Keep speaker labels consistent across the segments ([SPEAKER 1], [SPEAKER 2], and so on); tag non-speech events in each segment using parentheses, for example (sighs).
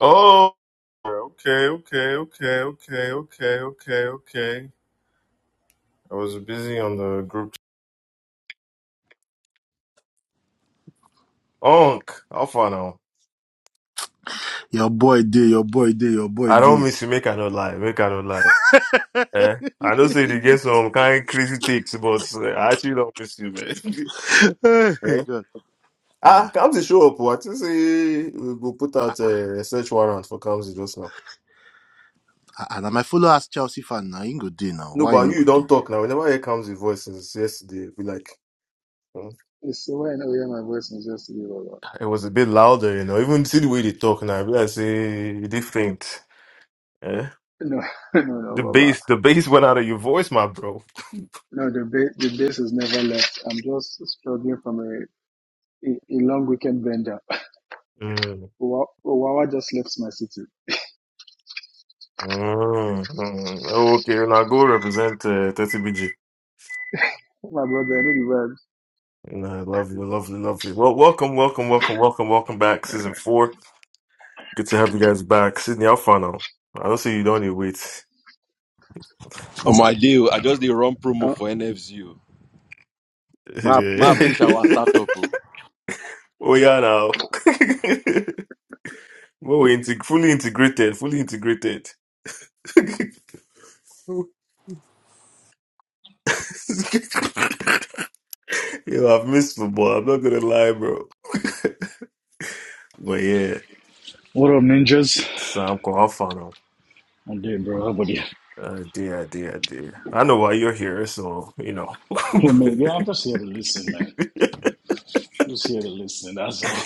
[SPEAKER 1] Oh, okay, okay, okay, okay, okay, okay, okay. I was busy on the group. Onk, how far now?
[SPEAKER 2] Your boy did, your boy did, your boy
[SPEAKER 1] I don't
[SPEAKER 2] did.
[SPEAKER 1] miss you. Make I not lie. Make I not lie. Eh? I don't say they get some kind crazy takes, but eh, I actually don't miss you, man.
[SPEAKER 2] Hey,
[SPEAKER 1] (laughs) eh?
[SPEAKER 2] God. Nah.
[SPEAKER 1] Ah, Kamsi show up. What you say? We go put out a search warrant for Kamsi just now.
[SPEAKER 2] Ah, And my follow as Chelsea fan now. He ain't go day now.
[SPEAKER 1] No,
[SPEAKER 2] Why you
[SPEAKER 1] but
[SPEAKER 2] no
[SPEAKER 1] you
[SPEAKER 2] go day?"
[SPEAKER 1] don't talk now. Whenever I hear Kamsi voice since yesterday, be like, hmm.
[SPEAKER 3] It's the way I know you hear my voice is just you, Baba.
[SPEAKER 1] it was a bit louder, you know. Even see the way they talk now. I be like, say, different. Eh?
[SPEAKER 3] No, (laughs) no,
[SPEAKER 1] The
[SPEAKER 3] no, Baba.
[SPEAKER 1] bass, the bass went out of your voice, my bro.
[SPEAKER 3] No, the base, the base has never left. I'm just struggling from a, a, a long weekend bender.
[SPEAKER 1] Mm.
[SPEAKER 3] (laughs) Wa- Wawa just left my city.
[SPEAKER 1] Mm. Mm. Okay, and I go represent uh, 30BG.
[SPEAKER 3] Oh, My brother, I know the words.
[SPEAKER 1] Nah, lovely, lovely, lovely. Well, welcome, welcome, welcome, welcome, welcome back. Season four. Good to have you guys back. Sydney, how far now? I don't see you don't need wait.
[SPEAKER 4] Omo, I do. I just did run promo for
[SPEAKER 3] Uh,
[SPEAKER 4] NFZU. Ma, ma
[SPEAKER 3] (laughs)
[SPEAKER 4] push our
[SPEAKER 1] (laughs)
[SPEAKER 4] startup. oh.
[SPEAKER 1] oh yeah, now. (laughs) well, we're integ- fully integrated, fully integrated. (laughs) Yo, I've missed football. I'm not gonna lie, bro. But yeah.
[SPEAKER 5] What up, ninjas?
[SPEAKER 1] Stop off on him.
[SPEAKER 5] I'm dead, bro. How about you?
[SPEAKER 1] Uh, dear, dear, dear. I know why you're here, so you know.
[SPEAKER 5] Oh, man. Yeah,
[SPEAKER 1] (laughs)
[SPEAKER 5] I'm just here to listen, man. Just here to listen. That's all.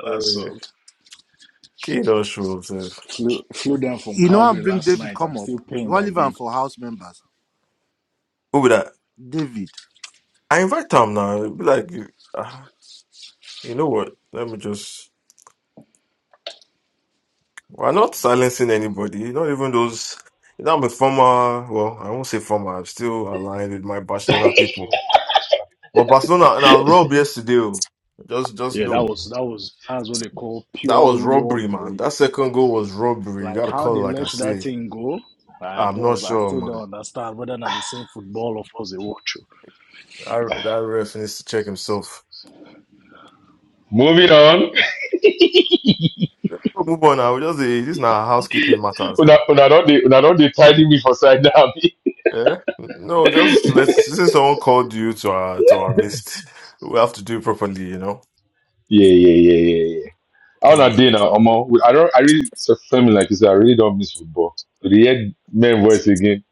[SPEAKER 5] (laughs) That's all.
[SPEAKER 1] Kato shows up.
[SPEAKER 5] Flew, flew down from
[SPEAKER 2] You know I
[SPEAKER 5] Calgary
[SPEAKER 2] bring
[SPEAKER 5] last
[SPEAKER 2] David
[SPEAKER 5] night. I'm
[SPEAKER 2] come up.
[SPEAKER 5] still
[SPEAKER 2] You
[SPEAKER 5] pained
[SPEAKER 2] want
[SPEAKER 5] I
[SPEAKER 2] leave am
[SPEAKER 5] did.
[SPEAKER 2] for house members.
[SPEAKER 1] Who be that?
[SPEAKER 2] David.
[SPEAKER 1] I invite Tom now. It Be like, uh, you know what? Let me just. We're not silencing anybody. Not even those. You know, I'm a former. Well, I won't say former. I'm still aligned with my Barcelona
[SPEAKER 6] (laughs)
[SPEAKER 1] people. But Barcelona and I robbed yesterday. oh. Just, just
[SPEAKER 5] Yeah, that
[SPEAKER 1] know
[SPEAKER 5] was that was that's what they call
[SPEAKER 1] that
[SPEAKER 5] pure
[SPEAKER 1] was robbery, man.
[SPEAKER 5] robbery.
[SPEAKER 1] That second goal was robbery. You
[SPEAKER 5] Like
[SPEAKER 1] gotta
[SPEAKER 5] how
[SPEAKER 1] call it
[SPEAKER 5] they
[SPEAKER 1] like I
[SPEAKER 5] let that
[SPEAKER 1] say.
[SPEAKER 5] thing go, I
[SPEAKER 1] I'm not
[SPEAKER 5] just I
[SPEAKER 1] sure,
[SPEAKER 5] still
[SPEAKER 1] man.
[SPEAKER 5] don't understand whether or not the same football of us they watch.
[SPEAKER 1] I, that ref needs to check himself.
[SPEAKER 6] Moving on.
[SPEAKER 1] We'll move on now. we just the, this now housekeeping matters
[SPEAKER 6] Una,
[SPEAKER 1] now.
[SPEAKER 6] una don't dey una don't dey tidy me for side now. (laughs)
[SPEAKER 1] Yeah, no, just let's. Since someone called you to our to our midst, we have to do it properly. You know.
[SPEAKER 6] yeah, yeah, yeah, yeah, yeah. How una dey
[SPEAKER 1] Yeah.
[SPEAKER 6] now, Omo? I don't. I really so family like you said. I really don't miss football. To dey hear men voice again.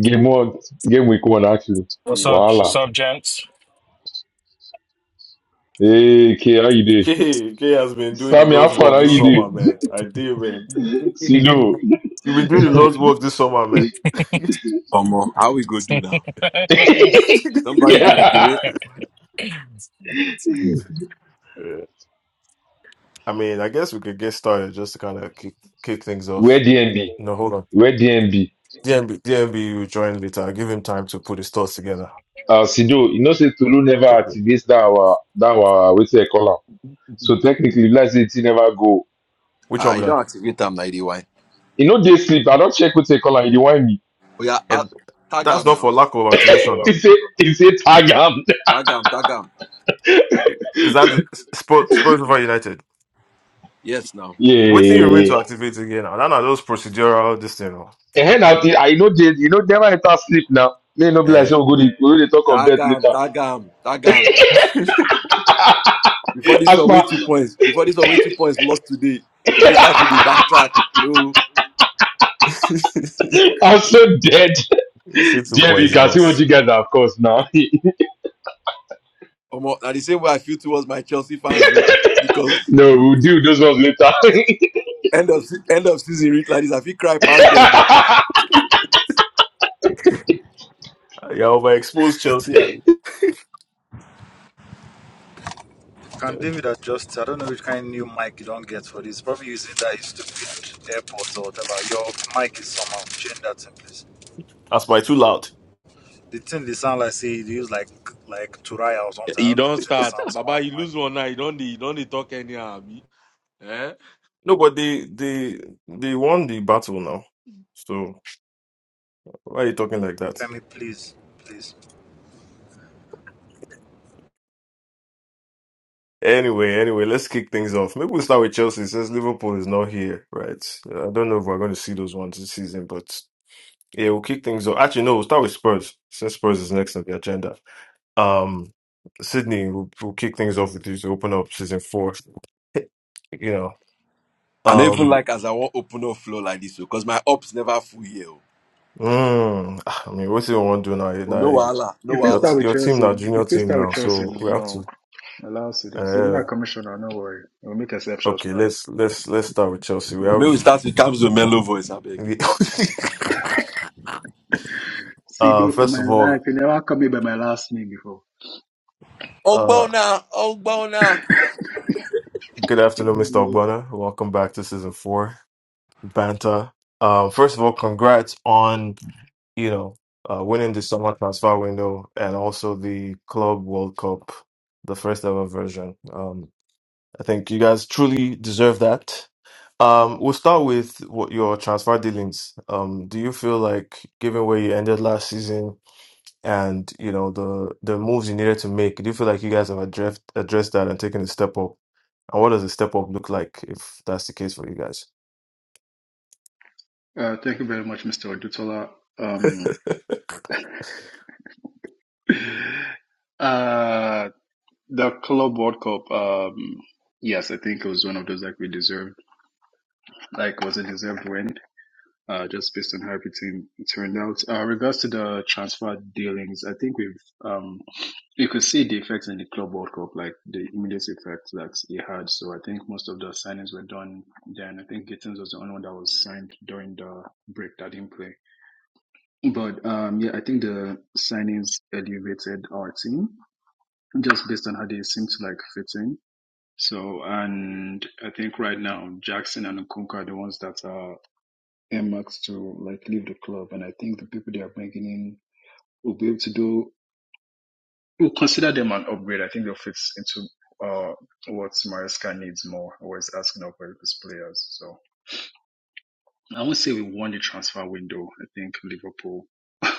[SPEAKER 6] Game one, game week one actually.
[SPEAKER 7] What's
[SPEAKER 1] Yeah.
[SPEAKER 7] up? What's
[SPEAKER 6] Wahala.
[SPEAKER 7] up, gents?
[SPEAKER 6] Hey, K, how you
[SPEAKER 1] (laughs)
[SPEAKER 6] dey?
[SPEAKER 1] K K has been doing the
[SPEAKER 6] Sammy, how
[SPEAKER 1] Lord's
[SPEAKER 6] far
[SPEAKER 1] work
[SPEAKER 6] how
[SPEAKER 1] this
[SPEAKER 6] you
[SPEAKER 1] summer,
[SPEAKER 6] dey?
[SPEAKER 1] man. I do, man. K-
[SPEAKER 7] He's
[SPEAKER 1] K-
[SPEAKER 6] Sino.
[SPEAKER 1] You've been doing the
[SPEAKER 6] (laughs)
[SPEAKER 1] Lord's work this summer, man. (laughs)
[SPEAKER 4] Omo, how we go do now? Somebody gotta
[SPEAKER 6] yeah.
[SPEAKER 4] do it.
[SPEAKER 1] Yeah. I mean, I guess we could get started just to kind of kick, kick things
[SPEAKER 6] Where
[SPEAKER 1] off.
[SPEAKER 6] DNB?
[SPEAKER 1] No, hold on.
[SPEAKER 6] Where DNB?
[SPEAKER 1] DMB, DMB will join later. I'll give him time to put his thoughts together.
[SPEAKER 6] Uh, Sido, you know say Tolu never
[SPEAKER 1] Simply.
[SPEAKER 6] activates that our that our wetin they call am. So technically, let's say he never go.
[SPEAKER 1] Which
[SPEAKER 4] Uh,
[SPEAKER 1] one
[SPEAKER 4] you
[SPEAKER 1] will
[SPEAKER 4] don't
[SPEAKER 1] I?
[SPEAKER 4] activate am 91.
[SPEAKER 6] You know, they sleep. I don't check who take call and you want me.
[SPEAKER 4] Oh yeah, uh,
[SPEAKER 1] And
[SPEAKER 4] tag
[SPEAKER 1] that's
[SPEAKER 4] am
[SPEAKER 1] not for
[SPEAKER 4] now.
[SPEAKER 1] lack of
[SPEAKER 6] (laughs)
[SPEAKER 1] activation
[SPEAKER 6] He
[SPEAKER 1] now.
[SPEAKER 6] say, he say tag am.
[SPEAKER 4] Tag am, tag am.
[SPEAKER 1] Is that the Spo- Spurs over United?
[SPEAKER 4] Yes now.
[SPEAKER 1] What thing remain
[SPEAKER 6] Yeah.
[SPEAKER 1] to activate again now? None of those procedural this thing. now.
[SPEAKER 6] And I, I know they, you know, never enter sleep now. May no be like,
[SPEAKER 1] Eh,
[SPEAKER 6] so go, dey- we go dey talk of
[SPEAKER 4] Tag
[SPEAKER 6] bed
[SPEAKER 4] am,
[SPEAKER 6] later.
[SPEAKER 4] tag am, tag am. Before this
[SPEAKER 6] As
[SPEAKER 4] one,
[SPEAKER 6] my,
[SPEAKER 4] wait two points. Before this one, wait two points. Lost today. If you start to the backtrack, no.
[SPEAKER 1] (laughs)
[SPEAKER 6] (laughs) I'm so dead.
[SPEAKER 1] say two
[SPEAKER 6] Damn, you
[SPEAKER 1] points
[SPEAKER 6] can see what
[SPEAKER 1] loss.
[SPEAKER 6] you guys are, of course, now. (laughs)
[SPEAKER 4] Omo, now the same way I feel towards my Chelsea fans, oh, because
[SPEAKER 6] no, we'll do those ones later.
[SPEAKER 4] end of se- end of season, reach like this, I feel cry past them. o.
[SPEAKER 6] (laughs)
[SPEAKER 1] Yeah, overexposed Chelsea. and
[SPEAKER 8] Can David adjust? I don't know which kind of new mic you don't get for this. Probably using that his stupid AirPods or whatever. Your mic is somehow change that thing, please.
[SPEAKER 1] That's by too loud.
[SPEAKER 8] The thing they sound like say they use like like Turaya or something. I
[SPEAKER 6] You
[SPEAKER 8] don't know. The
[SPEAKER 6] don't
[SPEAKER 8] thing they
[SPEAKER 6] start.
[SPEAKER 8] sound somehow
[SPEAKER 6] Baba, you
[SPEAKER 8] I'm like
[SPEAKER 6] lose one now. You don't dey- you don't dey talk anyhow. abi? Eh?
[SPEAKER 1] No, but they they they won the battle now. So why are you talking like that?
[SPEAKER 8] Femi, please, please.
[SPEAKER 1] Anyway, anyway, let's kick things off. Maybe we'll start with Chelsea since Liverpool is not here, right? I don't know if we're going to see those ones this season, but yeah, we'll kick things off. Actually, no, we'll start with Spurs since Spurs is next on the agenda. Um, Sydney, we'll, we'll kick things off with you to open up season four. (laughs) You know,
[SPEAKER 4] I don't even
[SPEAKER 1] um,
[SPEAKER 4] like as I want open up flow like this because my ups never full here. oh.
[SPEAKER 1] mm, I mean, what's you want to do now?
[SPEAKER 4] Oh, no
[SPEAKER 1] Now,
[SPEAKER 4] wahala, no
[SPEAKER 3] if we
[SPEAKER 1] your
[SPEAKER 4] wahala.
[SPEAKER 1] t-
[SPEAKER 3] start with
[SPEAKER 1] your team
[SPEAKER 3] Chelsea,
[SPEAKER 1] now, junior
[SPEAKER 3] if we
[SPEAKER 1] team
[SPEAKER 3] start with
[SPEAKER 1] now,
[SPEAKER 3] Chelsea,
[SPEAKER 1] so
[SPEAKER 3] no,
[SPEAKER 1] we have to.
[SPEAKER 3] no. allow Sido. Sido
[SPEAKER 1] Uh,
[SPEAKER 3] not commissioner, no no worry. We'll make exceptions,
[SPEAKER 1] okay,
[SPEAKER 3] man.
[SPEAKER 1] let's let's let's start with Chelsea. We
[SPEAKER 4] May we
[SPEAKER 1] have.
[SPEAKER 4] start with Kamzo Mellow voice, I beg.
[SPEAKER 1] (laughs) Uh,
[SPEAKER 3] Sido, for
[SPEAKER 1] first
[SPEAKER 3] my
[SPEAKER 1] of all,
[SPEAKER 3] life, you never called me by my last name before.
[SPEAKER 1] uh,
[SPEAKER 4] Ogbona, Ogbona.
[SPEAKER 1] good afternoon, Mr.
[SPEAKER 3] Yeah.
[SPEAKER 1] Ogbonna. Welcome back to season four, Banta. Um, first of all, congrats on, you know, uh, winning the summer transfer window and also the Club World Cup, the first ever version. Um, I think you guys truly deserve that. Um, we'll start with what your transfer dealings. Um, do you feel like, given where you ended last season, and you know the the moves you needed to make. Do you feel like you guys have addressed addressed that and taken a step up? And what does a step up look like if that's the case for you guys?
[SPEAKER 3] Uh, thank you very much, Mr. Odutola. Um, (sighs) (laughs) uh, The Club World Cup, um, yes, I think it was one of those like we deserved, like was a deserved win, uh, just based on how everything turned out. Uh, regards to the transfer dealings, I think we've, um, you could see the effects in the Club World Cup, like the immediate effects that it had. So I think most of the signings were done then. I think Gittins was the only one that was signed during the break that didn't play. But um, yeah, I think the signings elevated our team just based on how they seem to like fit in. So, and I think right now Jackson and Nkunku are the ones that are earmarked to like leave the club. And I think the people they are bringing in will be able to do, will consider them an upgrade. I think they'll fit into uh, what Mariska needs more, or is asking of his players. So I won't say we won the transfer window. I think Liverpool (laughs)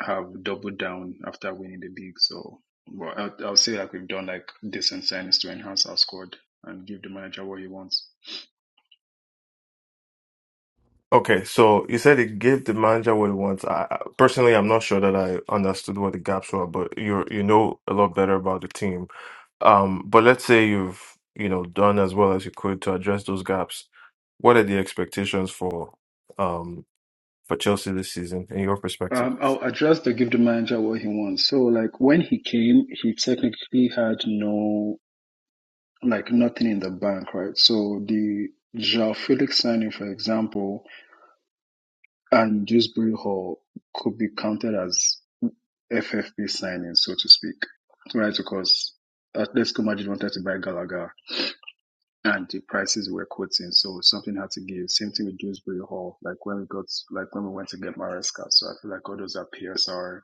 [SPEAKER 3] have doubled down after winning the league. So, well, I'll, I'll say like we've done like decent signings to enhance our squad and give the manager what he wants.
[SPEAKER 1] Okay, so you said it gave the manager what he wants. I, I- personally, I'm not sure that I understood what the gaps were, but you you know a lot better about the team. Um, but let's say you've you know done as well as you could to address those gaps. What are the expectations for um for Chelsea this season in your perspective?
[SPEAKER 3] Um, I'll address the give the manager what he wants. So, like when he came, he technically had no, like nothing in the bank, right? So the Joao Felix signing, for example, and Dewsbury Hall could be counted as FFP signing, so to speak, right? Because Atletico Madrid wanted to buy Gallagher, and the prices were quoting, so something had to give. Same thing with Dewsbury Hall. Like when we got, like when we went to get Maresca. So I feel like all those are PSR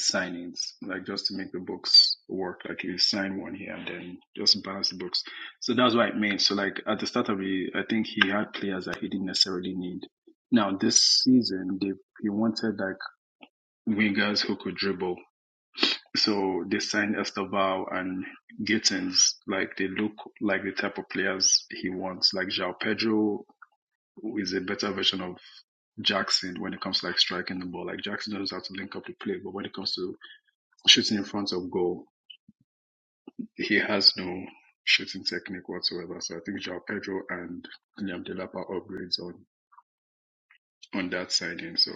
[SPEAKER 3] signings, like just to make the books work. Like you sign one here and then just balance the books. So that's what it means. So like at the start of the, I think he had players that he didn't necessarily need. Now this season, they he wanted like wingers who could dribble. So they signed Estevao and Gittins. Like they look like the type of players he wants. Like João Pedro is a better version of Jackson when it comes to like striking the ball. Like Jackson knows how to link up the play, but when it comes to shooting in front of goal, he has no shooting technique whatsoever. So I think João Pedro and Liam Delap are upgrades on on that signing. So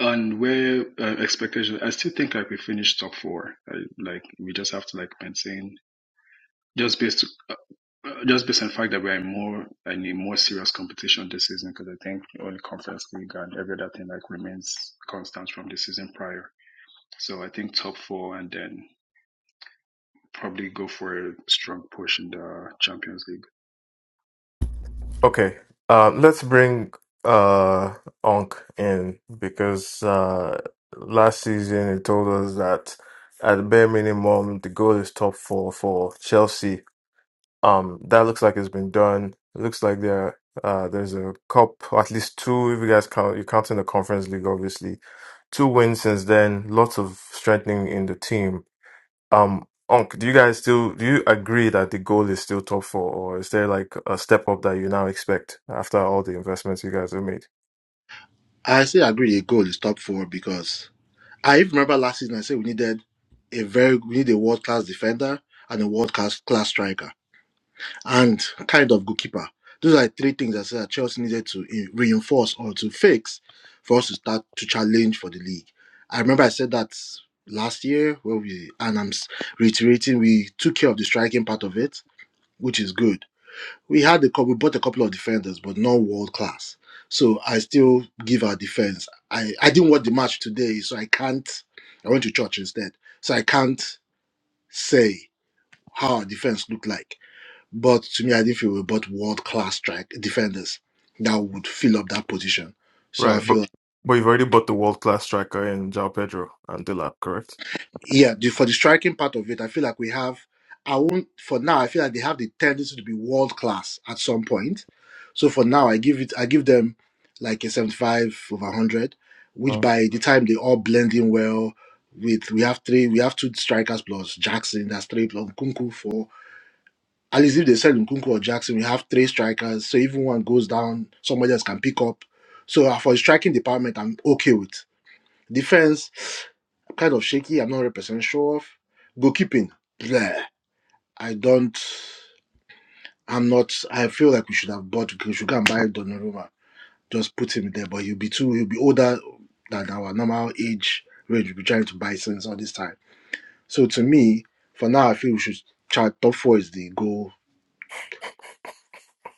[SPEAKER 3] and where uh, expectation, I still think like we finished top four. I, like we just have to like maintain Just based, uh, uh, just based on the fact that we are in more in a more serious competition this season, because I think only Conference League and every other thing like remains constant from the season prior. So I think top four and then probably go for a strong push in the Champions League.
[SPEAKER 1] Okay, uh, let's bring uh, Onk in because uh, last season he told us that at bare minimum the goal is top four for Chelsea. Um, that looks like it's been done. It looks like there uh, there's a cup, at least two. If you guys count, you're counting the Conference League, obviously. Two wins since then. Lots of strengthening in the team. Um, Onk, do you guys still do you agree that the goal is still top four, or is there like a step up that you now expect after all the investments you guys have made?
[SPEAKER 2] I still agree a goal is top four because I even remember last season I said we needed a very we need a world class defender and a world class class striker. and kind of goalkeeper. Those are three things I said that Chelsea needed to eh, reinforce or to fix for us to start to challenge for the league. I remember I said that last year where we and I'm s- reiterating we took care of the striking part of it, which is good. We had a couple, we bought a couple of defenders, but not world class. So I still give our defense. I I didn't watch the match today, so I can't. I went to church instead, so I can't say how our defense looked like but to me, I didn't feel we bought world class strike defenders that would fill up that position. So
[SPEAKER 1] Right,
[SPEAKER 2] I
[SPEAKER 1] but
[SPEAKER 2] feel
[SPEAKER 1] but you've already bought the world class striker in João Pedro and Dilap, correct?
[SPEAKER 2] yeah, the, for the striking part of it, I feel like we have. I won't for now. I feel like they have the tendency to be world class at some point. So for now, I give it. I give them like a seventy-five over hundred, which
[SPEAKER 1] Uh,
[SPEAKER 2] by the time they all blend in well, with we have three, we have two strikers plus Jackson. That's three plus Kunku four. At least if they sell Nkunku or Jackson, we have three strikers. So even one goes down, somebody else can pick up. So uh, for the striking department, I'm okay with. Defense, kind of shaky. I'm not 100% sure of. Goalkeeping, bleh. I don't, I'm not, I feel like we should have bought, we should go and buy Donnarumma. Just put him there, but he'll be too, he'll be older than our normal age range. We'll be trying to buy since all this time. So to me, for now, I feel we should try top four is the goal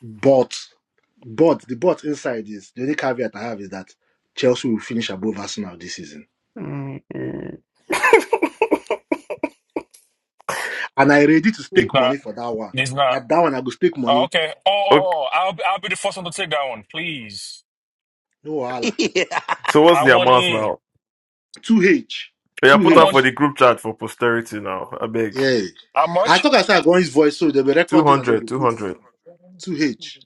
[SPEAKER 2] But but the but inside is the only caveat I have is that Chelsea will finish above Arsenal this season. And I ready to stake money
[SPEAKER 7] not.
[SPEAKER 2] for that one.
[SPEAKER 7] He's not.
[SPEAKER 2] That that one I go stake
[SPEAKER 7] Oh,
[SPEAKER 2] money.
[SPEAKER 7] okay. Oh, oh, oh,
[SPEAKER 1] okay,
[SPEAKER 7] oh, I'll I'll be the first one to take that one, please.
[SPEAKER 2] No wahala.
[SPEAKER 6] (laughs)
[SPEAKER 1] so what's
[SPEAKER 7] I
[SPEAKER 1] the
[SPEAKER 7] want
[SPEAKER 1] amount
[SPEAKER 7] in.
[SPEAKER 1] now?
[SPEAKER 2] Two H.
[SPEAKER 1] Yeah,
[SPEAKER 2] Two
[SPEAKER 7] I
[SPEAKER 1] put out
[SPEAKER 2] H.
[SPEAKER 1] for
[SPEAKER 7] want
[SPEAKER 1] the group chat for posterity now. I beg
[SPEAKER 2] Yeah.
[SPEAKER 7] how
[SPEAKER 2] I
[SPEAKER 7] much?
[SPEAKER 2] thought I said I go on his voice, so they'll be
[SPEAKER 1] two
[SPEAKER 2] recording and they'll
[SPEAKER 1] hundred,
[SPEAKER 2] go
[SPEAKER 1] two
[SPEAKER 2] put
[SPEAKER 1] hundred.
[SPEAKER 2] two H.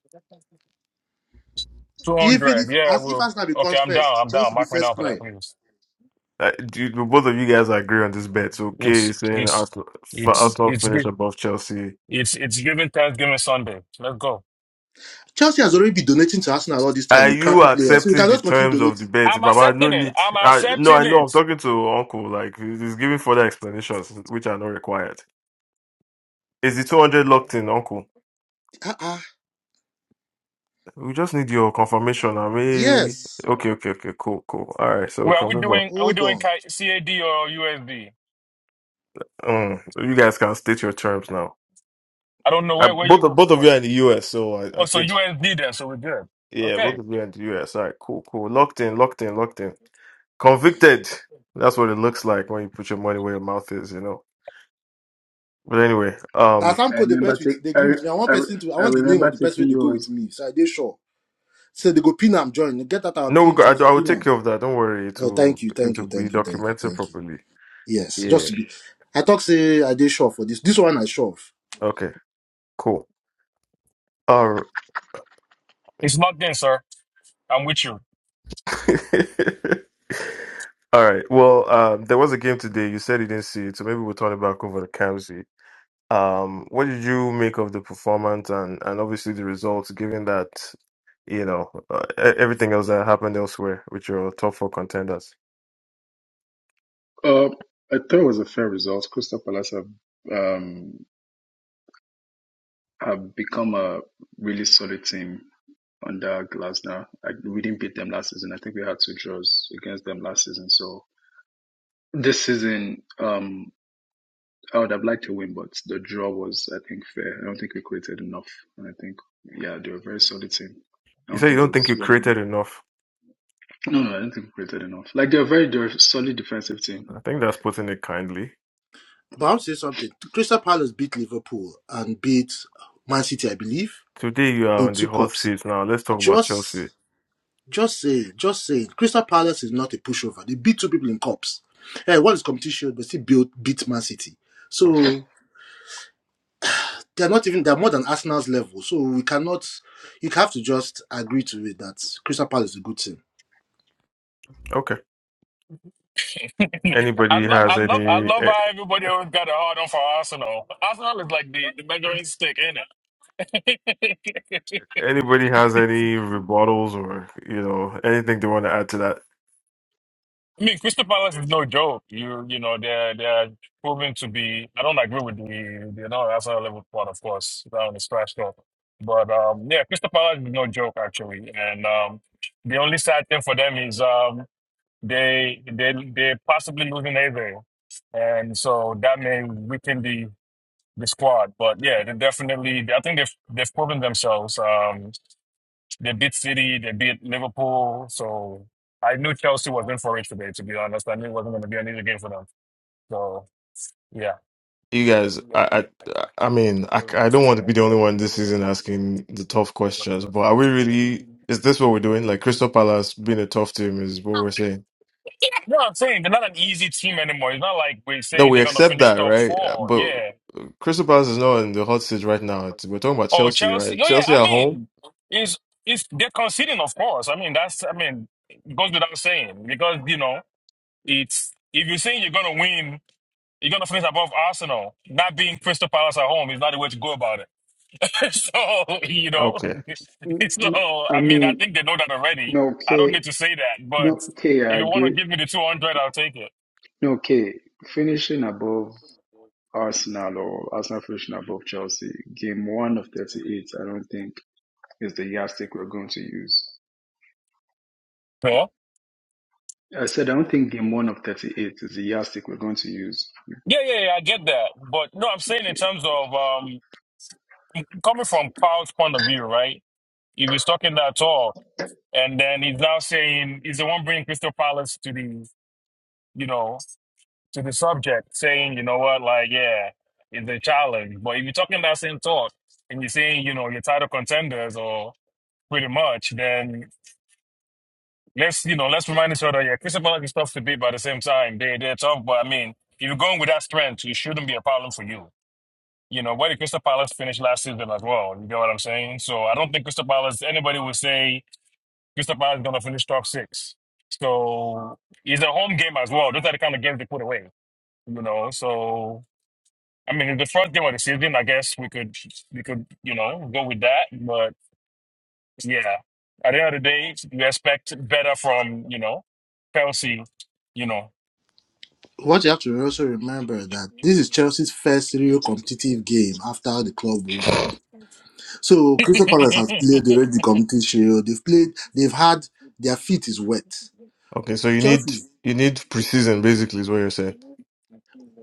[SPEAKER 7] Two
[SPEAKER 2] Even if
[SPEAKER 7] hundred. Yeah, I
[SPEAKER 2] as if
[SPEAKER 7] will.
[SPEAKER 2] Arsenal
[SPEAKER 7] Okay,
[SPEAKER 2] becomes
[SPEAKER 7] I'm
[SPEAKER 2] first,
[SPEAKER 7] down. I'm down.
[SPEAKER 2] Chelsea be
[SPEAKER 7] Mark me down
[SPEAKER 2] first
[SPEAKER 7] for that,
[SPEAKER 2] prime.
[SPEAKER 7] please.
[SPEAKER 1] Uh, do you, do both of you guys agree on this bet? So Kay
[SPEAKER 7] It's
[SPEAKER 1] is saying
[SPEAKER 7] it's
[SPEAKER 1] Arsenal, for
[SPEAKER 7] it's
[SPEAKER 1] Arsenal
[SPEAKER 7] it's
[SPEAKER 1] finish
[SPEAKER 7] good.
[SPEAKER 1] above Chelsea.
[SPEAKER 7] It's it's giving Thanksgiving Sunday. Let's go.
[SPEAKER 2] Chelsea has already been donating to Arsenal all this time
[SPEAKER 1] Are
[SPEAKER 2] with
[SPEAKER 1] you
[SPEAKER 2] crappy players. So we
[SPEAKER 1] accepting
[SPEAKER 2] can
[SPEAKER 1] the
[SPEAKER 2] just continue
[SPEAKER 1] terms of the
[SPEAKER 2] donating.
[SPEAKER 1] bet,
[SPEAKER 7] I'm
[SPEAKER 1] Baba? No
[SPEAKER 7] accepting it.
[SPEAKER 1] need.
[SPEAKER 7] I'm
[SPEAKER 1] I, no,
[SPEAKER 7] accepting
[SPEAKER 1] I know. I'm
[SPEAKER 7] it.
[SPEAKER 1] talking to Uncle. Like he's giving further explanations, which are not required. Is the 200 locked in, Uncle?
[SPEAKER 2] Uh-uh.
[SPEAKER 1] We just need your confirmation. I mean,
[SPEAKER 2] Yes.
[SPEAKER 1] okay, okay, okay, cool, cool. All right, so we
[SPEAKER 7] Well, are
[SPEAKER 1] can
[SPEAKER 7] we
[SPEAKER 1] move on.
[SPEAKER 7] doing are we
[SPEAKER 2] Hold
[SPEAKER 7] doing
[SPEAKER 2] on.
[SPEAKER 7] ki- CAD or USD?
[SPEAKER 1] Mm, you guys can state your terms now.
[SPEAKER 7] I don't know
[SPEAKER 1] I,
[SPEAKER 7] where where
[SPEAKER 1] both of
[SPEAKER 7] you.
[SPEAKER 1] both of you are in the US, so I, I
[SPEAKER 7] Oh, so
[SPEAKER 1] think
[SPEAKER 7] USD then, so we're good.
[SPEAKER 1] yeah, both
[SPEAKER 7] Okay,
[SPEAKER 1] of you are in the US. All right, cool, cool. Locked in, locked in, locked in. Convicted. That's what it looks like when you put your money where your mouth is, you know. But anyway,
[SPEAKER 2] Now
[SPEAKER 1] um.
[SPEAKER 2] some
[SPEAKER 3] I
[SPEAKER 2] code they
[SPEAKER 3] remember
[SPEAKER 2] bet with
[SPEAKER 3] take
[SPEAKER 2] they
[SPEAKER 3] I,
[SPEAKER 2] agree
[SPEAKER 3] re-
[SPEAKER 2] with me. I
[SPEAKER 3] I,
[SPEAKER 2] want
[SPEAKER 3] re-
[SPEAKER 2] person to I
[SPEAKER 3] I
[SPEAKER 2] want the name
[SPEAKER 3] remember
[SPEAKER 2] of the
[SPEAKER 3] taking
[SPEAKER 2] person they go with
[SPEAKER 3] yours.
[SPEAKER 2] me. So I did sure. So they go pin am join. Get that our
[SPEAKER 1] No, we
[SPEAKER 2] pin
[SPEAKER 1] got,
[SPEAKER 2] please
[SPEAKER 1] I, I will
[SPEAKER 2] pin
[SPEAKER 1] take
[SPEAKER 2] am.
[SPEAKER 1] care of that. Don't worry. It
[SPEAKER 2] Uh,
[SPEAKER 1] will
[SPEAKER 2] thank you,
[SPEAKER 1] it
[SPEAKER 2] thank
[SPEAKER 1] will
[SPEAKER 2] you,
[SPEAKER 1] be
[SPEAKER 2] thank you, thank you,
[SPEAKER 1] documented
[SPEAKER 2] thank you.
[SPEAKER 1] properly.
[SPEAKER 2] Yes, just
[SPEAKER 1] Yeah.
[SPEAKER 2] to be. I talk say I did sure for this. This one I sure. Of.
[SPEAKER 1] Okay. Cool. All right.
[SPEAKER 7] it's locked in, sir. I'm with you.
[SPEAKER 1] (laughs) All right. Well, um, there was a game today. You said you didn't see it, so maybe we'll turn it back over to Kamsi. Um, what did you make of the performance and and obviously the results, given that you know uh, e- everything else that happened elsewhere with your top four contenders?
[SPEAKER 3] Uh, I thought it was a fair result. Crystal Palace have um have become a really solid team under Glasner. I, we didn't beat them last season. I think we had two draws against them last season. So this season, um, I would have liked to win, but the draw was, I think, fair. I don't think we created enough. And I think, yeah, they were a very solid team. I
[SPEAKER 1] You
[SPEAKER 3] don't
[SPEAKER 1] said you
[SPEAKER 3] think it
[SPEAKER 1] don't think
[SPEAKER 3] was
[SPEAKER 1] you
[SPEAKER 3] one.
[SPEAKER 1] created enough.
[SPEAKER 3] No, no, I don't think we created enough. Like they're a very they solid defensive team.
[SPEAKER 1] I think that's putting it kindly.
[SPEAKER 2] But I'll say something. Crystal Palace beat Liverpool and beat Man City, I believe,
[SPEAKER 1] Today you are
[SPEAKER 2] in
[SPEAKER 1] on the
[SPEAKER 2] two
[SPEAKER 1] hot
[SPEAKER 2] cups.
[SPEAKER 1] seat now. Let's talk about Chelsea.
[SPEAKER 2] Just, just say, just say, Crystal Palace is not a pushover. They beat two people in cups. Hey, one is competition, but still built beat Man City.
[SPEAKER 1] Okay.
[SPEAKER 2] So they're not even they're more than Arsenal's level. So we cannot you have to just agree to it that Crystal Palace is a good team.
[SPEAKER 1] Okay.
[SPEAKER 7] (laughs) I
[SPEAKER 1] Anybody
[SPEAKER 7] love I
[SPEAKER 1] has
[SPEAKER 7] love I
[SPEAKER 1] any
[SPEAKER 7] love how
[SPEAKER 1] a-
[SPEAKER 7] everybody always got a hard on for Arsenal. Arsenal is like the, the measuring stick, ain't it? (laughs)
[SPEAKER 1] anybody has any rebuttals or you know anything they want to add to that?
[SPEAKER 7] I mean, Crystal Palace is no joke. You you know they're they're proven to be. I don't agree with the the no that's not a level part, of course, down the trash talk. But um, yeah, Crystal Palace is no joke actually, and um, the only sad thing for them is um, they they they possibly losing Ave, and so that may weaken the the squad. But yeah, they definitely. I think they've they've proven themselves. Um, they beat City, they beat Liverpool. So I knew Chelsea was in for it today, to be honest. I knew it wasn't going to be an easy game for them. So, yeah.
[SPEAKER 1] You guys,
[SPEAKER 7] No,
[SPEAKER 1] I I I mean, I I don't want to be the only one this season asking the tough questions, but are we really? Is this what we're doing? Like Crystal Palace being a tough team is what we're saying.
[SPEAKER 7] I'm saying they're not an easy team anymore. It's not like we're
[SPEAKER 1] No,
[SPEAKER 7] saying
[SPEAKER 1] we
[SPEAKER 7] they're going to
[SPEAKER 1] accept
[SPEAKER 7] finish
[SPEAKER 1] that,
[SPEAKER 7] top
[SPEAKER 1] right?
[SPEAKER 7] four.
[SPEAKER 1] But
[SPEAKER 7] Yeah.
[SPEAKER 1] Crystal Palace is not in the hot seat right now. It's, we're talking about
[SPEAKER 7] Oh,
[SPEAKER 1] Chelsea,
[SPEAKER 7] Chelsea.
[SPEAKER 1] right?
[SPEAKER 7] No, yeah.
[SPEAKER 1] Chelsea
[SPEAKER 7] I
[SPEAKER 1] at home.
[SPEAKER 7] mean, is is they're conceding, of course. I mean, that's I mean, it goes without saying because you know. It's if you are saying you're gonna win, you're gonna finish above Arsenal. Not being Crystal Palace at home is not the way to go about it. (laughs) so you know,
[SPEAKER 1] Okay.
[SPEAKER 7] (laughs) so
[SPEAKER 3] No, I
[SPEAKER 7] I mean, I
[SPEAKER 3] mean,
[SPEAKER 7] think they know that already.
[SPEAKER 3] no,
[SPEAKER 7] I
[SPEAKER 3] K,
[SPEAKER 7] don't need to say that, but
[SPEAKER 3] no, K, I
[SPEAKER 7] if you want to
[SPEAKER 3] agree.
[SPEAKER 7] give me the two hundred, I'll take it.
[SPEAKER 3] No, K, finishing above Arsenal or Arsenal finishing above Chelsea, game one of 38, I don't think. is the yardstick we're going to use.
[SPEAKER 7] Yeah,
[SPEAKER 3] I said I don't think game one of 38 is the yardstick we're going to use.
[SPEAKER 7] yeah, yeah, yeah. I get that, but no, I'm saying in terms of um, coming from Paul's point of view, right? He was talking that talk, and then he's now saying he's the one bringing Crystal Palace to the you know to the subject, saying you know what, like yeah, it's a challenge. But if you're talking that same talk and you're saying you know you're title contenders or pretty much, then let's you know let's remind each other, yeah, Crystal Palace is tough to beat, but at the same time they they're tough. But I mean, if you're going with that strength, it shouldn't be a problem for you. You know, where did Crystal Palace finish last season as well? You get what I'm saying? So I don't think Crystal Palace anybody would say Cristobal is going to finish top six. So it's a home game as well. Those are the kind of games they put away, you know. So I mean, it's the first game of the season, I guess we could we could you know go with that. But yeah, at the end of the day, you expect better from you know Chelsea, you know.
[SPEAKER 2] What you have to also remember that this is Chelsea's first real competitive game after the club war. So Crystal Palace has played already the competitive shield. They've played they've had their feet is wet.
[SPEAKER 1] Okay. So you need
[SPEAKER 2] Chelsea
[SPEAKER 1] you need preseason, basically, is what you're saying.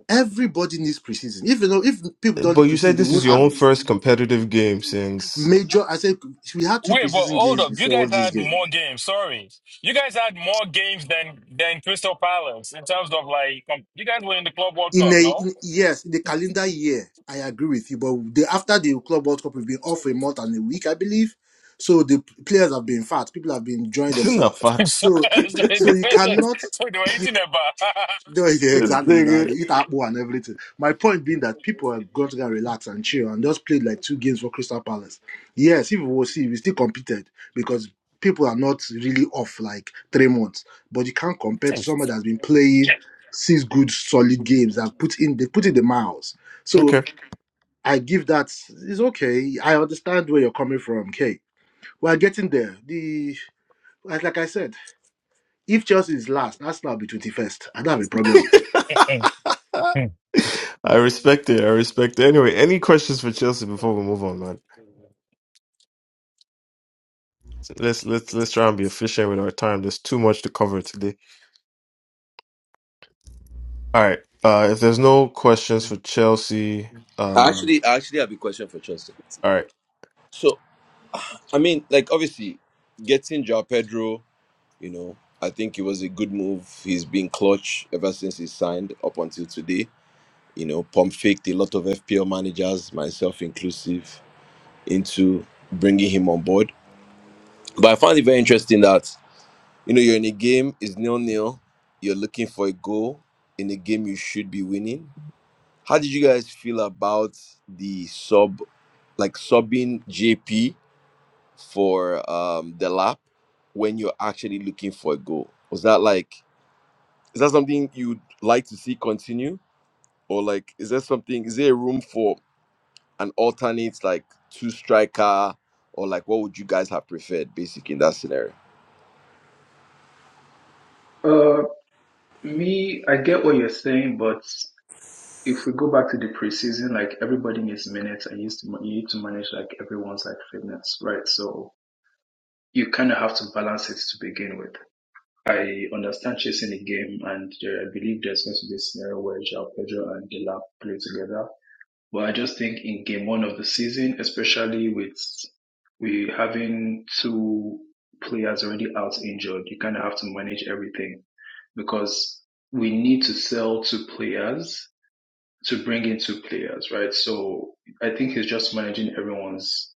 [SPEAKER 2] everybody needs preseason. Even though if people don't
[SPEAKER 1] But
[SPEAKER 2] need
[SPEAKER 1] you said
[SPEAKER 2] preseason, they
[SPEAKER 1] this is
[SPEAKER 2] won't
[SPEAKER 1] your
[SPEAKER 2] have
[SPEAKER 1] own
[SPEAKER 2] it.
[SPEAKER 7] (laughs)
[SPEAKER 1] first competitive game since
[SPEAKER 2] Major I said we had two
[SPEAKER 7] Wait, but
[SPEAKER 2] preseason
[SPEAKER 7] hold
[SPEAKER 2] games
[SPEAKER 7] up. You
[SPEAKER 2] before
[SPEAKER 7] guys
[SPEAKER 2] this
[SPEAKER 7] had
[SPEAKER 2] game.
[SPEAKER 7] more games. Sorry. You guys had more games than than Crystal Palace in terms of like com- you guys were in the Club World
[SPEAKER 2] in
[SPEAKER 7] Cup,
[SPEAKER 2] a
[SPEAKER 7] no?
[SPEAKER 2] in, yes, in the
[SPEAKER 7] (laughs)
[SPEAKER 2] calendar year, I agree with you. But the, after the Club World Cup, we've been off for a month and a week, I believe. So the p- players have been fat. People have been
[SPEAKER 1] (laughs)
[SPEAKER 2] enjoying themselves.
[SPEAKER 7] so,
[SPEAKER 1] Nafat.
[SPEAKER 7] so
[SPEAKER 2] So, so
[SPEAKER 7] the
[SPEAKER 2] you
[SPEAKER 7] way
[SPEAKER 2] cannot.
[SPEAKER 7] so they were eating about.
[SPEAKER 2] (laughs) No, yeah,
[SPEAKER 1] This
[SPEAKER 2] exactly. That
[SPEAKER 1] nigga.
[SPEAKER 2] they eat apple and everything. My point being that people are going to get relaxed and chill and just played like two games for Crystal Palace. Yes, if we will see, we still competed because people are not really off like three months. But you can't compare to someone that's been playing six good solid games that put in they put in the miles. So
[SPEAKER 1] Okay.
[SPEAKER 2] I give that it's okay. I understand where you're coming from. Okay, we're getting there. The like, like I said, if Chelsea is last, Arsenal will be twenty first. I don't have a problem with it
[SPEAKER 1] (laughs) I respect it. I respect it. Anyway, any questions for Chelsea before we move on, man? Let's let's let's try and be
[SPEAKER 7] (laughs) (laughs)
[SPEAKER 1] efficient with our time. There's too much to cover today. All right. Uh if there's no questions for Chelsea, um
[SPEAKER 4] Actually, actually, I have a question for Chelsea.
[SPEAKER 1] all right.
[SPEAKER 4] So, I mean, like, obviously, getting Joao Pedro, you know, I think it was a good move. He's been clutch ever since he signed up until today. You know, pump faked a lot of FPL managers, myself inclusive, into bringing him on board. But I found it very interesting that You know, you're in a game, it's nil nil. You're looking for a goal in a game you should be winning. How did you guys feel about the sub, like subbing JP for um the lap when you're actually looking for a goal? Was that like, is that something you'd like to see continue, or like, is there something? Is there a room for an alternate like two striker, or like what would you guys have preferred, basically in that scenario?
[SPEAKER 3] Uh, me, I get what you're saying, but if we go back to the preseason, like everybody needs minutes, and you used to you need to manage like everyone's like fitness, right? So you kind of have to balance it to begin with. I understand chasing the game, and there, I believe there's going to be a scenario where Joao Pedro and Delap play together But I just think in game one of the season, especially with we having two players already out injured, you kind of have to manage everything because we need to sell two players to bring in two players, right? So I think he's just managing everyone's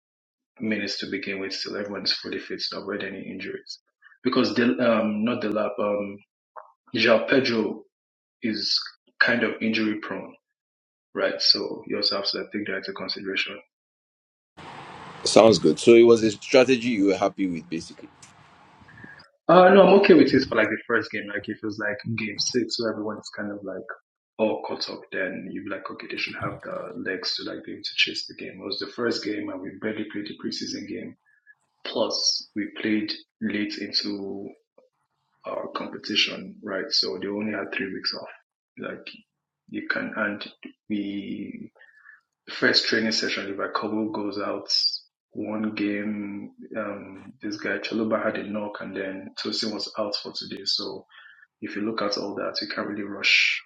[SPEAKER 3] minutes to begin with till everyone is fully fit to avoid any injuries. Because the, um, not the lap, um, João Pedro is kind of injury prone, right? So you also have to take that into consideration
[SPEAKER 4] Sounds good. So it was a strategy you were happy with, basically.
[SPEAKER 3] Uh, no, I'm okay with it for like the first game. Like if it was like game six where everyone's kind of like all caught up, then you'd be like, okay, they should have the legs to like be able to chase the game. It was the first game and we barely played the preseason game. Plus we played late into our competition, right? So they only had three weeks off. Like you can, and we, first training session, if a couple goes out, one game, um, this guy Chaluba had a knock and then Tosin was out for today. So if you look at all that, you can't really rush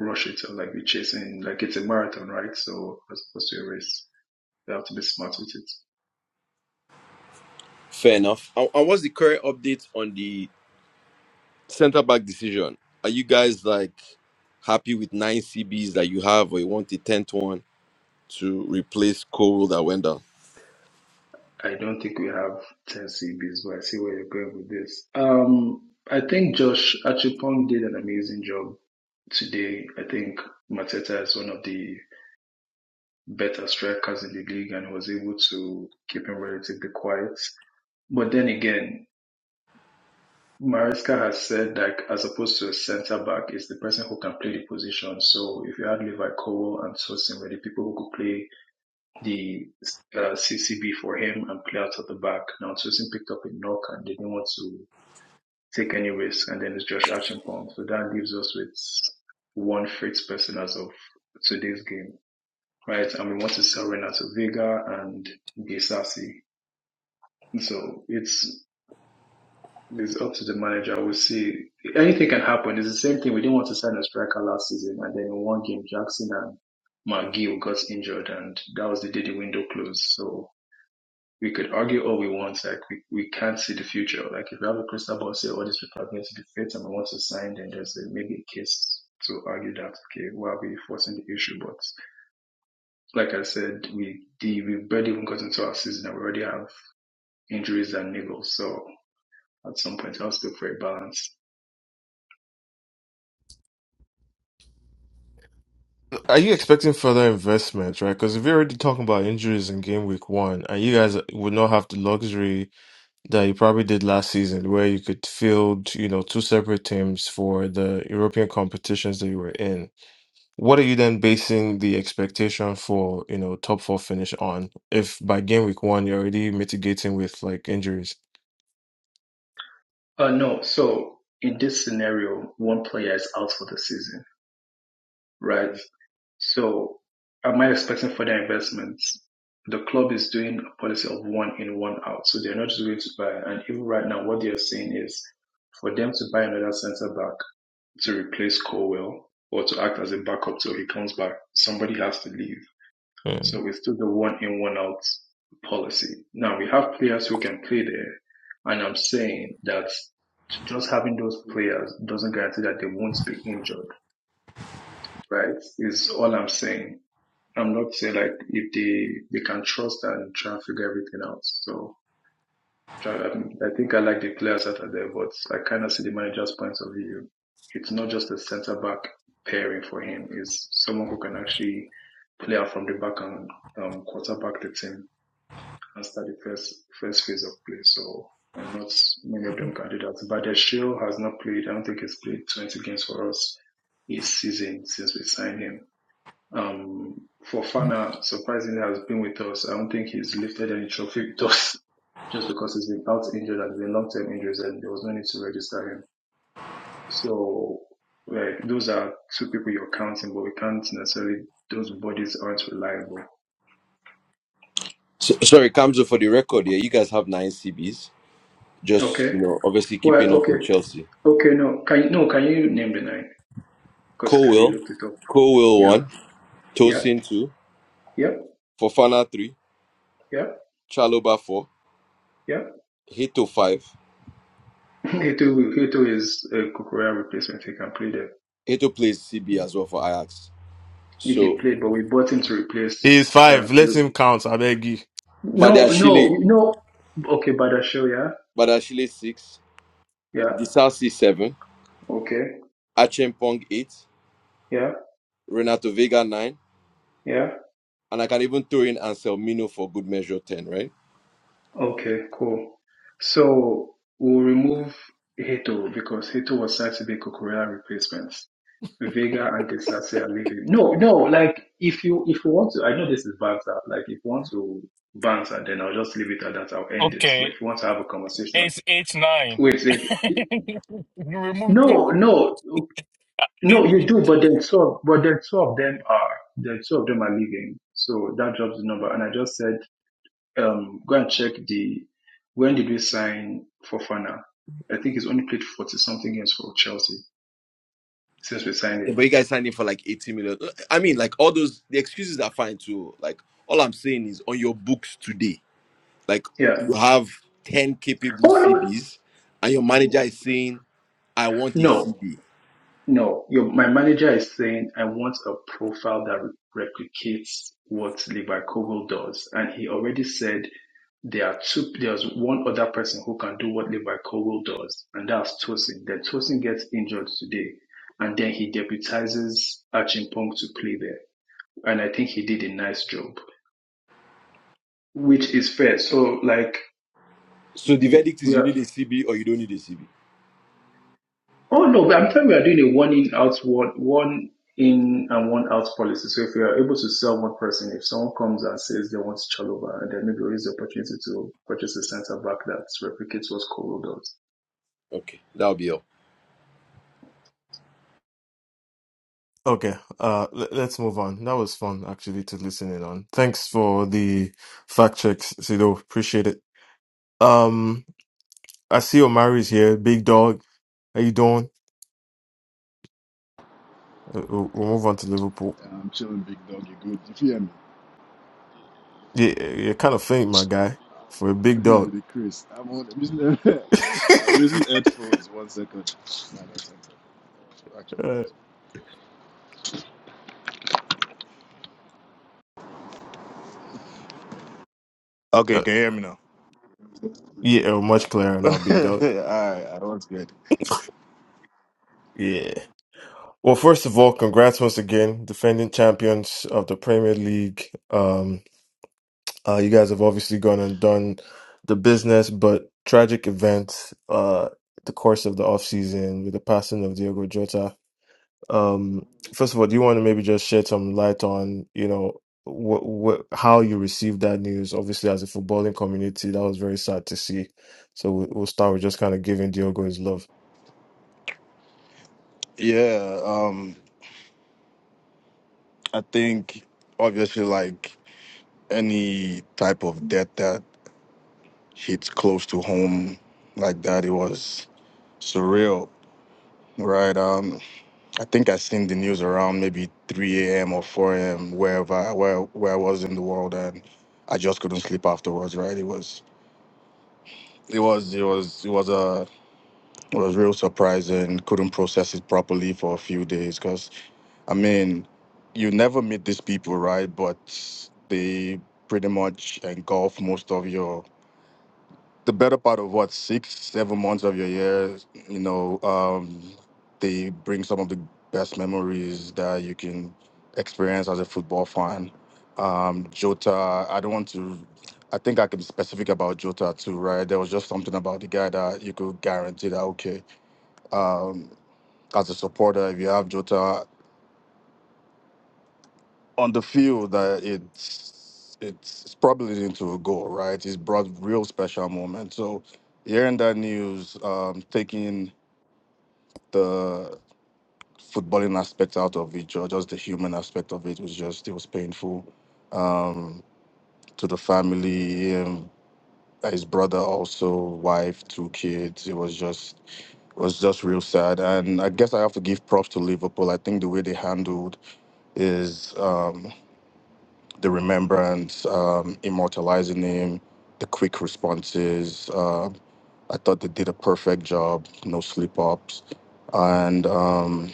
[SPEAKER 3] rush it or like be chasing like it's a marathon, right? So as opposed to a race, you have to be smart with it.
[SPEAKER 4] Fair enough. And and what's the current update on the centre back decision? Are you guys like happy with nine CBs that you have, or you want the tenth one to replace Cole that went down?
[SPEAKER 3] I don't think we have ten CBs, but I see where you're going with this. Um, I think Josh Achupong did an amazing job today. I think Mateta is one of the better strikers in the league and was able to keep him relatively quiet. But then again, Maresca has said, like, as opposed to a center back, is the person who can play the position. So if you had Levi Cole and Tosin were the people who could play the uh, CCB for him and play out of the back. Now Tosin picked up a knock and they didn't want to take any risk. And then it's Josh Archimpong. So that leaves us with one Fritz person as of today's game, right? And we want to sell Renato Vega and Gesassi. So it's It's up to the manager. We'll see. Anything can happen. It's the same thing. We didn't want to sign a striker last season, and then in one game, Jackson and McGill got injured, and that was the day the window closed. So we could argue all we want. Like we, we can't see the future. Like if we have a crystal ball, say all these people are going to be fit, and we want to sign, then there's a, maybe a case to argue that okay, why are we forcing the issue? But like I said, we the, we barely even got into our season, and we already have injuries and niggles. So at some point, I us look for a balance.
[SPEAKER 1] Are you expecting further investment, right? Because if you're already talking about injuries in game week one, and you guys would not have the luxury that you probably did last season, where you could field, you know, two separate teams for the European competitions that you were in. What are you then basing the expectation for, you know, top four finish on? If by game week one you're already mitigating with like injuries.
[SPEAKER 3] Uh, no. So in this scenario, one player is out for the season, right? So am I expecting further investments? The club is doing a policy of one in, one out. So they're not just going to buy. And even right now, what they're saying is for them to buy another centre back to replace Colwell or to act as a backup till he comes back, somebody has to leave.
[SPEAKER 1] Yeah.
[SPEAKER 3] So we still the one in one out policy. Now we have players who can play there, and I'm saying that just having those players doesn't guarantee that they won't be injured, right? Is all I'm saying. I'm not saying like if they they can trust and try and figure everything out. So um, I think I like the players that are there, but I kind of see the manager's point of view. It's not just a centre back pairing for him. It's someone who can actually play out from the back and um, quarterback the team after the first first phase of play. So and not many of them can do that. But the show has not played. I don't think he's played 20 games for us this season since we signed him. Um, Fofana surprisingly has been with us. I don't think he's lifted any trophy with us (laughs) just because he's been out injured and been long term injuries and there was no need to register him. So like those are two people you're counting, but we can't necessarily those bodies aren't reliable.
[SPEAKER 4] So, sorry, Kamzo, for the record, yeah, you guys have nine CBs. Just
[SPEAKER 3] Okay.
[SPEAKER 4] you know, obviously keeping
[SPEAKER 3] Well,
[SPEAKER 4] up with
[SPEAKER 3] okay.
[SPEAKER 4] Chelsea.
[SPEAKER 3] Okay, no, can you, no, can you name the nine? Because
[SPEAKER 4] Cole
[SPEAKER 3] Kelly
[SPEAKER 4] will,
[SPEAKER 3] looked it up.
[SPEAKER 4] Cole will
[SPEAKER 3] Yeah,
[SPEAKER 4] one,
[SPEAKER 3] yeah,
[SPEAKER 4] Tosin two,
[SPEAKER 3] yeah,
[SPEAKER 4] Fofana three,
[SPEAKER 3] yeah,
[SPEAKER 4] Chaloba four,
[SPEAKER 3] yeah.
[SPEAKER 4] Hito five.
[SPEAKER 3] (laughs) Heto, Heto is a Kukurea replacement. He can play there.
[SPEAKER 4] Hito plays CB as well for Ajax.
[SPEAKER 3] If he
[SPEAKER 4] So,
[SPEAKER 3] played, but we bought him to
[SPEAKER 1] He is
[SPEAKER 3] replace. Um,
[SPEAKER 1] five. Let
[SPEAKER 3] to
[SPEAKER 1] him count. I beg you.
[SPEAKER 3] no, no,
[SPEAKER 4] Badiashile,
[SPEAKER 3] you know. Okay, Badasho, yeah,
[SPEAKER 4] Badiashile six,
[SPEAKER 3] yeah.
[SPEAKER 4] Disasi seven.
[SPEAKER 3] Okay,
[SPEAKER 4] Achimpong 8,
[SPEAKER 3] yeah,
[SPEAKER 4] Renato Vega 9,
[SPEAKER 3] yeah.
[SPEAKER 4] and I can even throw in Anselmino for good measure 10, right?
[SPEAKER 3] Okay, cool. So we'll remove Heto because Heto was said to be Kukurea replacements. Vega and Desase are leaving. No, no, like if you if you want to I know
[SPEAKER 1] (laughs)
[SPEAKER 3] this is banter, like if you want to banter then I'll just leave it at that, I'll end it. But
[SPEAKER 7] Okay,
[SPEAKER 3] if you want to have a conversation,
[SPEAKER 7] it's eight nine.
[SPEAKER 3] wait, if,
[SPEAKER 7] (laughs) you remove
[SPEAKER 3] no,
[SPEAKER 7] two.
[SPEAKER 3] no, no,
[SPEAKER 7] It-
[SPEAKER 3] you do, but then two of- but then two of them are then two of them are leaving. So that drops the number and I just said um, go and check the when did we sign Fofana? I think he's only played forty something games for Chelsea since we signed
[SPEAKER 4] Yeah,
[SPEAKER 3] him.
[SPEAKER 4] but you guys signed him for like 80 million. I mean, like all those, the excuses are fine too. Like all I'm saying is on your books today, like
[SPEAKER 3] Yeah.
[SPEAKER 4] you have 10 capable
[SPEAKER 3] Oh
[SPEAKER 4] CBs and your manager is saying, I
[SPEAKER 3] no,
[SPEAKER 4] want a
[SPEAKER 3] no,
[SPEAKER 4] CB.
[SPEAKER 3] no. Your, my manager is saying I want a profile that re- replicates what Levi Kogel does, and he already said there are two. There's one other person who can do what Levi Kogel does, and that's Tosin. Then Tosin gets injured today, and then he deputizes Achimpong to play there, and I think he did a nice job. which is fair. So like
[SPEAKER 4] So the verdict
[SPEAKER 3] we
[SPEAKER 4] is you need
[SPEAKER 3] are.
[SPEAKER 4] a CB or you don't need a CB.
[SPEAKER 3] Oh no, but I'm telling you, we are doing a one in out one one in and one out policy. So if you are able to sell one person, if someone comes and says they want Chalobah, and then maybe we use the opportunity to purchase a centre back that replicates what Kolo does.
[SPEAKER 4] Okay, that'll be all.
[SPEAKER 1] Okay, uh, le- let's move on. That was fun actually to listen in on. Thanks for the fact checks, Sido. Appreciate it. Um, I see Omari's here. Big dog, how you doing? Uh, We'll we'll move on to Liverpool.
[SPEAKER 9] I'm chilling, big dog. You good? You hear me?
[SPEAKER 1] Yeah, you're kind of faint, my guy, for a big
[SPEAKER 9] (laughs)
[SPEAKER 1] dog.
[SPEAKER 9] the Chris. I'm on. I'm using, (laughs)
[SPEAKER 1] (laughs)
[SPEAKER 9] I'm using headphones. One second. No, no, it's not. headphones. Actually,
[SPEAKER 1] uh,
[SPEAKER 9] Okay,
[SPEAKER 1] uh,
[SPEAKER 9] can you hear me now? it
[SPEAKER 1] yeah, uh, much clearer now, big
[SPEAKER 9] Alright,
[SPEAKER 1] dog.
[SPEAKER 9] (laughs) I was good.
[SPEAKER 1] Yeah. Well, first of all, congrats once again, defending champions of the Premier League. Um, Uh, you guys have obviously gone and done the business, but tragic event, uh, the course of the off season with the passing of Diego Jota. Um, first of all, do you want to maybe just shed some light on, you know, what, what, how you received that news? Obviously, as a footballing community, that was very sad to see. So we- we'll start with just kind of giving Diogo his love.
[SPEAKER 9] Yeah, um, I think obviously like any type of death that hits close to home like that, it was surreal, right? Um, I think I seen the news around maybe 3 a.m. or 4 wherever, wherever in the world and I jumped afterwards. It was it was it was, uh, it was real surprising. Couldn't process it properly for a few days because I mean, you never meet these people, right? But they pretty much engulf most of your the better part of what six, seven months of your year, you know, um, they bring some of the best memories that you can experience as a football fan. Um, Jota, I don't want to. I think I can be specific about Jota too, right? There was just something about the guy that you could guarantee that okay, um, as a supporter, if you have Jota on the field that it's it's probably into a goal, right? It's brought real special moment. So hearing that news, um, taking the footballing aspect out of it, or just the human aspect of it, was just it was painful um, to the family. Um, his brother also, wife, two kids. It was just was just real sad. And I guess I have to give props to Liverpool. I think the way they handled is. um, the remembrance, um, immortalizing him, the quick responses. Um, I thought they did a perfect job, no slip ups. And um,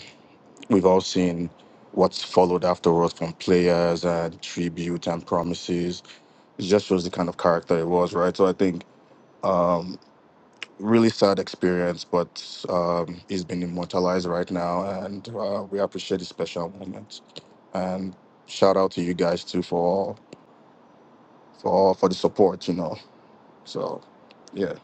[SPEAKER 9] we've all seen what's followed afterwards from players and tribute and promises. It just shows the kind of character it was, right? So I think um, really sad experience, but um, he's been immortalized right now. And uh, we appreciate the special moments. And shout out to you guys too for for for the support, you know. So, yeah,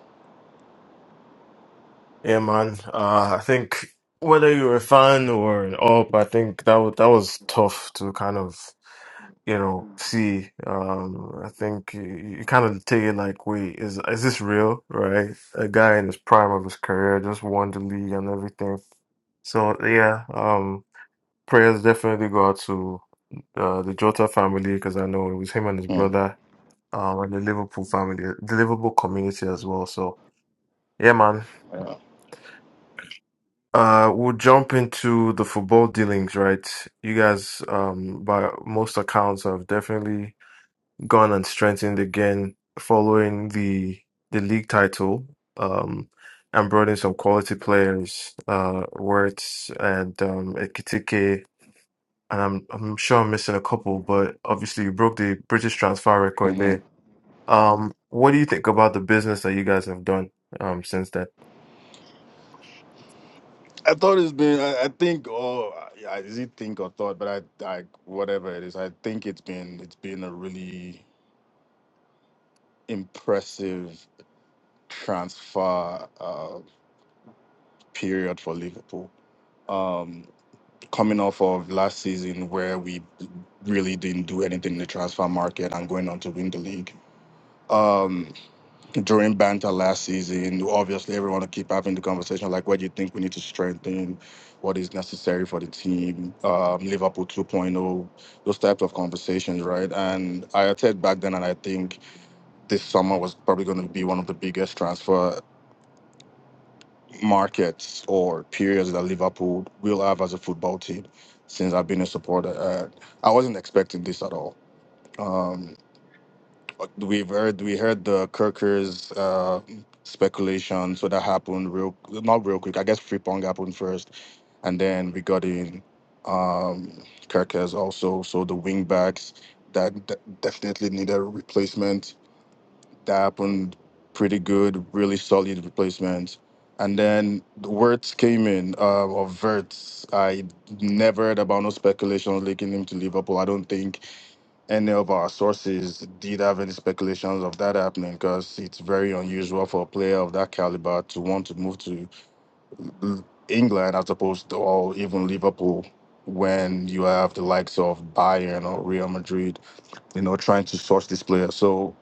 [SPEAKER 1] Yeah, man. Uh, I think whether you're a fan or an op, I think that wa- that was tough to kind of you know see. Um, I think you, you kind of take it like, wait, is is this real? Right? A guy in his prime of his career just won the league and everything. So yeah, um, prayers definitely go out to uh, the Jota family because I know it was him and his
[SPEAKER 9] mm,
[SPEAKER 1] brother, um, and the Liverpool family, the Liverpool community as well. So yeah, man.
[SPEAKER 9] yeah.
[SPEAKER 1] Uh, we'll jump into the football dealings, right? You guys, um, by most accounts, have definitely gone and strengthened again following the the league title, um, and brought in some quality players, uh, Wirtz and um, Ekitike, and I'm I'm sure I'm missing a couple, but obviously you broke the British transfer record
[SPEAKER 9] hmm
[SPEAKER 1] there. Um, what do you think about the business that you guys have done, um, since then?
[SPEAKER 9] I thought it's been. I, I think, Oh, yeah, I didn't think or thought, but I, I, whatever it is, I think it's been, it's been a really impressive transfer uh, period for Liverpool. Um, coming off of last season where we really didn't do anything in the transfer market and going on to win the league. Um, during banter last season, obviously everyone will keep having the conversation like, where do you think we need to strengthen? What is necessary for the team? Um, Liverpool 2.0, those types of conversations, right? And I said back then, and I think this summer was probably going to be one of the biggest transfer markets or periods that Liverpool will have as a football team since I've been a supporter. Uh, I wasn't expecting this at all. Um, We've heard we heard the Kirkers uh, speculation, so that happened real not real quick. I guess Frimpong happened first, and then we got in um, Kirkers also. So the wing backs that de- definitely needed a replacement. That happened pretty good, really solid replacement. And then the words came in uh, of Verts. I never heard about no speculations linking him to Liverpool. I don't think any of our sources did have any speculations of that happening because it's very unusual for a player of that caliber to want to move to L- England as opposed to or even Liverpool when you have the likes of Bayern or Real Madrid, you know, trying to source this player. So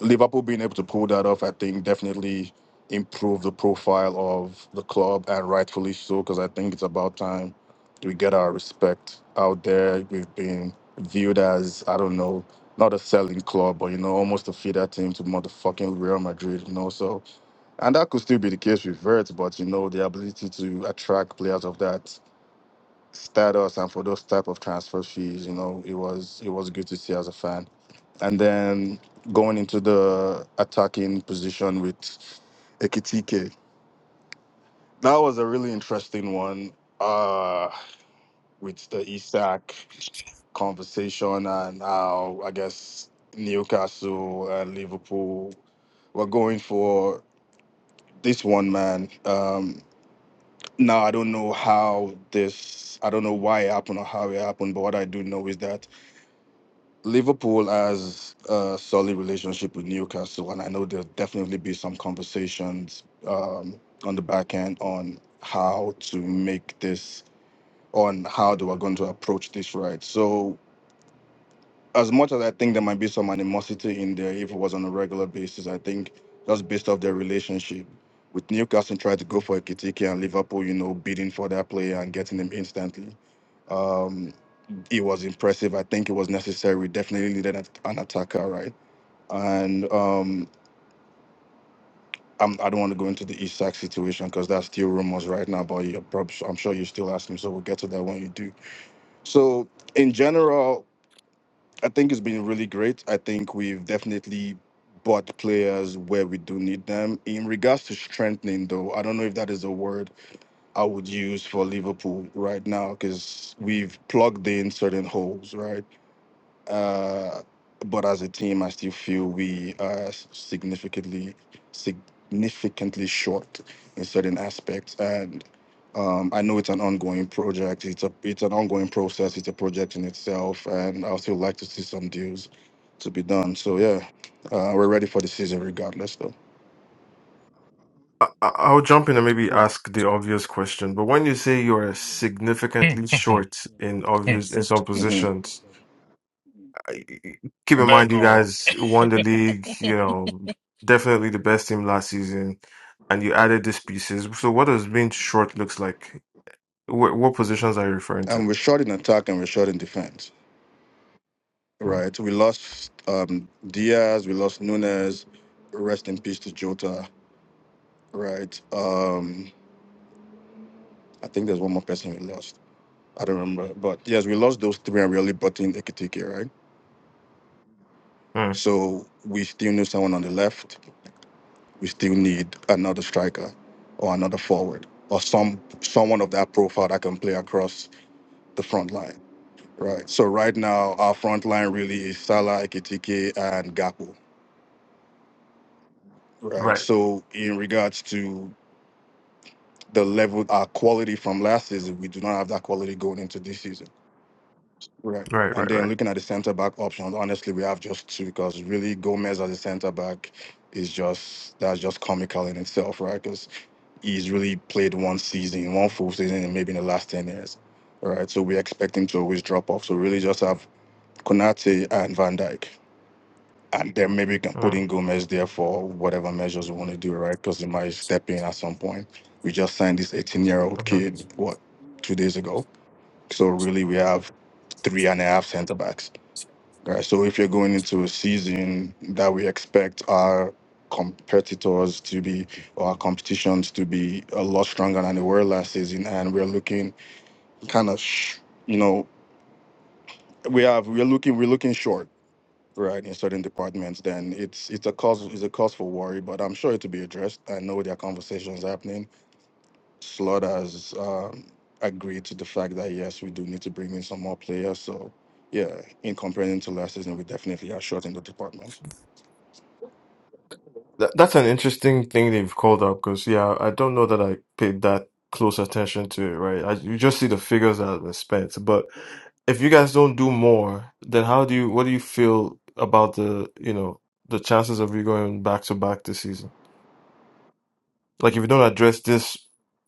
[SPEAKER 9] Liverpool being able to pull that off, I think, definitely improved the profile of the club, and rightfully so, because I think it's about time we get our respect out there. We've been viewed as, I don't know, not a selling club, but you know, almost a feeder team to motherfucking Real Madrid, you know. So, and that could still be the case with Vert, but you know, the ability to attract players of that status and for those type of transfer fees, you know, it was it was good to see as a fan and then going into the attacking position with Ekitike. That was a really interesting one uh, with the Isak conversation and how I guess Newcastle and Liverpool were going for this one man. Um, now I don't know how this, I don't know why it happened or how it happened, but what I do know is that Liverpool has a solid relationship with Newcastle, and I know there'll definitely be some conversations um, on the back end on how to make this, on how they were going to approach this right. So, as much as I think there might be some animosity in there, if it was on a regular basis, I think just based off their relationship with Newcastle, tried to go for a Kitiki and Liverpool, you know, bidding for that player and getting him instantly Um, it was impressive. I think it was necessary. We definitely needed an an attacker, right? And um, I'm, I don't want to go into the Isak situation because that's still rumors right now. But you're prob- I'm sure you still ask me, so we'll get to that when you do. So in general, I think it's been really great. I think we've definitely bought players where we do need them. In regards to strengthening, though, I don't know if that is a word I would use for Liverpool right now because we've plugged in certain holes, right? Uh, but as a team, I still feel we are significantly significantly short in certain aspects. And um, I know it's an ongoing project. It's a it's an ongoing process. It's a project in itself, and I still like to see some deals to be done. So yeah, uh, we're ready for the season regardless, though.
[SPEAKER 1] I- I- I'll jump in and maybe ask the obvious question. But when you say you're
[SPEAKER 7] Hmm,
[SPEAKER 1] significantly
[SPEAKER 7] hmm, hmm,
[SPEAKER 1] short in obvious in some
[SPEAKER 9] hmm
[SPEAKER 7] hmm.
[SPEAKER 1] positions, I- keep
[SPEAKER 7] (laughs)
[SPEAKER 1] in mind you
[SPEAKER 7] Virgo.
[SPEAKER 1] guys won the league. You know, definitely the best team last season, and you added these pieces. So what does being short looks like? What, what positions are you referring to?
[SPEAKER 9] And we're short in attack and we're short in defense.
[SPEAKER 1] Hmm.
[SPEAKER 9] Right. We lost um, Diaz. We lost Nunes. Rest in peace to Jota. Right. Um, I think there's one more person we lost. I don't remember. But yes, we lost those three and we only brought in Ekitike, right?
[SPEAKER 1] Hmm.
[SPEAKER 9] So we still need someone on the left. We still need another striker or another forward or some someone of that profile that can play across the front line. Right. So right now our front line really is Salah, Ekitike, and Gakpo, Right.
[SPEAKER 1] Right,
[SPEAKER 9] So in regards to the level our quality from last season, we do not have that quality going into this season Right.
[SPEAKER 1] right,
[SPEAKER 9] And
[SPEAKER 1] right,
[SPEAKER 9] then
[SPEAKER 1] right.
[SPEAKER 9] looking at the center back options, honestly, we have just two because really Gomez as a center back is just that's just comical in itself, right? Because he's really played one season, one full season, and maybe in the last ten years, right? So we expect him to always drop off. So really, just have Konate and Van Dijk, and then maybe you can put
[SPEAKER 1] Hmm.
[SPEAKER 9] in Gomez there for whatever measures we want to do, right? Because he might step in at some point. We just signed this 18-year-old
[SPEAKER 1] Okay.
[SPEAKER 9] kid what two days ago, so really we have three and a half center backs Right. So if you're going into a season that we expect our competitors to be or our competitions to be a lot stronger than they were last season, and we're looking kind of, sh- you know, we have we're looking we're looking short, right, in certain departments. Then it's it's a cause it's a cause for worry, but I'm sure it'll be addressed. I know there are conversations happening. Slot has um, agreed to the fact that yes, we do need to bring in some more players. So yeah, in comparing to last season, we definitely are short in the departments.
[SPEAKER 1] That, that's an interesting thing that you've called up because, yeah, I don't know that I paid that close attention to it, right? I, you just see the figures that were spent. But if you guys don't do more, then how do you, what do you feel about the, you know, the chances of you going back to back this season? Like if you don't address these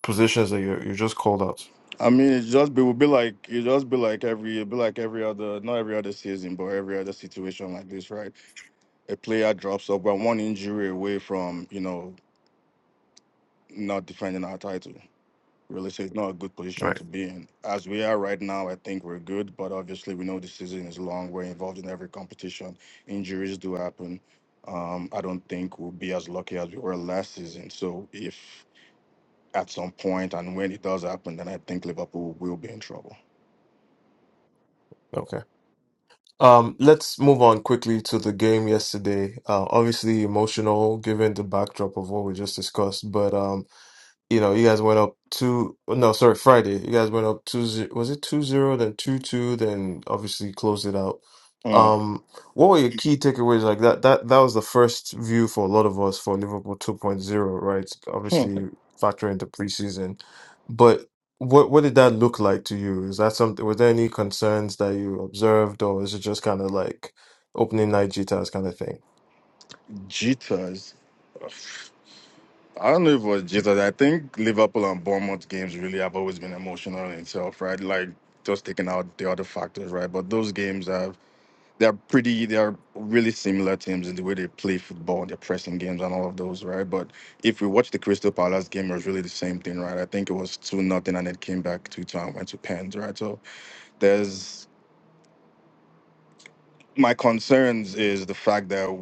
[SPEAKER 1] positions that you're, you're just called out.
[SPEAKER 9] I mean, it just be would be like it just be like every it be like every other not every other season, but every other situation like this, right? A player drops up, we're one injury away from you know not defending our title. Really, so it's not a good position
[SPEAKER 1] Right.
[SPEAKER 9] to be in. As we are right now, I think we're good, but obviously we know the season is long. We're involved in every competition. Injuries do happen. Um, I don't think we'll be as lucky as we were last season. So if at some point and when it does happen, then I think Liverpool will be in trouble.
[SPEAKER 1] Okay. Um, let's move on quickly to the game yesterday. Uh, obviously emotional given the backdrop of what we just discussed, but, um, you know, you guys went up two. oh, No, sorry, Friday. You guys went up two. ze- Was it two zero? Then two two. Then obviously closed it out.
[SPEAKER 9] Mm.
[SPEAKER 1] Um, what were your key takeaways? Like that. That that was the first view for a lot of us for Liverpool two point zero, right?
[SPEAKER 9] Hmm.
[SPEAKER 1] Obviously, factor into preseason, but what what did that look like to you? Is that something? Were there any concerns that you observed, or is it just kind of like opening night jitters kind of thing?
[SPEAKER 9] Jitters. I don't know if it was jitters. I think Liverpool and Bournemouth games really have always been emotional in itself, right? Like just taking out the other factors, right? But those games have they're pretty they're really similar teams in the way they play football, their pressing games and all of those, right? But if we watch the Crystal Palace game, it was really the same thing, right? I think it was two nothing and it came back two two and went to pens, right? So there's my concerns is the fact that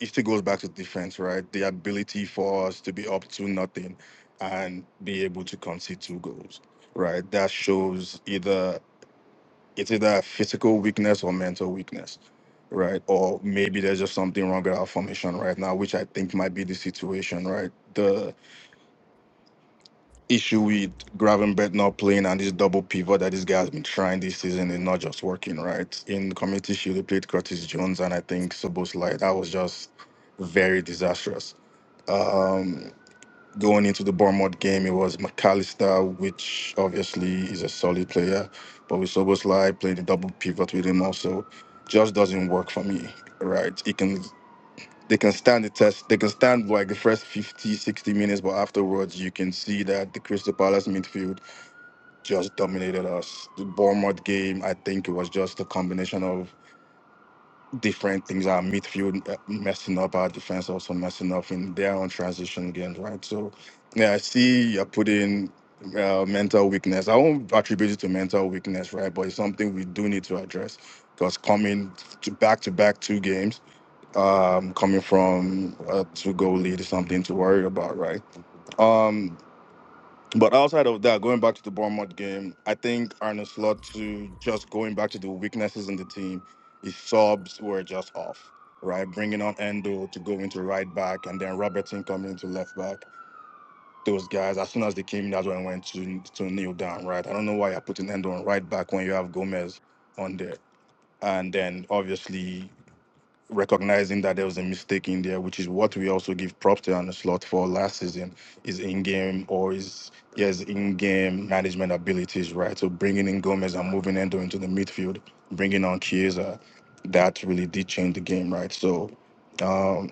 [SPEAKER 9] it still goes back to defense, right? The ability for us to be up to nothing and be able to concede two goals, right? That shows either it's either a physical weakness or mental weakness, right? Or maybe there's just something wrong with our formation right now, which I think might be the situation, right? The issue with Gravenberch not playing and this double pivot that this guy has been trying this season is not just working, right? In Community Shield, he played Curtis Jones and I think Sobos That was just very disastrous um, going into the Bournemouth game, it was McAllister, which obviously is a solid player, but with Soboslai playing the double pivot with him also just doesn't work for me, right? It can they can stand the test, they can stand like the first 50, 60 minutes, but afterwards you can see that the Crystal Palace midfield just dominated us. The Bournemouth game, I think it was just a combination of different things. Our midfield uh, messing up, our defense also messing up in their own transition games, right? So, yeah, I see you're putting uh, mental weakness. I won't attribute it to mental weakness, right? But it's something we do need to address because coming to back to back two games, um, coming from a two goal lead is something to worry about, right? Um, but outside of that, going back to the Bournemouth game, I think Arne Slot to just going back to the weaknesses in the team, his subs were just off, right? Bringing on Endo to go into right back and then Robertson coming into left back. Those guys, as soon as they came in, that's when I went to to kneel down, right? I don't know why you're putting Endo on right back when you have Gomez on there. And then obviously recognizing that there was a mistake in there, which is what we also give props to and a slot for last season, is in-game or is yes in-game management abilities, right? So bringing in Gomez and moving Endo into the midfield, bringing on Chiesa, that really did change the game, right? So um,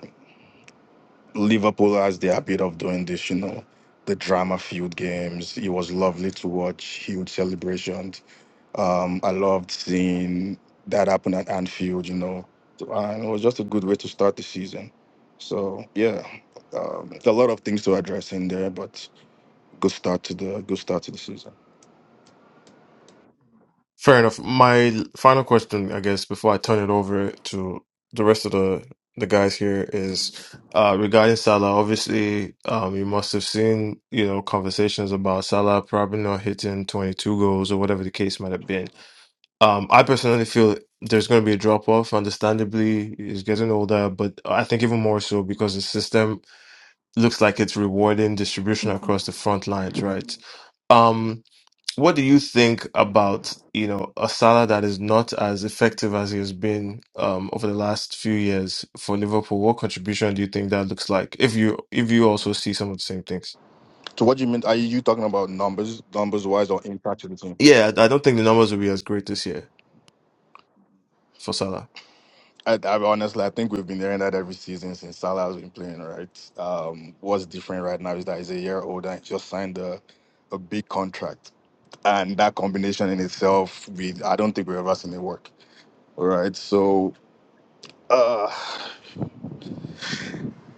[SPEAKER 9] Liverpool has the habit of doing this, you know, the drama-filled games. It was lovely to watch, huge celebrations um, I loved seeing that happen at Anfield, you know, So, and it was just a good way to start the season. So yeah, um, there's a lot of things to address in there, but good start to the good start to the season.
[SPEAKER 1] Fair enough. My final question, I guess, before I turn it over to the rest of the the guys here is uh regarding Salah. Obviously, um you must have seen, you know, conversations about Salah probably not hitting 22 goals or whatever the case might have been. Um I personally feel there's going to be a drop off understandably. He's getting older, but I think even more so because the system looks like it's rewarding distribution across the front lines, right? Um what do you think about, you know, a Salah that is not as effective as he has been um, over the last few years for Liverpool? What contribution do you think that looks like? If you if you also see some of the same things.
[SPEAKER 9] So what do you mean? Are you talking about numbers, numbers wise, or impact to the team?
[SPEAKER 1] Yeah, I I don't think the numbers will be as great this year for Salah.
[SPEAKER 9] I, I honestly, I think we've been hearing that every season since Salah has been playing. Right? Um, what's different right now is that he's a year older. and just signed a a big contract, and that combination in itself, we I don't think we've ever seen it work. All right, so uh,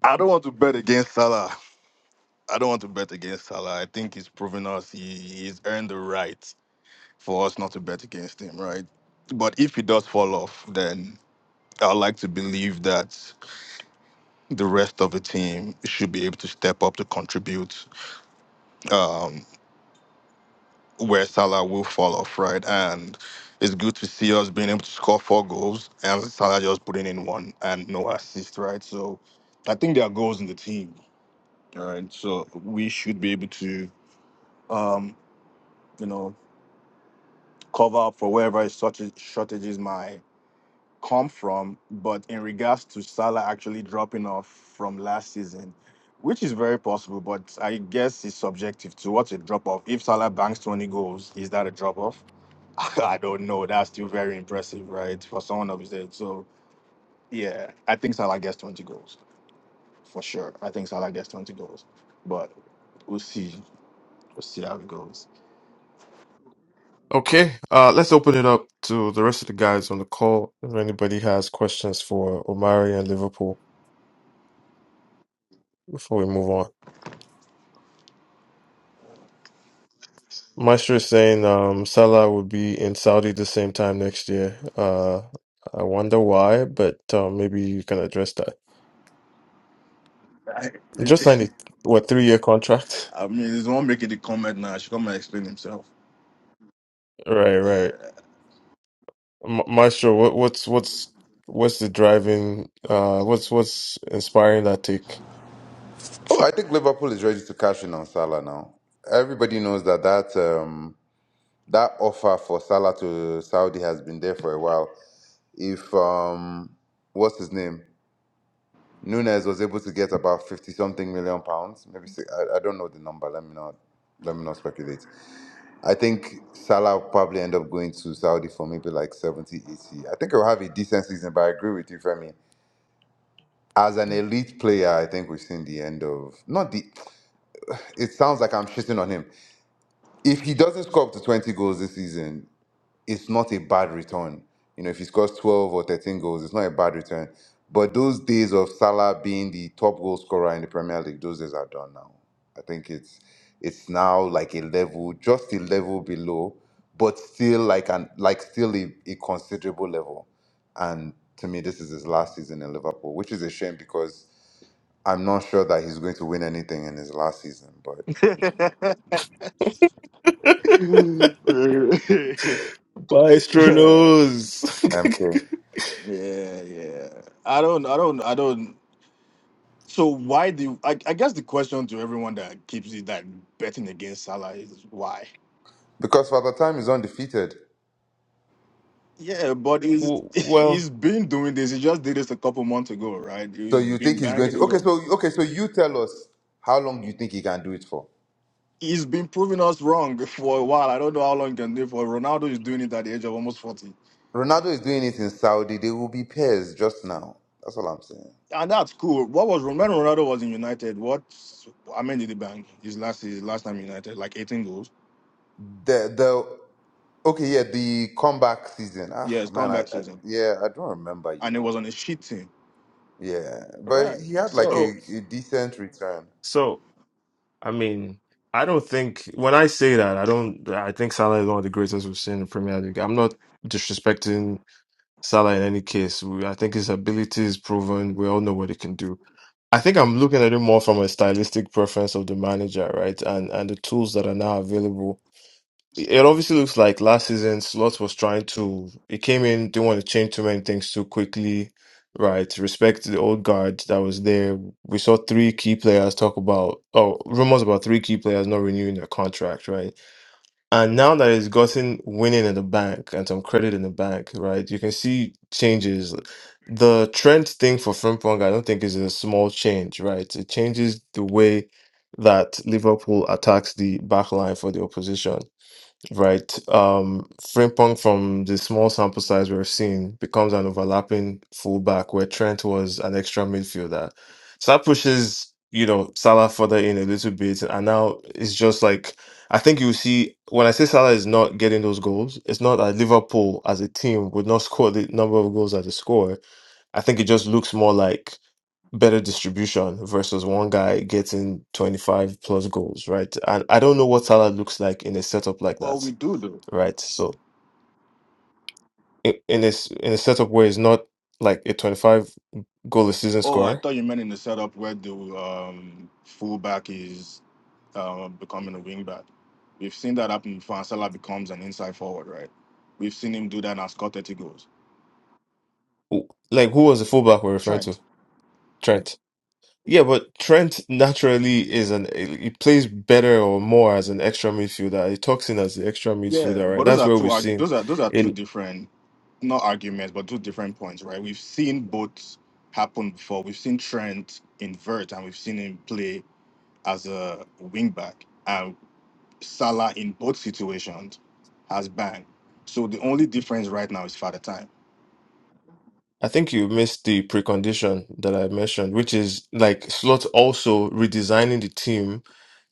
[SPEAKER 9] I don't want to bet against Salah. I don't want to bet against Salah. I think he's proven us he, he's earned the right for us not to bet against him, right? But if he does fall off, then I'd like to believe that the rest of the team should be able to step up to contribute um, where Salah will fall off, right? And it's good to see us being able to score four goals and Salah just putting in one and no assist, right? So I think there are goals in the team. and so we should be able to, um, you know, cover up for wherever shortage, shortages might come from. But in regards to Salah actually dropping off from last season, which is very possible, but I guess it's subjective to what's a drop off. If Salah banks 20 goals, is that a drop off? (laughs) I don't know. That's still very impressive, right, for someone of his age. So yeah, I think Salah gets 20 goals for sure. I think Salah gets 20 goals, but we'll see. We'll see how it goes.
[SPEAKER 1] Okay, uh, let's open it up to the rest of the guys on the call. If anybody has questions for Omari and Liverpool before we move on. Maestro is saying um, Salah will be in Saudi the same time next year. Uh, I wonder why, but um, maybe you can address that.
[SPEAKER 9] I,
[SPEAKER 1] He
[SPEAKER 9] (laughs)
[SPEAKER 1] Just signed a what three year contract? (laughs)
[SPEAKER 9] I mean, he's there's one making the comment now. I should come and explain himself.
[SPEAKER 1] Right, right. Ma Maestro, what, what's what's what's the driving? Uh, what's what's inspiring that take?
[SPEAKER 10] Oh, I think Liverpool is ready to cash in on Salah now. Everybody knows that that um, that offer for Salah to Saudi has been there for a while. If um, what's his name, Nunes was able to get about fifty something million pounds, maybe si I, I don't know the number. Let me not let me not speculate. I think Salah will probably end up going to Saudi for maybe like 70, 80. I think he'll have a decent season, but I agree with you, Femi. As an elite player, I think we've seen the end of not the. It sounds like I'm shitting on him if he doesn't score up to 20 goals this season, it's not a bad return. You know, if he scores 12 or 13 goals, it's not a bad return. But those days of Salah being the top goal scorer in the Premier League, those days are done now. I think it's it's now like a level, just a level below, but still like an like still a, a considerable level. And to me, this is his last season in Liverpool, which is a shame because I'm not sure that he's going to win anything in his last season. But
[SPEAKER 9] (laughs)
[SPEAKER 1] (laughs) Maestro
[SPEAKER 9] Uh,
[SPEAKER 1] knows.
[SPEAKER 10] I'm sure
[SPEAKER 1] (laughs)
[SPEAKER 9] yeah, yeah. I don't, I don't, I don't. So why do I, I guess the question to everyone that keeps it that betting against Salah is why?
[SPEAKER 10] because Father Time is undefeated.
[SPEAKER 9] Yeah, but he's
[SPEAKER 1] W-
[SPEAKER 9] (laughs)
[SPEAKER 1] Well,
[SPEAKER 9] he's been doing this. He just did this a couple months ago, right?
[SPEAKER 10] So
[SPEAKER 9] He's
[SPEAKER 10] you
[SPEAKER 9] been
[SPEAKER 10] think he's going
[SPEAKER 9] banging
[SPEAKER 10] to?
[SPEAKER 9] and
[SPEAKER 10] Okay,
[SPEAKER 9] go.
[SPEAKER 10] so okay, so you tell us how long you think he can do it for.
[SPEAKER 9] He's been proving us wrong (laughs) for a while. I don't know how long he can do it for. Ronaldo is doing it at the age of almost forty.
[SPEAKER 10] Ronaldo is doing it in Saudi. They will be pairs just now. That's all I'm saying.
[SPEAKER 9] And that's cool. What was when
[SPEAKER 10] Yeah.
[SPEAKER 9] Ronaldo was in United? What I mean did he bang his last his last time in United? Like 18 goals.
[SPEAKER 10] The the okay, yeah, the comeback season. Ah,
[SPEAKER 9] Yes,
[SPEAKER 10] man, I,
[SPEAKER 9] comeback
[SPEAKER 10] I
[SPEAKER 9] season.
[SPEAKER 10] yeah, I don't remember. You
[SPEAKER 9] And it
[SPEAKER 10] know,
[SPEAKER 9] was on a shit team.
[SPEAKER 10] yeah, but
[SPEAKER 9] Right.
[SPEAKER 10] he had like
[SPEAKER 1] so
[SPEAKER 9] So
[SPEAKER 10] a, a decent return.
[SPEAKER 1] so I mean, I don't think when I say that, I don't. I think Salah is one of the greatest we've seen in the Premier League. I'm not disrespecting Salah in any case. We- I think his ability is proven. We all know what he can do. I think I'm looking at it more from a stylistic preference of the manager, right, and and the tools that are now available it obviously looks like last season Slot was trying to he came in, didn't want to change too many things too quickly, right? Respect to the old guard that was there. We saw three key players talk about oh rumors about three key players not renewing their contract, right? And now that he's gotten winning in the bank and some credit in the bank, right? You can see changes. The trend thing for Frimpong, I don't think is a small change, right? It changes the way that Liverpool attacks the back line for the opposition right? Um, Frimpong, from the small sample size we're seeing, becomes an overlapping fullback where Trent was an extra midfielder. So that pushes, you know, Salah further in a little bit. And now it's just like, I think you see, when I say Salah is not getting those goals, it's not that Liverpool as a team would not score the number of goals that they score. I think it just looks more like better distribution versus one guy getting 25 plus goals, right? And I don't know what Salah looks like in a setup like
[SPEAKER 9] what we
[SPEAKER 1] that
[SPEAKER 9] do though.
[SPEAKER 1] right? So in in this in a setup where he's not like a 25 goal a season
[SPEAKER 9] Oh, I
[SPEAKER 1] scorer,
[SPEAKER 9] thought you meant in the setup where the um fullback is uh, becoming a wingback. We've seen that happen before Salah becomes an inside forward, right? We've seen him do that and score 30 goals.
[SPEAKER 1] who- like who was the fullback we're referring
[SPEAKER 9] Trent.
[SPEAKER 1] to? Trent. Yeah, but Trent naturally is an eh, he plays better or more as an extra midfielder. He talks in as the extra
[SPEAKER 9] Yeah,
[SPEAKER 1] midfielder, right?
[SPEAKER 9] but those
[SPEAKER 1] That's
[SPEAKER 9] are
[SPEAKER 1] where
[SPEAKER 9] two.
[SPEAKER 1] we've
[SPEAKER 9] arg-
[SPEAKER 1] seen
[SPEAKER 9] Those are those are two
[SPEAKER 1] in
[SPEAKER 9] different, not arguments, but two different points, right? We've seen both happen before. We've seen Trent invert, and we've seen him play as a wing back. And Salah in both situations has banged. So the only difference right now is father time.
[SPEAKER 1] I think you missed the precondition that I mentioned, which is like Slot also redesigning the team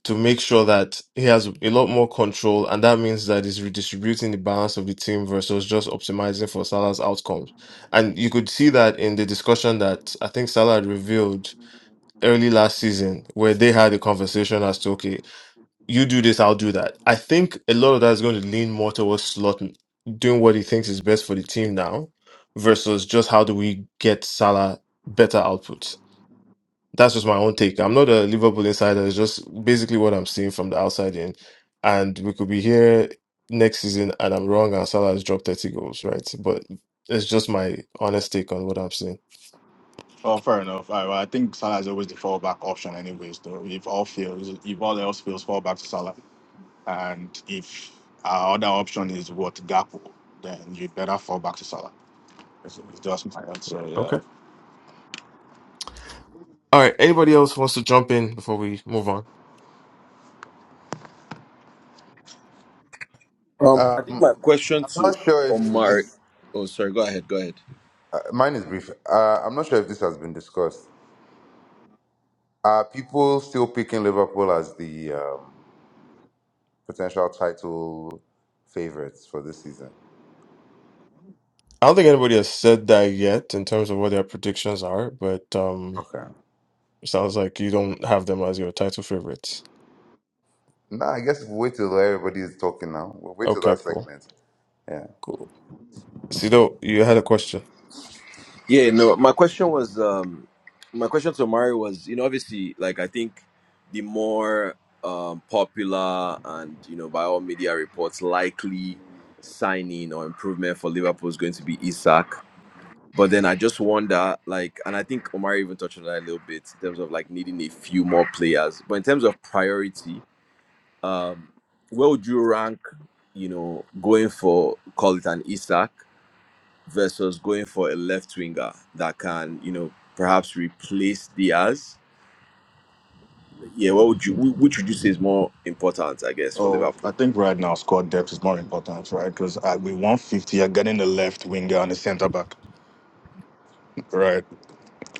[SPEAKER 1] to make sure that he has a lot more control, and that means that he's redistributing the balance of the team versus just optimizing for Salah's outcomes. And you could see that in the discussion that I think Salah had revealed early last season, where they had a conversation as to, okay, you do this, I'll do that. I think a lot of that is going to lean more towards Slot doing what he thinks is best for the team now versus just how do we get Salah better outputs. That's just my own take. I'm not a Liverpool insider. It's just basically what I'm seeing from the outside in. And we could be here next season and I'm wrong and Salah has dropped 30 goals, right? But it's just my honest take on what I'm seeing.
[SPEAKER 9] Oh, fair enough. I, I think Salah is always the fallback option, anyways. Though if all fails, if all else fails, fall back to Salah. And if our other option is what Gapo, then you would better fall back to Salah. That's my answer. Yeah.
[SPEAKER 1] Okay. All right. Anybody else wants to jump in before we move on?
[SPEAKER 4] Um, I think
[SPEAKER 10] Um,
[SPEAKER 4] my question
[SPEAKER 10] I'm not
[SPEAKER 4] to
[SPEAKER 10] sure if
[SPEAKER 4] Omar,
[SPEAKER 10] this.
[SPEAKER 4] oh, sorry, go ahead, go ahead.
[SPEAKER 10] Uh, mine is brief. Uh, I'm not sure if this has been discussed. Are people still picking Liverpool as the um, potential title favorites for this season.
[SPEAKER 1] I don't think anybody has said that yet in terms of what their predictions are, but um,
[SPEAKER 10] Okay.
[SPEAKER 1] it sounds like you don't have them as your title favorites.
[SPEAKER 10] No, I guess we'll wait till everybody is talking now. We'll wait till
[SPEAKER 1] Okay,
[SPEAKER 10] that
[SPEAKER 1] cool.
[SPEAKER 10] segment. Yeah.
[SPEAKER 1] Cool. Sido, you had a question.
[SPEAKER 4] Yeah, no, my question was um my question to Mari was, you know, obviously like I think the more um popular and you know by all media reports likely signing or improvement for Liverpool is going to be Isak. But then I just wonder, like, and I think Omari even touched on that a little bit in terms of like needing a few more players. But in terms of priority, um, where would you rank, you know, going for call it an Isak versus going for a left winger that can, you know, perhaps replace Diaz? Yeah, what would you wh- which would you say is more important, I guess, for
[SPEAKER 9] Oh, I
[SPEAKER 4] Liverpool?
[SPEAKER 9] think right now squad depth is more important, right? Because we want 50, you're getting a left winger and a centre back, right?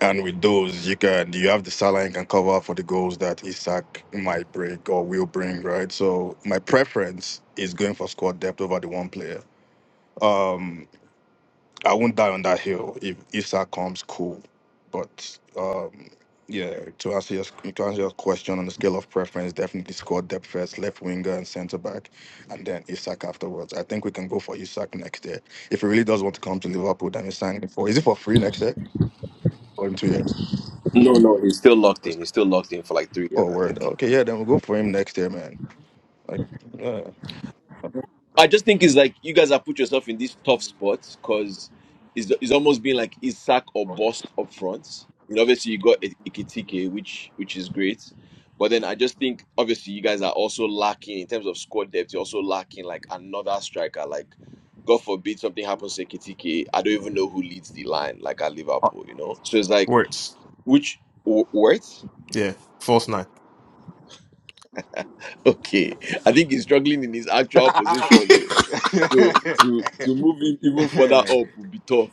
[SPEAKER 9] And with those, you can you have the Salah and can cover for the goals that Isak might break or will bring, right? So my preference is going for squad depth over the one player. Um, I won't die on that hill. If if that comes, cool. But um, yeah, to answer your to answer your question on the scale of preference, definitely squad depth first, left winger and centre back, and then Isak afterwards. I think we can go for Isak next year. If he really does want to come to Liverpool, then we sign him for. Is it for free next year or in two years?
[SPEAKER 4] No, no, he's still locked in. He's still locked in for like three years,
[SPEAKER 9] Oh,
[SPEAKER 4] I
[SPEAKER 9] word.
[SPEAKER 4] think.
[SPEAKER 9] Okay, yeah, then we'll go for him next year, man. Like, yeah.
[SPEAKER 4] I just think it's like you guys have put yourself in this tough spot because it's, it's almost been like Isak or bust up front. You know, obviously you got I- Ikitike, which which is great, but then I just think obviously you guys are also lacking in terms of squad depth. You're also lacking like another striker. Like, God forbid something happens to Ikitike, I don't even know who leads the line like at Liverpool. You know, so it's like
[SPEAKER 1] Words.
[SPEAKER 4] which Wh- Wirtz? (laughs)
[SPEAKER 1] Yeah, false nine.
[SPEAKER 4] Okay, I think he's struggling in his actual
[SPEAKER 1] (laughs)
[SPEAKER 9] (laughs)
[SPEAKER 4] position. So to to move in even further up would be tough,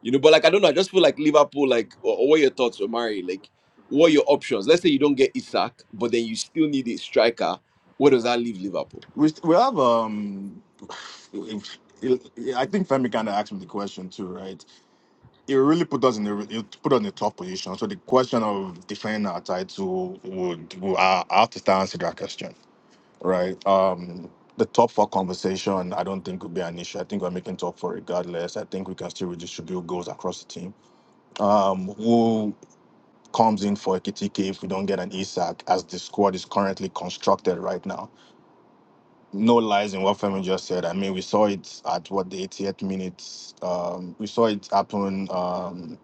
[SPEAKER 4] you know. But like I don't know, I just feel like Liverpool. Like, or, or what your thoughts, Omari? Like, what are your options? Let's say you don't get Isak, but then you still need a striker. Where does that leave Liverpool?
[SPEAKER 9] we st- we have um. (sighs) I think Femi kind of asked me the question too, right? it really put us in a it put us in a tough position. So the question of defending our title would, would I I have to start answering that question, right? Um, the top four conversation I don't think would be an issue. I think we're making top four regardless. I think we can still redistribute goals across the team. Um, who comes in for KTK if we don't get an Isak as the squad is currently constructed right now? No lies in what Femi just said. I mean, we saw it at what the 88th minute. Um, we saw it happen. Um,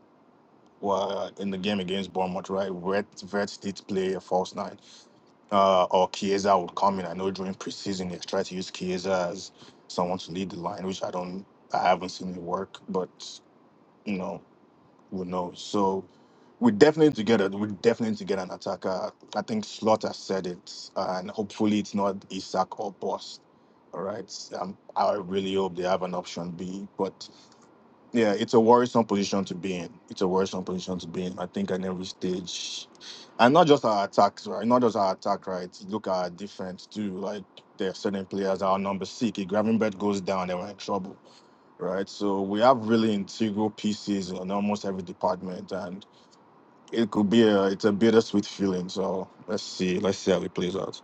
[SPEAKER 9] well, in the game against Bournemouth, right? Vert, Vert did play a false nine, uh, or Chiesa would come in. I know during preseason they tried to use Chiesa as someone to lead the line, which I don't, I haven't seen it work, but you know, who knows? So we definitely need to get a, we definitely need to get an attacker. I think Slaughter said it, and hopefully it's not Isak or Boss. All right, um, I really hope they have an option B, but yeah, it's a worrisome position to be in. It's a worrisome position to be in. I think at every stage, and not just our attacks, right? Not just our attack, right? Look at our defense too. Like there are certain players that are number six. If Gravenberg goes down, they were in trouble, right? So we have really integral pieces in almost every department, and it could be a it's a bittersweet feeling. So let's see, let's see how it plays out.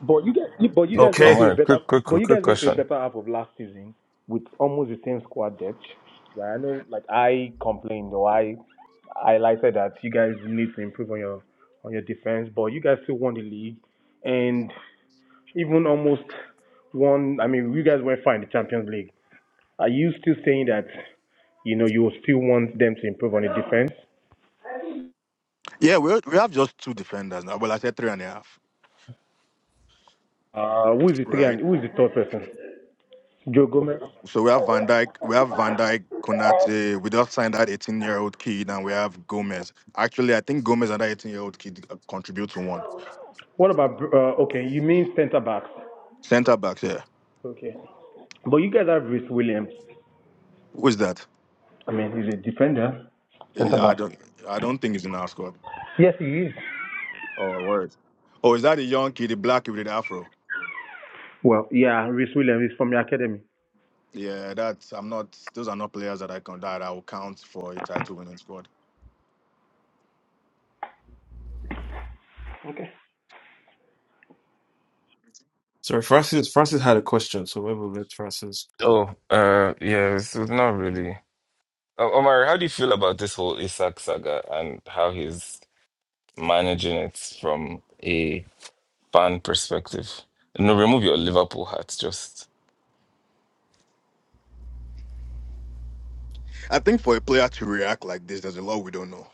[SPEAKER 11] But you guys, you, but you
[SPEAKER 12] Yeah,
[SPEAKER 11] guys went
[SPEAKER 1] Okay.
[SPEAKER 11] to a
[SPEAKER 12] Omar,
[SPEAKER 11] better,
[SPEAKER 12] quick, quick,
[SPEAKER 11] but
[SPEAKER 12] quick,
[SPEAKER 11] you
[SPEAKER 12] quick
[SPEAKER 11] guys went to a
[SPEAKER 12] question.
[SPEAKER 11] better half of last season with almost the same squad depth. Right? I know, like I complained or I, I highlighted that you guys need to improve on your on your defense, but you guys still won the league and even almost won. I mean, you guys went fine in the Champions League. Are you still saying that you know you still want them to improve on the defense?
[SPEAKER 9] Yeah, we we have just two defenders now. Well, I said three and a half,
[SPEAKER 11] Uh, who is the three
[SPEAKER 9] right?
[SPEAKER 11] and who is the third person? Joe Gomez.
[SPEAKER 9] So we have Van Dyke, we have Van Dyke, Konate. We just signed that 18 year old kid, and we have Gomez. Actually, I think Gomez and that 18 year old kid uh, contribute to one
[SPEAKER 11] What about Br- uh, okay? You mean centre backs?
[SPEAKER 9] center backs. Yeah,
[SPEAKER 11] Okay. But you guys have Rhys Williams.
[SPEAKER 9] who is that?
[SPEAKER 11] I mean, he's a defender,
[SPEAKER 9] Eh,
[SPEAKER 11] centre
[SPEAKER 9] I
[SPEAKER 11] back.
[SPEAKER 9] don't, I don't think he's in our squad.
[SPEAKER 11] Yes, he is.
[SPEAKER 9] Oh, word. Oh, is that the young kid, the black kid with the afro?
[SPEAKER 11] Well, yeah, Rhys Williams is from your academy.
[SPEAKER 9] Yeah, that's. I'm not. Those are not players that I can that I will count for a title winning squad.
[SPEAKER 11] Okay.
[SPEAKER 1] Sorry, Francis. Francis had a question, so we will let Francis go.
[SPEAKER 12] Oh, uh, yeah, it's not really. O- Omar, how do you feel about this whole Isaac saga and how he's managing it from a fan perspective? No, remove your Liverpool hat, just.
[SPEAKER 9] I think for a player to react like this, there's a lot we don't know.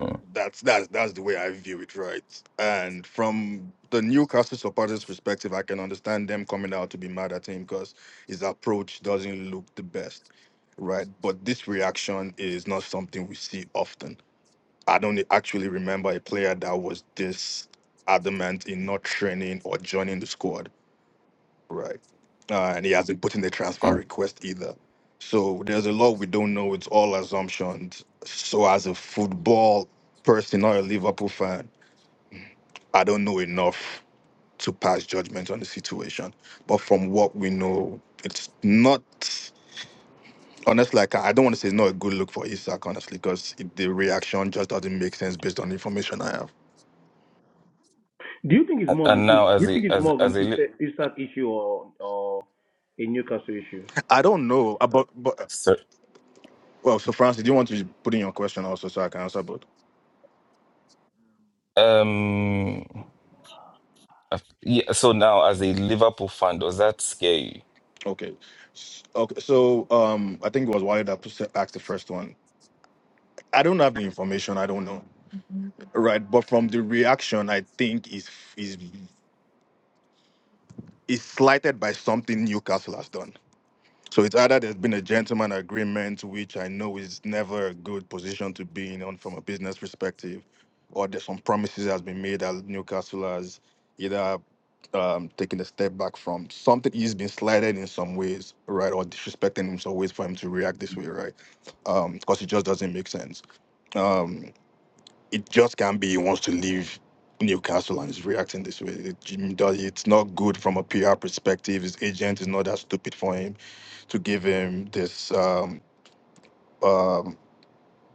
[SPEAKER 12] Mm,
[SPEAKER 9] That's that's that's the way I view it, right? And from the Newcastle supporters' perspective, I can understand them coming out to be mad at him because his approach doesn't look the best, right? But this reaction is not something we see often. I don't e, actually remember a player that was this adamant in not training or joining the squad Right. Uh, and he hasn't put in the transfer
[SPEAKER 12] mm.
[SPEAKER 9] request either. So there's a lot we don't know. It's all assumptions. So as a football person or a Liverpool fan, I don't know enough to pass judgment on the situation. But from what we know, it's not honestly like I don't want to say it's not a good look for Isak, honestly, because the reaction just doesn't make sense based on the information I have.
[SPEAKER 11] Do you think it's
[SPEAKER 12] And,
[SPEAKER 11] more of an
[SPEAKER 12] and
[SPEAKER 11] do
[SPEAKER 12] now, as
[SPEAKER 11] you
[SPEAKER 12] a
[SPEAKER 11] think it's
[SPEAKER 12] as
[SPEAKER 11] more of an
[SPEAKER 12] as a Li-
[SPEAKER 11] East- Eastern issue or or a Newcastle issue?
[SPEAKER 9] I don't know. uh, But but uh,
[SPEAKER 12] sir,
[SPEAKER 9] well, so Francis, do you want to put in your question also so I can answer both?
[SPEAKER 12] um, af- yeah. So now, as a Liverpool fan, does that scare you?
[SPEAKER 9] Okay. S- Okay. So um, I think it was Wally that pos- asked the first one. I don't have the information. I don't know. Right. But from the reaction, I think is is is slighted by something Newcastle has done. So it's either there's been a gentleman agreement, which I know is never a good position to be in on from a business perspective, or there's some promises has been made that Newcastle has either um, taken a step back from. Something he's been slighted in some ways, right, or disrespected in some ways for him to react this way, right? Because it just doesn't make sense. Um, it just can't be he wants to leave Newcastle and is reacting this way. It, Jim does- it's not good from a PR perspective. His agent is not that stupid for him to give him this um, um,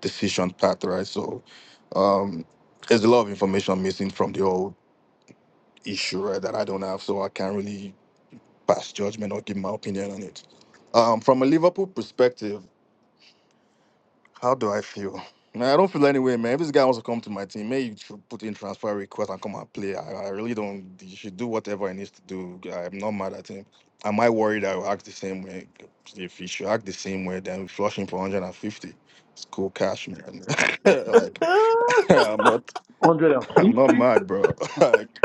[SPEAKER 9] decision path, right? So um, there's a lot of information missing from the old issue, right, that I don't have. So I can't really pass judgment or give my opinion on it. Um, from a Liverpool perspective, How do I feel? Nah, I don't feel any way, man. If this guy wants to come to my team, maybe you should put in transfer request and come and play. I, I really don't. He should do whatever he needs to do. I'm not mad at him. Am I worried I will act the same way? If he should act the same way, then we flush him for 150. It's cool cash, man. (laughs) like (laughs) I'm not, I'm
[SPEAKER 11] 150?
[SPEAKER 9] not mad, bro. (laughs) like,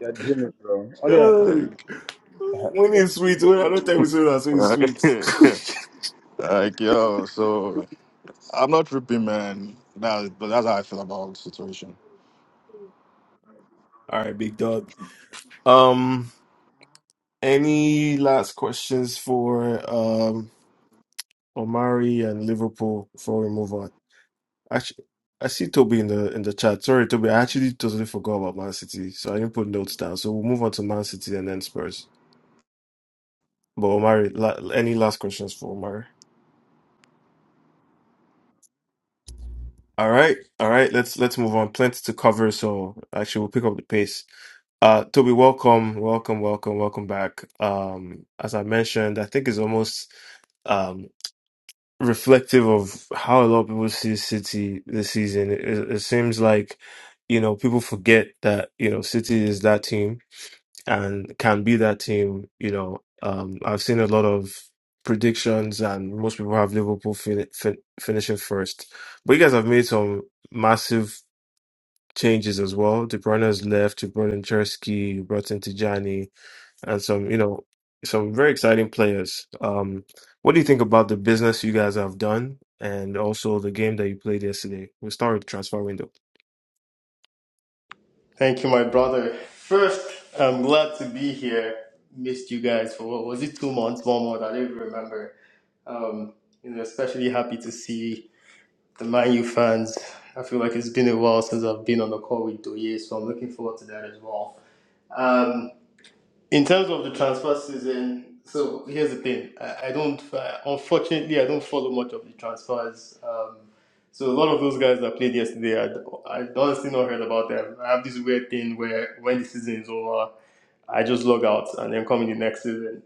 [SPEAKER 11] You're dreaming, bro.
[SPEAKER 1] (laughs) God,
[SPEAKER 11] 150.
[SPEAKER 9] like,
[SPEAKER 11] (laughs)
[SPEAKER 1] when is sweet? When I don't tell you so that's when it's sweet.
[SPEAKER 9] (laughs)
[SPEAKER 1] (laughs)
[SPEAKER 9] like, yo. So I'm not tripping, man. That, but that's how I feel about the situation.
[SPEAKER 1] All right, big dog. Um, any last questions for um Omari and Liverpool before we move on? Actually, I see Toby in the in the chat. Sorry, Toby, I actually totally forgot about Man City, so I didn't put notes down. So we'll move on to Man City and then Spurs. But Omari, la any last questions for Omari? All right, all right. Let's let's move on. Plenty to cover, so actually we'll pick up the pace. Uh, Toby, welcome, welcome, welcome, welcome back. Um, as I mentioned, I think it's almost um reflective of how a lot of people see City this season. It, it seems like you know people forget that you know City is that team and can be that team. You know, um, I've seen a lot of predictions, and most people have Liverpool fin- fin- finishing first. But you guys have made some massive changes as well. De Bruyne has left. You brought in Chersky, you brought in Tijani, and some, you know, some very exciting players. Um, what do you think about the business you guys have done, and also the game that you played yesterday? We'll start with transfer window.
[SPEAKER 13] Thank you, my brother. First, I'm glad to be here. Missed you guys for what was it, two months, one month? I don't even remember. Um, you know, especially happy to see the Man U fans. I feel like it's been a while since I've been on the call with Doye, so I'm looking forward to that as well. Um, in terms of the transfer season, so here's the thing. I, I don't, I, unfortunately, I don't follow much of the transfers. Um, so a lot of those guys that played yesterday, I, d- I honestly not heard about them. I have this weird thing where when the season is over, I just log out and then come in the next season.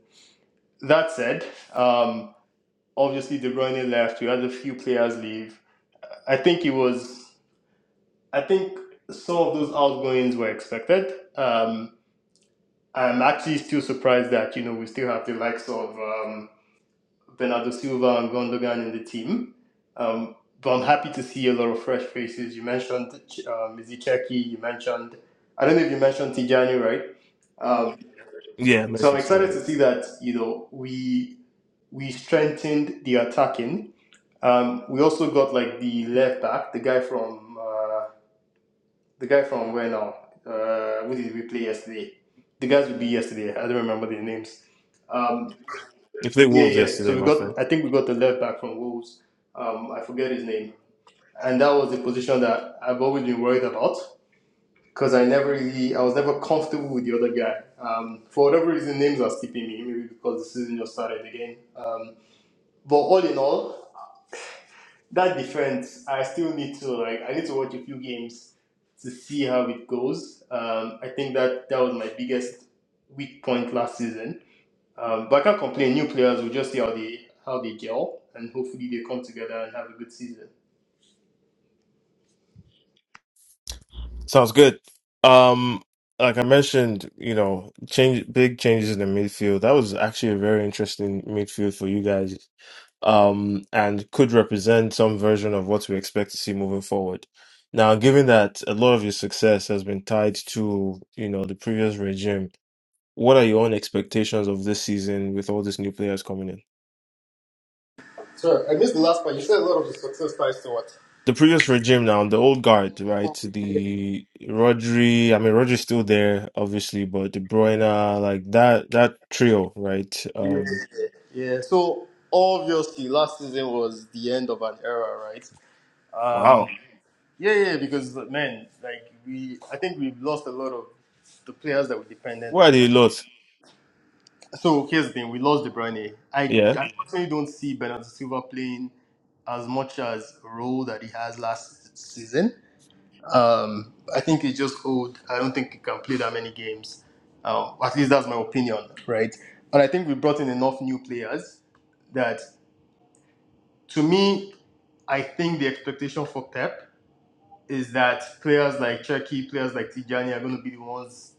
[SPEAKER 13] That said, um, obviously De Bruyne left. We had a few players leave. I think it was, I think some of those outgoings were expected. Um, I'm actually still surprised that you know we still have the likes of. um, Bernardo Silva and Gundogan in the team. Um, but I'm happy to see a lot of fresh faces. You mentioned um, Iziceki, you mentioned, I don't know if you mentioned Tijani, right? Um,
[SPEAKER 1] Yeah,
[SPEAKER 13] so I'm
[SPEAKER 1] mentioned
[SPEAKER 13] excited to
[SPEAKER 1] Tijani.
[SPEAKER 13] see that, you know, we we strengthened the attacking. Um, we also got like the left back, the guy from, uh, the guy from where now? Uh, who did we play yesterday? The guys we beat yesterday. I don't remember their names. Um,
[SPEAKER 1] You played
[SPEAKER 13] yeah,
[SPEAKER 1] Wolves
[SPEAKER 13] yeah. So
[SPEAKER 1] yesterday,
[SPEAKER 13] we
[SPEAKER 1] my friend.
[SPEAKER 13] got, I think we got the left back from Wolves. Um, I forget his name, and that was the position that I've always been worried about because I never really, I was never comfortable with the other guy. Um, for whatever reason, names are skipping me, maybe because the season just started again. Um, but all in all, that defense, I still need to like, I need to watch a few games to see how it goes. Um, I think that that was my biggest weak point last season um, but I can't complain. New players will just see how they how they gel, and hopefully they come together and have a good season.
[SPEAKER 1] Sounds good. Um, like I mentioned, you know, change big changes in the midfield. That was actually a very interesting midfield for you guys. Um, and could represent some version of what we expect to see moving forward. Now, given that a lot of your success has been tied to, you know, the previous regime, what are your own expectations of this season with all these new players coming in?
[SPEAKER 13] Sorry, I missed the last part. You said a lot of the success ties to what?
[SPEAKER 1] the previous regime now, the old guard, right? The Rodri, I mean Rodri's still there, obviously, but De Bruyne, like that that trio, right?
[SPEAKER 13] Yeah,
[SPEAKER 1] Um
[SPEAKER 13] yeah. So obviously, last season was the end of an era, right? Um,
[SPEAKER 1] Wow.
[SPEAKER 13] yeah, yeah. Because man, like we, I think we've lost a lot of the players that were dependent
[SPEAKER 1] where are they
[SPEAKER 13] on.
[SPEAKER 1] lot?
[SPEAKER 13] So here's the thing: we lost De Bruyne. I,
[SPEAKER 1] Yeah.
[SPEAKER 13] I personally don't see Bernardo Silva playing as much as role that he has last season. Um, I think he's just old. I don't think he can play that many games. Um, at least that's my opinion, right? And I think we brought in enough new players that, to me, I think the expectation for Pep is that players like Cherky, players like Tijani are going to be the ones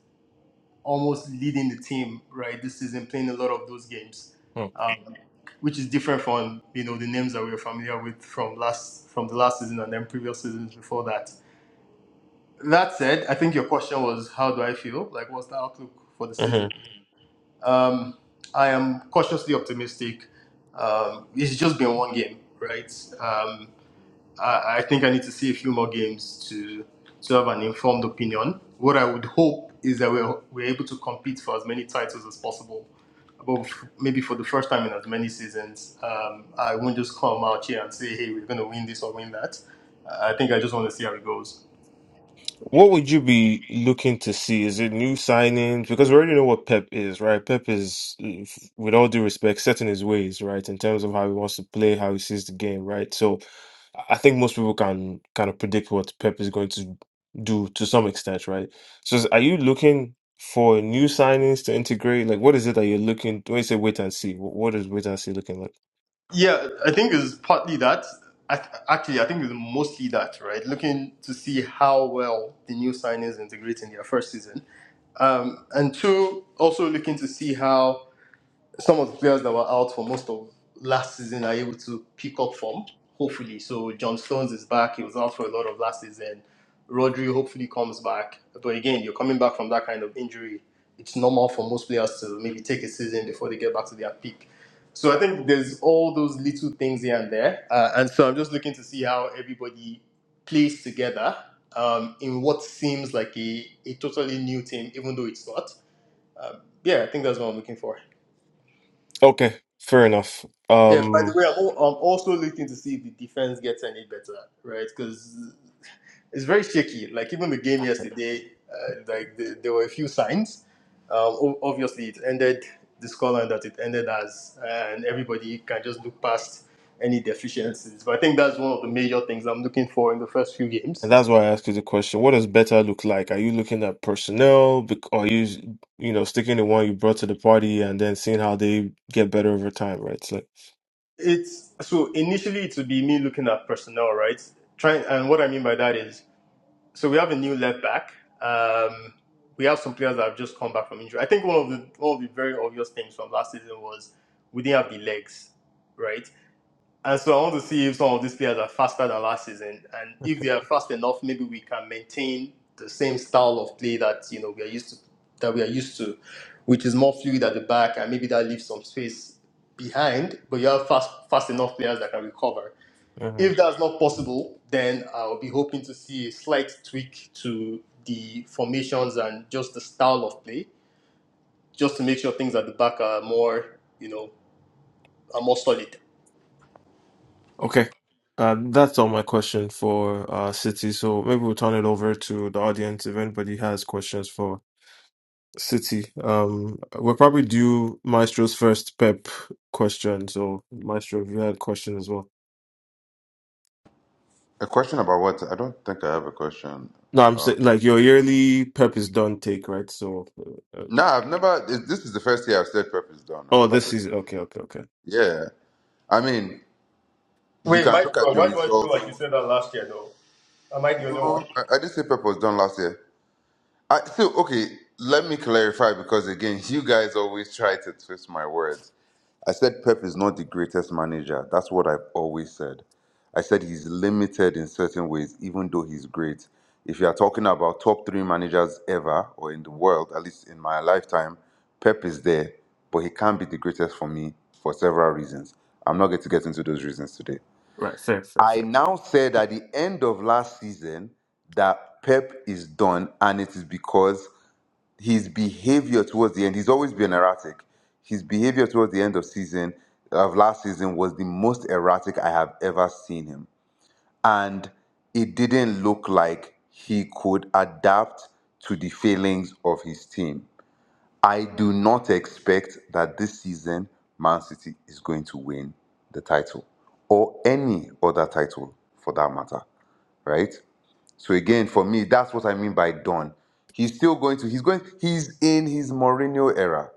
[SPEAKER 13] almost leading the team, right? This season, playing a lot of those games, um, which is different from you know the names that we were familiar with from last from the last season and then previous seasons before that. That said, I think your question was how do I feel? Like, what's the outlook for the
[SPEAKER 1] Mm-hmm.
[SPEAKER 13] season? Um, I am cautiously optimistic. Um, it's just been one game, right? Um, I, I think I need to see a few more games to to have an informed opinion. What I would hope is that we're, we're able to compete for as many titles as possible. But f- maybe for the first time in as many seasons, um, I won't just come out here and say, hey, we're going to win this or win that. I think I just want to see how it goes.
[SPEAKER 1] What would you be looking to see? Is it new signings? Because we already know what Pep is, right? Pep is, if- with all due respect, set in his ways, right? In terms of how he wants to play, how he sees the game, right? So I I think most people can kind of predict what Pep is going to do to some extent, right? So is- are you looking for new signings to integrate? Like, what is it that you're looking, when you say wait and see, wh- what is wait and see looking like?
[SPEAKER 13] Yeah, I think it's partly that. I th- actually, I think it's mostly that, right? Looking to see how well the new signings integrate in their first season. Um, and two, also looking to see how some of the players that were out for most of last season are able to pick up form, hopefully. So John Stones is back. He was out for a lot of last season. Rodri hopefully comes back. But again, you're coming back from that kind of injury. It's normal for most players to maybe take a season before they get back to their peak. So I think there's all those little things here and there. Uh, and so I'm just looking to see how everybody plays together um, in what seems like a, a totally new team, even though it's not. Um, yeah, I think that's what I'm looking for.
[SPEAKER 1] Okay, fair enough.
[SPEAKER 13] Yeah, by the
[SPEAKER 1] Um,
[SPEAKER 13] way, I'm, al- I'm also looking to see if the defense gets any better, right? Because it's very shaky. Like even the game yesterday, uh, like the, there were a few signs. Um, o- obviously, it ended the scoreline that it ended as, and everybody can just look past any deficiencies. But I think that's one of the major things I'm looking for in the first few
[SPEAKER 1] And
[SPEAKER 13] games.
[SPEAKER 1] that's why I ask you the question, what does better look like? Are you looking at personnel, bec- or are you, you know, sticking to one you brought to the party and then seeing how they get better over time, right? So,
[SPEAKER 13] It's so initially it would be me looking at personnel, right? Trying, and what I mean by that is So we have a new left back. Um, we have some players that have just come back from injury. I think one of the one of the very obvious things from last season was we didn't have the legs, right? And so I want to see if some of these players are faster than last season, and if they are fast enough, maybe we can maintain the same style of play that you know we are used to, that we are used to, which is more fluid at the back, and maybe that leaves some space behind. But you have fast fast enough players that can recover.
[SPEAKER 1] uh
[SPEAKER 13] If that's not possible, then I'll be hoping to see a slight tweak to the formations and just the style of play, just to make sure things at the back are more, you know, are more solid.
[SPEAKER 1] (laughs) Okay. Um, that's all my question for uh, City. So maybe we'll turn it over to the audience if anybody has questions for City. Um, we'll probably do Maestro's first Pep question. So Maestro, if you had a question as well.
[SPEAKER 10] A question about what? I don't think I have a question.
[SPEAKER 1] No, I'm
[SPEAKER 10] Um,
[SPEAKER 1] saying like your yearly Pep is done take, right? So uh,
[SPEAKER 10] no, I've never. it- This is the first year I've said prep is done. I
[SPEAKER 1] Oh,
[SPEAKER 10] never
[SPEAKER 1] this
[SPEAKER 10] said.
[SPEAKER 1] season. Okay, okay, okay.
[SPEAKER 10] Yeah. I mean, you
[SPEAKER 13] Wait,
[SPEAKER 10] can
[SPEAKER 13] Mike,
[SPEAKER 10] look at the
[SPEAKER 13] why do I feel
[SPEAKER 10] results.
[SPEAKER 13] like you said that last year, though? Am I the only
[SPEAKER 10] No,
[SPEAKER 13] one?
[SPEAKER 10] I, I didn't say prep was done last year. I so okay. Let me clarify because again, you guys always try to twist my words. I said Pep is not the greatest manager. That's what I've always said. I said he's limited in certain ways, even though he's great. If you are talking about top three managers ever or in the world, at least in my lifetime, Pep is there, but he can't be the greatest for me for several reasons. I'm not going to get into those reasons today.
[SPEAKER 1] Right, fair, fair,
[SPEAKER 10] I
[SPEAKER 1] fair.
[SPEAKER 10] now said at the end of last season that Pep is done, and it is because his behavior towards the end, he's always been erratic. His behavior towards the end of season of last season was the most erratic I have ever seen him. And it didn't look like he could adapt to the failings of his team. I do not expect that this season Man City is going to win the title or any other title for that matter, right? So again, for me, that's what I mean by done. He's still going to. He's going. He's in his Mourinho era.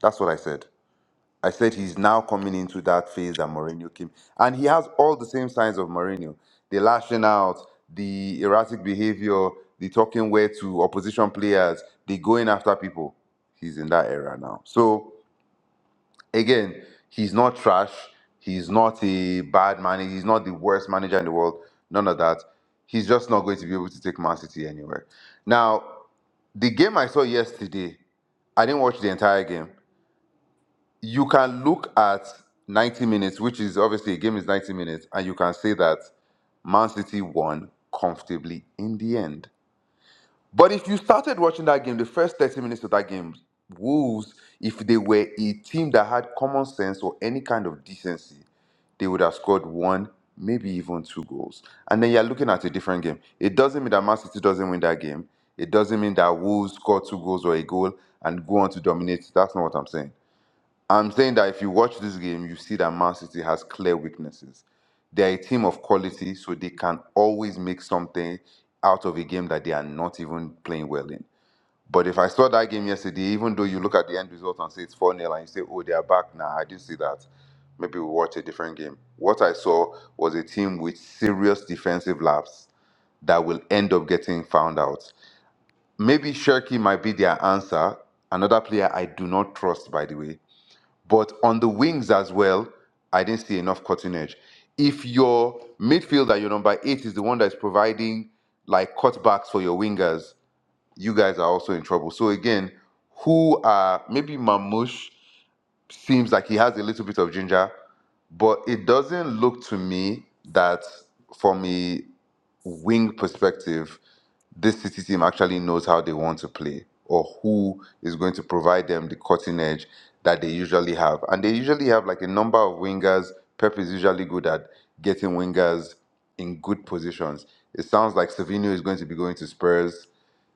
[SPEAKER 10] That's what I said. I said he's now coming into that phase that Mourinho came, and he has all the same signs of Mourinho: the lashing out, the erratic behavior, the talking way to opposition players, the going after people. He's in that era now. So again, he's not trash. He's not a bad manager. He's not the worst manager in the world. None of that. He's just not going to be able to take Man City anywhere. Now, the game I saw yesterday, I didn't watch the entire game. You can look at 90 minutes, which is obviously a game is 90 minutes, and you can say that Man City won comfortably in the end. But if you started watching that game, the first 30 minutes of that game, Wolves, if they were a team that had common sense or any kind of decency, they would have scored one, maybe even two goals. And then you're looking at a different game. It doesn't mean that Man City doesn't win that game. It doesn't mean that Wolves score two goals or a goal and go on to dominate. That's not what I'm saying. I'm saying that if you watch this game, you see that Man City has clear weaknesses. They're a team of quality, so they can always make something out of a game that they are not even playing well in. But if I saw that game yesterday, even though you look at the end result and say it's 4 nil and you say, oh, they are back now, I didn't see that. Maybe we watch a different game. What I saw was a team with serious defensive laps that will end up getting found out. Maybe Shirky might be their answer. Another player I do not trust, by the way but on the wings as well, I didn't see enough cutting edge. If your midfielder, your number eight, is the one that's providing like cutbacks for your wingers, you guys are also in trouble. So again, who are maybe Mamush? seems like he has a little bit of ginger, but it doesn't look to me that from a wing perspective, this City team actually knows how they want to play or who is going to provide them the cutting edge that they usually have. And they usually have like a number of wingers. Pep is usually good at getting wingers in good positions. It sounds like Savino is going to be going to Spurs.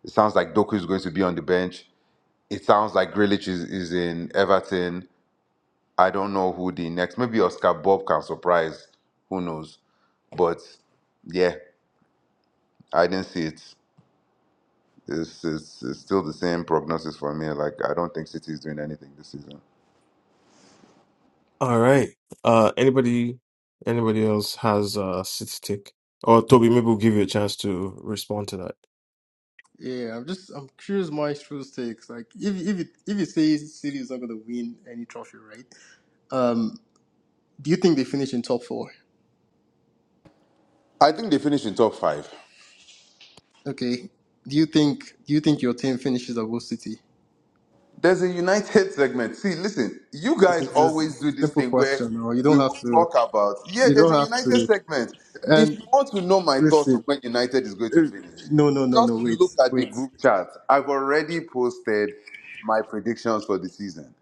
[SPEAKER 10] It sounds like Doku is going to be on the bench. It sounds like Grealish is, is in Everton I don't know who the next. Maybe Oscar Bob can surprise. Who knows? But yeah, I didn't see it. It's, it's, it's still the same prognosis for me. Like I don't think City is doing anything this season.
[SPEAKER 1] All right. Uh, anybody, anybody else has a city take? Or Toby, maybe we'll give you a chance to respond to that.
[SPEAKER 13] Yeah, I'm just I'm curious Maestro's takes. Like if if it if you say City is not gonna win any trophy, right? Um do you think they finish in top four?
[SPEAKER 10] I think they finished in top five.
[SPEAKER 13] Okay. Do you think do you think your team finishes above City?
[SPEAKER 10] There's a United (laughs) segment. See, listen, you guys
[SPEAKER 13] It's just
[SPEAKER 10] always
[SPEAKER 13] it's
[SPEAKER 10] do
[SPEAKER 13] a
[SPEAKER 10] this
[SPEAKER 13] simple
[SPEAKER 10] thing where
[SPEAKER 13] question. No, you don't
[SPEAKER 10] we will
[SPEAKER 13] have to.
[SPEAKER 10] talk about. Yeah,
[SPEAKER 13] You
[SPEAKER 10] there's
[SPEAKER 13] don't
[SPEAKER 10] a
[SPEAKER 13] have
[SPEAKER 10] United
[SPEAKER 13] to.
[SPEAKER 10] segment. If
[SPEAKER 13] And
[SPEAKER 10] you want to know my thoughts on
[SPEAKER 13] listen,
[SPEAKER 10] when United is going to
[SPEAKER 13] eh,
[SPEAKER 10] finish,
[SPEAKER 13] no, no, no, no.
[SPEAKER 10] just
[SPEAKER 13] Wait,
[SPEAKER 10] look at the
[SPEAKER 13] wait.
[SPEAKER 10] group chat. I've already posted my predictions for the season.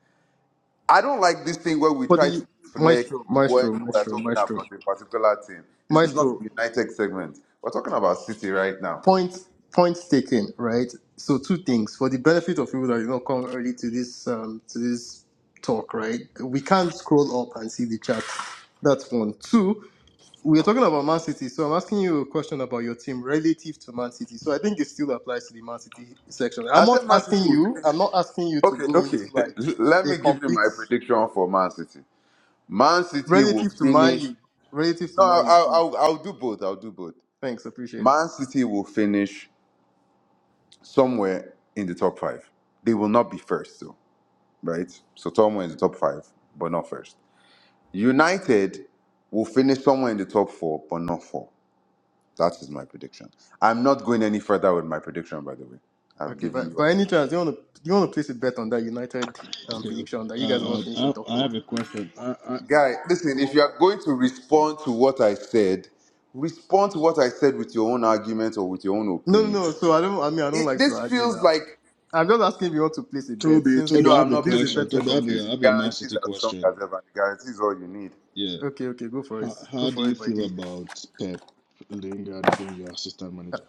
[SPEAKER 10] I don't like this thing where we
[SPEAKER 13] For
[SPEAKER 10] try
[SPEAKER 13] the
[SPEAKER 10] to reflect
[SPEAKER 13] maestro,
[SPEAKER 10] when
[SPEAKER 13] maestro,
[SPEAKER 10] we're
[SPEAKER 13] maestro,
[SPEAKER 10] talking about
[SPEAKER 13] maestro,
[SPEAKER 10] a particular team. This is not
[SPEAKER 13] maestro.
[SPEAKER 10] a United segment. We're talking about City right now.
[SPEAKER 13] Point, point taken. Right. So two things for the benefit of people that did not come early to this um to this talk. Right. We can't scroll up and see the chat. That's one. Two. we are talking about Man City, so I'm asking you a question about your team relative to Man City. So I think it still applies to the Man City section. I'm
[SPEAKER 10] I
[SPEAKER 13] not
[SPEAKER 10] said Man City
[SPEAKER 13] asking
[SPEAKER 10] will
[SPEAKER 13] you. I'm
[SPEAKER 10] finish.
[SPEAKER 13] not asking you to
[SPEAKER 10] Okay,
[SPEAKER 13] go into
[SPEAKER 10] okay.
[SPEAKER 13] like
[SPEAKER 10] (laughs) Let
[SPEAKER 13] a
[SPEAKER 10] me give you my
[SPEAKER 13] complete
[SPEAKER 10] prediction for Man City. Man City will
[SPEAKER 13] relative to Man
[SPEAKER 10] finish.
[SPEAKER 13] U, relative to
[SPEAKER 10] No, I'll,
[SPEAKER 13] Man U.
[SPEAKER 10] I'll,
[SPEAKER 13] Please.
[SPEAKER 10] I'll I'll do both. I'll do both.
[SPEAKER 13] Thanks, appreciate it.
[SPEAKER 10] Man City will finish somewhere in the top five. They will not be first, though, right? So somewhere in the top five, but not first. United will finish somewhere in the top four, but not four. That is my prediction. I'm not going any further with my prediction, by the way. I've
[SPEAKER 13] Okay,
[SPEAKER 10] given
[SPEAKER 13] but
[SPEAKER 10] you
[SPEAKER 13] by
[SPEAKER 10] as
[SPEAKER 13] any
[SPEAKER 10] much.
[SPEAKER 13] chance, do you want to do you want to place a bet on that United um,
[SPEAKER 9] Okay. okay.
[SPEAKER 13] prediction that you guys are not
[SPEAKER 9] Uh,
[SPEAKER 13] finishing
[SPEAKER 9] um,
[SPEAKER 13] top
[SPEAKER 9] I, I
[SPEAKER 13] four?
[SPEAKER 9] have a question. I, I,
[SPEAKER 10] Guy, listen, if you are going to respond to what I said, respond to what I said with your own argument or with your own
[SPEAKER 13] No, no,
[SPEAKER 10] opinion.
[SPEAKER 13] no. So I don't. I mean, I don't
[SPEAKER 10] It,
[SPEAKER 13] like to
[SPEAKER 10] this
[SPEAKER 13] argue
[SPEAKER 10] feels
[SPEAKER 13] now.
[SPEAKER 10] like,
[SPEAKER 13] I'm just asking if you want to place a bet
[SPEAKER 9] Toby, Toby,
[SPEAKER 13] since
[SPEAKER 10] no,
[SPEAKER 9] I
[SPEAKER 13] you
[SPEAKER 10] I'm
[SPEAKER 9] have a
[SPEAKER 13] know
[SPEAKER 10] not
[SPEAKER 13] this is a
[SPEAKER 10] placing
[SPEAKER 9] question.
[SPEAKER 13] betting
[SPEAKER 10] interest
[SPEAKER 9] Toby, I
[SPEAKER 10] with
[SPEAKER 9] have
[SPEAKER 10] you.
[SPEAKER 9] a,
[SPEAKER 13] community.
[SPEAKER 9] I have
[SPEAKER 10] The
[SPEAKER 9] a Man
[SPEAKER 10] guarantees
[SPEAKER 9] City
[SPEAKER 10] are strong
[SPEAKER 9] question.
[SPEAKER 10] as ever. The guarantee is all you need.
[SPEAKER 9] Yeah.
[SPEAKER 13] Okay, okay, go for it.
[SPEAKER 9] How,
[SPEAKER 13] Go
[SPEAKER 9] how do
[SPEAKER 13] for
[SPEAKER 9] you
[SPEAKER 13] it, by
[SPEAKER 9] feel
[SPEAKER 13] G.
[SPEAKER 9] about Pep Lingard being your assistant manager?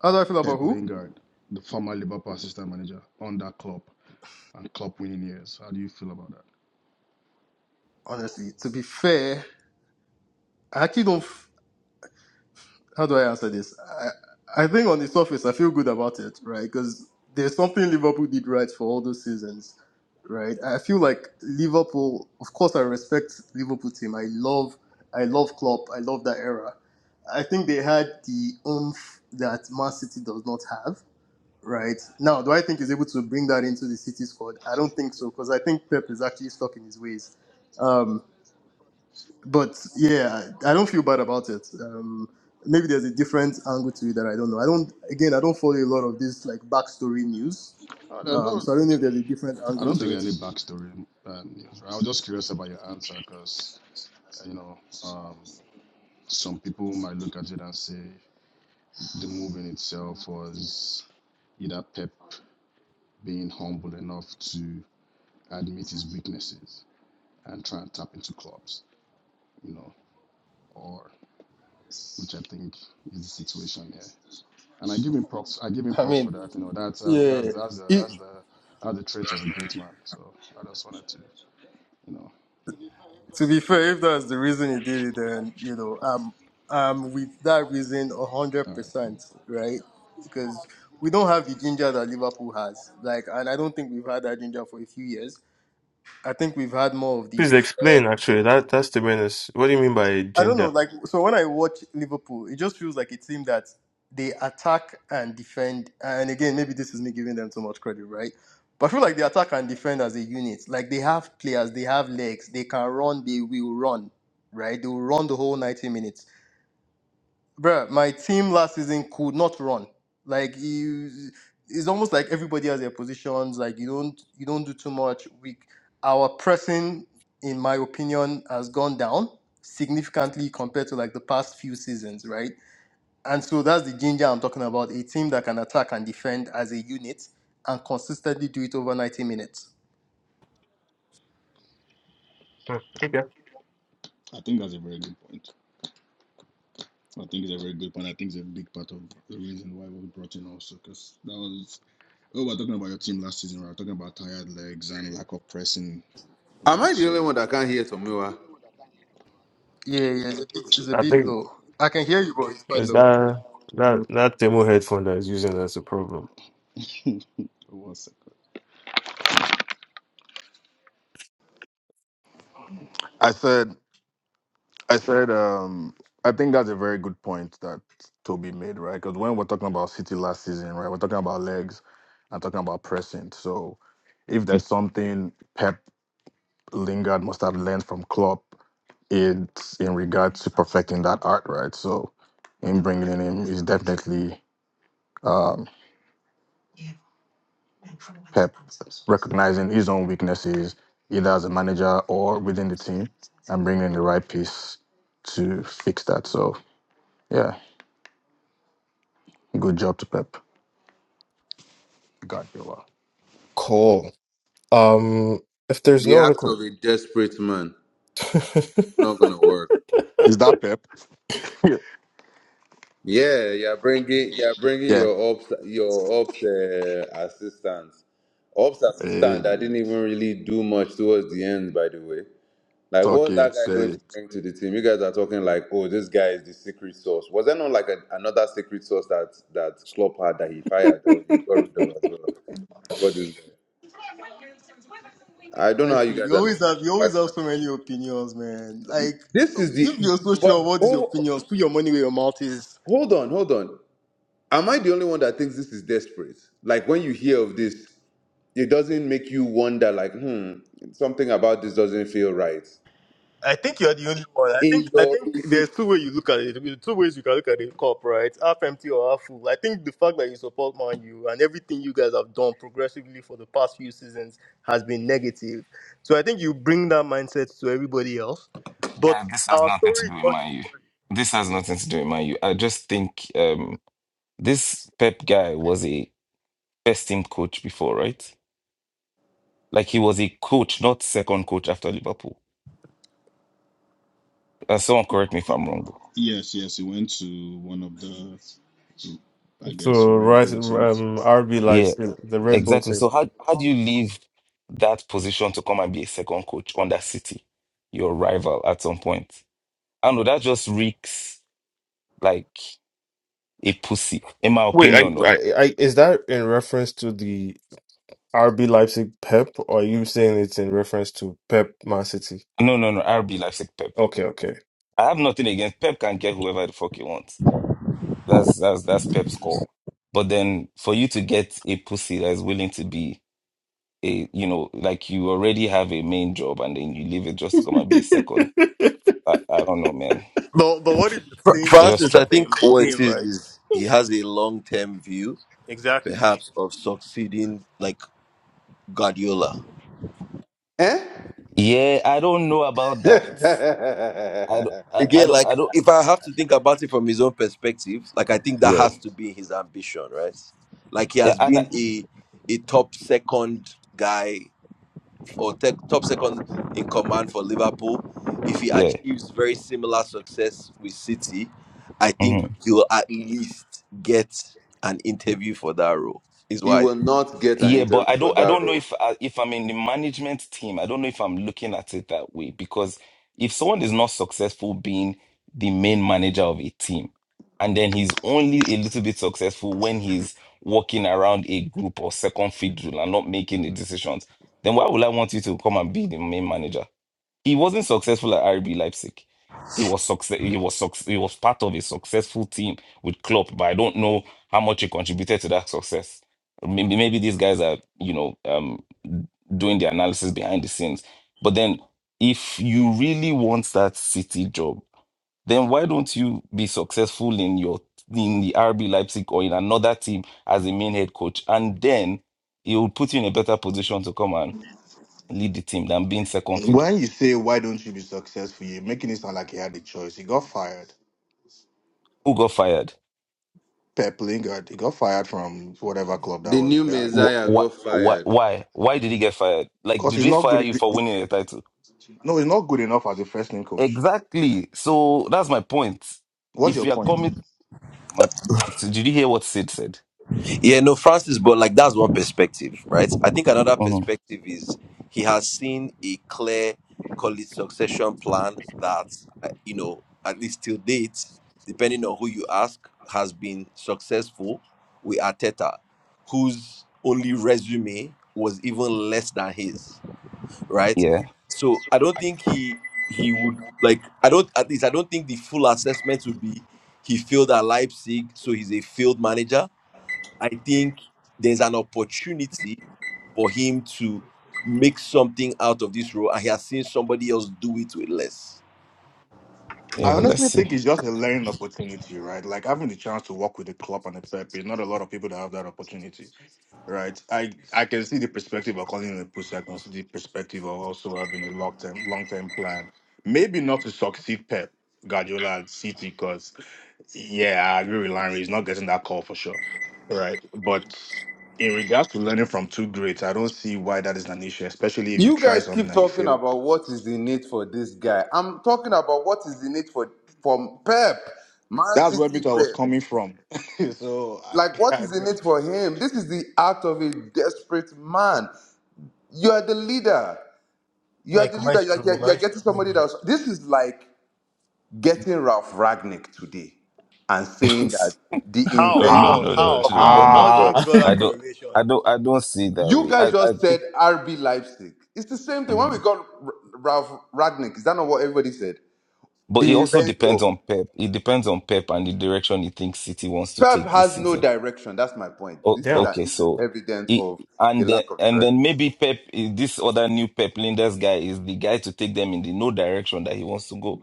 [SPEAKER 13] How do I feel about
[SPEAKER 9] Pep
[SPEAKER 13] who?
[SPEAKER 9] Lingard, the former Liverpool assistant manager under Klopp and Klopp winning years. How do you feel about that?
[SPEAKER 13] honestly, to be fair, I actually don't. f- How do I answer this? I, I think on the surface, I feel good about it, right? Because there's something Liverpool did right for all those seasons, right? I feel like Liverpool. Of course, I respect Liverpool team. I love, I love Klopp. I love that era. I think they had the oomph that Man City does not have. Right now, do I think he's able to bring that into the City squad? I don't think so because I think Pep is actually stuck in his ways. Um, but yeah, I don't feel bad about it. Um, maybe there's a different angle to it that I don't know. I don't again, I don't follow a lot of this like backstory news,
[SPEAKER 9] Oh, there's
[SPEAKER 13] um,
[SPEAKER 9] no,
[SPEAKER 13] so I don't know if there's a different
[SPEAKER 9] I
[SPEAKER 13] angle
[SPEAKER 9] don't
[SPEAKER 13] to
[SPEAKER 9] think
[SPEAKER 13] it.
[SPEAKER 9] any backstory. Um, I was just curious about your answer because, you know, um, some people might look at it and say the move in itself was either Pep being humble enough to admit his weaknesses and try and tap into clubs, you know, or which I think is the situation here. And I give him props. I give him
[SPEAKER 13] I
[SPEAKER 9] props
[SPEAKER 13] mean,
[SPEAKER 9] for that. You know, that's that's that's
[SPEAKER 13] yeah,
[SPEAKER 9] that's the
[SPEAKER 13] it,
[SPEAKER 9] that's the that's the traits of a great man. So I just wanted to, you know,
[SPEAKER 13] to be fair, if that's the reason he did it, then you know, um, um, with that reason, a hundred
[SPEAKER 9] All right, cool,
[SPEAKER 13] percent,
[SPEAKER 9] cool.
[SPEAKER 13] right? Because we don't have the ginger that Liverpool has, like, and I don't think we've had that ginger for a few years. I think we've had more of the
[SPEAKER 1] Please explain. Actually, that that's the menace. What do you mean by
[SPEAKER 13] I don't know.
[SPEAKER 1] ginger?
[SPEAKER 13] Like, so when I watch Liverpool, it just feels like a team that they attack and defend. And again, maybe this is me giving them too much credit, right? But I feel like they attack and defend as a unit. Like they have players, they have legs, they can run, they will run, right? They will run the whole ninety minutes. Bruh, my team last season could not run. Like you, it's almost like everybody has their positions. Like you don't you don't do too much. We our pressing, in my opinion, has gone down significantly compared to like the past few seasons, right? And so that's the ginger I'm talking about. A team that can attack and defend as a unit and consistently do it over 90 minutes.
[SPEAKER 1] Hmm, okay,
[SPEAKER 9] I think that's a very good point. I think it's a very good point. I think it's a big part of the reason why we brought in also because that was Oh, we're talking about your team last season, right? Talking about tired legs and lack of pressing,
[SPEAKER 10] Am I
[SPEAKER 9] right?
[SPEAKER 10] the only one
[SPEAKER 9] So,
[SPEAKER 10] that can't hear Tomiwa?
[SPEAKER 13] Yeah, yeah, it's, it's a
[SPEAKER 1] I
[SPEAKER 13] bit
[SPEAKER 1] think
[SPEAKER 13] low. I can hear you, but it's quite
[SPEAKER 1] is
[SPEAKER 13] low.
[SPEAKER 1] that that that demo headphone that is using that's a problem.
[SPEAKER 9] (laughs) one second. I said, I said, um, I think that's a very good point that Toby made, right? Because when we're talking about City last season, right, we're talking about legs and talking about pressing. So if there's something Pep Lingard must have learned from Klopp it's in regards to perfecting that art, right? So, in bringing in him is definitely um, Pep recognizing his own weaknesses, either as a manager or within the team, and bringing in the right piece to fix that. So, yeah, good job to Pep. God, you are.
[SPEAKER 1] Cool. Um, if there's
[SPEAKER 10] The
[SPEAKER 1] no other
[SPEAKER 10] act
[SPEAKER 1] que-
[SPEAKER 10] of a desperate man.
[SPEAKER 1] (laughs)
[SPEAKER 10] Not going to work.
[SPEAKER 9] (laughs) Is that Pep? (laughs)
[SPEAKER 10] Yeah, you're bringing you're bringing
[SPEAKER 9] yeah,
[SPEAKER 10] your ops your ops uh, assistant, ops assistant
[SPEAKER 9] hey,
[SPEAKER 10] that didn't even really do much towards the end. By the way, like
[SPEAKER 9] talk
[SPEAKER 10] what's that
[SPEAKER 9] it, say
[SPEAKER 10] guy going to
[SPEAKER 9] it.
[SPEAKER 10] bring to the team? You guys are talking like, oh, this guy is the secret sauce. Was there not like a, another secret sauce that that Klopp had that he fired or he got rid of as well before this guy? I
[SPEAKER 13] All
[SPEAKER 10] don't know
[SPEAKER 13] Right,
[SPEAKER 10] how you
[SPEAKER 13] so
[SPEAKER 10] guys
[SPEAKER 13] you
[SPEAKER 10] are
[SPEAKER 13] always
[SPEAKER 10] looking at
[SPEAKER 13] have you
[SPEAKER 10] these
[SPEAKER 13] always have so
[SPEAKER 10] actions.
[SPEAKER 13] many opinions, man. Like
[SPEAKER 10] This is
[SPEAKER 13] if
[SPEAKER 10] the
[SPEAKER 13] you're so sure
[SPEAKER 10] but
[SPEAKER 13] of what is your
[SPEAKER 10] oh,
[SPEAKER 13] opinions, put your money where your mouth is.
[SPEAKER 10] hold on, hold on. Am I the only one that thinks this is desperate? Like when you hear of this. It doesn't make you wonder like, hmm, something about this doesn't feel right.
[SPEAKER 13] I think you're the only one. I think
[SPEAKER 10] In
[SPEAKER 13] I
[SPEAKER 10] your,
[SPEAKER 13] think
[SPEAKER 10] in,
[SPEAKER 13] there's
[SPEAKER 10] in-
[SPEAKER 13] two ways you look at it. There's two ways you can look at the cup, right? Half empty or half full. I think the fact that you support Man U and everything you guys have done progressively for the past few seasons has been negative. So I think you bring that mindset to everybody else. But
[SPEAKER 12] Yeah, this has
[SPEAKER 13] our
[SPEAKER 12] nothing to
[SPEAKER 13] story is
[SPEAKER 12] do with
[SPEAKER 13] not your
[SPEAKER 12] Man U.
[SPEAKER 13] story.
[SPEAKER 12] This has nothing to do with Man U. I just think um. This Pep guy was a first team coach before, right? Like he was a coach, not second coach after Liverpool. Uh, someone correct me if I'm wrong though.
[SPEAKER 9] Yes, yes, he went to one of the, I guess,
[SPEAKER 1] so
[SPEAKER 9] Red
[SPEAKER 1] right,
[SPEAKER 9] Bull teams.
[SPEAKER 1] um, RB
[SPEAKER 12] Yeah,
[SPEAKER 1] lights the Red Bull
[SPEAKER 12] exactly. So how how do you leave that position to come and be a second coach under City, your rival at some point? I don't know that just reeks like a pussy, in my
[SPEAKER 1] Wait, I,
[SPEAKER 12] opinion. No,
[SPEAKER 1] I, I, is that in reference to the RB Leipzig Pep, or are you saying it's in reference to Pep Man City?
[SPEAKER 12] no, no, no. RB Leipzig Pep.
[SPEAKER 1] Okay, okay.
[SPEAKER 12] I have nothing against Pep. Can get whoever the fuck he wants. That's that's that's Pep's call. But then for you to get a pussy that is willing to be a you know like you already have a main job and then you leave it just to come and be a second i, I don't know man
[SPEAKER 13] But but what if you're
[SPEAKER 4] Fr-
[SPEAKER 13] playing
[SPEAKER 12] I
[SPEAKER 13] the
[SPEAKER 12] just
[SPEAKER 13] long
[SPEAKER 4] Francis,
[SPEAKER 12] try
[SPEAKER 4] I think
[SPEAKER 13] game,
[SPEAKER 4] what it
[SPEAKER 13] game,
[SPEAKER 4] is
[SPEAKER 13] right?
[SPEAKER 4] is he has a long term view,
[SPEAKER 13] Exactly.
[SPEAKER 4] perhaps, of succeeding like Guardiola.
[SPEAKER 10] eh?
[SPEAKER 12] yeah i don't know about that i don't i, I
[SPEAKER 4] Again,
[SPEAKER 10] (laughs)
[SPEAKER 12] don't
[SPEAKER 4] like
[SPEAKER 12] i don't
[SPEAKER 4] if I have to think about it from his own perspective, like I think that
[SPEAKER 12] yeah
[SPEAKER 4] has to be his ambition, right? Like he
[SPEAKER 12] yeah
[SPEAKER 4] has
[SPEAKER 12] and I,
[SPEAKER 4] been a a top second guy or tech, top second in command for Liverpool. If he
[SPEAKER 12] yeah
[SPEAKER 4] achieves very similar success with City, I
[SPEAKER 12] mm-hmm.
[SPEAKER 4] think he'll at least get an interview for that role. Is
[SPEAKER 10] you
[SPEAKER 4] what I
[SPEAKER 10] will not get an
[SPEAKER 12] Yeah, but
[SPEAKER 10] interview
[SPEAKER 12] I
[SPEAKER 10] for
[SPEAKER 12] don't I
[SPEAKER 10] that
[SPEAKER 12] don't know
[SPEAKER 10] role.
[SPEAKER 12] if I, if I'm in the management team, I don't know if I'm looking at it that way because if someone is not successful being the main manager of a team and then he's only a little bit successful when he's walking around a group or second fiddle and not making the decisions, then why would I want you to come and be the main manager? He wasn't successful at RB Leipzig. He was success. He was suc- He was part of a successful team with Klopp, but I don't know how much he contributed to that success. Maybe, maybe these guys are, you know, um, doing the analysis behind the scenes. But then, if you really want that City job, then why don't you be successful in your in the RB Leipzig or in another team as a main head coach, and then it will put you in a better position to come and lead the team than being second fiddle.
[SPEAKER 9] When you say why don't you be successful, you're making it sound like he had a choice. He got fired.
[SPEAKER 12] Who got fired?
[SPEAKER 9] Pep Lingard, he got fired from whatever club that
[SPEAKER 10] The
[SPEAKER 9] was
[SPEAKER 10] new
[SPEAKER 9] there.
[SPEAKER 10] Messiah got
[SPEAKER 12] what why
[SPEAKER 10] fired.
[SPEAKER 12] why why did he get fired like
[SPEAKER 9] Because
[SPEAKER 12] did
[SPEAKER 9] he's
[SPEAKER 12] they
[SPEAKER 9] not
[SPEAKER 12] fire
[SPEAKER 9] good.
[SPEAKER 12] you for winning a title
[SPEAKER 9] No, he's not good enough as a first team coach.
[SPEAKER 12] exactly so that's my point
[SPEAKER 9] What's
[SPEAKER 12] if
[SPEAKER 9] your
[SPEAKER 12] you're
[SPEAKER 9] point?
[SPEAKER 12] coming my so did you hear what sid said
[SPEAKER 4] Yeah, no, Francis, but like that's one perspective, right? I think another
[SPEAKER 12] Mhm.
[SPEAKER 4] perspective is he has seen a clear, call it succession plan that, uh, you know, at least till date, depending on who you ask, has been successful with Arteta, whose only resume was even less than his, right?
[SPEAKER 12] yeah
[SPEAKER 4] So I don't think he he would like I don't at least I don't think the full assessment would be he failed at Leipzig, so he's a failed manager I think there's an opportunity for him to make something out of this role, and he has seen somebody else do it with less.
[SPEAKER 9] I
[SPEAKER 12] yeah let's
[SPEAKER 9] honestly
[SPEAKER 12] see
[SPEAKER 9] think it's just a learning opportunity, right? Like having the chance to work with the club and the Pepe, not a lot of people that have that opportunity, right? I I can see the perspective of calling it a push. I can see the perspective of also having a long term long term plan. Maybe not to succeed Pep Guardiola at City, because yeah, I agree with Larry. He's not getting that call for sure, right? But in regards to learning from two greats, I don't see why that is an issue, especially if you
[SPEAKER 10] You
[SPEAKER 9] try
[SPEAKER 10] guys
[SPEAKER 9] something
[SPEAKER 10] keep
[SPEAKER 9] and you
[SPEAKER 10] talking
[SPEAKER 9] fail.
[SPEAKER 10] about what is the need for this guy. I'm talking about what is the need for from Pep, Man
[SPEAKER 9] That's where
[SPEAKER 10] City
[SPEAKER 9] Mito was
[SPEAKER 10] Pep.
[SPEAKER 9] coming from. (laughs) so
[SPEAKER 10] Like what
[SPEAKER 9] I
[SPEAKER 10] is the
[SPEAKER 9] can
[SPEAKER 10] need for him? This is the act of a desperate man. You are the leader. You are
[SPEAKER 13] Like
[SPEAKER 10] the leader. You're,
[SPEAKER 13] maestro,
[SPEAKER 10] like, you're, you're getting
[SPEAKER 13] maestro.
[SPEAKER 10] somebody that's. This is like getting Ralph Ragnick today and
[SPEAKER 12] (laughs)
[SPEAKER 10] saying that the
[SPEAKER 12] no
[SPEAKER 13] How,
[SPEAKER 12] no
[SPEAKER 10] inventor
[SPEAKER 1] Ah,
[SPEAKER 13] how,
[SPEAKER 12] no
[SPEAKER 10] of
[SPEAKER 12] no
[SPEAKER 13] how,
[SPEAKER 10] rock
[SPEAKER 12] no
[SPEAKER 10] and
[SPEAKER 12] no
[SPEAKER 10] roll
[SPEAKER 13] how,
[SPEAKER 12] no
[SPEAKER 13] how do you
[SPEAKER 10] football.
[SPEAKER 1] ah.
[SPEAKER 13] draw
[SPEAKER 12] i
[SPEAKER 13] that
[SPEAKER 12] don't
[SPEAKER 13] correlation?
[SPEAKER 12] i don't i don't see it that
[SPEAKER 10] You
[SPEAKER 12] way
[SPEAKER 10] guys
[SPEAKER 12] i i
[SPEAKER 10] just said
[SPEAKER 12] think
[SPEAKER 10] RB Leipzig. It's the same thing. When we
[SPEAKER 12] mhm.
[SPEAKER 10] got R- Ralph Ragnick, is that not what everybody said?
[SPEAKER 12] but
[SPEAKER 10] The
[SPEAKER 12] it also depends
[SPEAKER 10] inventor.
[SPEAKER 12] on pep it depends on pep and the direction he thinks city wants to
[SPEAKER 10] Pep
[SPEAKER 12] take this
[SPEAKER 10] has no
[SPEAKER 12] season
[SPEAKER 10] direction. That's my point.
[SPEAKER 1] (laughs)
[SPEAKER 12] Oh,
[SPEAKER 10] This is
[SPEAKER 1] Damn.
[SPEAKER 10] a,
[SPEAKER 1] (laughs)
[SPEAKER 12] okay,
[SPEAKER 10] this is
[SPEAKER 12] so
[SPEAKER 10] evidence
[SPEAKER 12] he,
[SPEAKER 10] of the
[SPEAKER 12] and the,
[SPEAKER 10] lack of
[SPEAKER 12] and then
[SPEAKER 10] direction.
[SPEAKER 12] maybe Pep, this other new Pep Linders guy is the guy to take them in the no direction that he wants to go,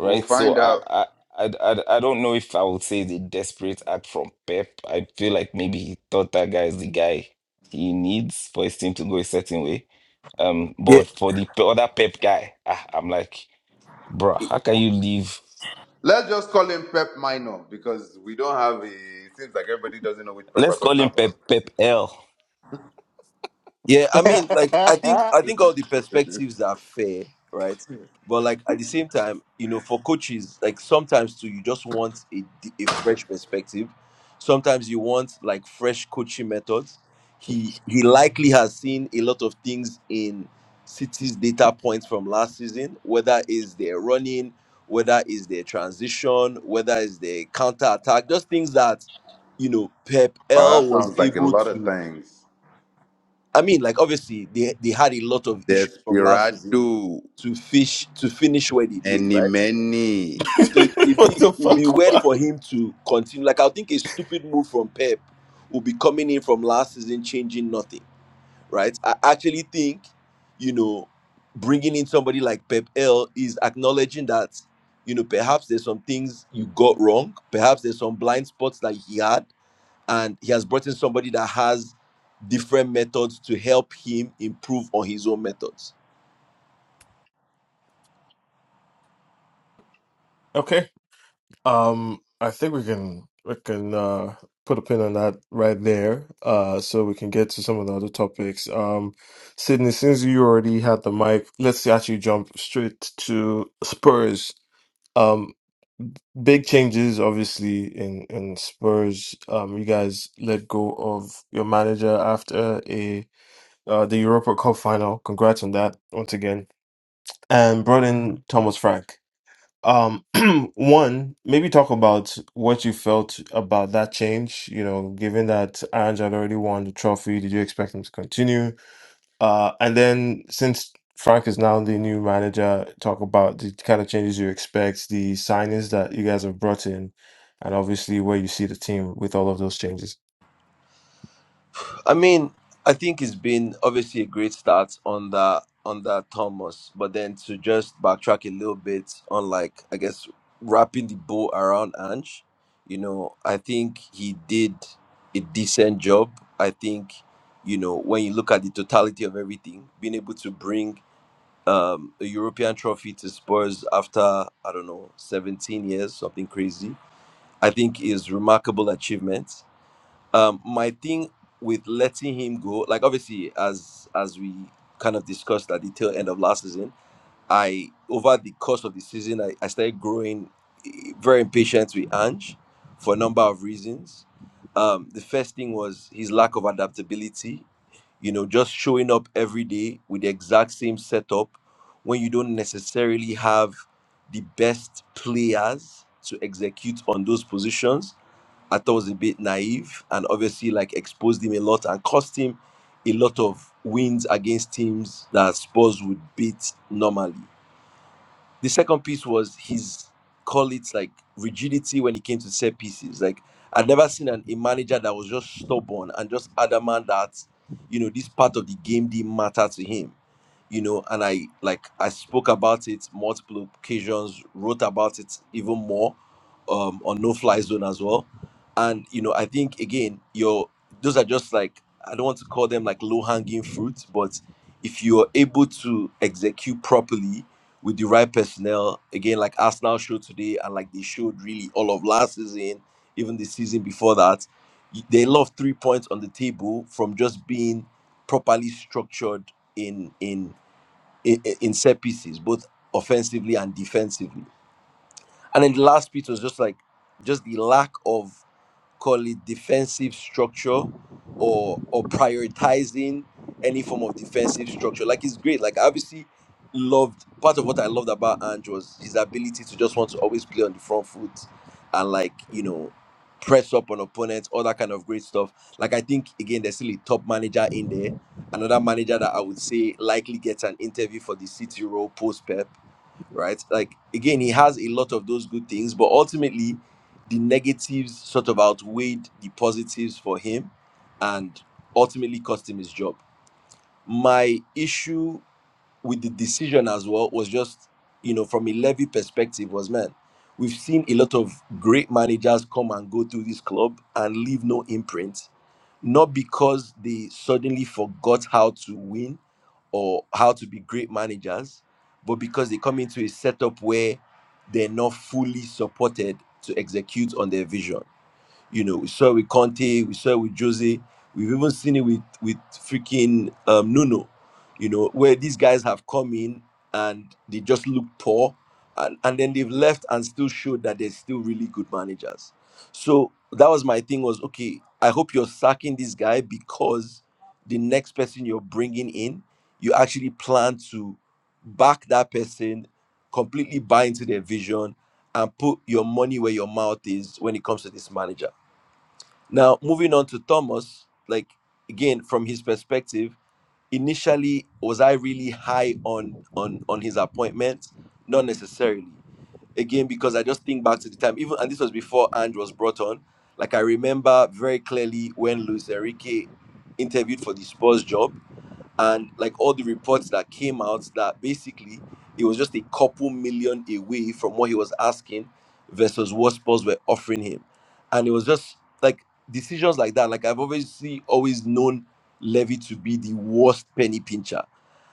[SPEAKER 10] We'll
[SPEAKER 12] So
[SPEAKER 10] find
[SPEAKER 12] I
[SPEAKER 10] out.
[SPEAKER 12] I I, I I don't know if I would say the desperate act from Pep. I feel like maybe he thought that guy is the guy he needs for his team to go a certain way. Um,
[SPEAKER 4] Yeah.
[SPEAKER 12] but for the pe- other Pep guy, ah, I'm like, bruh, how can you leave?
[SPEAKER 10] Let's just call him Pep Minor because we don't have a. It seems like everybody doesn't know which Pep
[SPEAKER 12] Let's
[SPEAKER 10] we're talking
[SPEAKER 12] call him Pep
[SPEAKER 10] about.
[SPEAKER 12] Pep L.
[SPEAKER 4] Yeah, I mean, like, I think
[SPEAKER 9] So,
[SPEAKER 4] I think all the perspectives are fair, right? But like at the same time, you know, for coaches, like sometimes too, you just want a, di- a fresh perspective. Sometimes you want like fresh coaching methods. He he likely has seen a lot of things in City's data points from last season, whether is their running, whether is their transition, whether is their counter attack, just things that you know Pep
[SPEAKER 10] Wow,
[SPEAKER 4] L
[SPEAKER 10] that
[SPEAKER 4] was
[SPEAKER 10] sounds like a
[SPEAKER 4] able
[SPEAKER 10] lot of
[SPEAKER 4] to
[SPEAKER 10] things.
[SPEAKER 4] I mean, like obviously they they had a lot of issues from last season
[SPEAKER 10] Desperado,
[SPEAKER 4] to fish to finish where they did,
[SPEAKER 10] many,
[SPEAKER 4] right?
[SPEAKER 10] many.
[SPEAKER 4] So it- it'd
[SPEAKER 1] What
[SPEAKER 4] be
[SPEAKER 1] the
[SPEAKER 4] it'd be
[SPEAKER 1] fuck?
[SPEAKER 4] weird for him to continue. Like I think a stupid move from Pep will be coming in from last season, changing nothing, right? I actually think, you know, bringing in somebody like Pep L is acknowledging that, you know, perhaps there's some things you got wrong, perhaps there's some blind spots that he had, and he has brought in somebody that has different methods to help him improve on his own methods.
[SPEAKER 1] Okay. Um, I think we can we can uh put a pin on that right there. Uh, so we can get to some of the other topics. Um, Sydney, since you already had the mic, let's actually jump straight to Spurs. Um, Big changes, obviously, in in Spurs. Um, you guys let go of your manager after a uh, the Europa Cup final. Congrats on that once again, and brought in Thomas Frank. Um, (clears throat) one, maybe talk about what you felt about that change. You know, given that Ange had already won the trophy, did you expect him to continue? Uh, and then since Frank is now the new manager, talk about the kind of changes you expect, the signings that you guys have brought in, and obviously where you see the team with all of those changes.
[SPEAKER 4] I mean, I think it's been obviously a great start on that on that Thomas, but then to just backtrack a little bit on like I guess wrapping the bow around Ange, you know, I think he did a decent job. I think you know when you look at the totality of everything, being able to bring um, a European trophy to Spurs after I don't know 17 years, something crazy. I think is remarkable achievement. Um, my thing with letting him go, like obviously as as we kind of discussed at the tail end of last season, I over the course of the season I, I started growing eh, very impatient with Ange for a number of reasons. Um, the first thing was his lack of adaptability you know, just showing up every day with the exact same setup when you don't necessarily have the best players to execute on those positions. I thought was a bit naive and obviously like exposed him a lot and cost him a lot of wins against teams that Spurs would beat normally the second piece was his call it like rigidity when it came to set pieces. Like I'd never seen an, a manager that was just stubborn and just adamant that you know this part of the game didn't matter to him you know and i like i spoke about it multiple occasions wrote about it even more um on no fly zone as well and you know i think again your those are just like i don't want to call them like low hanging fruit but if you are able to execute properly with the right personnel again like arsenal showed today and like they showed really all of last season even the season before that y- they lost three points on the table from just being properly structured in in in, in set pieces, both offensively and defensively. And then the last piece was just like just the lack of call it defensive structure or or prioritizing any form of defensive structure. Like it's great. Like I obviously loved part of what I loved about Ange was his ability to just want to always play on the front foot and like, you know, press up on opponents, all that kind of great stuff. Like I think again there's still a top manager in there. Another manager that I would say likely gets an interview for the City role post Pep right? Like again, he has a lot of those good things, but ultimately, the negatives sort of outweighed the positives for him, and ultimately cost him his job. My issue with the decision as well was just you know from a levy perspective was man we've seen a lot of great managers come and go through this club and leave no imprint not because they suddenly forgot how to win or how to be great managers but because they come into a setup where they're not fully supported to execute on their vision you know, we saw it with Conte, we saw it with Jose, we've even seen it with with freaking um, Nuno. You know, where these guys have come in and they just look poor, and and then they've left and still showed that they're still really good managers. So that was my thing was okay. I hope you're sacking this guy because the next person you're bringing in, you actually plan to back that person, completely buy into their vision, and put your money where your mouth is when it comes to this manager. Now, moving on to Thomas, like again from his perspective, initially was I really high on on on his appointment? Not necessarily. Again, because I just think back to the time, even and this was before Andrew was brought on. Like I remember very clearly when Luis Enrique interviewed for the Spurs job and like all the reports that came out that basically it was just a couple million away from what he was asking versus what Spurs were offering him. And it was just like decisions like that. Like I've obviously always known Levy to be the worst penny pincher.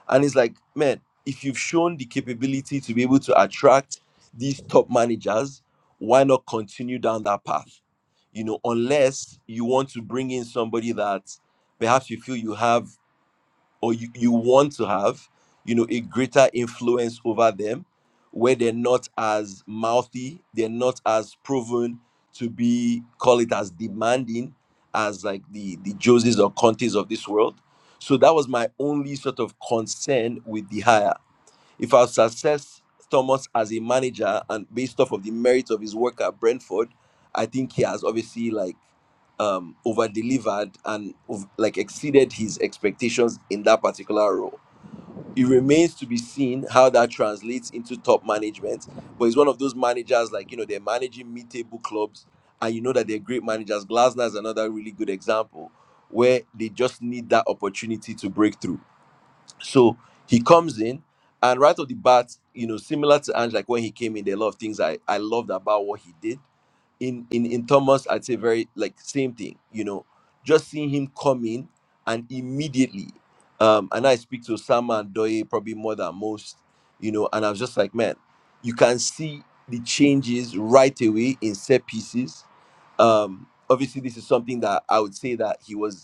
[SPEAKER 4] And it's like, man, if you've shown the capability to be able to attract these top managers, why not continue down that path? You know, unless you want to bring in somebody that perhaps you feel you have or you, you want to have you know a greater influence over them where they're not as mouthy they're not as proven to be call it as demanding as like the the joses or contes of this world so that was my only sort of concern with the hire if I've assessed Thomas as a manager and based off of the merits of his work at Brentford, I think he has obviously like um over delivered and ov- like exceeded his expectations in that particular role. It remains to be seen how that translates into top management. But he's one of those managers like you know they're managing mid-table clubs and you know that they're great managers. Glasner is another really good example where they just need that opportunity to break through so he comes in, and right off the bat, you know, similar to Ange, like when he came in, there are a lot of things I I loved about what he did. In in in Thomas, I'd say very like same thing. You know, just seeing him come in and immediately, um, and I speak to Sama and Doye probably more than most, you know, and I was just like, man, you can see the changes right away in set pieces. Um, obviously, this is something that I would say that he was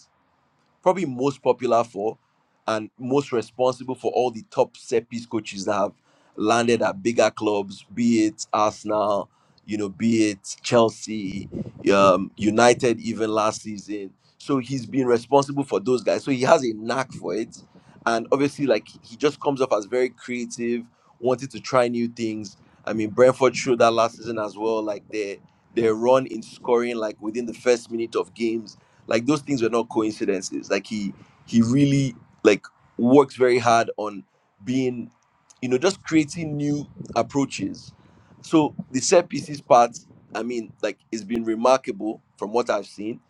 [SPEAKER 4] probably most popular for and most responsible for all the top set piece coaches that have landed at bigger clubs, be it Arsenal, you know, be it Chelsea, um, United, even last season. So he's been responsible for those guys. So he has a knack for it. And obviously, like he just comes off as very creative, wanted to try new things. I mean, Brentford showed that last season as well. Like their their run in scoring, like within the first minute of games, like those things were not coincidences like he he really like works very hard on being you know just creating new approaches so the set pieces part i mean like it's been remarkable from what i've seen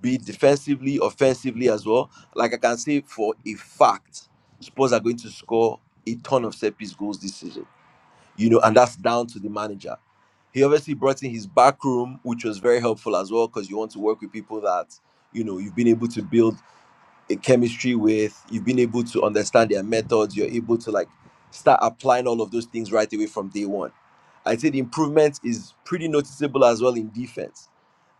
[SPEAKER 4] be it defensively offensively as well like i can say for a fact spurs are going to score a ton of set piece goals this season you know, and that's down to the manager. He obviously brought in his back room, which was very helpful as well, because you want to work with people that you know you've been able to build a chemistry with, you've been able to understand their methods, you're able to like start applying all of those things right away from day one. I'd say the improvement is pretty noticeable as well in defense.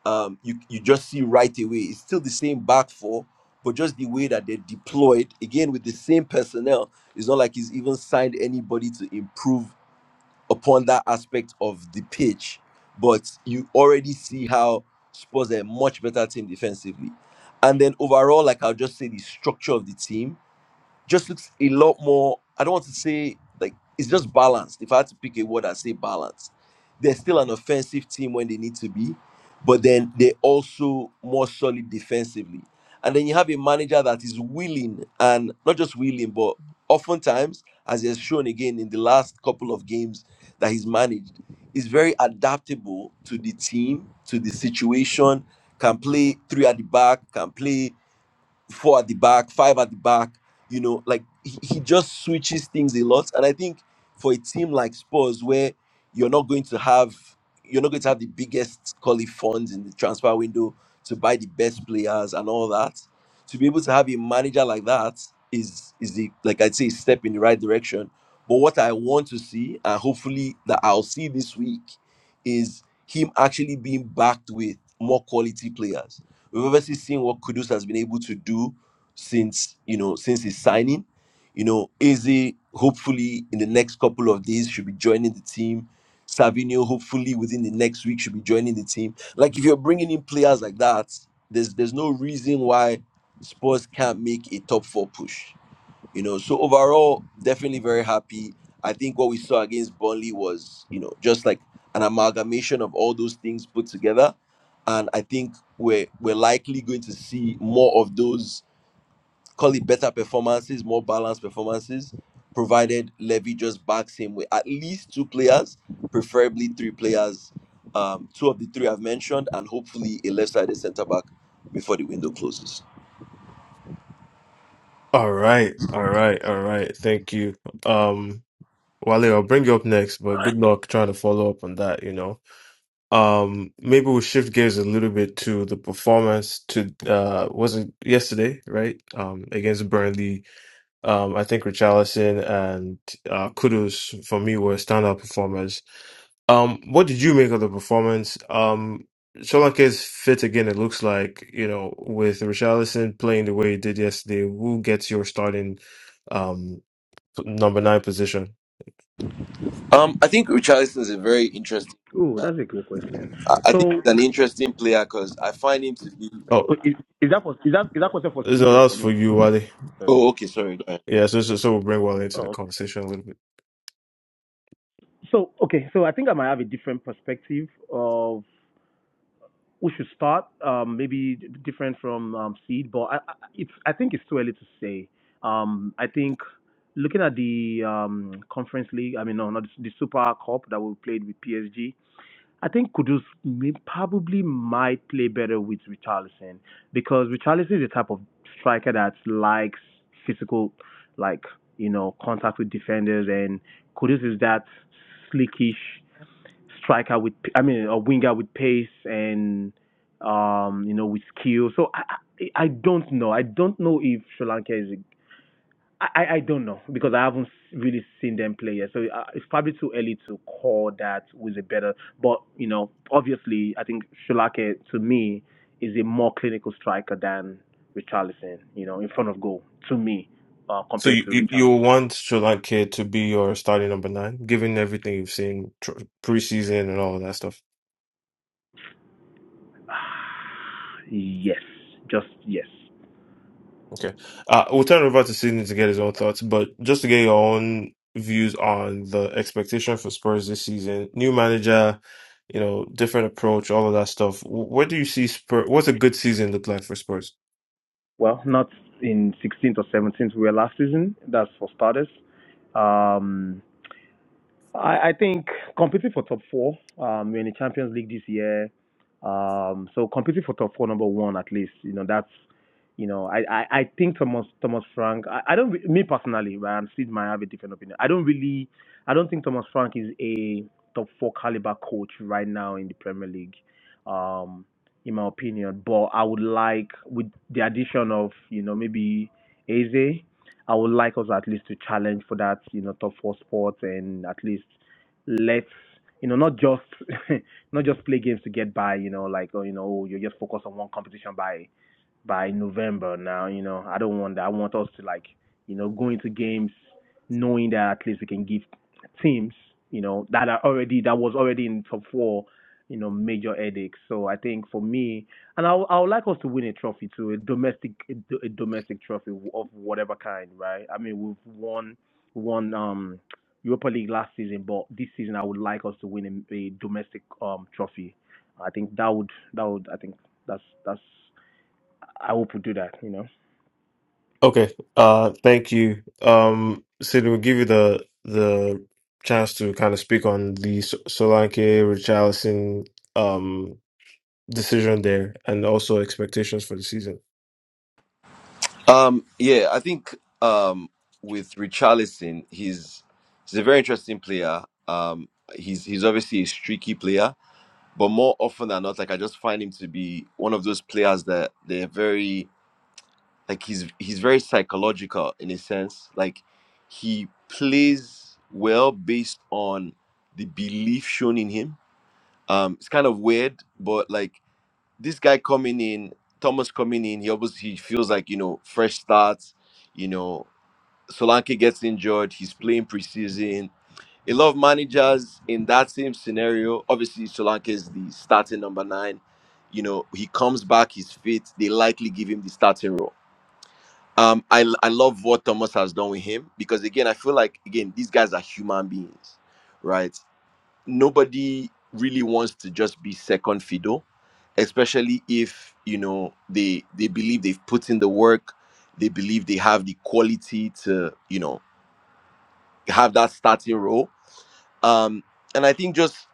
[SPEAKER 4] Um, you you just see right away. It's still the same back four, but just the way that they're deployed again with the same personnel. It's not like he's even signed anybody to improve upon that aspect of the pitch, but you already see how Spurs are a much better team defensively. And then overall, like I'll just say the structure of the team just looks a lot more. I don't want to say like it's just balanced. If I had to pick a word, I say balance. They're still an offensive team when they need to be, but then they're also more solid defensively. And then you have a manager that is willing and not just willing, but oftentimes, as he has shown again in the last couple of games that he's managed, is very adaptable to the team, to the situation, can play three at the back, can play four at the back, five at the back. You know, like he, he just switches things a lot. And I think for a team like Spurs, where you're not going to have you're not going to have the biggest call it funds in the transfer window to buy the best players and all that, to be able to have a manager like that is is the like I'd say a step in the right direction. But what I want to see, and hopefully that I'll see this week, is him actually being backed with more quality players We've obviously seen what Kudus has been able to do since you know since his signing. You know, Izzy hopefully in the next couple of days should be joining the team. Savinio hopefully within the next week should be joining the team. Like if you're bringing in players like that, there's there's no reason why Spurs can't make a top four push you know so overall definitely very happy i think what we saw against burnley was you know just like an amalgamation of all those things put together and i think we're we're likely going to see more of those call it better performances more balanced performances provided levy just backs him with at least two players preferably three players um, two of the three i've mentioned and hopefully a left-sided center back before the window closes
[SPEAKER 1] All right, all right, all right. Thank you. Um, Wale, I'll bring you up next, but good luck trying to follow up on that, you know. Um, maybe we'll shift gears a little bit to the performance to uh was it yesterday, right? Um against Burnley. Um I think Richarlison and uh Kudos for me were standout performers. Um what did you make of the performance? Um Solanke is fit again, it looks like, you know, with Richarlison playing the way he did yesterday, who gets your starting um number nine position?
[SPEAKER 4] um, i think richarlison is a very interesting
[SPEAKER 11] Oh, that's a good question.
[SPEAKER 4] I I think
[SPEAKER 11] So
[SPEAKER 4] he's an interesting player because I find him to be.
[SPEAKER 1] Oh,
[SPEAKER 11] oh, is, is that for is that is that question for
[SPEAKER 1] no,
[SPEAKER 11] Cedar
[SPEAKER 1] that
[SPEAKER 11] for
[SPEAKER 1] was for
[SPEAKER 11] me?
[SPEAKER 1] you, Wally.
[SPEAKER 11] Sorry.
[SPEAKER 4] Oh, okay, sorry. Go ahead.
[SPEAKER 1] Yeah, so so, so we'll bring Wally into the
[SPEAKER 11] Oh.
[SPEAKER 1] conversation a little bit.
[SPEAKER 11] okay. So okay, so I think I might have a different perspective of we should start um, maybe d- different from um, seed, but I, I, it's I think it's too early to say. Um, I think looking at the um, conference league, I mean no, not the, the Super Cup that we played with PSG. I think Kudus may, probably might play better with Richarlison because Richarlison is the type of striker that likes physical, like you know, contact with defenders, and Kudus is that slickish striker with I mean a winger with pace and um you know with skill. So I I, I don't know. I don't know if Sri Lanka is. I, I don't know because I haven't really seen them play yet. So uh, it's probably too early to call that with a better. But you know, obviously, I think Sri Lanka to me is a more clinical striker than Richarlison. You know, in front of goal to me uh,
[SPEAKER 1] So
[SPEAKER 11] compared
[SPEAKER 1] you,
[SPEAKER 11] to
[SPEAKER 1] you you
[SPEAKER 11] Richarlison.
[SPEAKER 1] want Solanke to be your starting number nine, given everything you've seen tr preseason and all of that stuff.
[SPEAKER 11] (sighs) Yes, just yes.
[SPEAKER 1] Okay, uh, we'll turn it over to Sydney to get his own thoughts, but just to get your own views on the expectation for Spurs this season, new manager, you know, different approach, all of that stuff. Wh- What do you see Spurs? What's a good season look like for Spurs?
[SPEAKER 11] well, not in 16th or 17th. We were last season. That's for starters. Um, I, I think competing for top four. Um, we're in the Champions League this year. Um, so competing for top four, number one at least. You know, that's you know, I, I, I think Thomas Thomas Frank. I, I don't re- me personally, but I'm still might have a different opinion. I don't really. I don't think Thomas Frank is a top four caliber coach right now in the Premier League. Um, in my opinion, but I would like with the addition of you know maybe Eze, I would like us at least to challenge for that you know top four spot and at least let's you know not just (laughs) not just play games to get by you know like oh you know oh, you just focus on one competition by by November now. You know, I don't want that. I want us to like, you know, go into games knowing that at least we can give teams, you know, that are already that was already in top four, you know, major headaches. So I think for me, and I would- I would like us to win a trophy too, a domestic a, do- a domestic trophy of whatever kind, right? I mean, we've won won um Europa League last season, but this season I would like us to win a, a domestic um trophy. I think that would that would I think that's that's I hope we do that, you know.
[SPEAKER 1] Okay, uh, thank you, um, Sydney. We'll give you the the chance to kind of speak on the Sol- Solanke, Richarlison. Um, decision there and also expectations for the season.
[SPEAKER 4] Um, yeah, I think um with Richarlison, he's he's a very interesting player. Um, he's he's obviously a streaky player, but more often than not, like I just find him to be one of those players that they're very like he's he's very psychological in a sense. Like he plays well based on the belief shown in him. Um, it's kind of weird, but like this guy coming in, Thomas coming in, he obviously he feels like, you know, fresh starts, you know, Solanke gets injured, he's playing preseason. A lot of managers in that same scenario, obviously Solanke is the starting number nine. You know, he comes back, he's fit, they likely give him the starting role. Um, I, I love what Thomas has done with him because again, I feel like again, these guys are human beings, right? nobody really wants to just be second fiddle, especially if you know they they believe they've put in the work, they believe they have the quality to you know have that starting role um, and I think just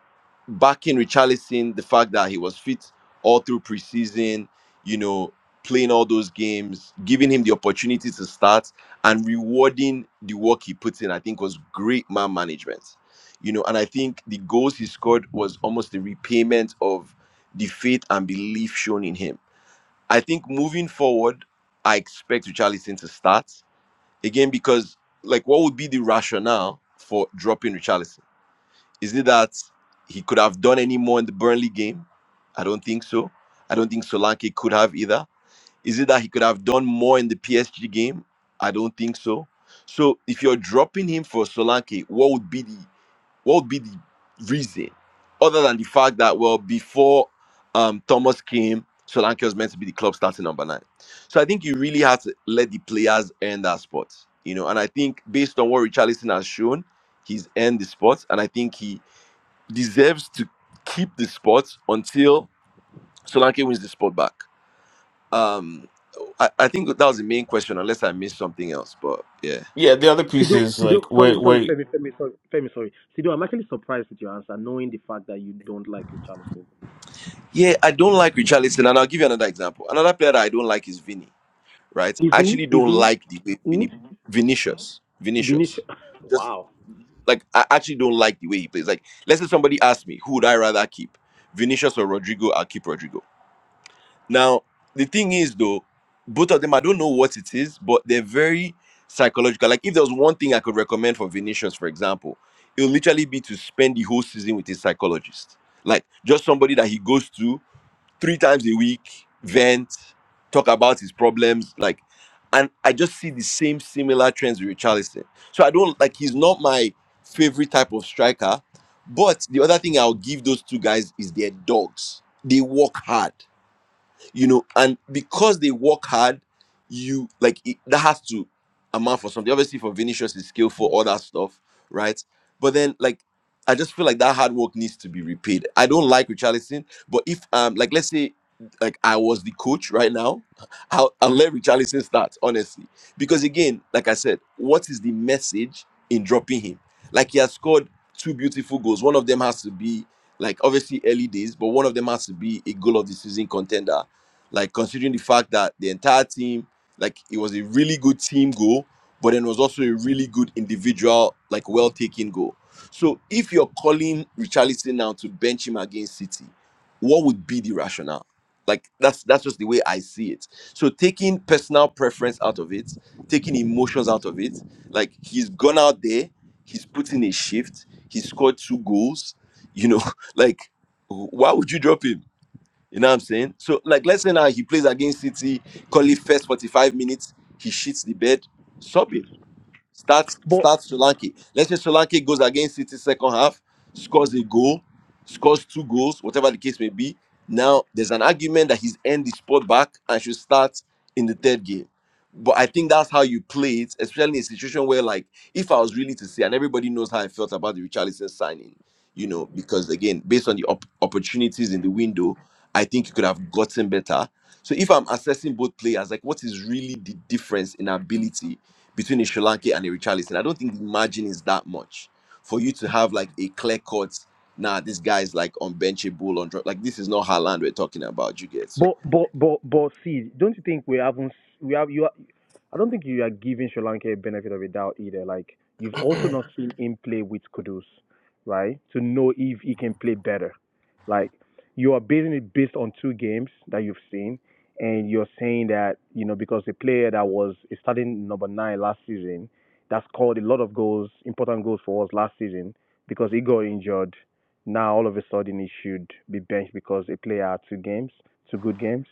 [SPEAKER 4] backing Richarlison, the fact that he was fit all through preseason, you know, playing all those games, giving him the opportunity to start and rewarding the work he put in, I think was great man management. You know, and I think the goals he scored was almost the repayment of the faith and belief shown in him. I think moving forward, I expect Richarlison to start again because, like, what would be the rationale for dropping Richarlison? Is it that he could have done any more in the Burnley game? I don't think so. I don't think Solanke could have either. Is it that he could have done more in the PSG game? I don't think so. So if you're dropping him for Solanke, what would be the what would be the reason other than the fact that well before um, Thomas came, Solanke was meant to be the club starting number nine. So I think you really have to let the players earn that spot, you know. And I think based on what Richarlison has shown, he's earned the spot, and I think he deserves to keep the spot until Solanke wins the spot back. Um, I, I think that was the main question, unless I missed something else. But yeah,
[SPEAKER 1] Yeah, the other
[SPEAKER 11] Sido,
[SPEAKER 1] pieces,
[SPEAKER 11] Sido,
[SPEAKER 1] like
[SPEAKER 11] sorry,
[SPEAKER 1] wait,
[SPEAKER 11] sorry,
[SPEAKER 1] wait.
[SPEAKER 11] Femi, Femi, sorry, Femi, sorry. Sido, I'm actually surprised with your answer, knowing the fact that you don't like Richarlison.
[SPEAKER 4] yeah, I don't like Richarlison, and I'll give you another example. Another player that I don't like is Vinny, Right? I
[SPEAKER 11] Izu,
[SPEAKER 4] actually don't
[SPEAKER 11] Izu,
[SPEAKER 4] like the way
[SPEAKER 11] who?
[SPEAKER 4] Vinny Vinicius, Vinicius,
[SPEAKER 11] Vinicius. (laughs)
[SPEAKER 4] just
[SPEAKER 11] Wow.
[SPEAKER 4] like I actually don't like the way he plays. Like, let's say somebody asked me, who would I rather keep, Vinicius or Rodrigo? I'll keep Rodrigo. Now, the thing is, though, both of them, I don't know what it is, but they're very psychological. Like, if there was one thing I could recommend for Venetians, for example, it would literally be to spend the whole season with a psychologist. Like, just somebody that he goes to three times a week, vent, talk about his problems. Like, and I just see the same similar trends with Richarlison. So I don't like, he's not my favorite type of striker. But the other thing I'll give those two guys is their dogs. They work hard you know and because they work hard you like it, that has to amount for something obviously for vinicius is skillful all that stuff right but then like i just feel like that hard work needs to be repaid i don't like richarlison but if um like let's say like i was the coach right now i'll, I'll let richarlison start honestly because again like i said what is the message in dropping him like he has scored two beautiful goals one of them has to be like obviously early days but one of them has to be a goal of the season contender like considering the fact that the entire team, like it was a really good team goal, but then it was also a really good individual, like well taken goal. So if you're calling Richarlison now to bench him against City, what would be the rationale? Like that's that's just the way I see it. So taking personal preference out of it, taking emotions out of it, like he's gone out there, he's put in a shift, he scored two goals, you know, (laughs) like why would you drop him? You know what I'm saying? So, like, let's say now he plays against City, call it first 45 minutes, he shits the bed, sub him. Start
[SPEAKER 11] But
[SPEAKER 4] start Solanke. Let's say Solanke goes against City second half, scores a goal, scores two goals, whatever the case may be. Now there's an argument that he's earned the spot back and should start in the third game. But I think that's how you play it, especially in a situation where, like, if I was really to say, and everybody knows how I felt about the Richarlison signing, you know, because again, based on the op- opportunities in the window, I think you could have gotten better. So if I'm assessing both players, like, what is really the difference in ability? between a Sri Lanka and a Richarlison. I don't think the margin is that much for you to have like a clear cut. Nah, this guy's like unbenchable on like this is not Haaland we're talking about. You get so
[SPEAKER 11] But but but but see, don't you think we haven't s- we have you? Are, I don't think you are giving Sri Lanka a benefit of a doubt either. Like you've also not seen him play with Kudus, right? To know if he can play better. Like you are basing it based on two games that you've seen, and you're saying that you know because the player that was a starting number nine last season, that scored a lot of goals, important goals for us last season, because he got injured now all of a sudden he should be benched because a player had two games, two good games.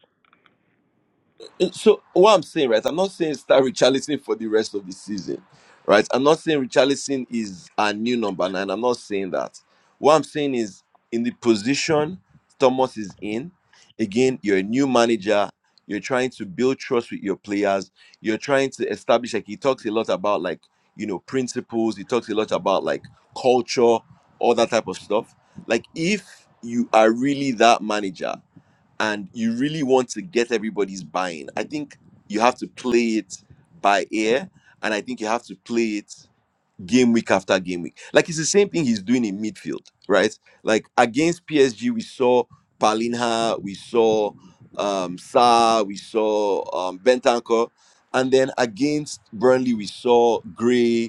[SPEAKER 4] So what I'm saying, right? I'm not saying start Richarlison for the rest of the season, right? I'm not saying Richarlison is a new number nine. I'm not saying that. What I'm saying is in the position Thomas is in. Again, you're a new manager. You're trying to build trust with your players. You're trying to establish. Like he talks a lot about, like you know, principles. He talks a lot about like culture, all that type of stuff. Like if you are really that manager and you really want to get everybody's buy-in. I think you have to play it by ear, and I think you have to play it game week after game week. Like it's the same thing he's doing in midfield, right? Like against PSG, we saw Palinha, we saw um Sa, we saw um Bentancur, and then against Burnley, we saw Gray.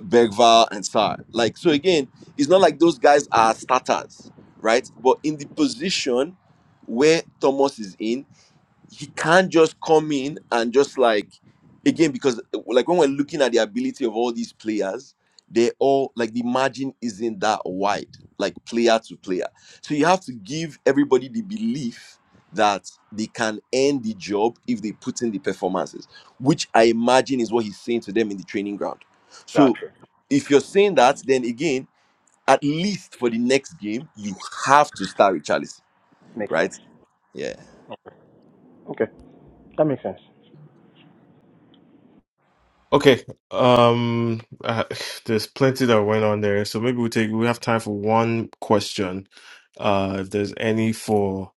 [SPEAKER 4] Bergval and Sar. Like so again, it's not like those guys are starters, right? But in the position where Thomas is in, he can't just come in and just like again because like when we're looking at the ability of all these players, they all like the margin isn't that wide, like player to player. So you have to give everybody the belief that they can end the job if they put in the performances, which I imagine is what he's saying to them in the training ground. So
[SPEAKER 11] Gotcha.
[SPEAKER 4] if you're saying that, then again, at least for the next game, you have to start with Charles,
[SPEAKER 11] Makes
[SPEAKER 4] right?
[SPEAKER 11] sense.
[SPEAKER 4] Yeah.
[SPEAKER 11] Okay, that makes sense.
[SPEAKER 1] Okay, um, uh, (sighs) there's plenty that went on there, so maybe we take we have time for one question. Uh, if there's any for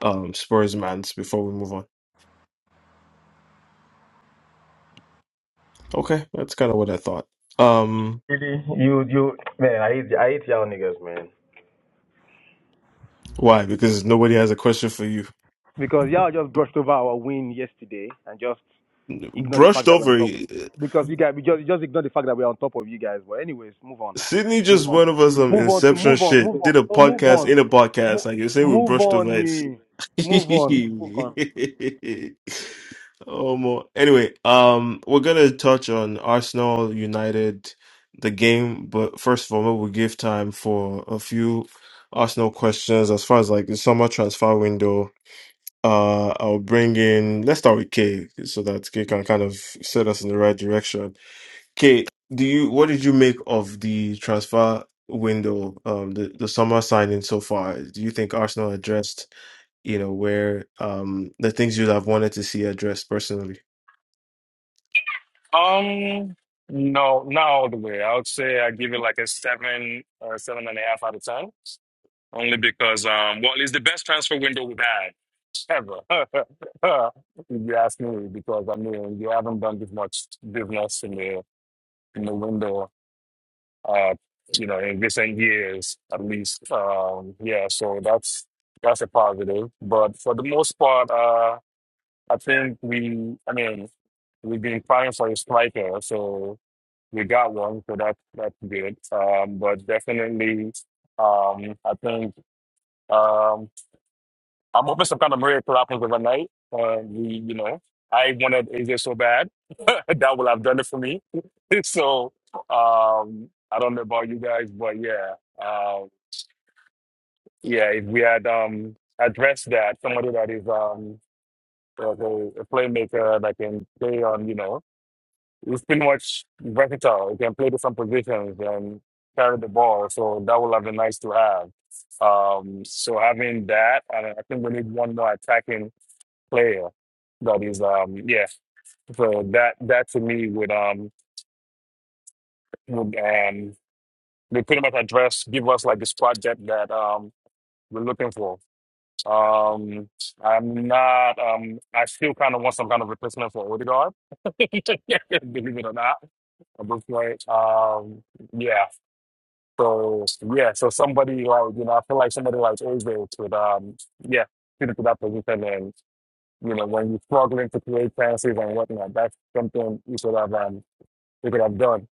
[SPEAKER 1] um Spurs mans before we move on. Okay, that's kind of what I thought. Um,
[SPEAKER 11] Really? You, you, man, I hate, I hate y'all niggas, man.
[SPEAKER 1] why? Because nobody has a question for you.
[SPEAKER 11] Because y'all just brushed over our win yesterday and just ignore the
[SPEAKER 1] Brushed
[SPEAKER 11] fact that we're on
[SPEAKER 1] over.
[SPEAKER 11] top. Because you guys, we just, just ignore the fact that we're on top of you guys. But anyways, move on.
[SPEAKER 1] Sydney
[SPEAKER 11] Move
[SPEAKER 1] just
[SPEAKER 11] on.
[SPEAKER 1] went over some
[SPEAKER 11] Move on to
[SPEAKER 1] Inception
[SPEAKER 11] move on.
[SPEAKER 1] shit.
[SPEAKER 11] Move on.
[SPEAKER 1] Did a
[SPEAKER 11] Oh, move
[SPEAKER 1] podcast
[SPEAKER 11] on.
[SPEAKER 1] in a podcast.
[SPEAKER 11] Mo-
[SPEAKER 1] Like you're saying, we
[SPEAKER 11] Move
[SPEAKER 1] brushed over
[SPEAKER 11] on.
[SPEAKER 1] it.
[SPEAKER 11] eh.
[SPEAKER 1] (laughs)
[SPEAKER 11] Move on. Move on.
[SPEAKER 1] oh more. Anyway, um, we're gonna touch on Arsenal United, the game, but first of all, maybe we'll give time for a few Arsenal questions as far as like the summer transfer window. Uh, I'll bring in. Let's start with Kay so that Kay can kind of set us in the right direction. Okay, do you what did you make of the transfer window, um, the the summer signing so far? Do you think Arsenal addressed, you know, where um the things you'd have wanted to see addressed personally?
[SPEAKER 7] Um, no, not all the way. I would say I give it like a seven or seven and a half out of ten. only because um, well, it's the best transfer window we've had ever. (laughs) if you ask me, because I mean, you haven't done this much business in the in the window, uh, you know, in recent years at least. Um, yeah, so that's that's a positive. But for the most part, uh, I think we, I mean, we've been crying for a striker, so we got one, so that that's good. Um, but definitely, um, I think. Um, I'm hoping some kind of miracle happens overnight. Um, we, you know, I wanted AJ so bad (laughs) that would have done it for me. (laughs) so um, I don't know about you guys, but yeah, um, yeah. If we had um, addressed that, somebody that is um, like a, a playmaker that can play on, you know, it's pretty much versatile. He can play to some positions and carry the ball. So that would have been nice to have. Um, so having that, and I think we need one more attacking player that is um yeah so that that to me would um would um would pretty much address give us like this project that um we're looking for um i'm not um i still kind of want some kind of replacement for odegaard (laughs) believe it or not at this point um yeah so yeah so somebody like you know i feel like somebody like Ozil could um yeah fit into that position and. you know, when you're struggling to create fantasies and whatnot, that's something you could have um, you could have done.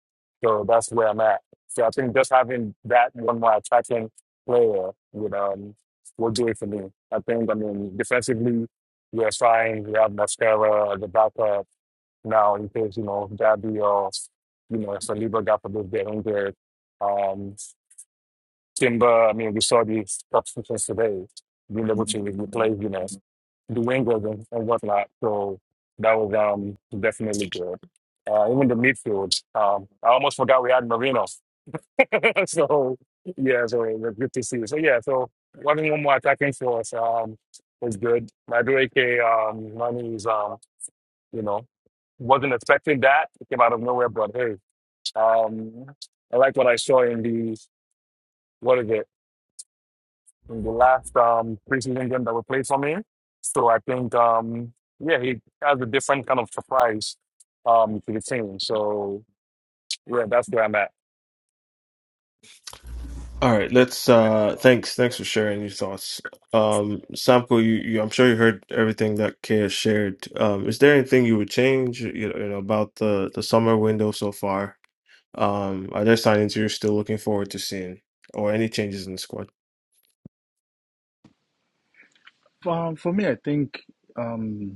[SPEAKER 7] So that's where I'm at. So I think just having that one more attacking player would um will do it for me. I think I mean defensively we're fine. We have Mascara as a backup now in case, you know, Gabby or you know, Saliba got for this get injured. Um, Timber, I mean, we saw the substitutions today, being able to replace, you know, the wingers and, and whatnot. So that was um definitely good. Uh, even the midfield, um, I almost forgot we had Marino. (laughs) so yeah, so it was good to see. So yeah, so one one more attacking force um was good. Madueke um money is um you know wasn't expecting that. It came out of nowhere, but hey, um I like what I saw in the what is it? in the last um, preseason game that we played for me, So I think, um, yeah, he has a different kind of surprise um, to the team. So yeah, that's where I'm at.
[SPEAKER 1] All right, let's uh thanks thanks for sharing your thoughts. Um Samko, you, you I'm sure you heard everything that Kea shared. Um is there anything you would change you know, you know about the the summer window so far? Um are there signings you're still looking forward to seeing or any changes in the squad?
[SPEAKER 5] For, for me, I think. um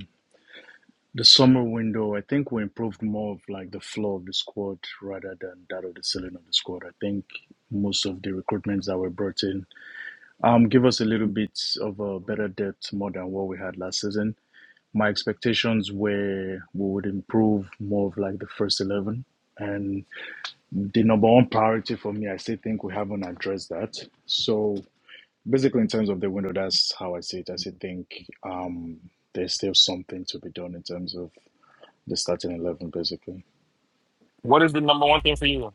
[SPEAKER 5] The summer window, I think we improved more of like the flow of the squad rather than that of the ceiling of the squad. I think most of the recruitments that were brought in um give us a little bit of a better depth more than what we had last season. My expectations were we would improve more of like the first eleven. And the number one priority for me, I still think we haven't addressed that. So basically in terms of the window, that's how I see it. I still think um there's still something to be done in terms of the starting eleven, basically.
[SPEAKER 7] What is the number one thing for you?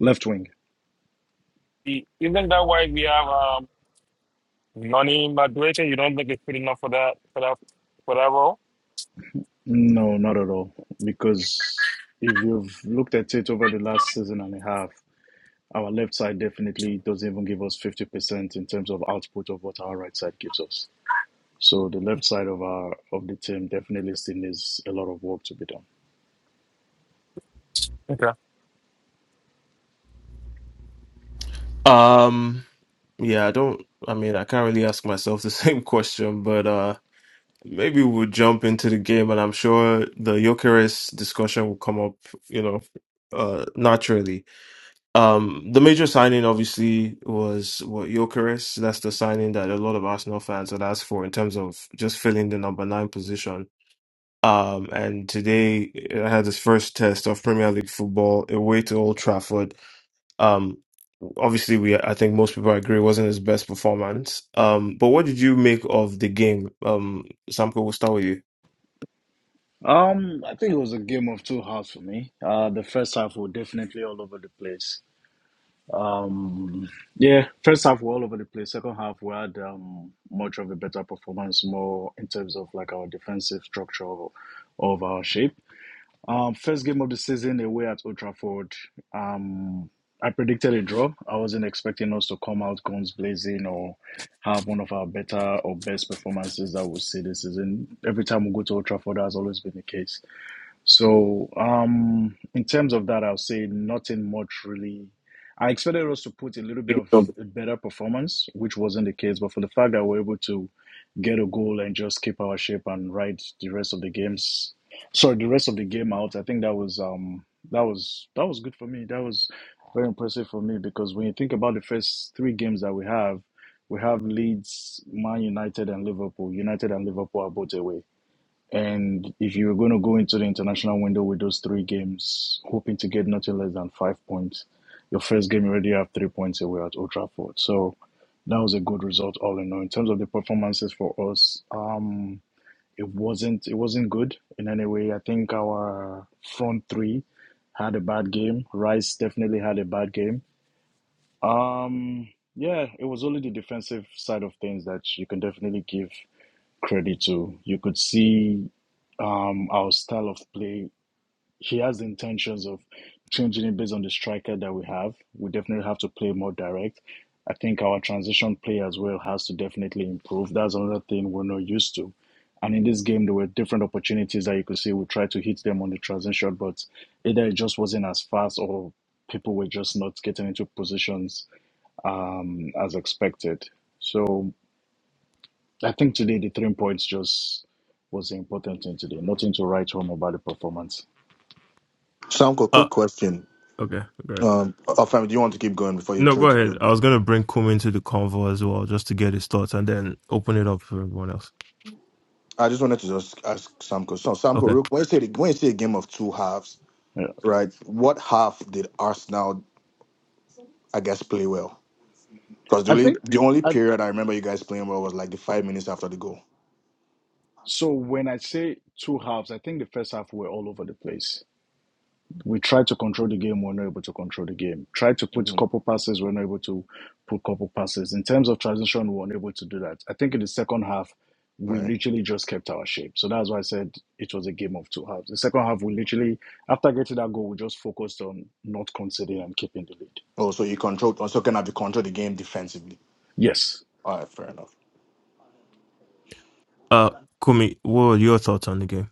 [SPEAKER 5] Left wing?
[SPEAKER 7] The- Isn't that why we have um, Nani Madueke? You don't think it's good enough for that for that for that role?
[SPEAKER 5] No, not at all. Because if you've looked at it over the last season and a half, our left side definitely doesn't even give us fifty percent in terms of output of what our right side gives us. So the left side of our of the team definitely still needs a lot of work to be done.
[SPEAKER 7] Okay,
[SPEAKER 1] Um yeah, I don't I mean, I can't really ask myself the (laughs) same question, but uh maybe we'll jump into the game and I'm sure the Jokeres discussion will come up, you know, uh naturally. Um, the major signing obviously was what Gyökeres. That's the signing that a lot of Arsenal fans had asked for in terms of just filling the number nine position. Um, and today I had his first test of Premier League football away to Old Trafford. Um, obviously we I think most people agree it wasn't his best performance. Um, but what did you make of the game? Um, Samko, we'll start with you.
[SPEAKER 5] Um, I think it was a game of two halves for me. Uh, the first half was definitely all over the place. Um, yeah, first half we're all over the place. Second half we had um, much of a better performance, more in terms of like our defensive structure of, our shape. Um, first game of the season away at Old Trafford. Um, I predicted a draw. I wasn't expecting us to come out guns blazing or have one of our better or best performances that we'll see this season. Every time we go to Old Trafford, that's always been the case. So, um, in terms of that, I'll say nothing much really. I expected us to put a little bit of a better performance, which wasn't the case. But for the fact that we're able to get a goal and just keep our shape and ride the rest of the games, sorry, the rest of the game out, I think that was um that was that was good for me. That was very impressive for me because when you think about the first three games that we have, we have Leeds, Man United, and Liverpool. United and Liverpool are both away. And if you were going to go into the international window with those three games, hoping to get nothing less than five points, your first game you already have three points away at Old Trafford. So that was a good result all in all. In terms of the performances for us, um, it wasn't it wasn't good in any way. I think our front three had a bad game. Rice definitely had a bad game. Um, yeah, it was only the defensive side of things that you can definitely give credit to. You could see um, our style of play. He has the intentions of changing it based on the striker that we have. We definitely have to play more direct. I think our transition play as well has to definitely improve. That's another thing we're not used to. And in this game, there were different opportunities that you could see. We tried to hit them on the transition, but either it just wasn't as fast or people were just not getting into positions um, as expected. So I think today the three points just was the important thing today. Nothing to write home about the performance.
[SPEAKER 9] Uncle,
[SPEAKER 1] Oh,
[SPEAKER 9] quick question.
[SPEAKER 1] okay. good.
[SPEAKER 9] Um, Afam, do you want to keep going before you
[SPEAKER 1] No,
[SPEAKER 9] try
[SPEAKER 1] go
[SPEAKER 9] to
[SPEAKER 1] ahead.
[SPEAKER 9] go?
[SPEAKER 1] I was going to bring Kum into the convo as well, just to get his thoughts and then open it up for everyone else.
[SPEAKER 9] I just wanted to just ask Samko. So, Samko,
[SPEAKER 1] Okay.
[SPEAKER 9] real- when you say the, when you say a game of two halves,
[SPEAKER 5] Yeah.
[SPEAKER 9] right? What half did Arsenal, I guess, play well? Because the
[SPEAKER 5] I
[SPEAKER 9] only
[SPEAKER 5] think
[SPEAKER 9] the only
[SPEAKER 5] I,
[SPEAKER 9] period I remember you guys playing well was like the five minutes after the goal.
[SPEAKER 5] so. When I say two halves, I think the first half were all over the place. We tried to control the game, we were not able to control the game. Tried to put a
[SPEAKER 9] hmm
[SPEAKER 5] couple passes, we were not able to put a couple passes. In terms of transition, we were not able to do that. I think in the second half, we
[SPEAKER 9] Right.
[SPEAKER 5] literally just kept our shape. So that's why I said it was a game of two halves. The second half, we literally, after getting that goal, we just focused on not conceding and keeping the lead.
[SPEAKER 9] Oh, so you controlled. Also, kind of you control the game defensively.
[SPEAKER 5] Yes,
[SPEAKER 9] All right, fair enough.
[SPEAKER 1] Uh, Kumi, what were your thoughts on the game?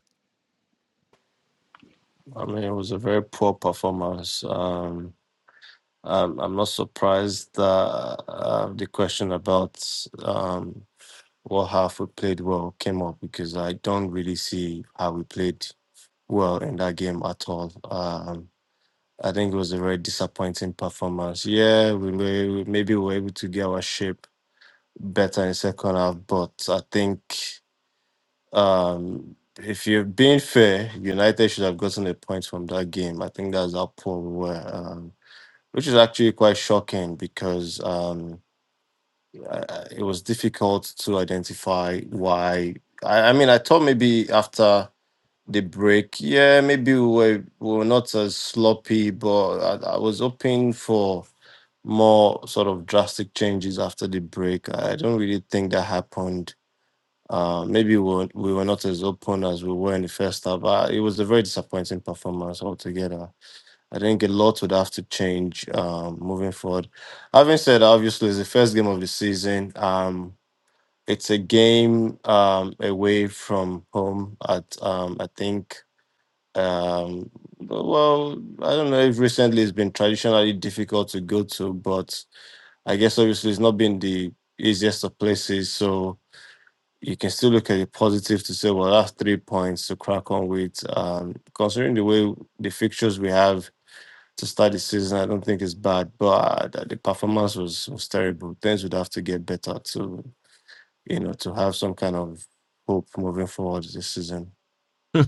[SPEAKER 14] I mean, it was a very poor performance. Um, I'm, I'm not surprised that uh, the question about um, what half we played well came up because I don't really see how we played well in that game at all. Um, I think it was a very disappointing performance. Yeah, we may, we maybe were able to get our shape better in second half, but I think um, if you're being fair, United should have gotten a point from that game. I think that's how poor we were. Um, which is actually quite shocking because um, I, I- it was difficult to identify why. I, I mean, I thought maybe after the break, yeah, maybe we were, we were not as sloppy, but I, I was hoping for more sort of drastic changes after the break. I don't really think that happened. Uh, maybe we were, we were not as open as we were in the first half. Uh, it was a very disappointing performance altogether. I think a lot would have to change um, moving forward. Having said, that, obviously, it's the first game of the season. Um, it's a game um, away from home at, um, I think, um, well, I don't know if recently it's been traditionally difficult to go to, but I guess obviously it's not been the easiest of places. So you can still look at the positive to say, well, that's three points to crack on with. Um, considering the way the fixtures we have, to start the season, I don't think it's bad, but uh, the performance was, was terrible. Things would have to get better to, you know, to have some kind of hope moving forward this season.
[SPEAKER 1] (laughs)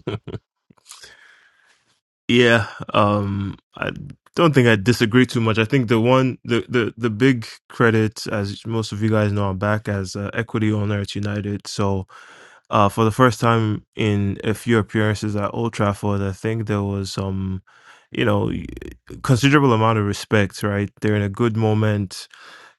[SPEAKER 1] yeah. Um, I don't think I disagree too much. I think the one, the, the, the big credit, as most of you guys know, I'm back as uh, equity owner at United. So, uh, for the first time in a few appearances at Old Trafford, I think there was some, you know, considerable amount of respect. Right, they're in a good moment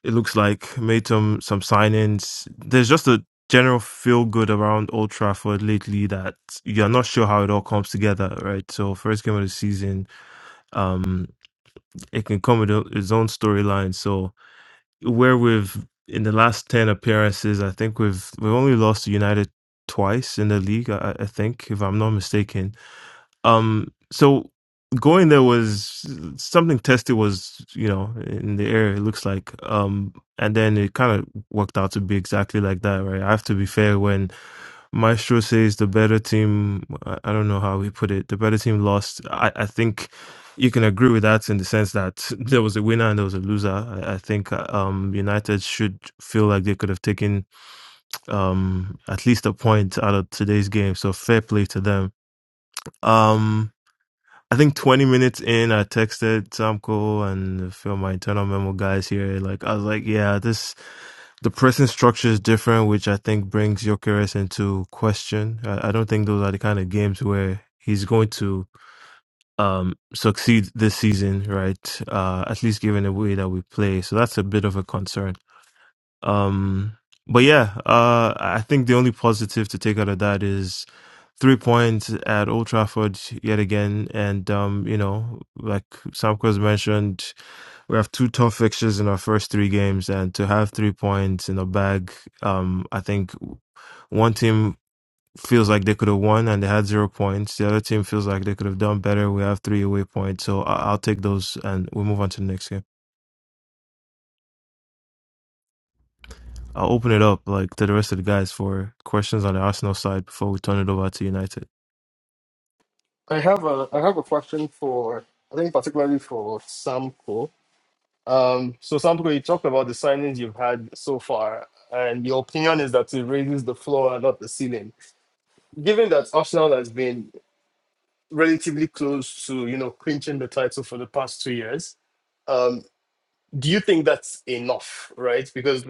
[SPEAKER 1] It looks like made some some signings. There's just a general feel good around Old Trafford lately that you're not sure how it all comes together, right? So first game of the season, um, it can come with o- its own storyline. So where we've in the last ten appearances, I think we've we've only lost to United twice in the league. I, I I think, if I'm not mistaken um, so going there was something tested was you know in the air. It looks like, um, and then it kind of worked out to be exactly like that, right? I have to be fair when Maestro says the better team. I I don't know how he put it. The better team lost. I, I think you can agree with that in the sense that (laughs) there was a winner and there was a loser. I, I think uh, um, United should feel like they could have taken um, at least a point out of today's game. So fair play to them. Um, I think 20 minutes in, I texted Samko and a few of my internal memo guys here. Like, I was like, yeah, this, the pressing structure is different, which I think brings Jokeres into question. I, I don't think those are the kind of games where he's going to um, succeed this season, right? Uh, at least given the way that we play. So that's a bit of a concern. Um, but yeah, uh, I think the only positive to take out of that is three points at Old Trafford yet again, and um, you know, like Samko's mentioned, we have two tough fixtures in our first three games, and to have three points in the bag, um, I think one team feels like they could have won and they had zero points. The other team feels like they could have done better. We have three away points, so I- I'll take those, and we move on to the next game. I'll open it up like to the rest of the guys for questions on the Arsenal side before we turn it over to United.
[SPEAKER 13] I have a I have a question for I think particularly for Samko. Um, so Samko, you talked about the signings you've had so far, and your opinion is that it raises the floor and not the ceiling. Given that Arsenal has been relatively close to you know clinching the title for the past two years, um, do you think that's enough? Right, because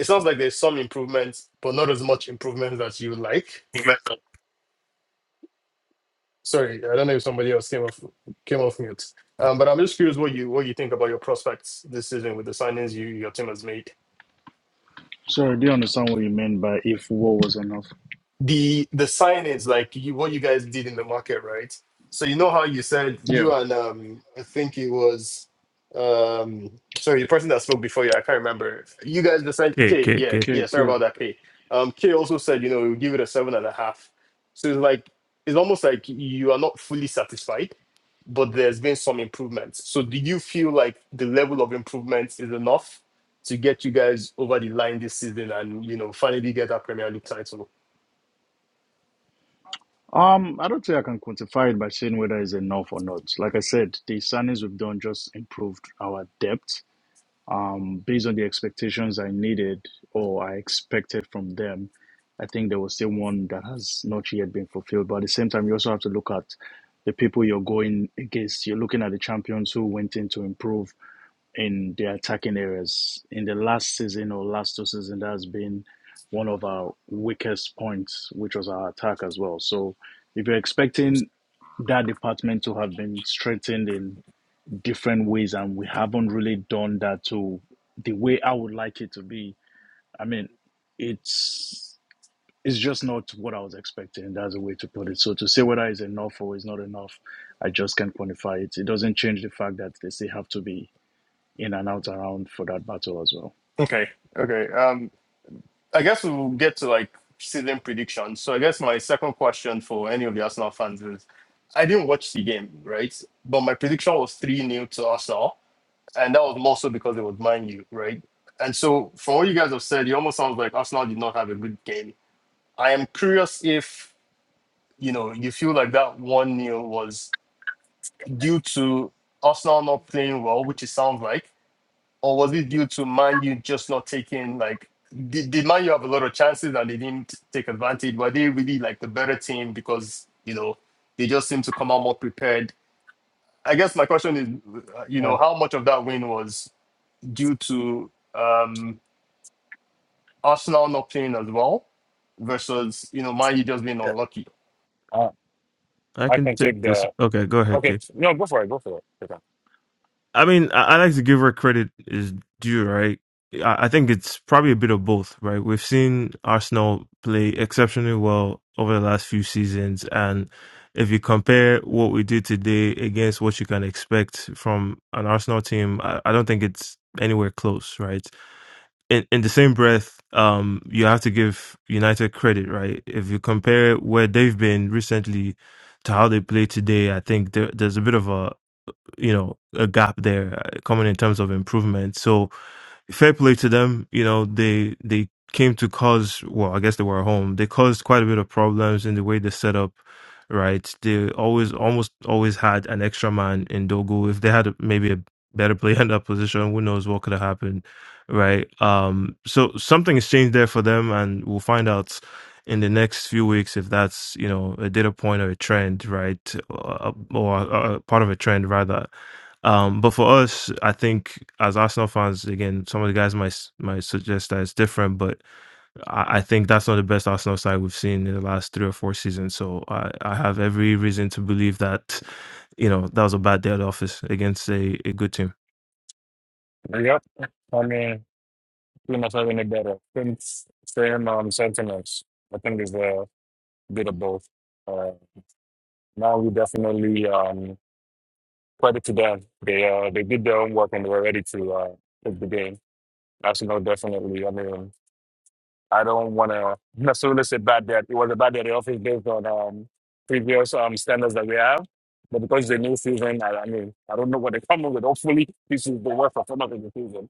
[SPEAKER 13] it sounds like there's some improvements, but not as much improvement as you would like. Sorry, I don't know if somebody else came off came off mute. Um, but I'm just curious what you what you think about your prospects this season with the signings you your team has made.
[SPEAKER 5] Sorry, I didn't understand what you meant by if war was enough.
[SPEAKER 13] The the signings like you, what you guys did in the market, right? So you know how you said you
[SPEAKER 5] Yeah.
[SPEAKER 13] and um I think it was um sorry the person that spoke before you I can't remember. You guys decided
[SPEAKER 1] Okay,
[SPEAKER 13] K
[SPEAKER 1] okay,
[SPEAKER 13] yeah
[SPEAKER 1] okay.
[SPEAKER 5] Okay,
[SPEAKER 13] yeah sorry
[SPEAKER 5] okay.
[SPEAKER 13] about that K. Um K also said you know we'll give it a seven and a half. So it's like it's almost like you are not fully satisfied but there's been some improvements. So do you feel like the level of improvements is enough to get you guys over the line this season and you know finally get that Premier League title?
[SPEAKER 5] Um, I don't think I can quantify it by saying whether it's enough or not. Like I said, the signings we've done just improved our depth. Um, based on the expectations I needed or I expected from them, I think there was still one that has not yet been fulfilled. But at the same time, you also have to look at the people you're going against. You're looking at the champions who went in to improve in the attacking areas. In the last season or last two seasons, that has been one of our weakest points, which was our attack as well. So if you're expecting that department to have been strengthened in different ways and we haven't really done that to the way I would like it to be, I mean, it's it's just not what I was expecting. That's a way to put it. So to say whether it's enough or it's not enough, I just can't quantify it. It doesn't change the fact that they still have to be in and out around for that battle as well.
[SPEAKER 13] Okay. Okay. Um I guess we'll get to like season predictions. So I guess my second question for any of the Arsenal fans is I didn't watch the game, right? But my prediction was 3 nil to Arsenal. And that was more so because it was mind you, right? And so from what you guys have said, it almost sounds like Arsenal did not have a good game. I am curious if you know, you feel like that one nil was due to Arsenal not playing well, which it sounds like, or was it due to Man U just not taking like did, did Man U have a lot of chances and they didn't take advantage? Were they really like the better team because you know they just seem to come out more prepared? I guess my question is, uh, you
[SPEAKER 7] yeah.
[SPEAKER 13] know, how much of that win was due to um, Arsenal not playing as well versus you know Man U just being unlucky?
[SPEAKER 7] uh,
[SPEAKER 1] I
[SPEAKER 7] I
[SPEAKER 1] can
[SPEAKER 7] can
[SPEAKER 1] take
[SPEAKER 7] take
[SPEAKER 1] this.
[SPEAKER 7] the.
[SPEAKER 1] Okay, go ahead,
[SPEAKER 7] Okay,
[SPEAKER 1] K.
[SPEAKER 7] no, go for it. Go for it.
[SPEAKER 1] I mean, I, I like to give her credit is due, right? I, I think it's probably a bit of both, right? We've seen Arsenal play exceptionally well over the last few seasons, and if you compare what we did today against what you can expect from an Arsenal team, I, I don't think it's anywhere close, right? in, in the same breath, um, you have to give United credit, right? If you compare where they've been recently to how they play today, I think there, there's a bit of a you know a gap there uh, coming in terms of improvement. So fair play to them. You know, they they came to cause well, I guess they were at home. They caused quite a bit of problems in the way they set up. Right, they always almost always had an extra man in Dogo. If they had a, maybe a better player (laughs) in that position, who knows what could have happened, right? Um, so something has changed there for them, and we'll find out in the next few weeks if that's you know a data point or a trend, right, or, or, or part of a trend rather um, but for us, I think as Arsenal fans, again, some of the guys might s- might suggest that it's different, but I, I think that's not the best Arsenal side we've seen in the last three or four seasons. So I, I have every reason to believe that, you know, that was a bad day at the office against a, a good team.
[SPEAKER 7] Okay. Yep. I mean, pretty much having it better. Same, same um, sentiments. I think is the. bit of both. Uh, now we definitely um, credit to them. They uh, they did their own work and they were ready to uh, take the game. That's no definitely. I mean, I don't want to necessarily say bad that it was a bad day at the office based on um, previous um, standards that we have. But because it's a new season, I, I mean, I don't know what they're coming with. Hopefully, this is the worst performance of the season.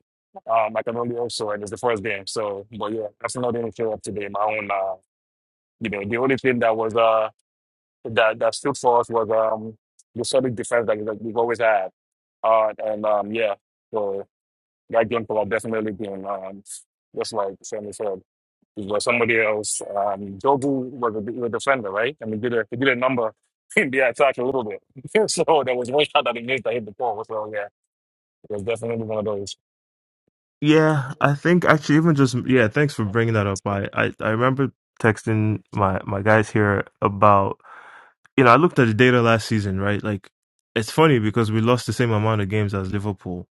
[SPEAKER 7] Um, I can only also, and it's the first game. So, but yeah, that's not the only show up today. My own, uh, you know, the only thing that was. uh, that that stood for us was um the solid defense that, that we've always had. Uh, and um, yeah, so that game could have definitely been um, just like Sammy said, it was somebody else. Um, Jobu was a, was a defender, right? And he did a he did a number (laughs) in the attack a little bit. (laughs) so there was one shot that he missed that hit the pole. So yeah, it was definitely one of those.
[SPEAKER 1] Yeah, I think actually even just yeah, thanks for bringing that up. I, I, I remember texting my my guys here about you know I looked at the data last season, right? Like it's funny because we lost the same amount of games as Liverpool,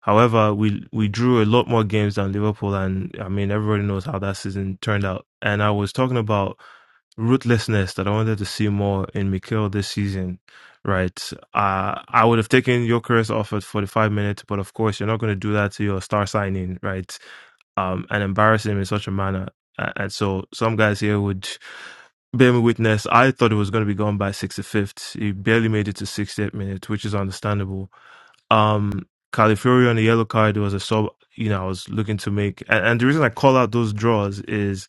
[SPEAKER 1] However, we we drew a lot more games than Liverpool, and I mean everybody knows how that season turned out. And I was talking about ruthlessness that I wanted to see more in Mikel this season, right? Uh, I would have taken Jokeris off at 45 minutes, but of course you're not going to do that to your star signing, right? Um, and embarrass him in such a manner. A- And so some guys here would bear me witness. I thought it was going to be gone by 65th. He barely made it to 68 minutes, which is understandable um Califury on the yellow card was a sub you know I was looking to make and, and the reason I call out those draws is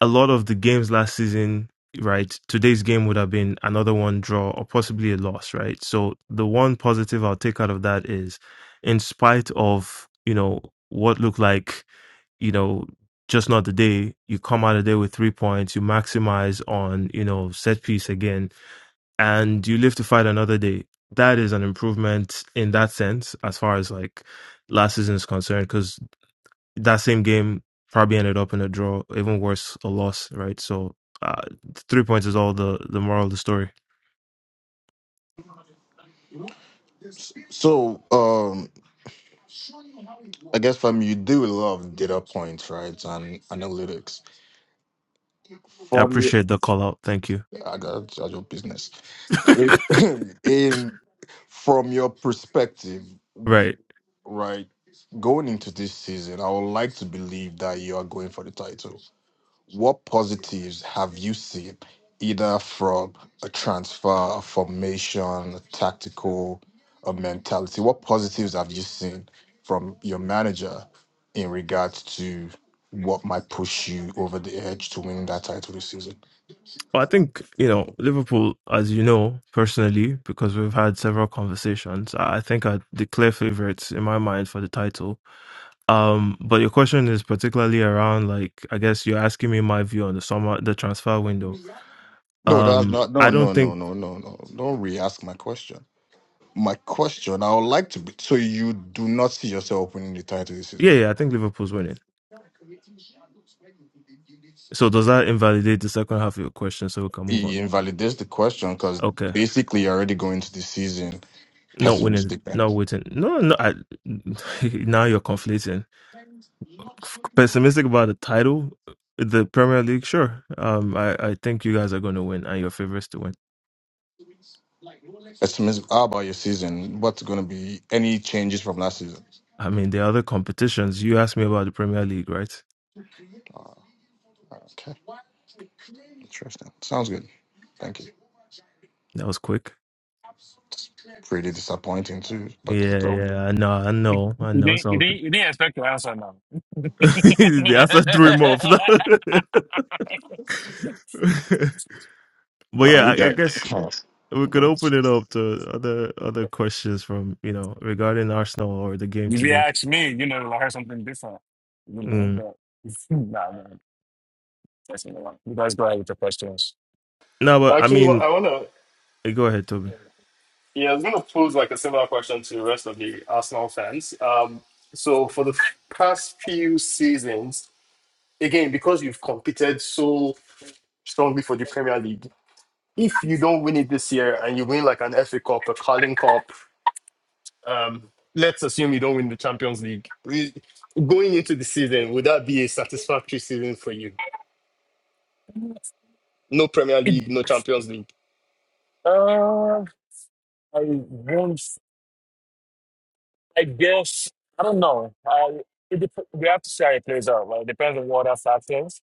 [SPEAKER 1] a lot of the games last season right today's game would have been another one draw or possibly a loss right so the one positive I'll take out of that is in spite of you know what looked like you know just not the day you come out of there with three points you maximize on you know set piece again and you live to fight another day. That is an improvement in that sense, as far as like last season is concerned, because that same game probably ended up in a draw, even worse, a loss, right? So, uh, three points is all the the moral of the story.
[SPEAKER 9] So, um, I guess from you do love data points, right, and analytics.
[SPEAKER 1] I appreciate the call out. Thank you.
[SPEAKER 9] Yeah, I got at your business. It, (laughs) (clears throat) in from your perspective,
[SPEAKER 1] Right.
[SPEAKER 9] right? Going into this season, I would like to believe that you are going for the title. What positives have you seen, either from a transfer, a formation, a tactical, a mentality? What positives have you seen from your manager in regards to what might push you over the edge to winning that title this season?
[SPEAKER 1] Well, I think you know Liverpool, as you know personally, because we've had several conversations. I I think are the clear favourites in my mind for the title Um, but your question is particularly around like I guess you're asking me my view on the summer the transfer window.
[SPEAKER 9] No, that's
[SPEAKER 1] Um,
[SPEAKER 9] not. No,
[SPEAKER 1] I don't
[SPEAKER 9] no, no,
[SPEAKER 1] think
[SPEAKER 9] no, no, no. Don't re-ask my question. My question, I would like to be. So you do not see yourself winning the title this
[SPEAKER 1] yeah,
[SPEAKER 9] season.
[SPEAKER 1] yeah, I think Liverpool's winning. So does that invalidate the second half of your question so we can move on?
[SPEAKER 9] It invalidates the question because
[SPEAKER 1] Okay.
[SPEAKER 9] basically you're already going to the season
[SPEAKER 1] Not winning,
[SPEAKER 9] pessimistic. Then,
[SPEAKER 1] not waiting. No, no, I, (laughs) now you're conflating. Pessimistic about the title, the Premier League, sure. Um, I, I think you guys are going to win and your favorites to win.
[SPEAKER 9] pessimistic. How about your season? What's going to be any changes from last season?
[SPEAKER 1] I mean, the other competitions, you asked me about the Premier League, right?
[SPEAKER 9] Ah, okay, interesting. Sounds good. Thank you.
[SPEAKER 1] That was quick.
[SPEAKER 9] Pretty disappointing too, but
[SPEAKER 1] Yeah,
[SPEAKER 9] it's all. good.
[SPEAKER 1] yeah, I know, I know, I
[SPEAKER 7] You
[SPEAKER 1] know. It's
[SPEAKER 7] didn't you
[SPEAKER 1] all good.
[SPEAKER 7] didn't you didn't expect to answer now.
[SPEAKER 1] (laughs) That's a three month. (laughs)
[SPEAKER 7] (laughs)
[SPEAKER 1] but
[SPEAKER 9] No,
[SPEAKER 1] yeah,
[SPEAKER 9] you
[SPEAKER 1] I, I
[SPEAKER 9] guys.
[SPEAKER 1] guess
[SPEAKER 9] (laughs)
[SPEAKER 1] we could open it up to other other questions from you know regarding Arsenal or the game
[SPEAKER 7] If you
[SPEAKER 1] today.
[SPEAKER 7] ask me, you know, I heard something different, you know,
[SPEAKER 1] Mm.
[SPEAKER 7] but (laughs) nah, man, that's not wrong. You guys go ahead with the questions.
[SPEAKER 1] No, but I
[SPEAKER 13] Actually, what
[SPEAKER 1] mean,
[SPEAKER 13] I wanna
[SPEAKER 1] eh, go ahead, Toby.
[SPEAKER 13] Yeah, I was going to pose like a similar question to the rest of the Arsenal fans. Um, so for the f- past few seasons, again, because you've competed so strongly for the Premier League, if you don't win it this year and you win like an FA Cup, a Carling Cup, um, let's assume you don't win the Champions League. We- Going into the season, would that be a satisfactory season for you? No Premier League, no Champions League.
[SPEAKER 7] Uh, I won't, I guess, I don't know. I, it dep- we have to see how it plays out, right? It depends on what other factors.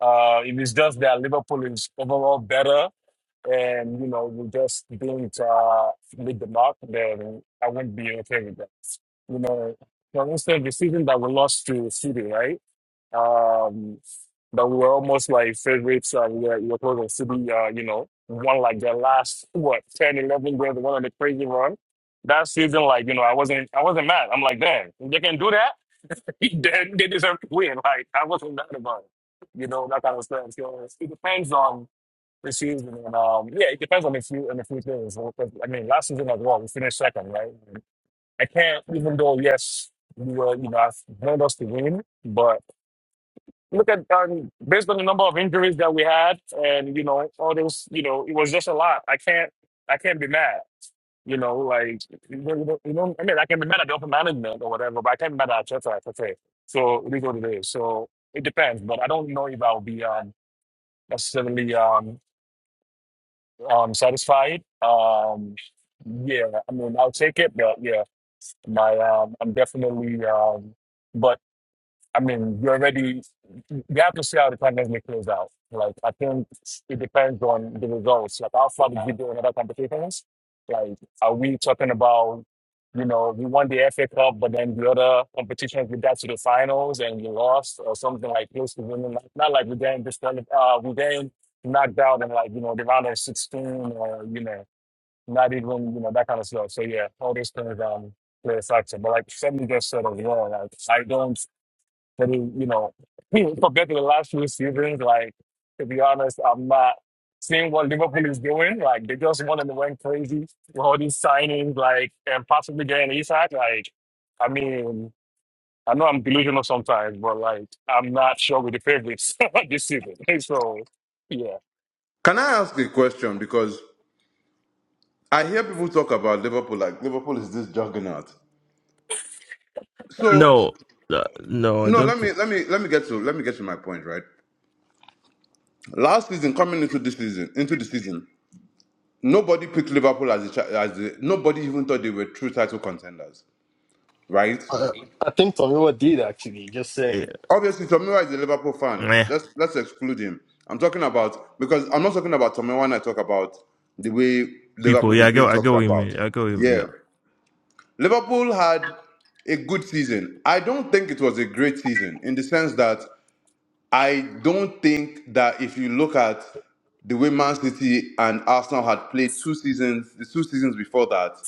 [SPEAKER 7] Uh, if it's just that Liverpool is overall better and, you know, we just didn't uh, make the mark, then I wouldn't be okay with that. You know, for instance, the season that we lost to City, right? um, that we were almost like favorites. Uh, we, were, we were supposed to be, uh, you know, won like their last what ten, eleven, 11 games. one of the crazy run. That season, like you know, I wasn't, I wasn't mad. I'm like, damn, if they can do that, (laughs) then they deserve to win. Like I wasn't mad about it, you know, that kind of stuff. So it depends on the season, and um, yeah, it depends on a few on a few things. So, 'cause, I mean, last season as well, we finished second, right? I can't, even though yes, we were, you know, I wanted us to win, but look at um, based on the number of injuries that we had, and you know, all those, you know, it was just a lot. I can't, I can't be mad. You know, like you know, you know, you know I mean, I can be mad at the upper management or whatever, but I can't be mad at Arteta. I say. so it is what it is. So it depends, but I don't know if I'll be um, necessarily um, um, satisfied. Um, yeah, I mean, I'll take it, but yeah, my um, I'm definitely um, but I mean, you already we have to see how the tournament may out. Like I think it depends on the results. Like how far did we do in other competitions? Like are we talking about you know we won the FA Cup, but then the other competitions we got to the finals and we lost or something like close to winning. Like, not like we then disqualified. Uh, we then knocked out in like you know the round of sixteen or you know not even you know that kind of stuff. So yeah, all these things um play a factor. But like Sammy just said as well, like I don't. And he, you know, (laughs) he, compared to the last few seasons, like to be honest, I'm not seeing what Liverpool is doing. Like they just won and they went crazy with all these signings, like and possibly getting Isak. Like, I mean, I know I'm delusional sometimes, but like I'm not sure with the favorites (laughs) this season. (laughs) So yeah.
[SPEAKER 10] Can I ask a question? Because I hear people talk about Liverpool like Liverpool is this juggernaut. So
[SPEAKER 1] No, uh, no, I
[SPEAKER 10] no,
[SPEAKER 1] don't.
[SPEAKER 10] let
[SPEAKER 1] thi-
[SPEAKER 10] me let me let me get to let me get to my point. Right, last season coming into this season into the season, nobody picked Liverpool as a cha- as a, nobody even thought they were true title contenders. Right,
[SPEAKER 13] Uh, I think Tomiwa did actually. Just
[SPEAKER 1] Yeah.
[SPEAKER 13] saying.
[SPEAKER 10] Obviously, Tomiwa is a Liverpool fan.
[SPEAKER 1] meh.
[SPEAKER 10] Let's let's exclude him. I'm talking about because I'm not talking about Tomiwa when I talk about the way
[SPEAKER 1] People,
[SPEAKER 10] Liverpool
[SPEAKER 1] yeah,
[SPEAKER 10] is
[SPEAKER 1] I go,
[SPEAKER 10] being
[SPEAKER 1] I
[SPEAKER 10] talked
[SPEAKER 1] go with me,
[SPEAKER 10] about.
[SPEAKER 1] I go with me, yeah,
[SPEAKER 10] Yeah, Liverpool had a good season. I don't think it was a great season in the sense that I don't think that if you look at the way Man City and Arsenal had played two seasons, the two seasons before that,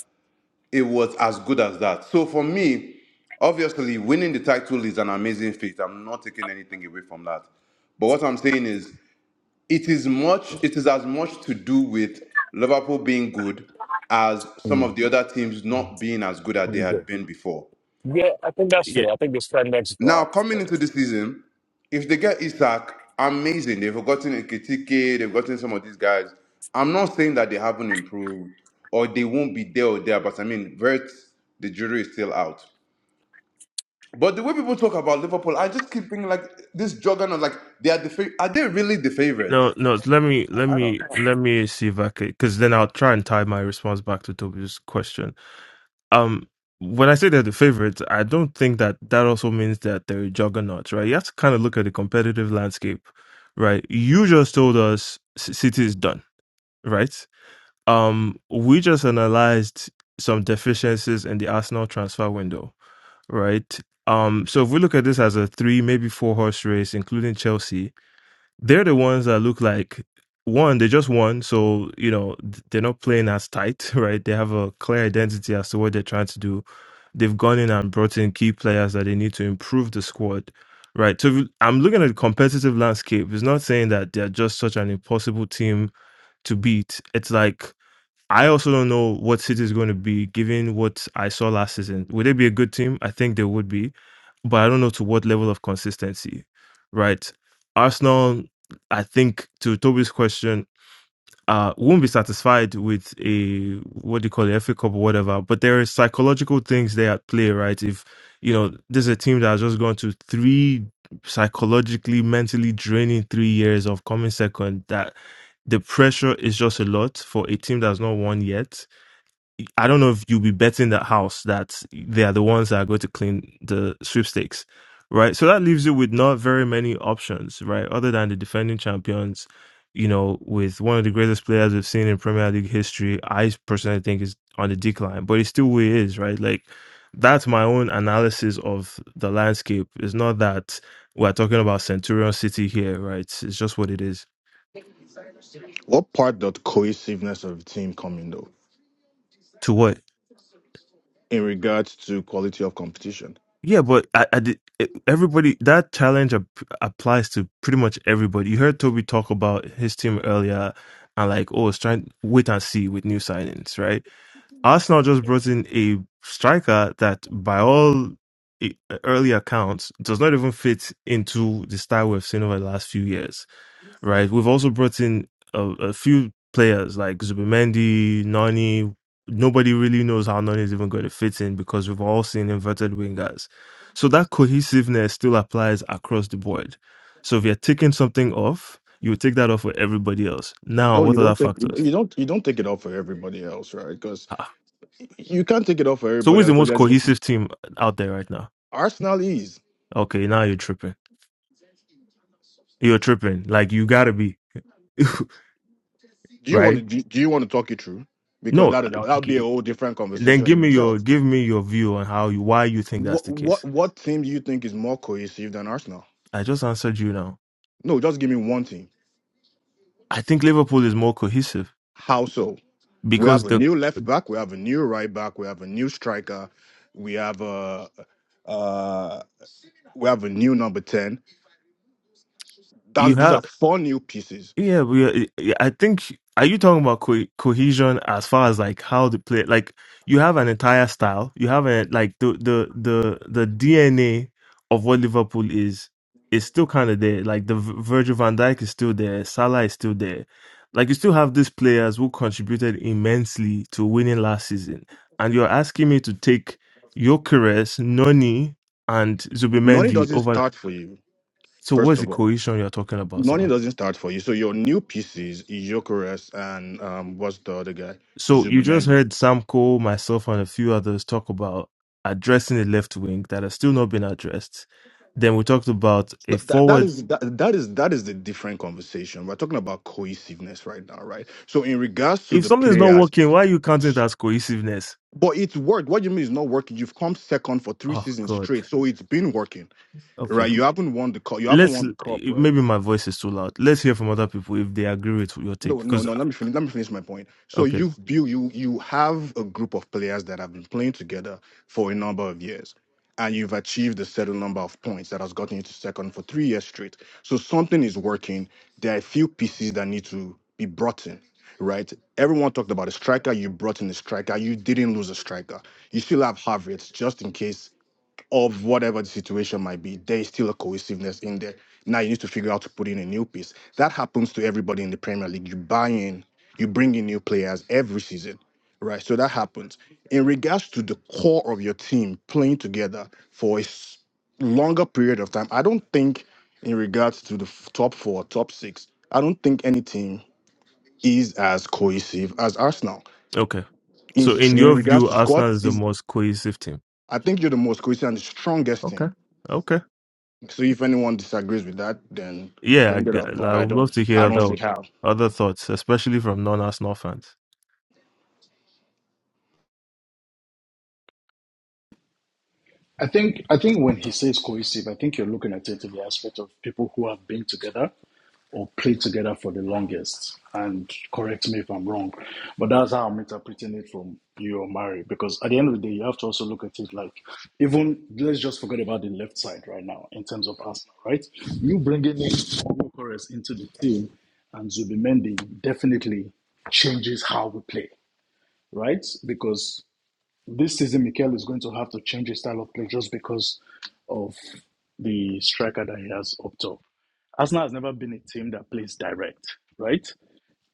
[SPEAKER 10] it was as good as that. So for me, obviously, winning the title is an amazing feat. I'm not taking anything away from that. But what I'm saying is, it is much. It is as much to do with Liverpool being good as some
[SPEAKER 7] Mm,
[SPEAKER 10] of the other teams
[SPEAKER 7] mm,
[SPEAKER 10] not being as good as they
[SPEAKER 7] mm, good.
[SPEAKER 10] had been before.
[SPEAKER 7] Yeah, I think that's
[SPEAKER 1] yeah.
[SPEAKER 7] fair. I think they spend next
[SPEAKER 10] Now
[SPEAKER 7] drop.
[SPEAKER 10] coming into the season, if they get Isak, amazing. They've gotten Kitike, they've gotten some of these guys. I'm not saying that they haven't improved or they won't be there or there, but I mean, Vert, the jury is still out. But the way people talk about Liverpool, I just keep thinking like this juggernaut, like they are the fa- are they really the
[SPEAKER 1] No,
[SPEAKER 10] favorites?
[SPEAKER 1] no. so Let me, let
[SPEAKER 10] I don't
[SPEAKER 1] me,
[SPEAKER 10] know.
[SPEAKER 1] let me see if I could, because then I'll try and tie my response back to Toby's question. um when I say they're the favorites, I don't think that that also means that they're a juggernaut, right? You have to kind of look at the competitive landscape, right? You just told us C- City is done, right? Um, we just analyzed some deficiencies in the Arsenal transfer window, right? Um, so if we look at this as a three, maybe four horse race, including Chelsea, they're the ones that look like one they just won so you know th- they're not playing as tight (laughs) right they have a clear identity as to what they're trying to do they've gone in and brought in key players that they need to improve the squad right so if you- i'm looking at the competitive landscape it's not saying that they're just such an impossible team to beat it's like I also don't know what City is going to be given what I saw last season. Would they be a good team? I think they would be, but I don't know to what level of consistency, right? Arsenal, I think to Toby's question, uh, won't be satisfied with a what do you call it, FA Cup or whatever. But there is psychological things there at play, right? If you know this is a team that has just gone to three psychologically, mentally draining three years of coming second, that the pressure is just a lot for a team that's not won yet I don't know if you'll be betting the house that they are the ones that are going to clean the sweepstakes, right? So that leaves you with not very many options, right? Other than the defending champions, you know, with one of the greatest players we've seen in Premier League history, I personally think is on the decline, but it's still where he is, right? Like that's my own analysis of the landscape. It's not that we're talking about Centurion City here, right? It's just what it is.
[SPEAKER 9] What part does cohesiveness of the team come in though?
[SPEAKER 1] To what?
[SPEAKER 9] in regards to quality of competition.
[SPEAKER 1] Yeah, but I, I did, it- everybody that challenge ap- applies to pretty much everybody. You heard Toby talk about his team earlier, and like, oh, it's trying wait and see with new signings, right? Arsenal just brought in a striker that, by all i- early accounts, does not even fit into the style we've seen over the last few years right? We've also brought in a, a few players like Zubimendi, Nani. Nobody really knows how Nani is even going to fit in because we've all seen inverted wingers. So that cohesiveness still applies across the board. So if you're taking something off, you take that off for everybody else. Now,
[SPEAKER 9] No, you
[SPEAKER 1] what other
[SPEAKER 9] don't take
[SPEAKER 1] factors?
[SPEAKER 9] you don't you don't take it off for everybody else, right? Because
[SPEAKER 1] Ah. ah.
[SPEAKER 9] you can't take it off for
[SPEAKER 1] So
[SPEAKER 9] everybody
[SPEAKER 1] who's the
[SPEAKER 9] else.
[SPEAKER 1] most
[SPEAKER 9] Because
[SPEAKER 1] cohesive team out there right now?
[SPEAKER 9] Arsenal is.
[SPEAKER 1] Okay, now you're tripping. You're tripping. Like you gotta be, (laughs)
[SPEAKER 9] Do you want
[SPEAKER 1] right?
[SPEAKER 9] to do, do you want to talk it through? Because
[SPEAKER 1] No,
[SPEAKER 9] that that'll that'll be a whole different
[SPEAKER 1] Then
[SPEAKER 9] conversation
[SPEAKER 1] give
[SPEAKER 9] in
[SPEAKER 1] me your
[SPEAKER 9] itself.
[SPEAKER 1] give me your view on how you why you think that's
[SPEAKER 9] What
[SPEAKER 1] the
[SPEAKER 9] what
[SPEAKER 1] case.
[SPEAKER 9] what team do you think is more cohesive than Arsenal?
[SPEAKER 1] I just answered you now.
[SPEAKER 9] No, just give me one team.
[SPEAKER 1] I think Liverpool is more cohesive
[SPEAKER 9] How so? We have
[SPEAKER 1] because
[SPEAKER 9] a
[SPEAKER 1] the
[SPEAKER 9] new left back. We have a new right back. We have a new striker. We have a uh, we have a new number ten.
[SPEAKER 1] you
[SPEAKER 9] That, those
[SPEAKER 1] have
[SPEAKER 9] are four new pieces.
[SPEAKER 1] Yeah, we. uh, I think. Are you talking about co- cohesion as far as like how the play? Like you have an entire style. You have a like the the the the DNA of what Liverpool is is still kind of there. Like the V- Virgil Van Dijk is still there. Salah is still there. Like you still have these players who contributed immensely to winning last season, and you're asking me to take Gyökeres, Noni, and
[SPEAKER 9] Noni
[SPEAKER 1] Zubimendi
[SPEAKER 9] doesn't
[SPEAKER 1] over.
[SPEAKER 9] start for you,
[SPEAKER 1] So
[SPEAKER 9] first
[SPEAKER 1] what's the
[SPEAKER 9] of all.
[SPEAKER 1] cohesion you're talking about,
[SPEAKER 9] Noni
[SPEAKER 1] sir?
[SPEAKER 9] doesn't start for you. So your new pieces, Jokeres and um, what's the other guy?
[SPEAKER 1] So you just
[SPEAKER 9] Zubimendi.
[SPEAKER 1] heard Sam Cole, myself, and a few others talk about addressing the left wing that has still not been addressed. Then we talked about a
[SPEAKER 9] So That, that
[SPEAKER 1] forward.
[SPEAKER 9] is that, that is that is the different conversation. We're talking about cohesiveness right now, right? So in regards to
[SPEAKER 1] If
[SPEAKER 9] the
[SPEAKER 1] something is not
[SPEAKER 9] players,
[SPEAKER 1] working, why are you counting it as cohesiveness?
[SPEAKER 9] but it's worked. What do you mean it's not working? You've come second for three
[SPEAKER 1] Oh
[SPEAKER 9] seasons
[SPEAKER 1] God.
[SPEAKER 9] straight, so it's been working,
[SPEAKER 1] Okay.
[SPEAKER 9] right? You haven't won the cup. You haven't
[SPEAKER 1] Let's
[SPEAKER 9] won the cup,
[SPEAKER 1] maybe my voice is too loud. Let's hear from other people if they agree with your take.
[SPEAKER 9] No, no,
[SPEAKER 1] Because
[SPEAKER 9] no. Let me finish. Let me finish my point. So
[SPEAKER 1] okay,
[SPEAKER 9] you've built you you have a group of players that have been playing together for a number of years, and you've achieved a certain number of points that has gotten you to second for three years straight. So something is working. There are a few pieces that need to be brought in, right? Everyone talked about a striker. You brought in a striker. You didn't lose a striker. You still have Havertz just in case of whatever the situation might be, there is still a cohesiveness in there. Now you need to figure out to put in a new piece. That happens to everybody in the Premier League. You buy in, you bring in new players every season, right? So that happens. In regards to the core of your team playing together for a s- longer period of time, I don't think, in regards to the f- top four, top six, I don't think any team is as cohesive as Arsenal.
[SPEAKER 1] okay.
[SPEAKER 9] In,
[SPEAKER 1] So in
[SPEAKER 9] in
[SPEAKER 1] your
[SPEAKER 9] regards
[SPEAKER 1] view,
[SPEAKER 9] to
[SPEAKER 1] Arsenal
[SPEAKER 9] squads,
[SPEAKER 1] is the
[SPEAKER 9] is
[SPEAKER 1] most cohesive team.
[SPEAKER 9] I think you're the most cohesive and the strongest team
[SPEAKER 1] Okay. Okay.
[SPEAKER 9] So if anyone disagrees with that, then
[SPEAKER 1] Yeah, I
[SPEAKER 9] bring it
[SPEAKER 1] g-
[SPEAKER 9] up.
[SPEAKER 1] I
[SPEAKER 9] But I
[SPEAKER 1] would love
[SPEAKER 9] don't.
[SPEAKER 1] to hear
[SPEAKER 9] I don't
[SPEAKER 1] other
[SPEAKER 9] see how.
[SPEAKER 1] other thoughts, especially from non-Arsenal fans.
[SPEAKER 5] I think I think when he says cohesive, I think you're looking at it in the aspect of people who have been together or played together for the longest. And correct me if I'm wrong, but that's how I'm interpreting it from you or Mari. Because at the end of the day, you have to also look at it like even let's just forget about the left side right now in terms of Arsenal, right? You bringing in Corres into the team and Zubimendi definitely changes how we play, right? Because This season, Mikel is going to have to change his style of play just because of the striker that he has up top. Arsenal has never been a team that plays direct, right?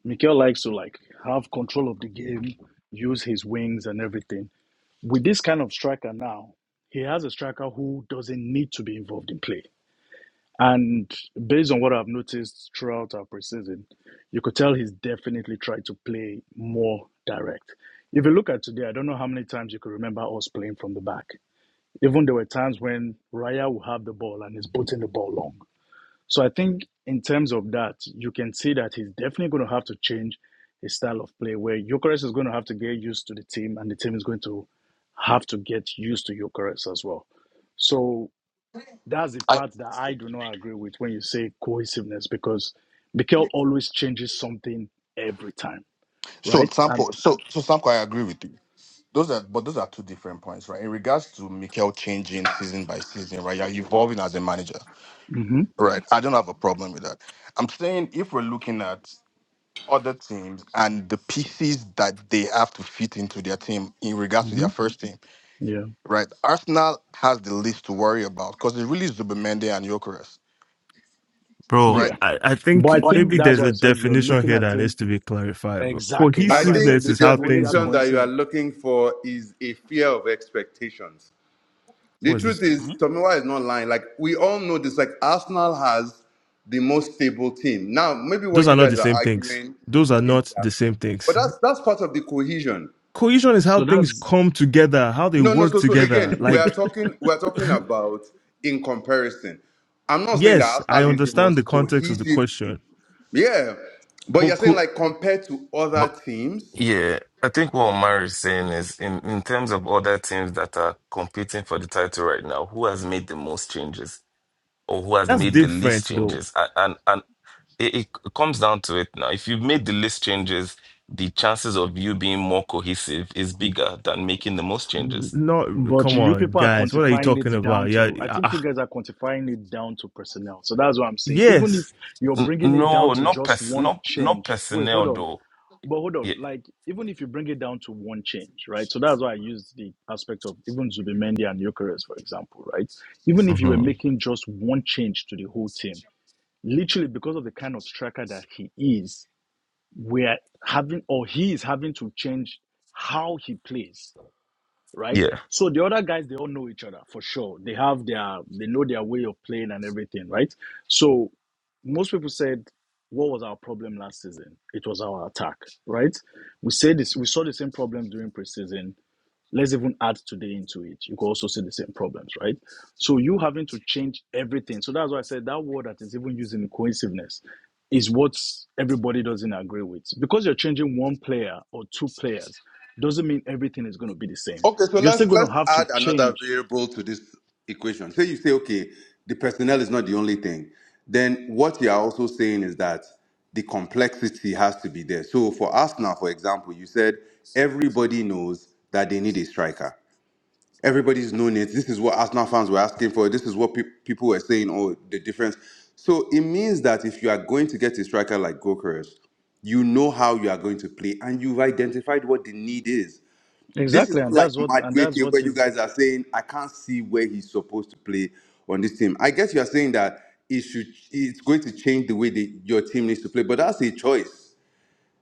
[SPEAKER 5] Mikel likes to like have control of the game, use his wings and everything. With this kind of striker now, he has a striker who doesn't need to be involved in play. And based on what I've noticed throughout our preseason, you could tell he's definitely tried to play more direct. If you look at today, I don't know how many times you could remember us playing from the back. Even there were times when Raya will have the ball and is putting the ball long. So I think in terms of that, you can see that he's definitely going to have to change his style of play where Jokeres is going to have to get used to the team and the team is going to have to get used to Jokeres as well. So that's the
[SPEAKER 9] I,
[SPEAKER 5] part that I do not agree with when you say cohesiveness because Mikel always changes something every time,
[SPEAKER 9] so
[SPEAKER 5] right? And
[SPEAKER 9] Sampo, so so Sampo, I agree with you. Those are but those are two different points, right? In regards to Mikel changing season by season, right? You're evolving as a manager,
[SPEAKER 5] hmm
[SPEAKER 9] right? I don't have a problem with that. I'm saying if we're looking at other teams and the pieces that they have to fit into their team in regards to
[SPEAKER 5] hmm
[SPEAKER 9] their first team,
[SPEAKER 5] yeah,
[SPEAKER 9] right? Arsenal has the least to worry about because it's really Zubimendi and Gyökeres,
[SPEAKER 1] Bro,
[SPEAKER 9] right?
[SPEAKER 5] yeah.
[SPEAKER 1] I, I
[SPEAKER 5] But
[SPEAKER 1] think
[SPEAKER 5] I think
[SPEAKER 1] maybe
[SPEAKER 5] that's
[SPEAKER 1] there's
[SPEAKER 5] why
[SPEAKER 1] a
[SPEAKER 5] I said you're
[SPEAKER 1] definition
[SPEAKER 5] looking
[SPEAKER 1] here
[SPEAKER 5] at
[SPEAKER 1] that
[SPEAKER 5] it
[SPEAKER 1] needs to be clarified. Bro.
[SPEAKER 5] exactly.
[SPEAKER 10] I
[SPEAKER 5] That's why I
[SPEAKER 10] think
[SPEAKER 5] said
[SPEAKER 1] Cohesiveness
[SPEAKER 10] the
[SPEAKER 1] is
[SPEAKER 5] the,
[SPEAKER 1] how
[SPEAKER 5] what
[SPEAKER 1] things.
[SPEAKER 5] that
[SPEAKER 10] definition that you
[SPEAKER 5] cohesive.
[SPEAKER 10] are looking for is a fear of expectations.
[SPEAKER 1] What
[SPEAKER 10] The
[SPEAKER 1] is
[SPEAKER 10] truth
[SPEAKER 1] this?
[SPEAKER 10] is,
[SPEAKER 5] Huh?
[SPEAKER 10] Tomiwa is not lying. Like we all know this. Like Arsenal has the most stable team. Now, maybe what
[SPEAKER 1] Those are
[SPEAKER 10] you
[SPEAKER 1] not the
[SPEAKER 10] guys are
[SPEAKER 1] same things.
[SPEAKER 10] arguing
[SPEAKER 1] Those are
[SPEAKER 10] is
[SPEAKER 1] not the
[SPEAKER 10] that,
[SPEAKER 1] same
[SPEAKER 10] but
[SPEAKER 1] things.
[SPEAKER 10] that's that's part of the cohesion.
[SPEAKER 1] Cohesion is how
[SPEAKER 5] So
[SPEAKER 1] things
[SPEAKER 5] that's
[SPEAKER 1] come together, how they
[SPEAKER 10] No, no.
[SPEAKER 1] work
[SPEAKER 10] So, so
[SPEAKER 1] together.
[SPEAKER 10] again, we
[SPEAKER 1] Like
[SPEAKER 10] are talking. We are talking
[SPEAKER 1] (laughs)
[SPEAKER 10] about in comparison. I'm not saying that
[SPEAKER 1] yes, I
[SPEAKER 10] Arsenal is the
[SPEAKER 1] understand the
[SPEAKER 10] most
[SPEAKER 1] context of the
[SPEAKER 10] cohesive team.
[SPEAKER 1] question,
[SPEAKER 10] Yeah, but
[SPEAKER 1] but
[SPEAKER 10] you're saying
[SPEAKER 1] co-
[SPEAKER 10] like compared to
[SPEAKER 12] But
[SPEAKER 10] other teams.
[SPEAKER 12] yeah, I think what Omar is saying is in, in terms of other teams that are competing for the title right now, who has made the most changes or who has
[SPEAKER 1] that's
[SPEAKER 12] made the least
[SPEAKER 1] different though.
[SPEAKER 12] changes? And and, and it, it comes down to it now. If you've made the least changes, the chances of you being more cohesive is bigger than making the most
[SPEAKER 1] N-
[SPEAKER 12] changes.
[SPEAKER 1] Not
[SPEAKER 5] but
[SPEAKER 1] come
[SPEAKER 5] you
[SPEAKER 1] on,
[SPEAKER 5] people are
[SPEAKER 1] guys. What are you
[SPEAKER 5] quantifying it
[SPEAKER 1] talking
[SPEAKER 5] down
[SPEAKER 1] about? Yeah,
[SPEAKER 5] to. I
[SPEAKER 1] ah,
[SPEAKER 5] think you
[SPEAKER 1] ah.
[SPEAKER 5] guys are quantifying it down to personnel. So that's what I'm saying. Even
[SPEAKER 1] yes,
[SPEAKER 5] if you're
[SPEAKER 12] N-
[SPEAKER 5] bringing it down
[SPEAKER 12] no,
[SPEAKER 5] to
[SPEAKER 12] not
[SPEAKER 5] just
[SPEAKER 12] pers-
[SPEAKER 5] one
[SPEAKER 12] not not
[SPEAKER 5] change. Wait, hold
[SPEAKER 12] personnel
[SPEAKER 5] on.
[SPEAKER 12] though.
[SPEAKER 5] But hold
[SPEAKER 12] Yeah.
[SPEAKER 5] on, like even if you bring it down to one change, right? So that's why I used the aspect of even Zubimendi and Eucharist, for example, right? Even if you were
[SPEAKER 12] Mhm.
[SPEAKER 5] making just one change to the whole team, literally because of the kind of striker that he is, we're having or he is having to change how he plays, right?
[SPEAKER 12] Yeah.
[SPEAKER 5] So the other guys they all know each other for sure. They have their they know their way of playing and everything, right? So most people said, what was our problem last season? It was our attack, right? We said this, we saw the same problems during preseason. Let's even add today into it. You could also see the same problems, right? So you having to change everything. So that's why I said that word that is even used in cohesiveness is what everybody doesn't agree with. Because you're changing one player or two players doesn't mean everything is going to be the same.
[SPEAKER 10] Okay, so
[SPEAKER 5] You're still
[SPEAKER 10] let's
[SPEAKER 5] going
[SPEAKER 10] let's
[SPEAKER 5] to have to
[SPEAKER 10] add another
[SPEAKER 5] change.
[SPEAKER 10] variable to this equation. Say you say, okay, the personnel is not the only thing. Then what you are also saying is that the complexity has to be there. So for Arsenal, for example, you said everybody knows that they need a striker. everybody's known it. This is what Arsenal fans were asking for. This is what pe- people were saying. Oh, the difference. So it means that if you are going to get a striker like Gokeres, you know how you are going to play, and you've identified what the need is. This is
[SPEAKER 5] Exactly,
[SPEAKER 10] not
[SPEAKER 5] and that's
[SPEAKER 10] like
[SPEAKER 5] what and that's
[SPEAKER 10] Madueke,
[SPEAKER 5] what
[SPEAKER 10] where you
[SPEAKER 5] is
[SPEAKER 10] guys are saying I can't see where he's supposed to play on this team. I guess you are saying that it should. It's going to change the way the, your team needs to play, but that's a choice.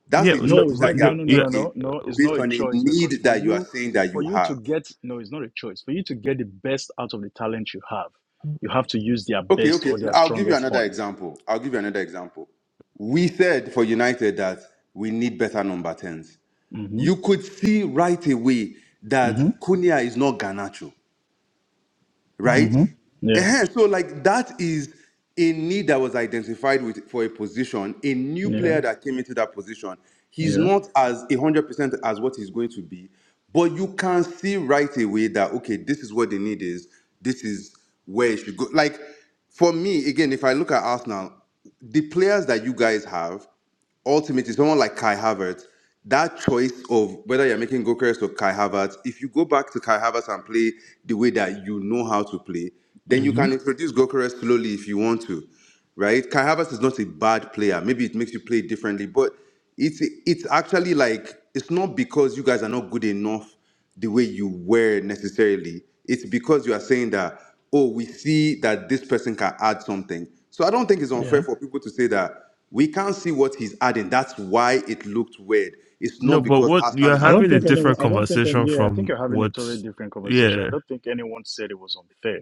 [SPEAKER 10] That's
[SPEAKER 1] yeah,
[SPEAKER 10] a
[SPEAKER 1] no,
[SPEAKER 5] No,
[SPEAKER 10] choice
[SPEAKER 5] it's
[SPEAKER 1] but
[SPEAKER 10] that
[SPEAKER 5] not.
[SPEAKER 10] you
[SPEAKER 5] No,
[SPEAKER 1] the,
[SPEAKER 10] are
[SPEAKER 5] no, no,
[SPEAKER 1] yeah,
[SPEAKER 5] no,
[SPEAKER 10] making
[SPEAKER 5] no, no. It's not
[SPEAKER 10] based
[SPEAKER 5] a
[SPEAKER 10] on a
[SPEAKER 5] choice because
[SPEAKER 10] need
[SPEAKER 5] for
[SPEAKER 10] that you are
[SPEAKER 5] you,
[SPEAKER 10] saying that
[SPEAKER 5] for
[SPEAKER 10] you
[SPEAKER 5] you to
[SPEAKER 10] have.
[SPEAKER 5] get no, it's not a choice. For you to get the best out of the talent you have, you have to use their
[SPEAKER 10] Okay,
[SPEAKER 5] best
[SPEAKER 10] okay.
[SPEAKER 5] or their
[SPEAKER 10] I'll give you
[SPEAKER 5] strongest
[SPEAKER 10] another
[SPEAKER 5] points.
[SPEAKER 10] example. I'll give you another example. We said for United that we need better number 10s.
[SPEAKER 5] Mm-hmm.
[SPEAKER 10] You could see right away that
[SPEAKER 5] Mm-hmm.
[SPEAKER 10] Cunha is not Garnacho right?
[SPEAKER 5] Mm-hmm. Yeah.
[SPEAKER 10] Ehen, So like that is a need that was identified with for a position. A new
[SPEAKER 5] Yeah.
[SPEAKER 10] player that came into that position, he's
[SPEAKER 5] Yeah.
[SPEAKER 10] not as a hundred percent as what he's going to be, but you can see right away that okay, this is what the need is. This is where it should go. Like for me, again, if I look at Arsenal, the players that you guys have ultimately someone like Kai Havertz, that choice of whether you're making Gokers or Kai Havertz, if you go back to Kai Havertz and play the way that you know how to play, then you
[SPEAKER 5] Mm-hmm.
[SPEAKER 10] can introduce Gokers slowly if you want to, right? Kai Havertz is not a bad player. Maybe it makes you play differently, but it's it's actually like it's not because you guys are not good enough the way you were necessarily. It's because you are saying that, oh, we see that this person can add something. So I don't think it's
[SPEAKER 5] Yeah.
[SPEAKER 10] unfair for people to say that we can't see what he's adding. That's why it looked weird. It's not
[SPEAKER 1] no, but
[SPEAKER 10] because
[SPEAKER 1] what
[SPEAKER 10] Arsenal
[SPEAKER 1] you're
[SPEAKER 10] is
[SPEAKER 5] I
[SPEAKER 10] a
[SPEAKER 5] don't
[SPEAKER 1] having a
[SPEAKER 5] think
[SPEAKER 10] cohesive
[SPEAKER 1] different
[SPEAKER 5] anyone. I
[SPEAKER 10] team.
[SPEAKER 5] don't think.
[SPEAKER 1] conversation
[SPEAKER 5] any- Yeah. I think
[SPEAKER 1] from
[SPEAKER 5] you're having a
[SPEAKER 1] what,
[SPEAKER 5] totally different conversation. I
[SPEAKER 1] yeah,
[SPEAKER 5] don't think anyone said it was unfair.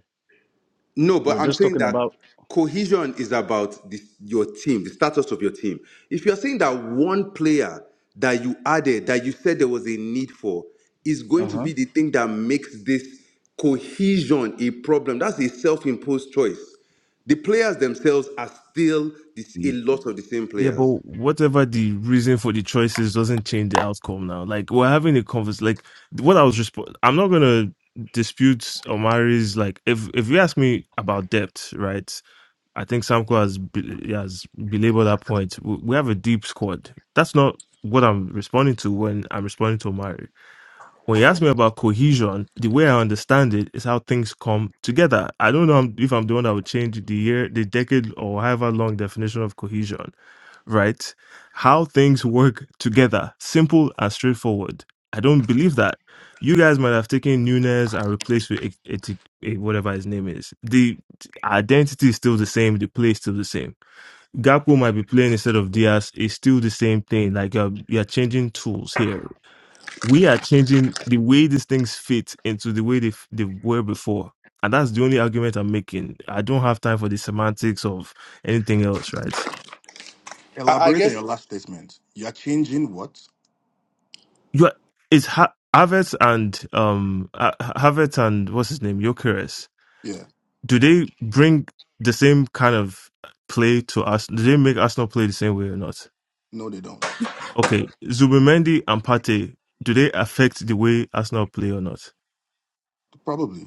[SPEAKER 10] No,
[SPEAKER 5] We're
[SPEAKER 10] but I'm
[SPEAKER 5] just
[SPEAKER 10] saying
[SPEAKER 5] talking
[SPEAKER 10] that
[SPEAKER 5] about.
[SPEAKER 10] cohesion is about the, your team, the status of your team. If you're saying that one player that you added, that you said there was a need for, is going
[SPEAKER 5] Uh
[SPEAKER 10] to
[SPEAKER 5] huh.
[SPEAKER 10] be the thing that makes this cohesion a problem, that's a self imposed choice. The players themselves are still this, a
[SPEAKER 1] Y-
[SPEAKER 10] lot of the same
[SPEAKER 1] yeah, but
[SPEAKER 10] players.
[SPEAKER 1] whatever the reason for the choices doesn't change the outcome now. Like we're having a convers, like what I was resp- I'm not gonna dispute Omari's like if if you ask me about depth, right? I think Samko has be- has belabored that point. We we have a deep squad. That's not what I'm responding to when I'm responding to Omari. When you ask me about cohesion, the way I understand it is how things come together. I don't know if I'm the one that would change the year, the decade, or however long definition of cohesion right? How things work together, simple and straightforward. I don't believe that. You guys might have taken Nunes and replaced with a, whatever his name is. The identity is still the same. The play is still the same. Gakpo might be playing instead of Diaz. It's still the same thing. Like uh, you're changing tools here. We are changing the way these things fit into the way they, f- they were before. And that's the only argument I'm making. I don't have time for the semantics of anything else, right?
[SPEAKER 10] I, I
[SPEAKER 9] Elaborate on
[SPEAKER 10] guess,
[SPEAKER 9] your last statement. You are changing what?
[SPEAKER 1] you is ha- Havertz and um Ha- Havertz and what's his name Jokeres.
[SPEAKER 9] Yeah.
[SPEAKER 1] Do they bring the same kind of play to us? Do they make Arsenal play the same way or not?
[SPEAKER 9] No, they don't.
[SPEAKER 1] Okay, Zubimendi and Pate. Do they affect the way Arsenal play or not?
[SPEAKER 9] Probably.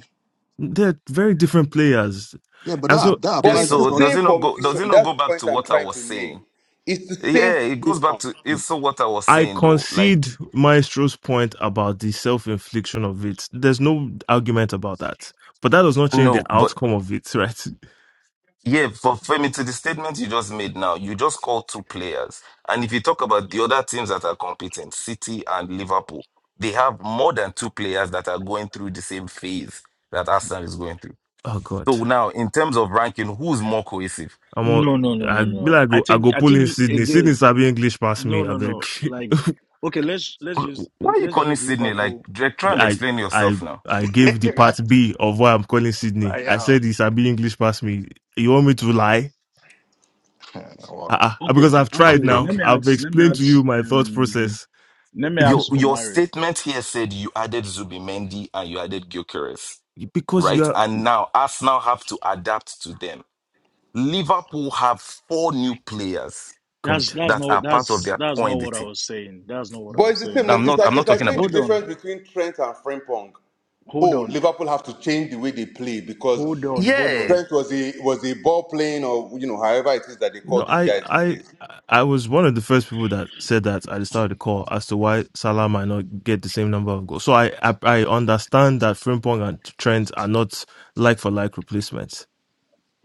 [SPEAKER 1] They're very different players,
[SPEAKER 9] Yeah, but
[SPEAKER 1] and so
[SPEAKER 9] that that
[SPEAKER 12] Yeah.
[SPEAKER 10] but
[SPEAKER 9] applies
[SPEAKER 10] it's the
[SPEAKER 12] So
[SPEAKER 9] across.
[SPEAKER 12] does
[SPEAKER 10] same
[SPEAKER 12] it not go does
[SPEAKER 10] formation.
[SPEAKER 12] it not
[SPEAKER 10] That's
[SPEAKER 12] go
[SPEAKER 10] the
[SPEAKER 12] back to
[SPEAKER 10] point I'm
[SPEAKER 12] what I
[SPEAKER 10] trying
[SPEAKER 12] was
[SPEAKER 10] to
[SPEAKER 12] saying?
[SPEAKER 10] make. It's the same
[SPEAKER 12] Yeah, it goes back
[SPEAKER 10] formation.
[SPEAKER 12] to it's so what I was
[SPEAKER 1] I
[SPEAKER 12] saying though. Like
[SPEAKER 1] concede Maestro's point about the self-infliction of it. There's no argument about that, but that does not change the
[SPEAKER 12] no, but
[SPEAKER 1] outcome of it, (laughs) right?
[SPEAKER 12] yeah, for Femi to the statement you just made now, you just call two players. And if you talk about the other teams that are competing, City and Liverpool, they have more than two players that are going through the same phase that Arsenal is going through.
[SPEAKER 1] Oh God,
[SPEAKER 12] So now in terms of ranking, who's more cohesive?
[SPEAKER 1] I'm all,
[SPEAKER 5] No, no, no,
[SPEAKER 1] I
[SPEAKER 5] no,
[SPEAKER 1] be
[SPEAKER 5] no.
[SPEAKER 1] like I
[SPEAKER 5] I
[SPEAKER 1] go I
[SPEAKER 5] think
[SPEAKER 1] go
[SPEAKER 5] I
[SPEAKER 1] pull
[SPEAKER 5] think
[SPEAKER 1] in
[SPEAKER 5] you-
[SPEAKER 1] Sydney. Sydney
[SPEAKER 5] again.
[SPEAKER 1] Sabi English pass
[SPEAKER 5] No,
[SPEAKER 1] me. I
[SPEAKER 5] no, no.
[SPEAKER 1] beg.
[SPEAKER 5] Like, okay, let's let's use
[SPEAKER 12] Why are you
[SPEAKER 5] let's
[SPEAKER 12] calling
[SPEAKER 5] use
[SPEAKER 12] Sydney? Like
[SPEAKER 5] Liverpool.
[SPEAKER 12] Drake, try
[SPEAKER 1] (laughs)
[SPEAKER 12] and
[SPEAKER 1] I
[SPEAKER 12] explain
[SPEAKER 1] I
[SPEAKER 12] yourself now.
[SPEAKER 1] I
[SPEAKER 9] (laughs)
[SPEAKER 1] gave the
[SPEAKER 9] I,
[SPEAKER 1] part B of why I'm calling Sydney. I
[SPEAKER 9] uh,
[SPEAKER 1] said he Sabi English pass me. You want me to lie?
[SPEAKER 9] wow.
[SPEAKER 1] Uh-uh.
[SPEAKER 5] Okay,
[SPEAKER 1] Because I've tried
[SPEAKER 12] Okay,
[SPEAKER 5] actually,
[SPEAKER 1] now.
[SPEAKER 5] let
[SPEAKER 12] okay.
[SPEAKER 5] me
[SPEAKER 1] I've
[SPEAKER 5] ask. Let me
[SPEAKER 1] explained to
[SPEAKER 5] ask.
[SPEAKER 1] you my thought
[SPEAKER 5] Um,
[SPEAKER 1] process.
[SPEAKER 5] let me
[SPEAKER 12] Your
[SPEAKER 5] ask
[SPEAKER 12] your
[SPEAKER 5] Omari.
[SPEAKER 12] statement here said you added Zubimendi and you added Gyökeres.
[SPEAKER 1] (laughs) because
[SPEAKER 12] right?
[SPEAKER 1] you
[SPEAKER 12] And now Arsenal have to adapt to them. Liverpool have four new players
[SPEAKER 1] God.
[SPEAKER 5] That's that's
[SPEAKER 12] that are
[SPEAKER 5] not
[SPEAKER 12] part of
[SPEAKER 5] that's
[SPEAKER 12] their
[SPEAKER 5] that's
[SPEAKER 12] core
[SPEAKER 5] not
[SPEAKER 12] in the
[SPEAKER 5] what I
[SPEAKER 12] team.
[SPEAKER 5] was saying. That's not what I
[SPEAKER 10] But it's
[SPEAKER 5] was
[SPEAKER 10] the same.
[SPEAKER 5] saying.
[SPEAKER 12] I'm
[SPEAKER 10] like- It's
[SPEAKER 12] not. I'm
[SPEAKER 10] like
[SPEAKER 12] not
[SPEAKER 10] it's like
[SPEAKER 12] talking
[SPEAKER 10] saying
[SPEAKER 12] about.
[SPEAKER 10] the
[SPEAKER 5] Hold on,
[SPEAKER 10] difference between Trent and Frimpong.
[SPEAKER 5] hold
[SPEAKER 10] Oh,
[SPEAKER 5] on,
[SPEAKER 10] Liverpool have to change the way they play because
[SPEAKER 5] hold on, hold
[SPEAKER 12] Yeah.
[SPEAKER 5] on.
[SPEAKER 10] Trent was a was a ball playing or you know however it is that they
[SPEAKER 1] No,
[SPEAKER 10] call these
[SPEAKER 1] I,
[SPEAKER 10] guys these
[SPEAKER 1] I,
[SPEAKER 10] days.
[SPEAKER 1] I was one of the first people that said that at the start of the call as to why Salah might not get the same number of goals. So I, I, I understand that Frimpong and Trent are not like for like replacements.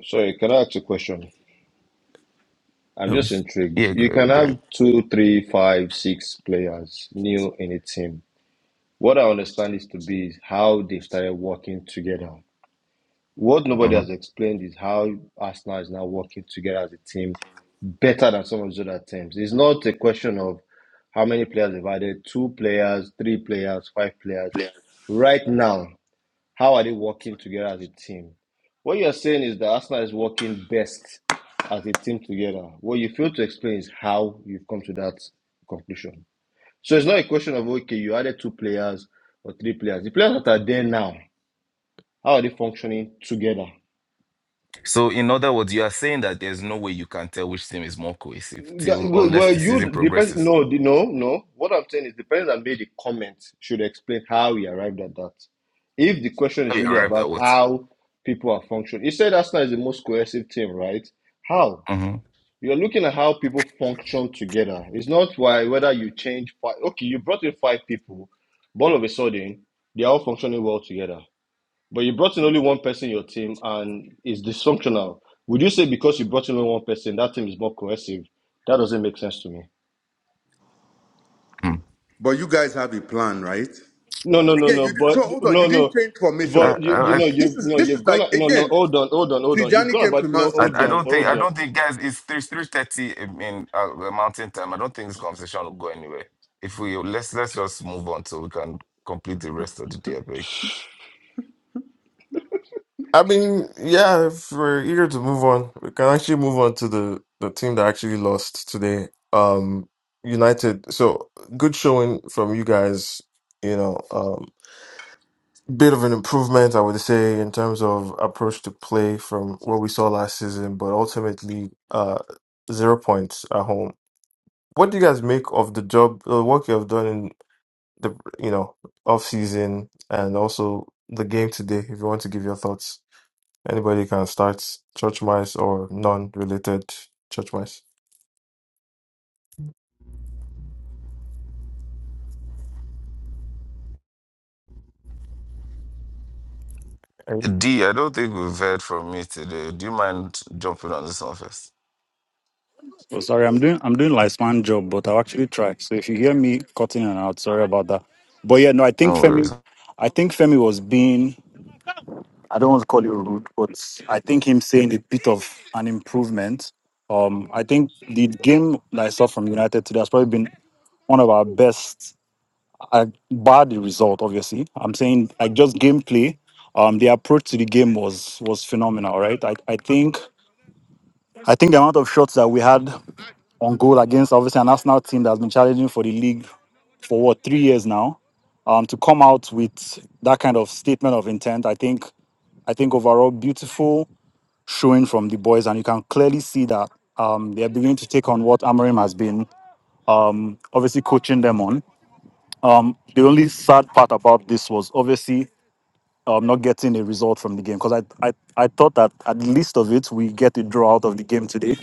[SPEAKER 14] Sorry, can I ask a question? I'm
[SPEAKER 1] Um,
[SPEAKER 14] just intrigued.
[SPEAKER 12] Yeah.
[SPEAKER 14] You can
[SPEAKER 12] Good. Good.
[SPEAKER 14] have two, three, five, six players new in a team. What I understand is to be how they started working together. What nobody
[SPEAKER 12] Mhm.
[SPEAKER 14] has explained is how Arsenal is now working together as a team better than some of the other teams. It's not a question of how many players they've added, two players, three players, five players. Right now, how are they working together as a team? What you're saying is that Arsenal is working best as a team together. What you fail to explain is how you've come to that conclusion. So it's not a question of okay, you added two players or three players. The players that are there now, how are they functioning together?
[SPEAKER 12] So, in other words, you are saying that there's no way you can tell which team is more cohesive
[SPEAKER 14] That,
[SPEAKER 12] till
[SPEAKER 14] well,
[SPEAKER 12] unless
[SPEAKER 14] well,
[SPEAKER 12] the season
[SPEAKER 14] you depends.
[SPEAKER 12] progresses.
[SPEAKER 14] No, the- no, no. What I'm saying is the person that made the comment should explain how he arrived at that. If the question
[SPEAKER 12] Have
[SPEAKER 14] is
[SPEAKER 12] you
[SPEAKER 14] really
[SPEAKER 12] arrived at
[SPEAKER 14] about
[SPEAKER 12] what?
[SPEAKER 14] how people are functioning, you said Arsenal is the most cohesive team, right? How?
[SPEAKER 12] Mm-hmm.
[SPEAKER 14] You're looking at how people function together. It's not why whether you change five. Okay, you brought in five people, but all of a sudden they are all functioning well together. But you brought in only one person in your team and it's dysfunctional. Would you say because you brought in only one person, that team is more cohesive? That doesn't make sense to me.
[SPEAKER 12] Mm.
[SPEAKER 10] But you guys have a plan, right?
[SPEAKER 14] No, no, no,
[SPEAKER 10] Again,
[SPEAKER 14] no.
[SPEAKER 10] you di- so
[SPEAKER 14] But
[SPEAKER 10] hold on.
[SPEAKER 14] no,
[SPEAKER 10] You didn't
[SPEAKER 14] no.
[SPEAKER 10] change formation.
[SPEAKER 12] I,
[SPEAKER 14] But you, you
[SPEAKER 12] I,
[SPEAKER 14] know,
[SPEAKER 10] This
[SPEAKER 14] you
[SPEAKER 10] is
[SPEAKER 14] no,
[SPEAKER 10] this is
[SPEAKER 14] you've
[SPEAKER 10] like
[SPEAKER 14] gone. No, no.
[SPEAKER 10] again.
[SPEAKER 14] Hold on, hold on, hold on. You've
[SPEAKER 10] Tijani
[SPEAKER 14] gone
[SPEAKER 10] came to
[SPEAKER 14] about. No,
[SPEAKER 10] Man
[SPEAKER 12] I,
[SPEAKER 14] hold
[SPEAKER 12] I
[SPEAKER 10] City.
[SPEAKER 14] on,
[SPEAKER 12] don't think
[SPEAKER 14] hold
[SPEAKER 12] I
[SPEAKER 14] on.
[SPEAKER 12] don't think guys it's three three thirty in uh, uh, Mountain Time. I don't think this conversation will go anywhere. If we let's let's just move on so we can complete the rest of the day. I beg.
[SPEAKER 1] I mean, yeah, if we're eager to move on, we can actually move on to the the team that actually lost today. Um, United. So good showing from you guys. You know, bit of an improvement, I would say, in terms of approach to play from what we saw last season, but ultimately uh, zero points at home. What do you guys make of the job, the work you have done in the you know off season and also the game today? If you want to give your thoughts, anybody can start church mice or non-related church mice.
[SPEAKER 12] D, I don't think we've heard from me today. Do you mind jumping on this one first?
[SPEAKER 8] Oh, sorry, I'm doing I'm doing Lifespan job, but I'll actually try. So if you hear me cutting and out, sorry about that. But yeah, no, I think
[SPEAKER 12] No worries.
[SPEAKER 8] Femi, I think Femi was being. I don't want to call you rude, but I think him saying a bit of an improvement. Um, I think the game that I saw from United today has probably been one of our best. I bar the result, obviously. I'm saying like just gameplay. Um, the approach to the game was was phenomenal, right? I, I think I think the amount of shots that we had on goal against obviously an Arsenal team that's been challenging for the league for what three years now. Um, to come out with that kind of statement of intent, I think I think overall beautiful showing from the boys, and you can clearly see that um, they're beginning to take on what Amarim has been obviously coaching them on. The only sad part about this was obviously um, not getting a result from the game because I, I I thought that at the least of it we get a draw out of the game today.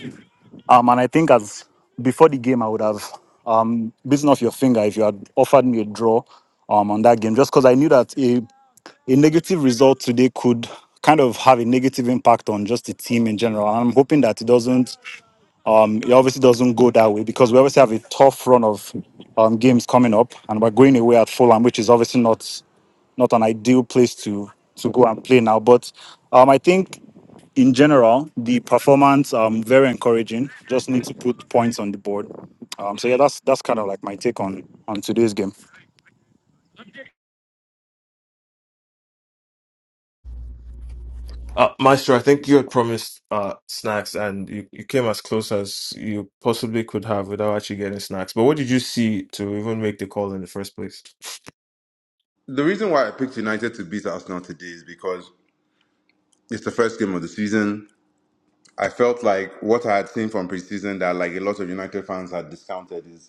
[SPEAKER 8] Um, and I think as before the game I would have um bitten off your finger if you had offered me a draw um on that game just because I knew that a a negative result today could kind of have a negative impact on just the team in general. I'm hoping that it doesn't It obviously doesn't go that way because we obviously have a tough run of um, games coming up, and we're going away at Fulham, which is obviously not not an ideal place to to go and play now. But um, I think in general the performance um very encouraging. Just need to put points on the board. Um, so yeah, that's that's kind of like my take on on today's game.
[SPEAKER 1] Uh, Maestro, I think you had promised uh, snacks and you, you came as close as you possibly could have without actually getting snacks. But what did you see to even make the call in the first place?
[SPEAKER 10] The reason why I picked United to beat Arsenal today is because it's the first game of the season. I felt like what I had seen from preseason that like a lot of United fans had discounted is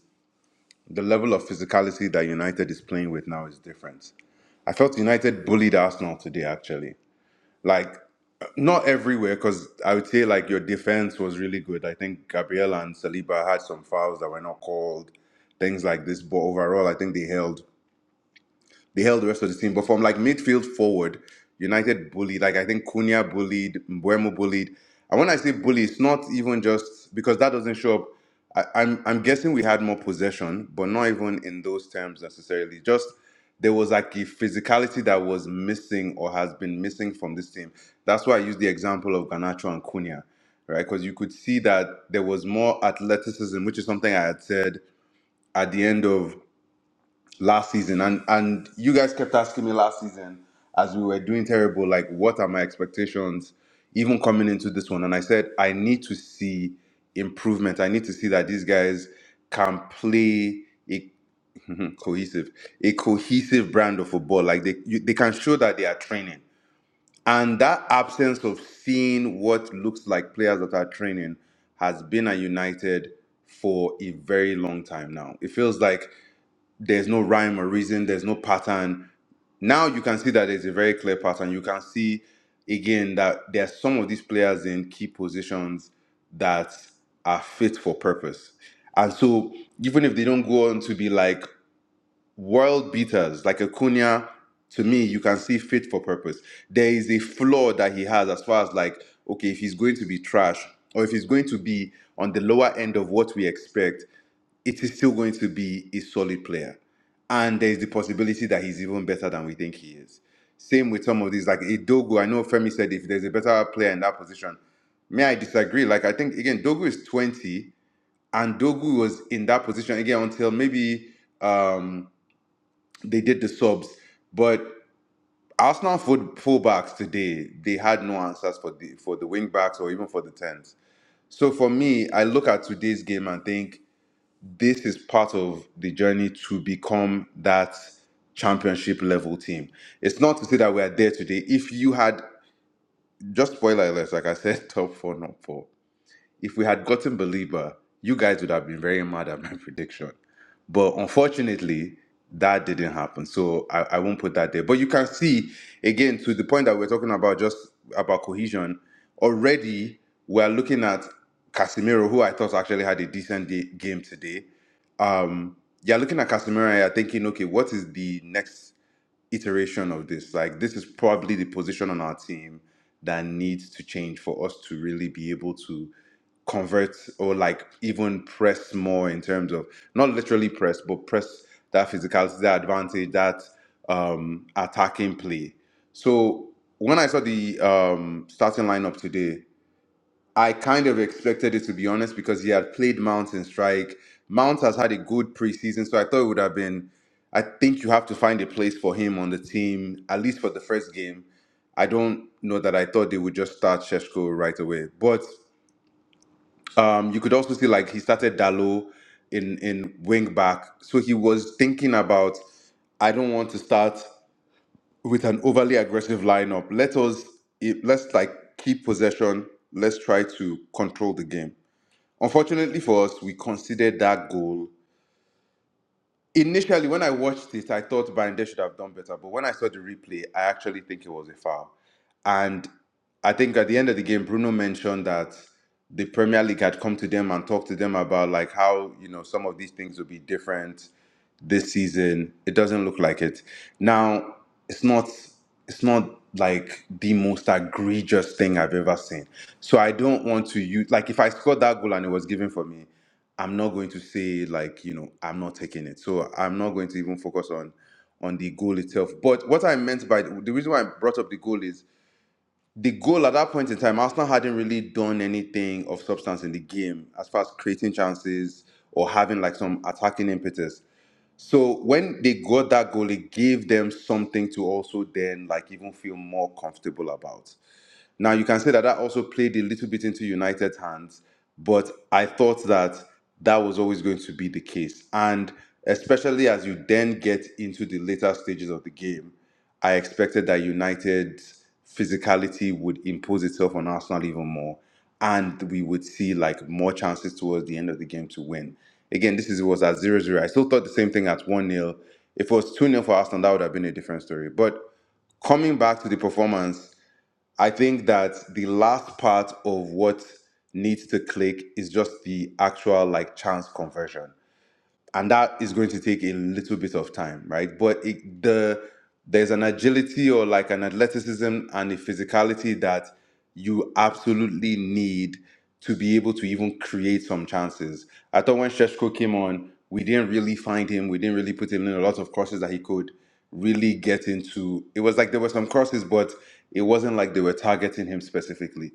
[SPEAKER 10] the level of physicality that United is playing with now is different. I felt United bullied Arsenal today, actually. Like, not everywhere, because I would say, like, your defense was really good. I think Gabriel and Saliba had some fouls that were not called, things like this. But overall, I think they held they held the rest of the team. But from like midfield forward, United bullied. Like I think Cunha bullied, Mbuemo bullied. And when I say bully, it's not even just because that doesn't show up. I, I'm I'm guessing we had more possession, but not even in those terms necessarily. Just there was like a physicality that was missing or has been missing from this team. That's why I used the example of Ganacho and Cunha, right? Because you could see that there was more athleticism, which is something I had said at the end of last season and and you guys kept asking me last season as we were doing terrible like what are my expectations even coming into this one and i said i need to see improvement i need to see that these guys can play a (laughs) cohesive a cohesive brand of football like they you, they can show that they are training and that absence of seeing what looks like players that are training has been at united for a very long time now it feels like there's no rhyme or reason, there's no pattern. Now you can see that there's a very clear pattern. You can see again that there are some of these players in key positions that are fit for purpose. And so even if they don't go on to be like world beaters like Acuna, to me, you can see fit for purpose. There is a flaw that he has as far as like, okay, if he's going to be trash or if he's going to be on the lower end of what we expect, it is still going to be a solid player. And there is the possibility that he's even better than we think he is. Same with some of these, like Dogo. I know Femi said if there's a better player in that position, may I disagree? Like I think again, Dogu is 20, and Dogu was in that position again until maybe um, they did the subs, but Arsenal full fullbacks today they had no answers for the for the wing backs or even for the tens. So for me, I look at today's game and think this is part of the journey to become that championship level team. It's not to say that we are there today. If you had just spoiler alert, like I said, (laughs) top four, not four. If we had gotten Belieber, you guys would have been very mad at my (laughs) prediction. But unfortunately, that didn't happen. So I, I won't put that there. But you can see, again, to the point that we're talking about, just about cohesion, already we're looking at Casemiro, who I thought actually had a decent day, game today. Um, you're looking at Casemiro and you're thinking, okay, what is the next iteration of this? Like, this is probably the position on our team that needs to change for us to really be able to convert or like even press more in terms of not literally press, but press that physicality, that advantage, that um, attacking play. So when I saw the um, starting lineup today, I kind of expected it to be honest because he had played Mount in strike. Mount has had a good preseason, so I thought it would have been. I think you have to find a place for him on the team at least for the first game. I don't know that I thought they would just start Sheshko right away, but um, you could also see like he started Dalo in in wing back, so he was thinking about I don't want to start with an overly aggressive lineup. Let us it- let's like keep possession. Let's try to control the game. Unfortunately for us, we considered that goal. Initially, when I watched it, I thought Bande should have done better. But when I saw the replay, I actually think it was a foul and I think at the end of the game, Bruno mentioned that the Premier League had come to them and talked to them about like how you know some of these things will be different this season. It doesn't look like it. Now it's not it's not like the most egregious thing I've ever seen. So I don't want to use like if I scored that goal and it was given for me, I'm not going to say like you know I'm not taking it. So I'm not going to even focus on on the goal itself. But what I meant by the reason why I brought up the goal is the goal at that point in time, Arsenal hadn't really done anything of substance in the game as far as creating chances or having like some attacking impetus. So when they got that goal, it gave them something to also then like even feel more comfortable about. Now you can say that that also played a little bit into United's hands, but I thought that that was always going to be the case, and especially as you then get into the later stages of the game, I expected that United's physicality would impose itself on Arsenal even more, and we would see like more chances towards the end of the game to win. Again, this is it was at zero zero. I still thought the same thing at one nil. If it was 2 nil for Arsenal, that would have been a different story. But coming back to the performance, I think that the last part of what needs to click is just the actual like chance conversion and that is going to take a little bit of time right but it, the there's an agility or like an athleticism and a physicality that you absolutely need to be able to even create some chances i thought when Sheshko came on we didn't really find him we didn't really put him in a lot of courses that he could really get into it was like there were some courses but it wasn't like they were targeting him specifically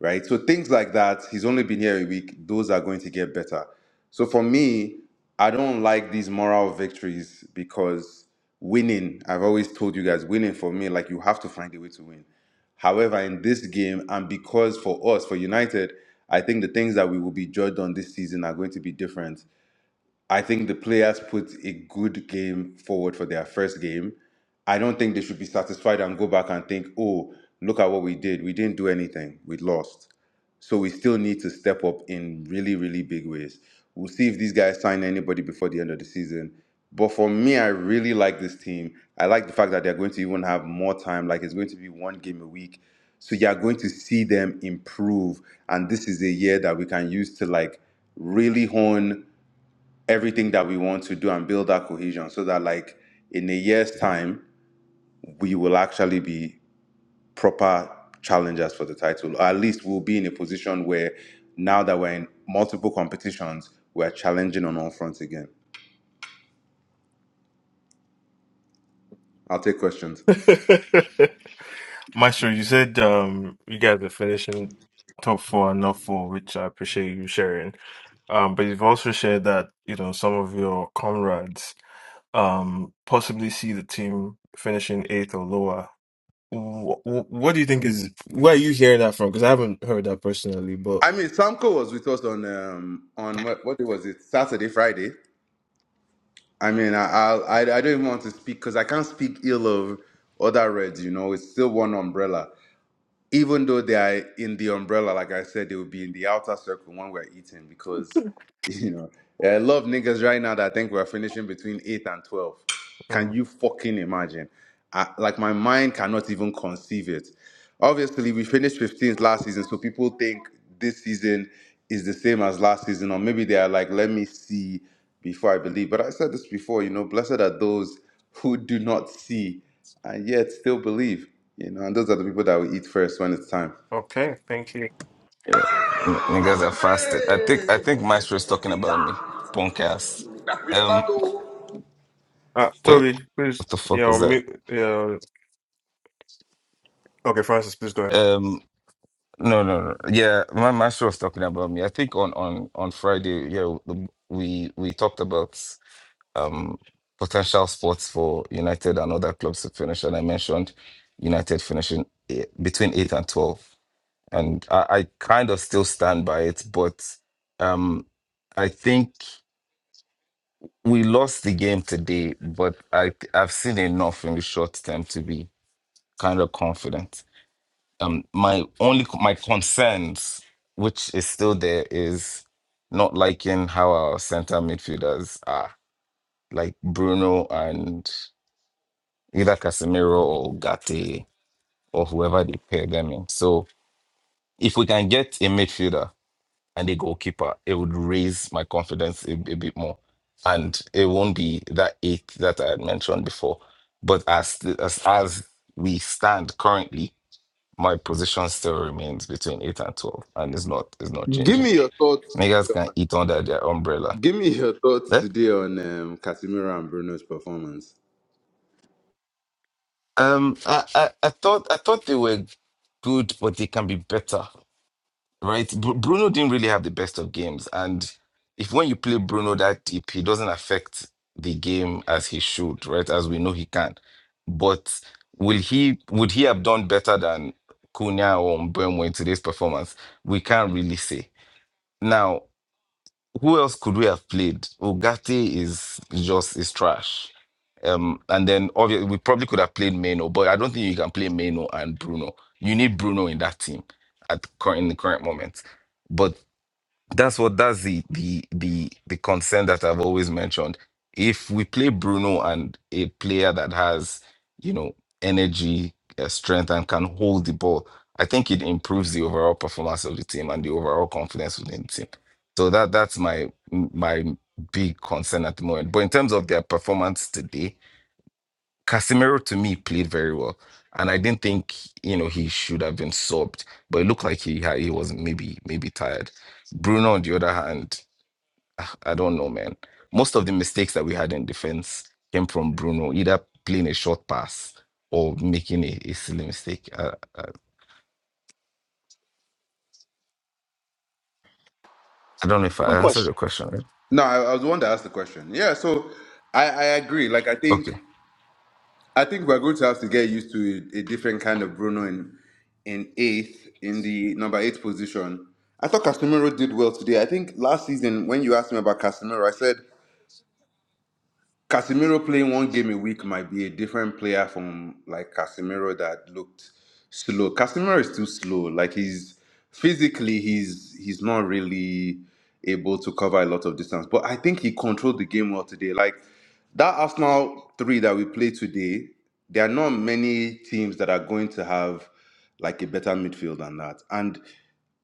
[SPEAKER 10] right? So things like that, he's only been here a week, those are going to get better. So for me, I don't like these moral victories because winning, I've always told you guys, winning for me, like you have to find a way to win. However, in this game, and because for us, for United, I think the things that we will be judged on this season are going to be different I think the players put a good game forward for their first game. I don't think they should be satisfied and go back and think, oh, look at what we did. We didn't do anything. We lost. So we still need to step up in really, really big ways. We'll see if these guys sign anybody before the end of the season. But for me, I really like this team. I like the fact that they're going to even have more time. Like it's going to be one game a week. So you're going to see them improve. And this is a year that we can use to like really hone everything that we want to do and build that cohesion so that like in a year's time we will actually be proper challengers for the title or at least we'll be in a position where now that we're in multiple competitions we're challenging on all fronts again i'll take questions
[SPEAKER 1] (laughs) Maestro, you said um, you guys are finishing top four and not four, which I appreciate you sharing. Um, but you've also shared that, you know, some of your comrades um, possibly see the team finishing eighth or lower What, what do you think is where are you hearing that from? Because I haven't heard that personally, but
[SPEAKER 10] i mean samco was with us on um on what, what day was it saturday friday i mean i I'll, i i don't even want to speak because i can't speak ill of other reds you know it's still one umbrella even though they are in the umbrella, like I said, they will be in the outer circle when we're eating because, (laughs) you know, there are a lot of niggas right now that I think we're finishing between 8 and 12. Can
[SPEAKER 1] Mm,
[SPEAKER 10] you fucking imagine? I, like, my mind cannot even conceive it. Obviously, we finished 15th last season, so people think this season is the same as last season, or maybe they are like, let me see before I believe. But I said this before, you know, blessed are those who do not see and yet still believe, you know, and those are the people that will eat first when it's time.
[SPEAKER 1] okay, thank you.
[SPEAKER 12] Yeah, N-
[SPEAKER 13] हो
[SPEAKER 12] niggas are
[SPEAKER 13] सकते
[SPEAKER 12] fasted. I think I think Maestro is talking
[SPEAKER 13] हैं।
[SPEAKER 12] about me. Punk ass. Um,
[SPEAKER 1] Uh,
[SPEAKER 12] wait,
[SPEAKER 1] Toby, please,
[SPEAKER 12] what the
[SPEAKER 1] you
[SPEAKER 12] fuck
[SPEAKER 1] know,
[SPEAKER 12] was that?
[SPEAKER 1] mute, you okay, Francis, please go ahead.
[SPEAKER 12] um. No, no, no. Yeah, my master was talking about me. I think on on on Friday, yeah, the- we we talked about um potential spots for United and other clubs to finish, and I mentioned United finishing eh, between eight and twelve, and I, I kind of still stand by it, but um, I think we lost the game today, but I I've seen enough in the short term to be kind of confident. um my only my concerns which is still there is not liking how our center midfielders are like Bruno and either Casemiro or Gatti or whoever they pair them in so if we can get a midfielder and a goalkeeper it would raise my confidence a, a bit more and it won't be that eight that I had mentioned before but as as as we stand currently My position still remains between eight and twelve, and it's not it's not
[SPEAKER 10] Give
[SPEAKER 12] changing.
[SPEAKER 10] me your thoughts
[SPEAKER 12] Niggas
[SPEAKER 10] today
[SPEAKER 12] can
[SPEAKER 10] on.
[SPEAKER 12] eat under their umbrella.
[SPEAKER 10] Give me your thoughts
[SPEAKER 12] Eh?
[SPEAKER 10] today on um, Casemiro and Bruno's performance.
[SPEAKER 12] Um, I, I I thought I thought they were good, but they can be better, right? Bru Bruno didn't really have the best of games, and if when you play Bruno that deep, he doesn't affect the game as he should, right? As we know he can, but will he would he have done better than Cunha or Mbembo in today's performance? We can't really say now. who else could we have played? Ugati is just is trash. Um, and then obviously we probably could have played Meno, but I don't think you can play Meno and Bruno. You need Bruno in that team at current in the current moment. but. That's what that's the the the the concern that I've always mentioned. If we play Bruno and a player that has, you know, energy, uh, strength, and can hold the ball, I think it improves the overall performance of the team and the overall confidence within the team. So that that's my my big concern at the moment. But in terms of their performance today, Casemiro to me played very well, and I didn't think you know he should have been subbed, but it looked like he had, he was maybe maybe tired. Bruno, on the other hand, ah, I don't know, man. Most of the mistakes that we had in defense came from Bruno, either playing a short pass or making a, a silly mistake. Uh, uh, I don't know if
[SPEAKER 5] Quick
[SPEAKER 12] I answered the
[SPEAKER 5] question.
[SPEAKER 12] question right.
[SPEAKER 10] No, I, I was the one that asked the question. Yeah, so I, I agree. Like I
[SPEAKER 12] Okay,
[SPEAKER 10] think. I think we're going to have to get used to a, a different kind of Bruno in in eighth in the number eight position. I thought Casemiro did well today. I think last season when you asked me about Casemiro, I said Casemiro playing one game a week might be a different player from like Casemiro that looked slow. Casemiro is too slow. Like he's physically he's he's not really able to cover a lot of distance. But I think he controlled the game well today. Like that Arsenal three that we played today, there are not many teams that are going to have like a better midfield than that. And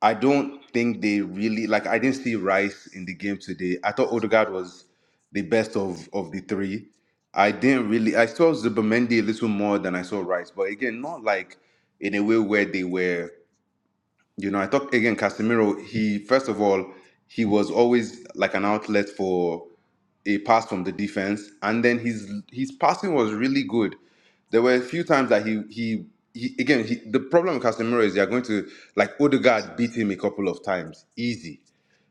[SPEAKER 10] I don't think they really like. I didn't see Rice in the game today. I thought Odegaard was the best of of the three. I didn't really. I saw Zubamendi a little more than I saw Rice, but again, not like in a way where they were. You know, I thought again Casemiro. He first of all, he was always like an outlet for a pass from the defense, and then his his passing was really good. There were a few times that he he, he again he, the problem with Casemiro is they are going to like Odegaard beat him a couple of times easy,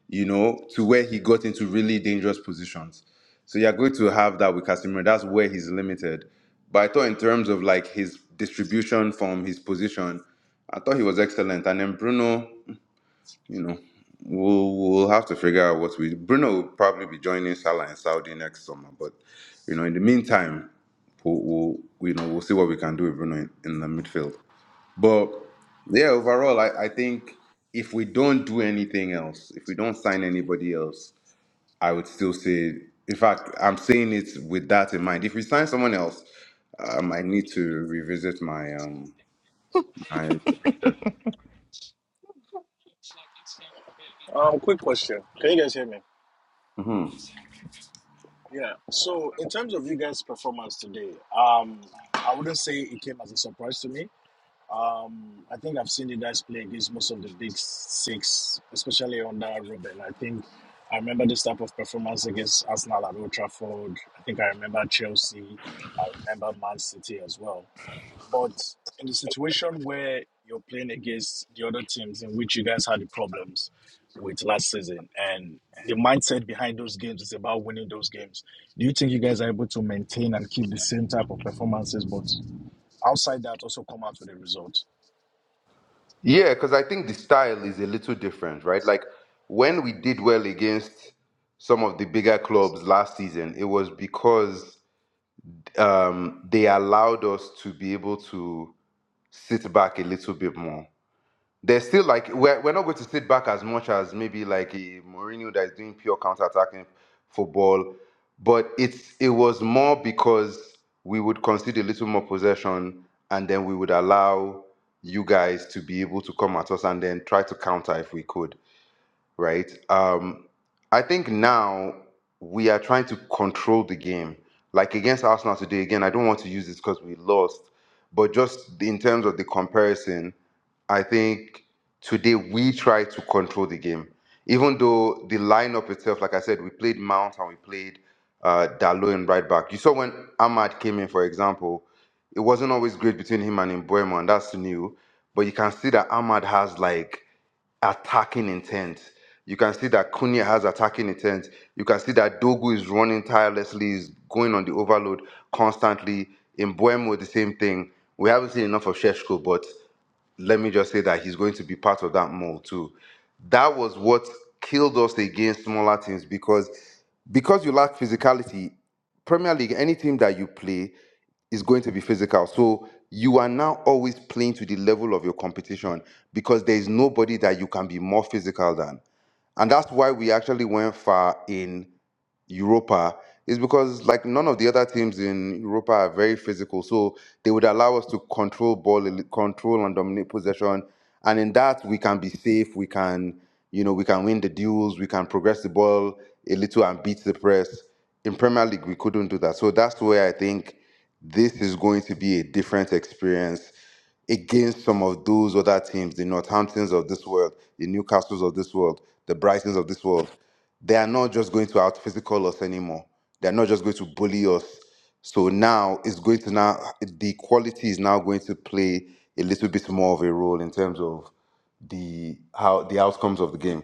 [SPEAKER 10] you know, to where he got into really dangerous positions. So you are going to have that with Casemiro. That's where he's limited. But I thought in terms of like his distribution from his position, I thought he was excellent. And then Bruno you know, we'll we'll have to figure out what we. Bruno will probably be joining Salah in Saudi next summer, but you know, in the meantime, we'll, we'll you know we'll see what we can do with Bruno in, in the midfield. But yeah, overall, I, I think if we don't do anything else, if we don't sign anybody else, I would still say. In fact, I'm saying it with that in mind. If we sign someone else, um, I need to revisit my um my prediction.
[SPEAKER 5] Um, quick question. Can you guys hear me? Yeah. So in terms of you guys' performance today, um, I wouldn't say it came as a surprise to me. Um, I think I've seen you guys play against most of the big six, especially under Robin. I think I remember this type of performance against Arsenal at Old Trafford. I think I remember Chelsea. I remember Man City as well. But in the situation where you're playing against the other teams in which you guys had the problems with last season, and the mindset behind those games is about winning those games, do you think you guys are able to maintain and keep the same type of performances, but outside that, also come out with a result?
[SPEAKER 10] Yeah, because I think the style is a little different, right? Like when we did well against some of the bigger clubs last season, it was because um, they allowed us to be able to sit back a little bit more. There's still like we're, we're not going to sit back as much as maybe like a Mourinho that is doing pure counter-attacking football, but it's it was more because we would concede a little more possession and then we would allow you guys to be able to come at us and then try to counter if we could right? Um, I think now we are trying to control the game. Like against Arsenal today, again, I don't want to use this because we lost, but just in terms of the comparison, I think today we try to control the game. Even though the lineup itself, like I said, we played Mount and we played uh, Dalot in right back. You saw when Ahmad came in, for example, it wasn't always great between him and Mbeumo, and that's new. But you can see that Ahmad has like attacking intent. You can see that Kunia has attacking intent. You can see that Dogu is running tirelessly, is going on the overload constantly. In Buemo, the same thing. We haven't seen enough of Sheshko, but let me just say that he's going to be part of that mold too. That was what killed us against smaller teams because because you lack physicality, Premier League, any team that you play is going to be physical. So you are now always playing to the level of your competition because there is nobody that you can be more physical than. And that's why we actually went far in Europa is because like none of the other teams in Europa are very physical, so they would allow us to control ball, el- control and dominate possession, and in that we can be safe. We can, you know, we can win the duels. We can progress the ball a little and beat the press. In Premier League, we couldn't do that, so that's where I think this is going to be a different experience against some of those other teams, the Northamptons of this world, the Newcastles of this world, the Brightons of this world, they are not just going to out physical us anymore. They're not just going to bully us. So now it's going to now the quality is now going to play a little bit more of a role in terms of the how the outcomes of the game.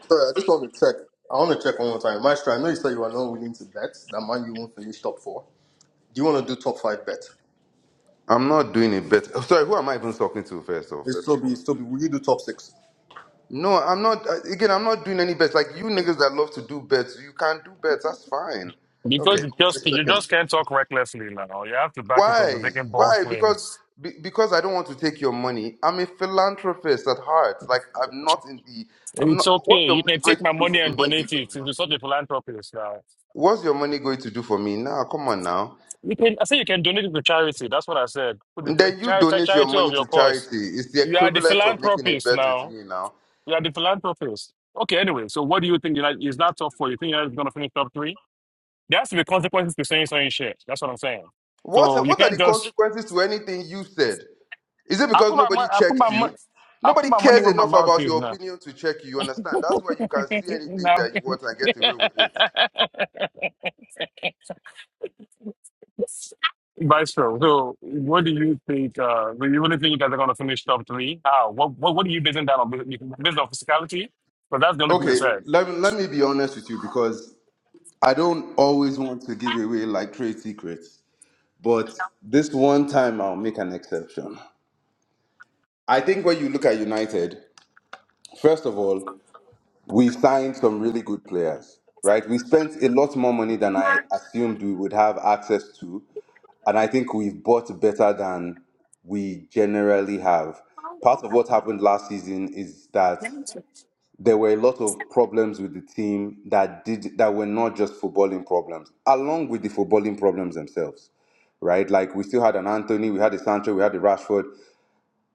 [SPEAKER 13] Sorry, I just want to check. I want to check one more time. Maestro, I know you said you are not willing to bet that Man you won't finish top four. Do you want to do top five bet?
[SPEAKER 10] I'm not doing a bet. oh, Sorry, who am I even talking to first of
[SPEAKER 13] It's
[SPEAKER 10] first
[SPEAKER 13] still
[SPEAKER 10] and
[SPEAKER 13] be,
[SPEAKER 10] foremost?
[SPEAKER 13] still be. Will you do top six?
[SPEAKER 10] No, I'm not. uh, Again, I'm not doing any bets. Like you niggas that love to do bets, you can't do bets. That's fine.
[SPEAKER 7] Because
[SPEAKER 10] You
[SPEAKER 7] you
[SPEAKER 10] know.
[SPEAKER 7] just
[SPEAKER 13] Just
[SPEAKER 7] you
[SPEAKER 13] checking.
[SPEAKER 7] just can't talk recklessly now. You have to back it up. You're
[SPEAKER 10] Why?
[SPEAKER 7] making bold
[SPEAKER 10] Why? Because
[SPEAKER 7] claims
[SPEAKER 10] be- because I don't want to take your money. I'm a philanthropist at heart. Like I'm not in the. I'm
[SPEAKER 7] It's
[SPEAKER 10] not. What's
[SPEAKER 7] okay.
[SPEAKER 10] your
[SPEAKER 7] You
[SPEAKER 10] money
[SPEAKER 7] can
[SPEAKER 10] going
[SPEAKER 7] take
[SPEAKER 10] to
[SPEAKER 7] my
[SPEAKER 10] do for
[SPEAKER 7] money
[SPEAKER 10] me
[SPEAKER 7] and
[SPEAKER 10] when you
[SPEAKER 7] donate it.
[SPEAKER 10] lose?
[SPEAKER 7] It's not a philanthropist now.
[SPEAKER 10] What's your money going to do for me now? Come on now.
[SPEAKER 7] You can. I said you can donate it to charity. That's what I said. Put it To the
[SPEAKER 10] Then you
[SPEAKER 7] charity,
[SPEAKER 10] donate your
[SPEAKER 7] charity
[SPEAKER 10] money
[SPEAKER 7] of your
[SPEAKER 10] to
[SPEAKER 7] cause.
[SPEAKER 10] charity. It's the
[SPEAKER 7] You are the
[SPEAKER 10] equivalent of making a
[SPEAKER 7] philanthropist
[SPEAKER 10] bet with
[SPEAKER 7] now.
[SPEAKER 10] me now.
[SPEAKER 7] You are the philanthropist. Okay. Anyway, so what do you think? United is not top four. You think United is going to finish top three? There has to be consequences to saying certain shit. That's what I'm saying.
[SPEAKER 10] What
[SPEAKER 7] So you
[SPEAKER 10] What are
[SPEAKER 7] can't
[SPEAKER 10] the
[SPEAKER 7] just.
[SPEAKER 10] consequences to anything you said? Is it
[SPEAKER 7] I
[SPEAKER 10] because
[SPEAKER 7] put my
[SPEAKER 10] nobody
[SPEAKER 7] money. I put
[SPEAKER 10] checks
[SPEAKER 7] my
[SPEAKER 10] you?
[SPEAKER 7] money. I put
[SPEAKER 10] Nobody
[SPEAKER 7] my money
[SPEAKER 10] cares
[SPEAKER 7] where my
[SPEAKER 10] enough
[SPEAKER 7] mouth
[SPEAKER 10] about
[SPEAKER 7] is
[SPEAKER 10] your
[SPEAKER 7] now.
[SPEAKER 10] opinion to check you. You understand? That's why you
[SPEAKER 7] (laughs)
[SPEAKER 10] can see anything
[SPEAKER 7] now.
[SPEAKER 10] that you want and get away with it.
[SPEAKER 7] (laughs) Viceroy, so what do you think? Uh, do you really think you guys are going to finish top three? How? What, what, what are you basing that on? Based on physicality? But that's the only thing you
[SPEAKER 10] Okay,
[SPEAKER 7] said.
[SPEAKER 10] let, let me be honest with you because I don't always want to give away like trade secrets, but this one time I'll make an exception. I think when you look at United, first of all, we signed some really good players, right? We spent a lot more money than I assumed we would have access to, and I think we've bought better than we generally have. Part of what happened last season is that there were a lot of problems with the team that did that were not just footballing problems, along with the footballing problems themselves. Right, like we still had an Anthony, we had a Sancho, we had a Rashford,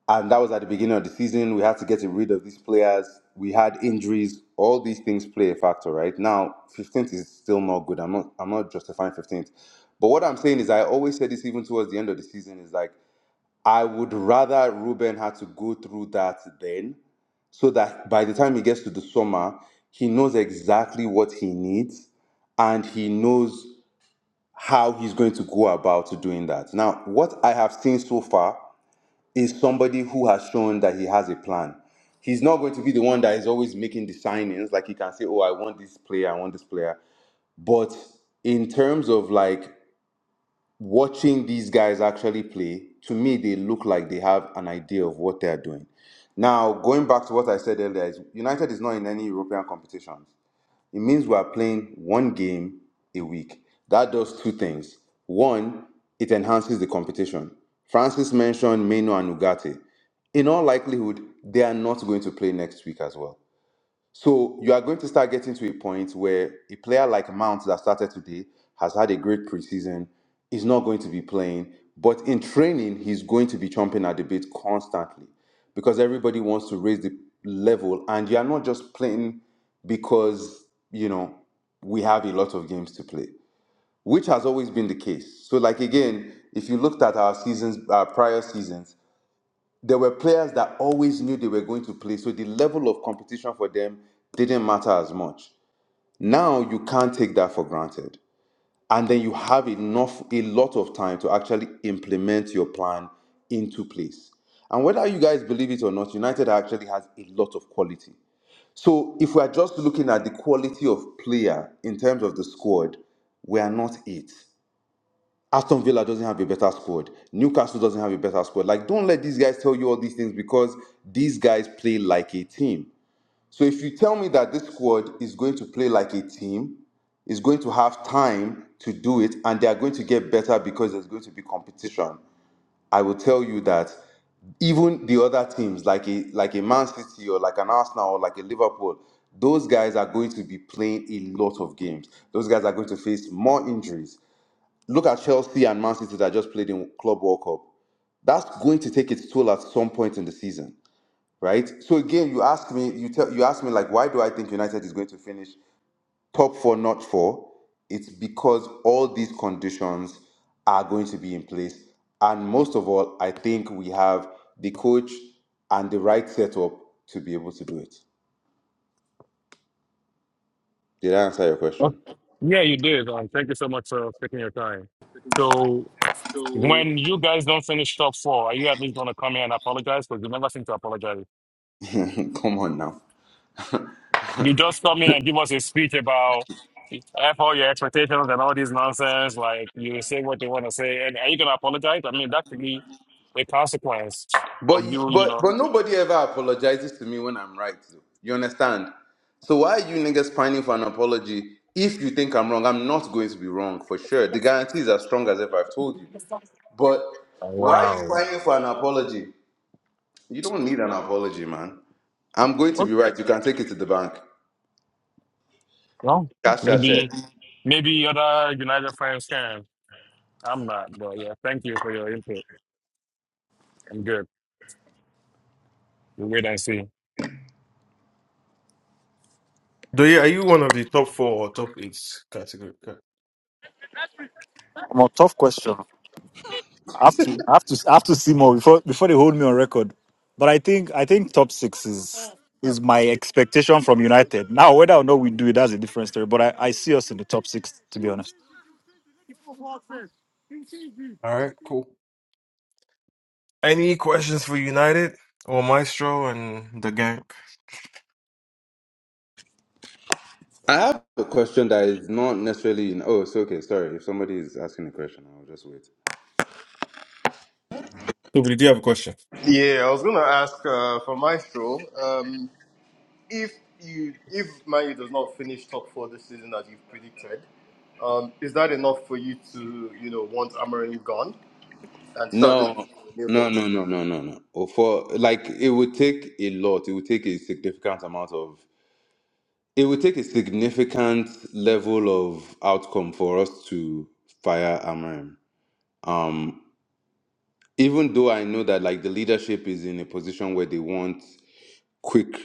[SPEAKER 10] and that was at the beginning of the season. We had to get rid of these players. We had injuries. All these things play a factor, right? Now, 15th is still not good. I'm not. I'm not justifying 15th, but what I'm saying is, I always said this even towards the end of the season is like I would rather Ruben had to go through that then so that by the time he gets to the summer, he knows exactly what he needs and he knows how he's going to go about doing that. Now, what I have seen so far is somebody who has shown that he has a plan. He's not going to be the one that is always making the signings. Like he can say, "Oh, I want this player, I want this player." But in terms of like watching these guys actually play, to me, they look like they have an idea of what they are doing. Now, going back to what I said earlier, is United is not in any European competitions. It means we are playing one game a week. That does two things. One, it enhances the competition. Francis mentioned Meno and Ugarte. In all likelihood, they are not going to play next week as well. So you are going to start getting to a point where a player like Mount that started today has had a great preseason, is not going to be playing, but in training, he's going to be chomping at the bit constantly because everybody wants to raise the level and you are not just playing because, you know, we have a lot of games to play, which has always been the case. So like again, if you looked at our seasons, our prior seasons, there were players that always knew they were going to play, so the level of competition for them didn't matter as much. Now you can't take that for granted. And then you have enough, a lot of time to actually implement your plan into place. And whether you guys believe it or not, United actually has a lot of quality. So if we are just looking at the quality of player in terms of the squad, we are not it. Aston Villa doesn't have a better squad. Newcastle doesn't have a better squad. Like, don't let these guys tell you all these things because these guys play like a team. So if you tell me that this squad is going to play like a team, is going to have time to do it, and they are going to get better because there's going to be competition, I will tell you that even the other teams, like a like a Man City or like an Arsenal or like a Liverpool, those guys are going to be playing a lot of games. Those guys are going to face more injuries Look at Chelsea and Man City that just played in Club World Cup. That's going to take its toll at some point in the season, right? So again, you ask me, you tell, you ask me like, why do I think United is going to finish top four, not four? It's because all these conditions are going to be in place, and most of all, I think we have the coach and the right setup to be able to do it. Did I answer your
[SPEAKER 7] Oh,
[SPEAKER 10] question?
[SPEAKER 7] Yeah, you did. Um, thank you so much for taking your time. So, when you guys don't finish top four, are you at least going to come here and apologize? Because you never seem to apologize.
[SPEAKER 10] (laughs) Come on now.
[SPEAKER 7] You just come here and give us a speech about F all your expectations and all this nonsense. Like, you say what they want to say. And are you going to apologize? I mean, that could be a consequence
[SPEAKER 10] But
[SPEAKER 7] of you, you
[SPEAKER 10] but
[SPEAKER 7] know.
[SPEAKER 10] but nobody ever apologizes to me when I'm right. Though. You understand? So why are you niggas pining for an apology if you think I'm wrong? I'm not going to be wrong for sure. The guarantee is as strong as ever. I've told you. But
[SPEAKER 7] Oh,
[SPEAKER 10] why are you
[SPEAKER 7] wow.
[SPEAKER 10] pining for an apology? You don't need an apology, man. I'm going to
[SPEAKER 7] Okay.
[SPEAKER 10] be right. You can take it to the bank.
[SPEAKER 7] Well,
[SPEAKER 10] Cash that check.
[SPEAKER 7] maybe, maybe other United fans can. I'm not, but yeah, thank you for your input. I'm good. We'll wait and see.
[SPEAKER 1] Do you, are you one of the top four or top eight category? Okay.
[SPEAKER 8] Um, a tough question. I have to, I have to, I have to see more before before they hold me on record. But I think, I think top six is is my expectation from United. Now, whether or not we do it, that's a different story. But I, I see us in the top six, to be honest.
[SPEAKER 1] All right, cool. Any questions for United or Maestro and the gang?
[SPEAKER 10] I have a question that is not necessarily in. Oh, it's okay. Sorry. If somebody is asking a question, I'll just wait.
[SPEAKER 1] Toby, do you have a question?
[SPEAKER 13] Yeah, I was gonna ask uh, for Maestro um, if you if Man U does not finish top four this season as you've predicted, um, is that enough for you to you know want Amorim gone and start looking
[SPEAKER 10] No,
[SPEAKER 13] for a new
[SPEAKER 10] no,
[SPEAKER 13] coach?
[SPEAKER 10] no, no, no, no, no. Or For like, it would take a lot. It would take a significant amount of. It would take a significant level of outcome for us to fire Amarim. Um, even though I know that like the leadership is in a position where they want quick,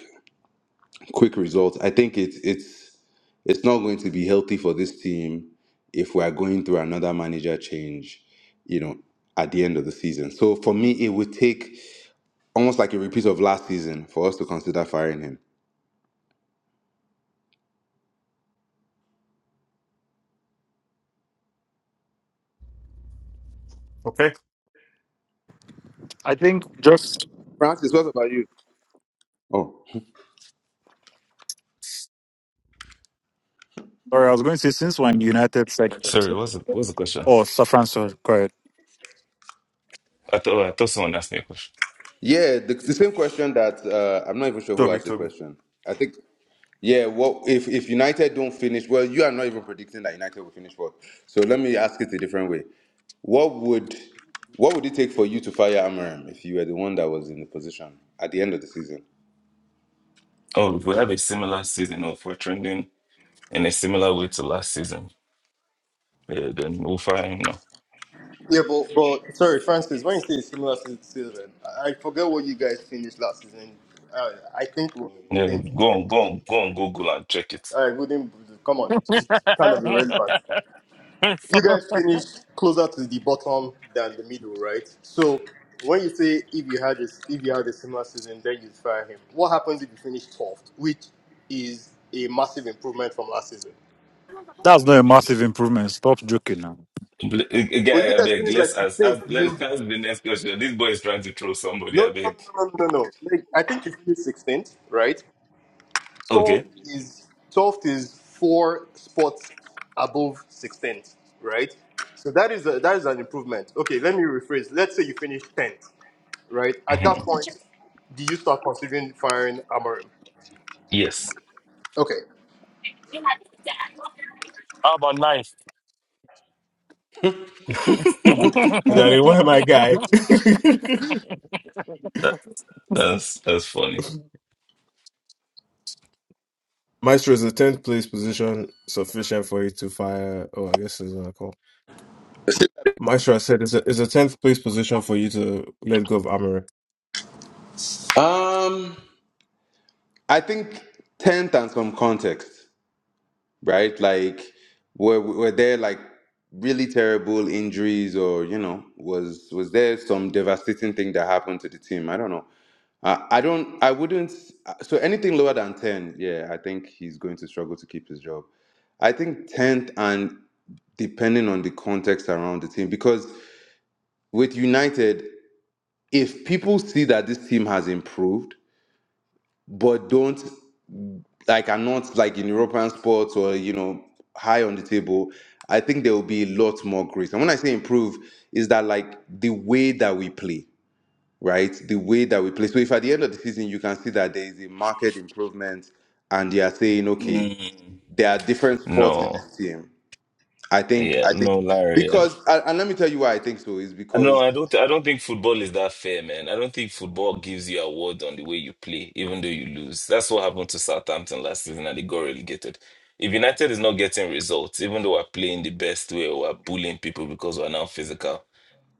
[SPEAKER 10] quick results. I think it's it's it's not going to be healthy for this team if we are going through another manager change. You know, at the end of the season. So for me, it would take. almost like a repeat of last season for us to consider firing him.
[SPEAKER 1] Okay.
[SPEAKER 8] I think just
[SPEAKER 10] Francis, what about you? Oh,
[SPEAKER 8] sorry, I was going to say since when United second
[SPEAKER 12] sorry. What's the, what's the question?
[SPEAKER 8] or Safran sorry, correct.
[SPEAKER 12] I thought I thought someone asked me a question.
[SPEAKER 10] yeah, the, the same question that uh, I'm not even sure who
[SPEAKER 1] Toby,
[SPEAKER 10] asked the
[SPEAKER 1] Toby.
[SPEAKER 10] question. I think, yeah, what if if United don't finish? Well, you are not even predicting that United will finish fourth. So let me ask it a different way. What would what would it take for you to fire Amarim if you were the one that was in the position at the end of the season?
[SPEAKER 12] Oh, if we have a similar season, or if we're trending in a similar way to last season, yeah, then we'll find. no.
[SPEAKER 13] Yeah, but, but sorry, Francis. When you say it's similar to season, I I forget what you guys finished last season. Uh, I think we
[SPEAKER 12] Yeah,
[SPEAKER 13] think
[SPEAKER 12] go on, go on, go on Google and check it.
[SPEAKER 13] I wouldn't come on. It's kind of irrelevant. You guys finished closer to the bottom than the middle, right? So when you say if you had this, if you had a similar season, then you'd fire him. What happens if you finish twelfth, which is a massive improvement from last season?
[SPEAKER 8] That's not a massive improvement. Stop joking now.
[SPEAKER 12] Bl- a-
[SPEAKER 13] But you
[SPEAKER 12] Again, I
[SPEAKER 13] guys
[SPEAKER 12] beg,
[SPEAKER 13] finished like
[SPEAKER 12] let's ask, ask,
[SPEAKER 13] 16th, didn't
[SPEAKER 12] let's (laughs)
[SPEAKER 13] you?
[SPEAKER 12] ask the next question. This boy is trying to troll
[SPEAKER 13] No,
[SPEAKER 12] somebody, I
[SPEAKER 13] no,
[SPEAKER 12] beg.
[SPEAKER 13] no, no, no, no, no. Like, I think you finished 16th, right?
[SPEAKER 12] Okay.
[SPEAKER 13] Twelfth is twelfth is four spots above 16th, right? So that is a, that is an improvement. Okay, let me rephrase. Let's say you finish 10th, right? At that
[SPEAKER 12] Mhm.
[SPEAKER 13] point, do you start considering firing Amorim?
[SPEAKER 12] Yes.
[SPEAKER 13] Okay.
[SPEAKER 7] How about life?
[SPEAKER 1] (laughs)
[SPEAKER 7] (laughs)
[SPEAKER 1] and I didn't want my guy. (laughs)
[SPEAKER 12] That, that's that's funny.
[SPEAKER 1] Maestro is the tenth place position sufficient for you to fire? Oh, I guess it's not a call. Maestro, I said, is a is a tenth place position for you to let go of Amory?
[SPEAKER 10] Um, I think tenth and some context. right? Like, were were there like really terrible injuries, or you know, was was there some devastating thing that happened to the team? I don't know. I, I don't. I wouldn't. So anything lower than ten, yeah, I think he's going to struggle to keep his job. I think tenth, and depending on the context around the team, because with United, if people see that this team has improved, but don't. like are not like in European sports or you know high on the table, I think there will be a lot more grace. And when I say improve, is that like the way that we play, right? The way that we play. So if at the end of the season you can see that there is a market improvement, and they are saying, okay,
[SPEAKER 12] Mm,
[SPEAKER 10] there are different sports in
[SPEAKER 12] no.
[SPEAKER 10] this team. I think
[SPEAKER 12] Yeah,
[SPEAKER 10] I
[SPEAKER 12] no,
[SPEAKER 10] think
[SPEAKER 12] Larry. I
[SPEAKER 10] because
[SPEAKER 12] don't,
[SPEAKER 10] and and let me tell you why I think so is
[SPEAKER 12] no,
[SPEAKER 10] because
[SPEAKER 12] I don't I don't think football is that fair, man. I don't think football gives you award on the way you play, even though you lose. That's what happened to Southampton last season and they got relegated. If United is not getting results, even though we're playing the best way, we're bullying people because we're now physical.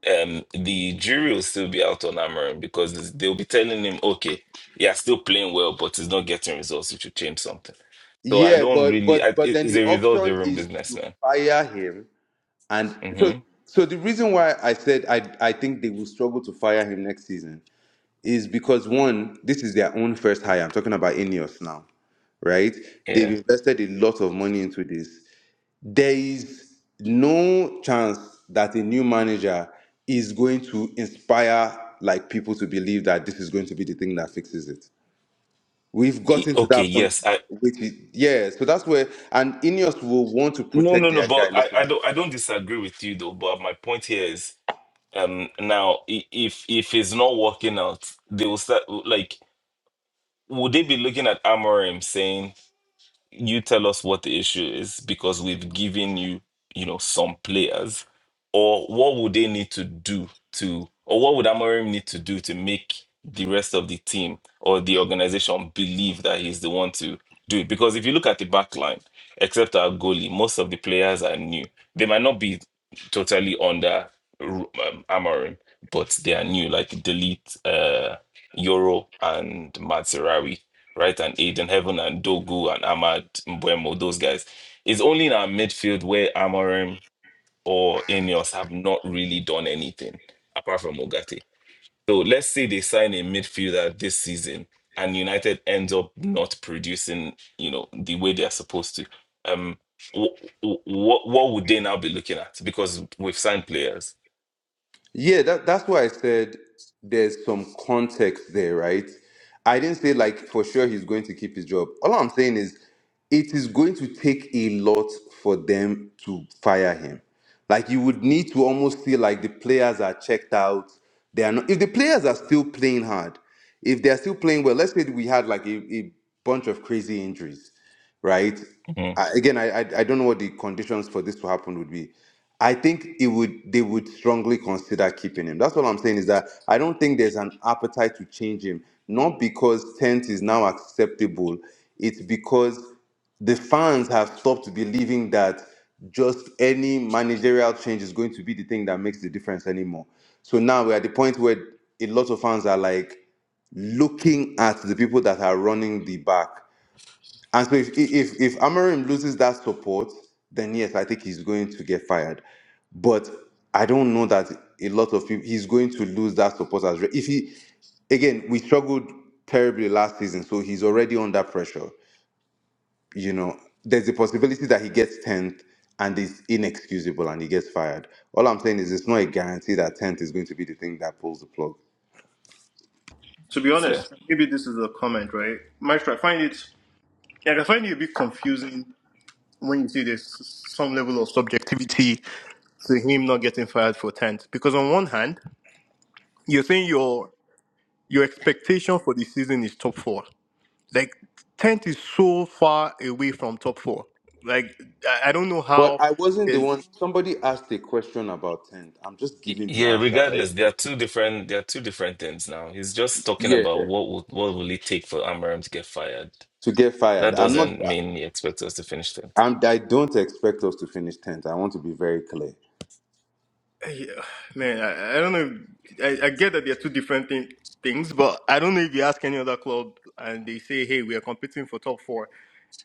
[SPEAKER 12] um the jury will still be out on Amarim because this- they'll be telling him, okay, yeah, still playing well, but he's not getting results. You should change something. So I
[SPEAKER 10] yeah,
[SPEAKER 12] don't
[SPEAKER 10] but
[SPEAKER 12] really.
[SPEAKER 10] but
[SPEAKER 12] I,
[SPEAKER 10] but
[SPEAKER 12] it-
[SPEAKER 10] then
[SPEAKER 12] it's
[SPEAKER 10] the
[SPEAKER 12] a
[SPEAKER 10] option
[SPEAKER 12] result-driven
[SPEAKER 10] is
[SPEAKER 12] business,
[SPEAKER 10] to
[SPEAKER 12] man.
[SPEAKER 10] fire him And so,
[SPEAKER 12] hmm
[SPEAKER 10] so the reason why I said I, I think they will struggle to fire him next season is because one, this is their own first hire. I'm talking about Ineos now, right? They've
[SPEAKER 12] Yeah.
[SPEAKER 10] invested a lot of money into this. There is no chance that a new manager is going to inspire like people to believe that this is going to be the thing that fixes it. We've
[SPEAKER 12] E-
[SPEAKER 10] gotten to
[SPEAKER 12] Okay.
[SPEAKER 10] that point,
[SPEAKER 12] Yes. I
[SPEAKER 10] which is yeah. So that's where and Ineos will want to
[SPEAKER 12] no
[SPEAKER 10] protect
[SPEAKER 12] no no.
[SPEAKER 10] their guy
[SPEAKER 12] But
[SPEAKER 10] a
[SPEAKER 12] I,
[SPEAKER 10] little
[SPEAKER 12] I
[SPEAKER 10] more.
[SPEAKER 12] don't I don't disagree with you though. But my point here is um now i- if if it's not working out, they will start like would they be looking at Amorim saying? you tell us what the issue is because we've given you, you know, some players, or what would they need to do to, or what would Amorim need to do to make the rest of the team or the organization believe that he's the one to do it? Because if you look at the back line, except our goalie, most of the players are new. They might not be totally under um, Amorim, but they are new, like Delete, uh, Euro, and Matsurawi right? And Aiden Heaven and Dogu and Ahmad Mbuemo, those guys. It's only in our midfield where Amorim or Ineos have not really done anything apart from Ogate. So let's say they sign a midfielder this season and United ends up not producing, you know, the way they're supposed to. Um, what what would they now be looking at? Because we've signed players.
[SPEAKER 10] Yeah, that, that's why I said there's some context there, right? I didn't say like for sure he's going to keep his job. All I'm saying is it is going to take a lot for them to fire him. Like you would need to almost feel like the players are checked out. They are not if the players are still playing hard, if they are still playing well, let's say we had like a, a bunch of crazy injuries right?
[SPEAKER 12] Mhm.
[SPEAKER 10] I, again, I, I I don't know what the conditions for this to happen would be. I think it would they would strongly consider keeping him. That's what I'm saying is that I don't think there's an appetite to change him. Not because tenth is now acceptable. It's because the fans have stopped believing that just any managerial change is going to be the thing that makes the difference anymore. So now we're at the point where a lot of fans are like, looking at the people that are running the back and so if if if Amarim loses that support, then yes, I think he's going to get fired. But I don't know that a lot of people he's going to lose that support as re- if he again we struggled terribly last season, so he's already under pressure. You know, there's a possibility that he gets tenth and is inexcusable and he gets fired. All I'm saying is it's not a guarantee that tenth is going to be the thing that pulls the plug.
[SPEAKER 13] To be
[SPEAKER 12] So,
[SPEAKER 13] honest, maybe this is a comment, right? Maestro, I find it like I find it a bit confusing when you see there's some level of subjectivity to him not getting fired for 10th. Because on one hand, you're saying your your expectation for the season is top four Like tenth is so far away from top four. Like I, I don't know
[SPEAKER 10] But
[SPEAKER 13] how
[SPEAKER 10] I wasn't the
[SPEAKER 13] is
[SPEAKER 10] one. Somebody asked a question about tenth. I'm just
[SPEAKER 12] Y-
[SPEAKER 10] giving the
[SPEAKER 12] Yeah,
[SPEAKER 10] answer, right?
[SPEAKER 12] regardless, there are two different there are two different things now. He's just talking
[SPEAKER 10] Yeah.
[SPEAKER 12] about what will what will it take for Amarim to get fired.
[SPEAKER 10] to get
[SPEAKER 12] That
[SPEAKER 10] fired. I'm not.
[SPEAKER 12] doesn't mean he expects us to finish things.
[SPEAKER 10] I'm. I don't expect us to finish tenth. I want to be very clear.
[SPEAKER 13] (sighs) man. I, I don't know. I, I get that they're two different thing, things, but I don't know if you ask any other club and they say, "Hey, we are competing for top four,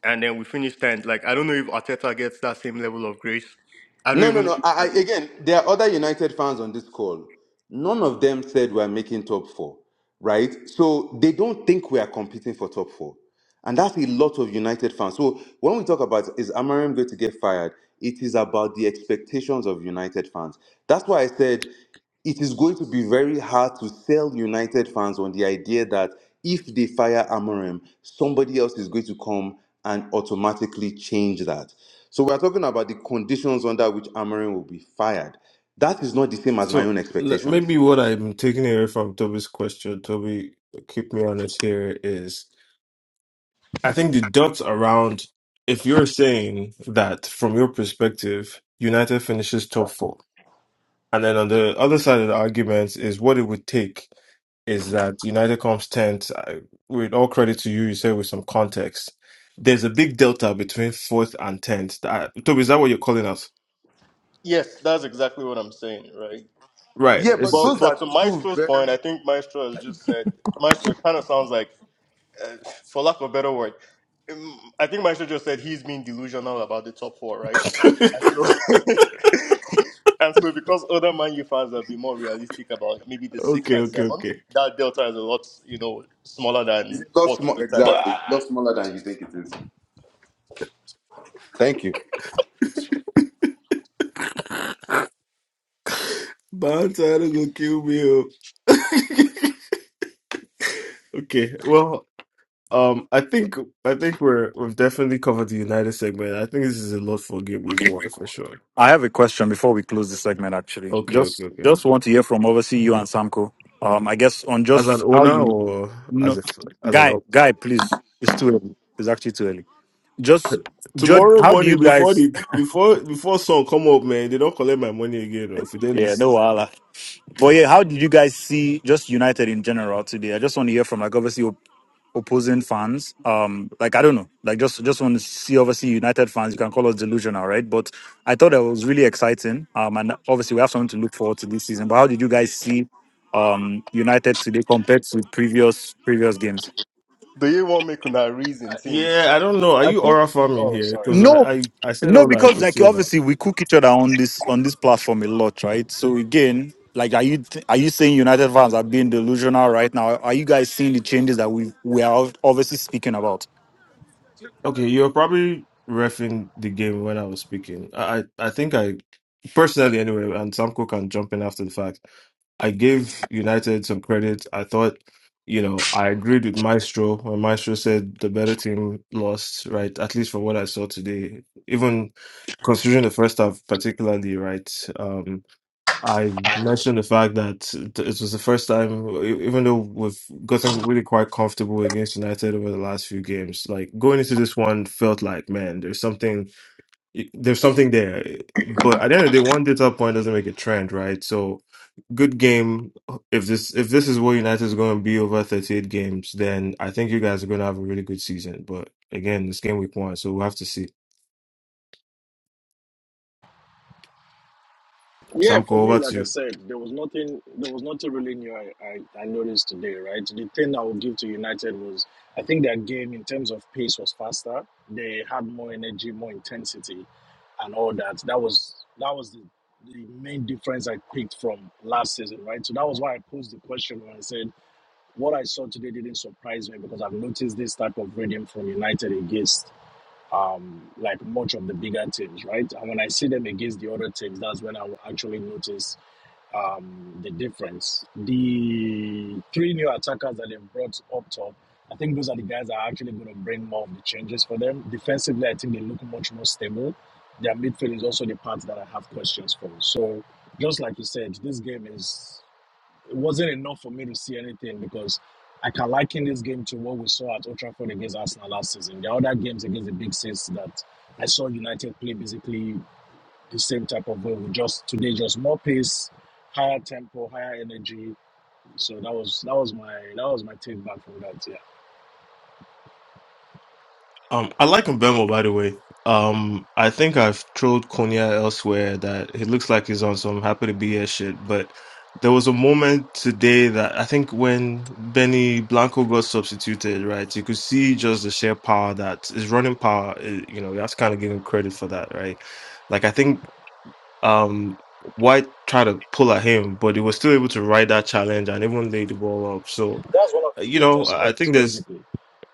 [SPEAKER 13] and then we finish tenth. Like I don't know if Arteta gets that same level of grace. I don't
[SPEAKER 10] No,
[SPEAKER 13] even
[SPEAKER 10] no,
[SPEAKER 13] know
[SPEAKER 10] no.
[SPEAKER 13] if
[SPEAKER 10] I, I
[SPEAKER 13] Guardiola
[SPEAKER 10] again, there are other United fans on this call. None of them said we're making top four. right? So they don't think we are competing for top four. And that's a lot of United fans. So when we talk about is Amarim going to get fired, it is about the expectations of United fans. That's why I said it is going to be very hard to sell United fans on the idea that if they fire Amarim, somebody else is going to come and automatically change that. So we're talking about the conditions under which Amarim will be fired. That is not the same as my
[SPEAKER 1] So
[SPEAKER 10] own
[SPEAKER 1] l- maybe
[SPEAKER 10] expectations.
[SPEAKER 1] what I'm taking away from Toby's question, Toby, keep me honest here, is. I think the dots around, if you're saying that from your perspective, United finishes top four, and then on the other side of the argument is what it would take is that United comes 10th. I- With all credit to you, you said with some context. There's a big delta between 4th and 10th. That- Toby, is that what you're calling us?
[SPEAKER 13] Yes, that's exactly what I'm saying, right?
[SPEAKER 1] Right.
[SPEAKER 10] Yeah, but
[SPEAKER 1] It's...
[SPEAKER 13] But
[SPEAKER 10] those
[SPEAKER 13] but to
[SPEAKER 10] are two
[SPEAKER 13] Maestro's
[SPEAKER 10] very
[SPEAKER 13] point, I think Maestro has just said Maestro it kind of sounds like uh, for lack of a better word, um, I think Maestro just said he's being delusional about the top four, right? And so, (laughs) and so because other Man U fans have been more realistic about maybe the
[SPEAKER 1] (laughs)
[SPEAKER 13] sixth
[SPEAKER 1] okay,
[SPEAKER 13] and
[SPEAKER 1] okay,
[SPEAKER 13] seventh,
[SPEAKER 1] okay.
[SPEAKER 13] that delta is a lot, you know, smaller
[SPEAKER 10] It's
[SPEAKER 13] than
[SPEAKER 10] a lot
[SPEAKER 13] fourth
[SPEAKER 10] smaller.
[SPEAKER 13] to ten.
[SPEAKER 12] But
[SPEAKER 10] exactly.
[SPEAKER 12] uh,
[SPEAKER 10] It's a lot smaller than you think it is. Thank you.
[SPEAKER 1] (laughs) Bouncer, don't go kill me. oh. (laughs) okay, well, Um, I think I think we're we've definitely covered the United segment. I think this is a lot for game week one for sure.
[SPEAKER 8] I have a question before we close this segment. Actually,
[SPEAKER 1] Okay, okay,
[SPEAKER 8] just
[SPEAKER 1] okay.
[SPEAKER 8] just want to hear from obviously you and Samko. Um, I guess on
[SPEAKER 1] As an
[SPEAKER 8] just how
[SPEAKER 1] owner
[SPEAKER 8] you
[SPEAKER 1] or as
[SPEAKER 8] no
[SPEAKER 1] a as an
[SPEAKER 8] guy
[SPEAKER 1] op.
[SPEAKER 8] guy please it's too early it's actually too early just judge
[SPEAKER 1] Tomorrow
[SPEAKER 8] how do you
[SPEAKER 1] morning before
[SPEAKER 8] guys
[SPEAKER 1] the
[SPEAKER 8] (laughs)
[SPEAKER 1] before before song come up, man, they don't collect my money again. Or if they
[SPEAKER 8] yeah
[SPEAKER 1] listen,
[SPEAKER 8] no Allah. but yeah how did you guys see just united in general today i just want to hear from like obviously opposing fans. Um, like I don't know, like just just want to see obviously United fans. You can call us delusional, right? But I thought that was really exciting. Um, and obviously we have something to look forward to this season. But how did you guys see um United today compared to previous previous games?
[SPEAKER 13] Do you want me to make una reason,
[SPEAKER 1] Uh,
[SPEAKER 13] team?
[SPEAKER 1] yeah, I don't know. Are
[SPEAKER 5] I
[SPEAKER 1] you
[SPEAKER 5] think.
[SPEAKER 1] aura farming
[SPEAKER 5] Oh,
[SPEAKER 1] here?
[SPEAKER 5] sorry.
[SPEAKER 1] Because I,
[SPEAKER 8] No,
[SPEAKER 1] I I said
[SPEAKER 8] No,
[SPEAKER 1] all I
[SPEAKER 8] because
[SPEAKER 1] could
[SPEAKER 8] like
[SPEAKER 1] say now.
[SPEAKER 8] obviously we cook each other on this on this platform a lot, right? So again, like are you th- are you saying United fans are being delusional right now? Are you guys seeing the changes that we we are obviously speaking about?
[SPEAKER 1] Okay, you're probably refing the game when I was speaking. I I I think I personally anyway, and Samko can jump in after the fact. I gave United some credit. I thought, you know, I agreed with Maestro when Maestro said the better team lost, right? At least from what I saw today, even considering the first half particularly, right? um, I mentioned the fact that th- it was the first time, e- even though we've gotten really quite comfortable against United over the last few games, like going into this one felt like, man, there's something, there's something there. But at the end of the day, one data point doesn't make a trend, right? So, good game. If this if this is where United is going to be over 38 games, then I think you guys are going to have a really good season. But again, this game week one, so we'll have to see.
[SPEAKER 5] Yeah,
[SPEAKER 1] Samko,
[SPEAKER 5] for me,
[SPEAKER 1] over to
[SPEAKER 5] like I
[SPEAKER 1] you.
[SPEAKER 5] said, there was nothing. There was nothing really new. I, I, I noticed today, right? The thing I would give to United was, I think their game in terms of pace was faster. They had more energy, more intensity, and all that. That was that was the, the main difference I picked from last season, right? So that was why I posed the question when I said what I saw today didn't surprise me because I've noticed this type of rhythm from United against um, like much of the bigger teams, right? And when I see them against the other teams, that's when I will actually notice um, the difference. The three new attackers that they've brought up top, I think those are the guys that are actually going to bring more of the changes for them. Defensively, I think they look much more stable. Their midfield is also the part that I have questions for. So, just like you said, this game is it wasn't enough for me to see anything because I can liken this game to what we saw at Old Trafford against Arsenal last season. There are other games against the big six that I saw United play basically the same type of way. We just today just more pace, higher tempo, higher energy. So that was that was my that was my take back from that. Yeah,
[SPEAKER 1] Um, I like Mbemo, by the way. Um, I think I've trolled Konya elsewhere that he looks like he's on some happy to be here shit. But there was a moment today that I think when Benny Blanco got substituted, right? You could see just the sheer power that his running power. eh, You know, you have to kind of give him credit for that, right? Like I think um White tried to pull at him, but he was still able to ride that challenge and even lay the ball up. So
[SPEAKER 5] that's one of
[SPEAKER 1] uh,
[SPEAKER 5] his
[SPEAKER 1] you know,
[SPEAKER 5] greatest
[SPEAKER 1] I I
[SPEAKER 5] strengths
[SPEAKER 1] think there's
[SPEAKER 5] basically.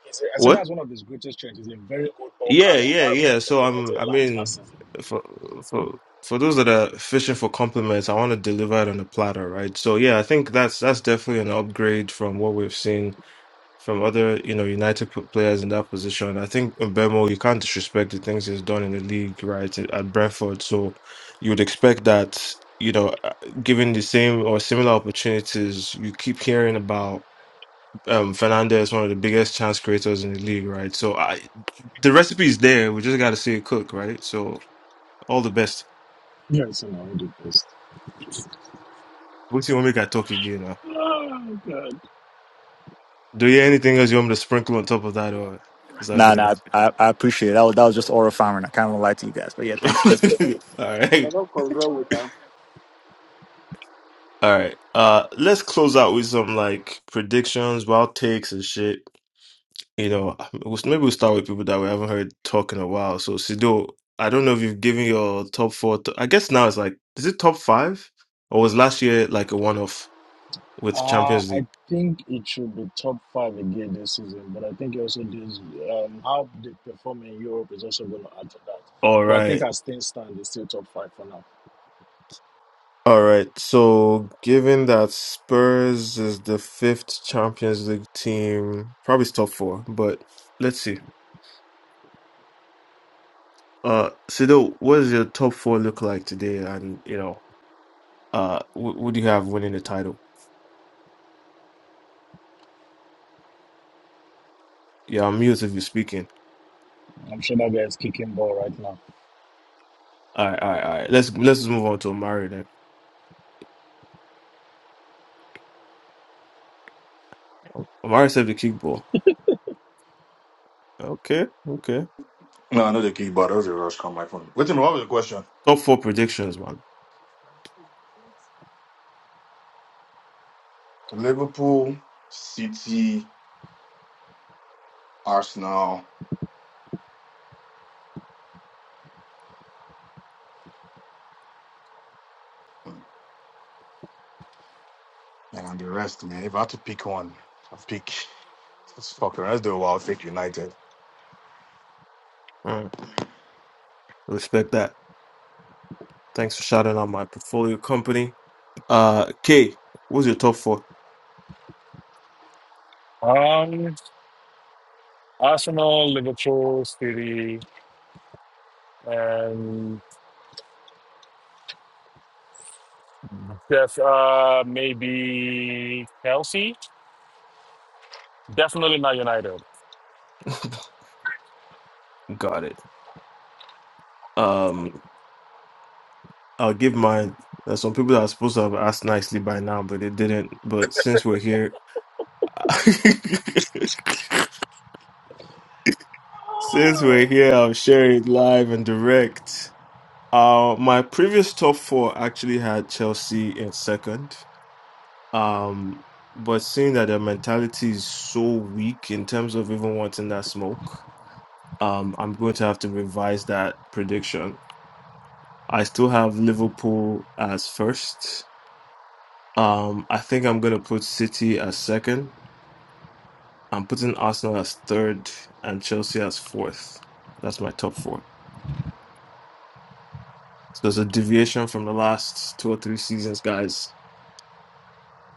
[SPEAKER 5] He's a, I said
[SPEAKER 1] what.
[SPEAKER 5] that's one of his greatest strengths. He's a very good ball
[SPEAKER 1] Yeah,
[SPEAKER 5] carrier, and
[SPEAKER 1] yeah,
[SPEAKER 5] that's one
[SPEAKER 1] yeah.
[SPEAKER 5] thing
[SPEAKER 1] So I'm,
[SPEAKER 5] United
[SPEAKER 1] I
[SPEAKER 5] lacked last
[SPEAKER 1] mean,
[SPEAKER 5] season.
[SPEAKER 1] for for for those that are fishing for compliments, I want to deliver it on a platter, right? So yeah, I think that's that's definitely an upgrade from what we've seen from other, you know, United p- players in that position. I think Mbemo, you can't disrespect the things he's done in the league, right, at at Brentford. So you would expect that, you know, uh, given the same or similar opportunities, you keep hearing about um, Fernandez is one of the biggest chance creators in the league, right? So I, the recipe is there. We just got to see it cook, right? So all the best.
[SPEAKER 5] Yes, and I would do best.
[SPEAKER 1] We'll see when we got talk again. Now.
[SPEAKER 5] Oh God.
[SPEAKER 1] Do you anything else you want me to sprinkle on top of that, or is that
[SPEAKER 8] Nah,
[SPEAKER 1] good
[SPEAKER 8] nah,
[SPEAKER 1] enough?
[SPEAKER 8] I, I appreciate it. That was, that was just oral farming. I kind of lie to you guys, but yeah, thanks.
[SPEAKER 5] (laughs)
[SPEAKER 8] Appreciate that.
[SPEAKER 1] (laughs) all right, all right. Uh, let's close out with some like predictions, wild takes, and shit. You know, we'll- maybe we'll start with people that we haven't heard talk in a while. So Sido, I don't know if you've given your top four. To, I guess now it's like, is it top five, or was last year like a one-off? with
[SPEAKER 5] Uh,
[SPEAKER 1] Champions
[SPEAKER 5] I
[SPEAKER 1] League.
[SPEAKER 5] think it should be top five again this season, but I think also this um, how they perform in Europe is also going to add to that.
[SPEAKER 1] All
[SPEAKER 5] But I think
[SPEAKER 1] right.
[SPEAKER 5] as things stand, it's still top five for now.
[SPEAKER 1] All right. So, given that Spurs is the fifth Champions League team, probably it's top four, but let's see. Uh, Sido, what does your top four look like today? And, you know, uh, wh- what do you have winning the title? Yeah, I'm mute if you're speaking.
[SPEAKER 5] I'm sure that guy is kicking ball right now.
[SPEAKER 1] All right. All right. All right. Let's, let's just move on to Omari then. Omari saved the kickball. Okay. Okay.
[SPEAKER 9] No, I know the key, but those are rush come my phone. Wait a minute, what was the question?
[SPEAKER 1] Top four predictions, man.
[SPEAKER 9] Liverpool, City, Arsenal, and and the rest, man. If I had to pick one, I'd pick. Let's fuck around. Let's do a wild pick United.
[SPEAKER 1] All right. Respect that. Thanks for shouting out my portfolio company. Uh, K, what's your top four?
[SPEAKER 7] um, Arsenal, Liverpool, City, and. Def, uh, maybe Chelsea? Definitely not United.
[SPEAKER 1] (laughs) Got it. Um, I'll give mine. There's some people that are supposed to have asked nicely by now, but they didn't. But since we're here, (laughs) since we're here, I'll share it live and direct. Uh, my previous top four actually had Chelsea in second. Um, but seeing that their mentality is so weak in terms of even wanting that smoke, um, I'm going to have to revise that prediction. I still have Liverpool as first. Um, I think I'm gonna put City as second. I'm putting Arsenal as third and Chelsea as fourth. That's my top four. So it's a deviation from the last two or three seasons, guys.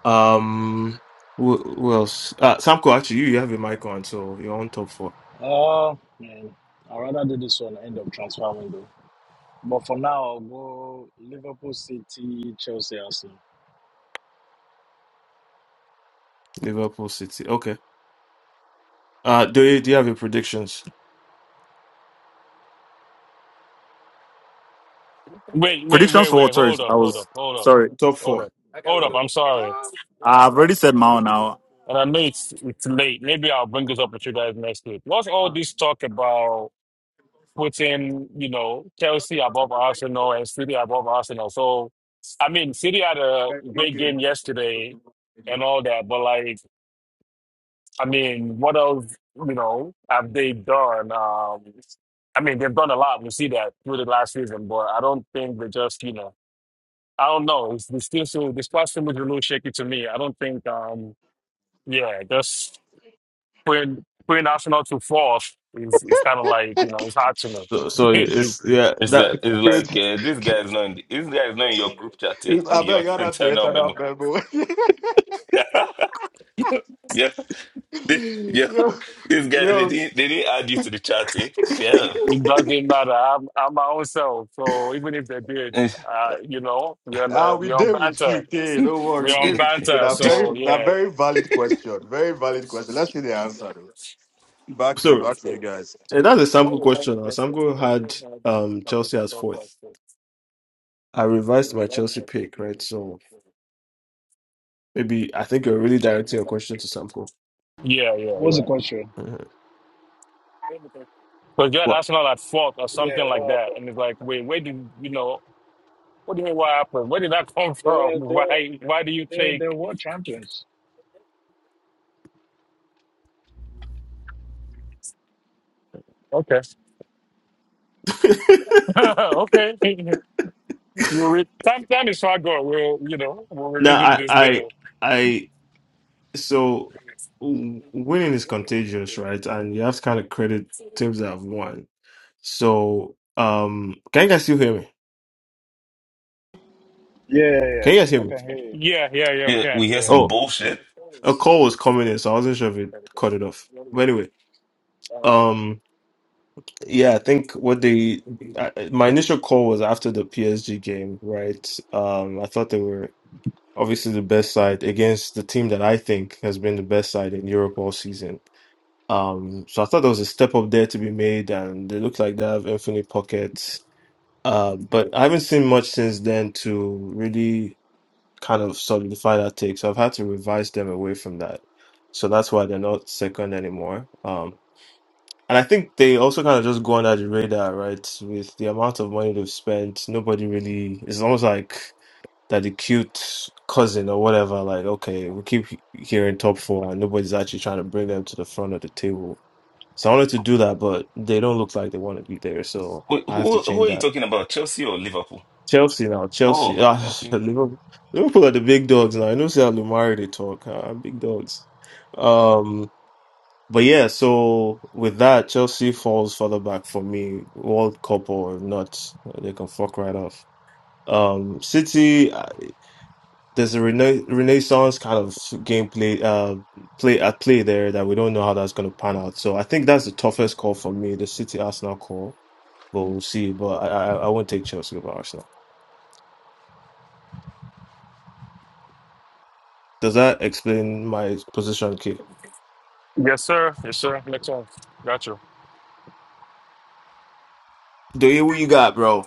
[SPEAKER 1] Um, who, who else? Uh, Samko, actually, you, you have your mic on, so you're on top four.
[SPEAKER 5] Uh, man, I'd rather do this one end of transfer window. But for now, I'll go Liverpool, City, Chelsea, Arsenal.
[SPEAKER 1] Liverpool, City. Okay. Uh, do you do you have your predictions?
[SPEAKER 7] Wait, wait,
[SPEAKER 8] Predictions
[SPEAKER 7] wait,
[SPEAKER 8] for what?
[SPEAKER 7] wait.
[SPEAKER 8] Sorry,
[SPEAKER 7] Hold up,
[SPEAKER 8] I
[SPEAKER 7] hold
[SPEAKER 8] was
[SPEAKER 7] up, hold up,
[SPEAKER 8] sorry.
[SPEAKER 1] Top
[SPEAKER 7] hold
[SPEAKER 1] four.
[SPEAKER 7] up, hold up.
[SPEAKER 1] Oh,
[SPEAKER 7] I'm sorry.
[SPEAKER 8] I've already said my own now.
[SPEAKER 7] And I know it's, it's late. Maybe I'll bring this up with you guys next week. What's all this talk about putting, you know, Chelsea above Arsenal and City above Arsenal? So, I mean, City had a great game yesterday and all that, but like, I mean, what else, you know, have they done? Um, I mean, they've done a lot. We see that through the last season, but I don't think they just, you know, I don't know. It's, it's still so, this past season was a little shaky to me. I don't think, um, yeah, just putting, putting Arsenal to fourth is, is kind of like, you know, it's hard to know.
[SPEAKER 1] So, so
[SPEAKER 7] (laughs)
[SPEAKER 1] it's yeah
[SPEAKER 12] it's
[SPEAKER 7] yeah,
[SPEAKER 1] that.
[SPEAKER 12] that it's
[SPEAKER 9] Dude,
[SPEAKER 12] like uh, this guy is not in the, this guy is not in your group chat, eh? In
[SPEAKER 9] I beg
[SPEAKER 12] your
[SPEAKER 9] I
[SPEAKER 12] (laughs)
[SPEAKER 9] got that to
[SPEAKER 12] internal
[SPEAKER 9] enter
[SPEAKER 12] memo.
[SPEAKER 9] that bad boy.
[SPEAKER 12] (laughs) yeah, yeah, this,
[SPEAKER 9] (laughs)
[SPEAKER 12] yeah,
[SPEAKER 9] yo,
[SPEAKER 12] this guy they
[SPEAKER 7] exactly.
[SPEAKER 9] yo.
[SPEAKER 12] didn't they didn't add you to the chat, eh? Damn.
[SPEAKER 7] It doesn't matter. I'm, I'm my own self. So even if they did,
[SPEAKER 12] Eh,
[SPEAKER 7] uh, you know, we're on, uh,
[SPEAKER 9] Ah, we
[SPEAKER 7] we're on
[SPEAKER 9] deal with
[SPEAKER 7] banter.
[SPEAKER 9] you, kid. Don't worry, we
[SPEAKER 7] We're on
[SPEAKER 12] Yeah,
[SPEAKER 9] deal with you, kid.
[SPEAKER 7] banter.
[SPEAKER 9] A
[SPEAKER 12] This-
[SPEAKER 7] So
[SPEAKER 9] very, a
[SPEAKER 7] yeah.
[SPEAKER 9] very valid question. Very valid question. Let's see the answer,
[SPEAKER 7] Yeah,
[SPEAKER 9] though. Back to you,
[SPEAKER 1] so.
[SPEAKER 9] back to you guys.
[SPEAKER 1] And that's a sample question. Now. Sample had um Chelsea as fourth. I revised my Chelsea pick, right? So maybe I think you're really directing your question to Samko.
[SPEAKER 7] yeah,
[SPEAKER 5] What's the
[SPEAKER 7] yeah.
[SPEAKER 5] question?
[SPEAKER 1] Mhm.
[SPEAKER 7] Because you're
[SPEAKER 1] What?
[SPEAKER 7] that's not at fault or
[SPEAKER 5] Yeah,
[SPEAKER 7] something like
[SPEAKER 5] what
[SPEAKER 7] that.
[SPEAKER 5] happened?
[SPEAKER 7] And it's like, wait, where did you know? What do you mean? What happened? Where did that come from? (laughs)
[SPEAKER 5] They're, they're,
[SPEAKER 7] Why? Why do you
[SPEAKER 5] they're,
[SPEAKER 7] think?
[SPEAKER 5] they're world champions.
[SPEAKER 7] Okay.
[SPEAKER 1] (laughs)
[SPEAKER 7] (laughs) okay. (laughs) We'll re- time, time is far gone. We'll, you know, we'll
[SPEAKER 1] No,
[SPEAKER 7] revisit
[SPEAKER 1] I,
[SPEAKER 7] this
[SPEAKER 1] I,
[SPEAKER 7] later.
[SPEAKER 1] I. So w- winning is contagious, right? And you have to kind of credit teams that have won. So, um, can you guys still hear me?
[SPEAKER 5] Yeah, yeah, yeah.
[SPEAKER 1] Can you guys hear
[SPEAKER 5] I
[SPEAKER 1] me?
[SPEAKER 5] can hear you.
[SPEAKER 7] Yeah, yeah, yeah, we
[SPEAKER 12] yeah, we
[SPEAKER 7] can.
[SPEAKER 12] hear
[SPEAKER 5] Yeah.
[SPEAKER 12] some
[SPEAKER 1] Oh,
[SPEAKER 12] bullshit.
[SPEAKER 1] a call was coming in, so I wasn't sure if it cut it off. But anyway, um, Yeah, I think what they I, my initial call was after the PSG game, right? Um, I thought they were obviously the best side against the team that I think has been the best side in Europe all season. Um, so I thought there was a step up there to be made, and they look like they have infinite pockets. Uh, but I haven't seen much since then to really kind of solidify that take. So I've had to revise them away from that. So that's why they're not second anymore. Um, and I think they also kind of just go under the radar, right? With the amount of money they've spent, nobody really. It's almost like that the cute cousin or whatever. Like, okay, we keep hearing top four, and nobody's actually trying to bring them to the front of the table. So I wanted to do that, but they don't look like they want to be there. So
[SPEAKER 12] Wait,
[SPEAKER 1] I have
[SPEAKER 12] who
[SPEAKER 1] to
[SPEAKER 12] who are
[SPEAKER 1] change
[SPEAKER 12] you
[SPEAKER 1] that.
[SPEAKER 12] talking about? Chelsea or Liverpool?
[SPEAKER 1] Chelsea now, Chelsea,
[SPEAKER 12] Oh,
[SPEAKER 1] (laughs) ah,
[SPEAKER 12] okay.
[SPEAKER 1] Liverpool Liverpool are the big dogs now. I know see how Lumari they talk, ah, big dogs. Um, but yeah, so with that, Chelsea falls further back for me. World Cup or not, they can fuck right off. Um, City, uh, there's a rena renaissance kind of gameplay, uh, play at play there that we don't know how that's going to pan out. So I think that's the toughest call for me, the City Arsenal call. But we'll see. But I, I, I won't take Chelsea over Arsenal. Does that explain my position, Key?
[SPEAKER 7] Yes, sir. Yes, sir. Next one. Got you.
[SPEAKER 1] Do you what you got, bro?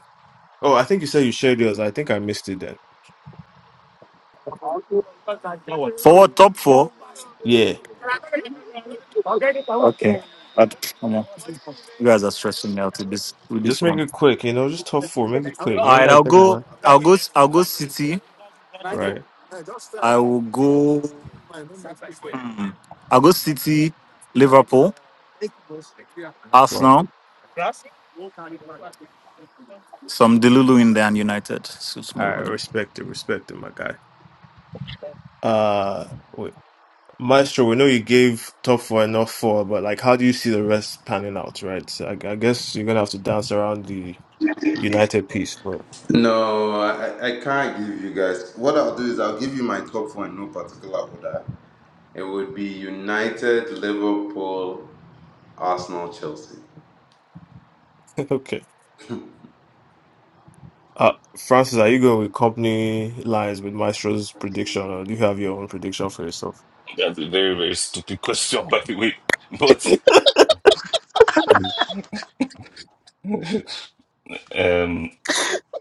[SPEAKER 1] Oh, I think you said you shared yours. I think I missed it then.
[SPEAKER 8] Forward top four.
[SPEAKER 1] Yeah.
[SPEAKER 8] Okay. Uh, Come on. You guys are stressing me out with this with this
[SPEAKER 1] Just make
[SPEAKER 8] one.
[SPEAKER 1] it quick, you know, just top four. Make it
[SPEAKER 8] All
[SPEAKER 1] quick. You ain't
[SPEAKER 8] right,
[SPEAKER 1] gotta
[SPEAKER 8] I'll
[SPEAKER 1] think about
[SPEAKER 8] go.
[SPEAKER 1] it.
[SPEAKER 8] I'll go. I'll go. City.
[SPEAKER 1] Right.
[SPEAKER 8] I will go. hmm, I'll go. City, Liverpool,
[SPEAKER 1] Well,
[SPEAKER 8] Arsenal, some Delulu in there, and United. So it's
[SPEAKER 1] I
[SPEAKER 8] more over there.
[SPEAKER 1] respect it, respect it, my guy. Uh wait. Maestro, we know you gave top four and not four, but like how do you see the rest panning out, right? So I, I guess you're gonna have to dance around the United piece, but
[SPEAKER 10] No, I, I can't give you guys. What I'll do is I'll give you my top four in no particular order. It would be United, Liverpool, Arsenal, Chelsea.
[SPEAKER 1] (laughs) okay. Uh Francis, are you going with company lines with Maestro's prediction or do you have your own prediction for yourself?
[SPEAKER 12] That's a very, very stupid (laughs) question, by the way.
[SPEAKER 1] (laughs) All
[SPEAKER 12] But um,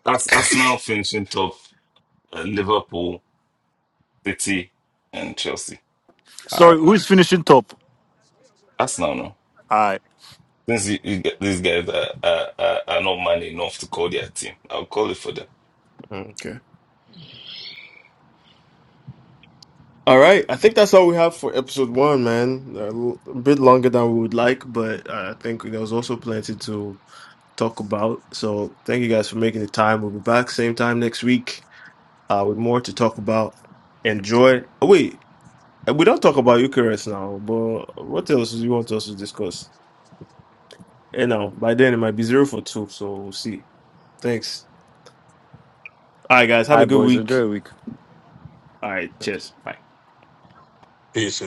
[SPEAKER 12] Ars- Arsenal finishing top, uh, Liverpool, City, and Chelsea.
[SPEAKER 1] right.
[SPEAKER 8] Sorry, who is finishing top?
[SPEAKER 12] Arsenal, no.
[SPEAKER 8] All right.
[SPEAKER 12] Since you, you get these guys are, are, are are not man enough to call their team, I'll call it for them.
[SPEAKER 1] Okay. All right, I think that's all we have for episode one, man. A l- a bit longer than we would like, but uh, I think there was also plenty to talk about. So thank you guys for making the time. We'll be back same time next week uh, with more to talk about. Enjoy. Oh, wait, uh, we don't talk about Eucharist now, but what else do you want us to discuss? You know, by then it might be zero for two, so we'll see. Thanks. All right, guys,
[SPEAKER 8] All
[SPEAKER 1] have
[SPEAKER 8] right,
[SPEAKER 1] a good
[SPEAKER 8] boys. Enjoy
[SPEAKER 1] week.
[SPEAKER 8] your week.
[SPEAKER 1] All right, cheers. Bye.
[SPEAKER 9] Peace.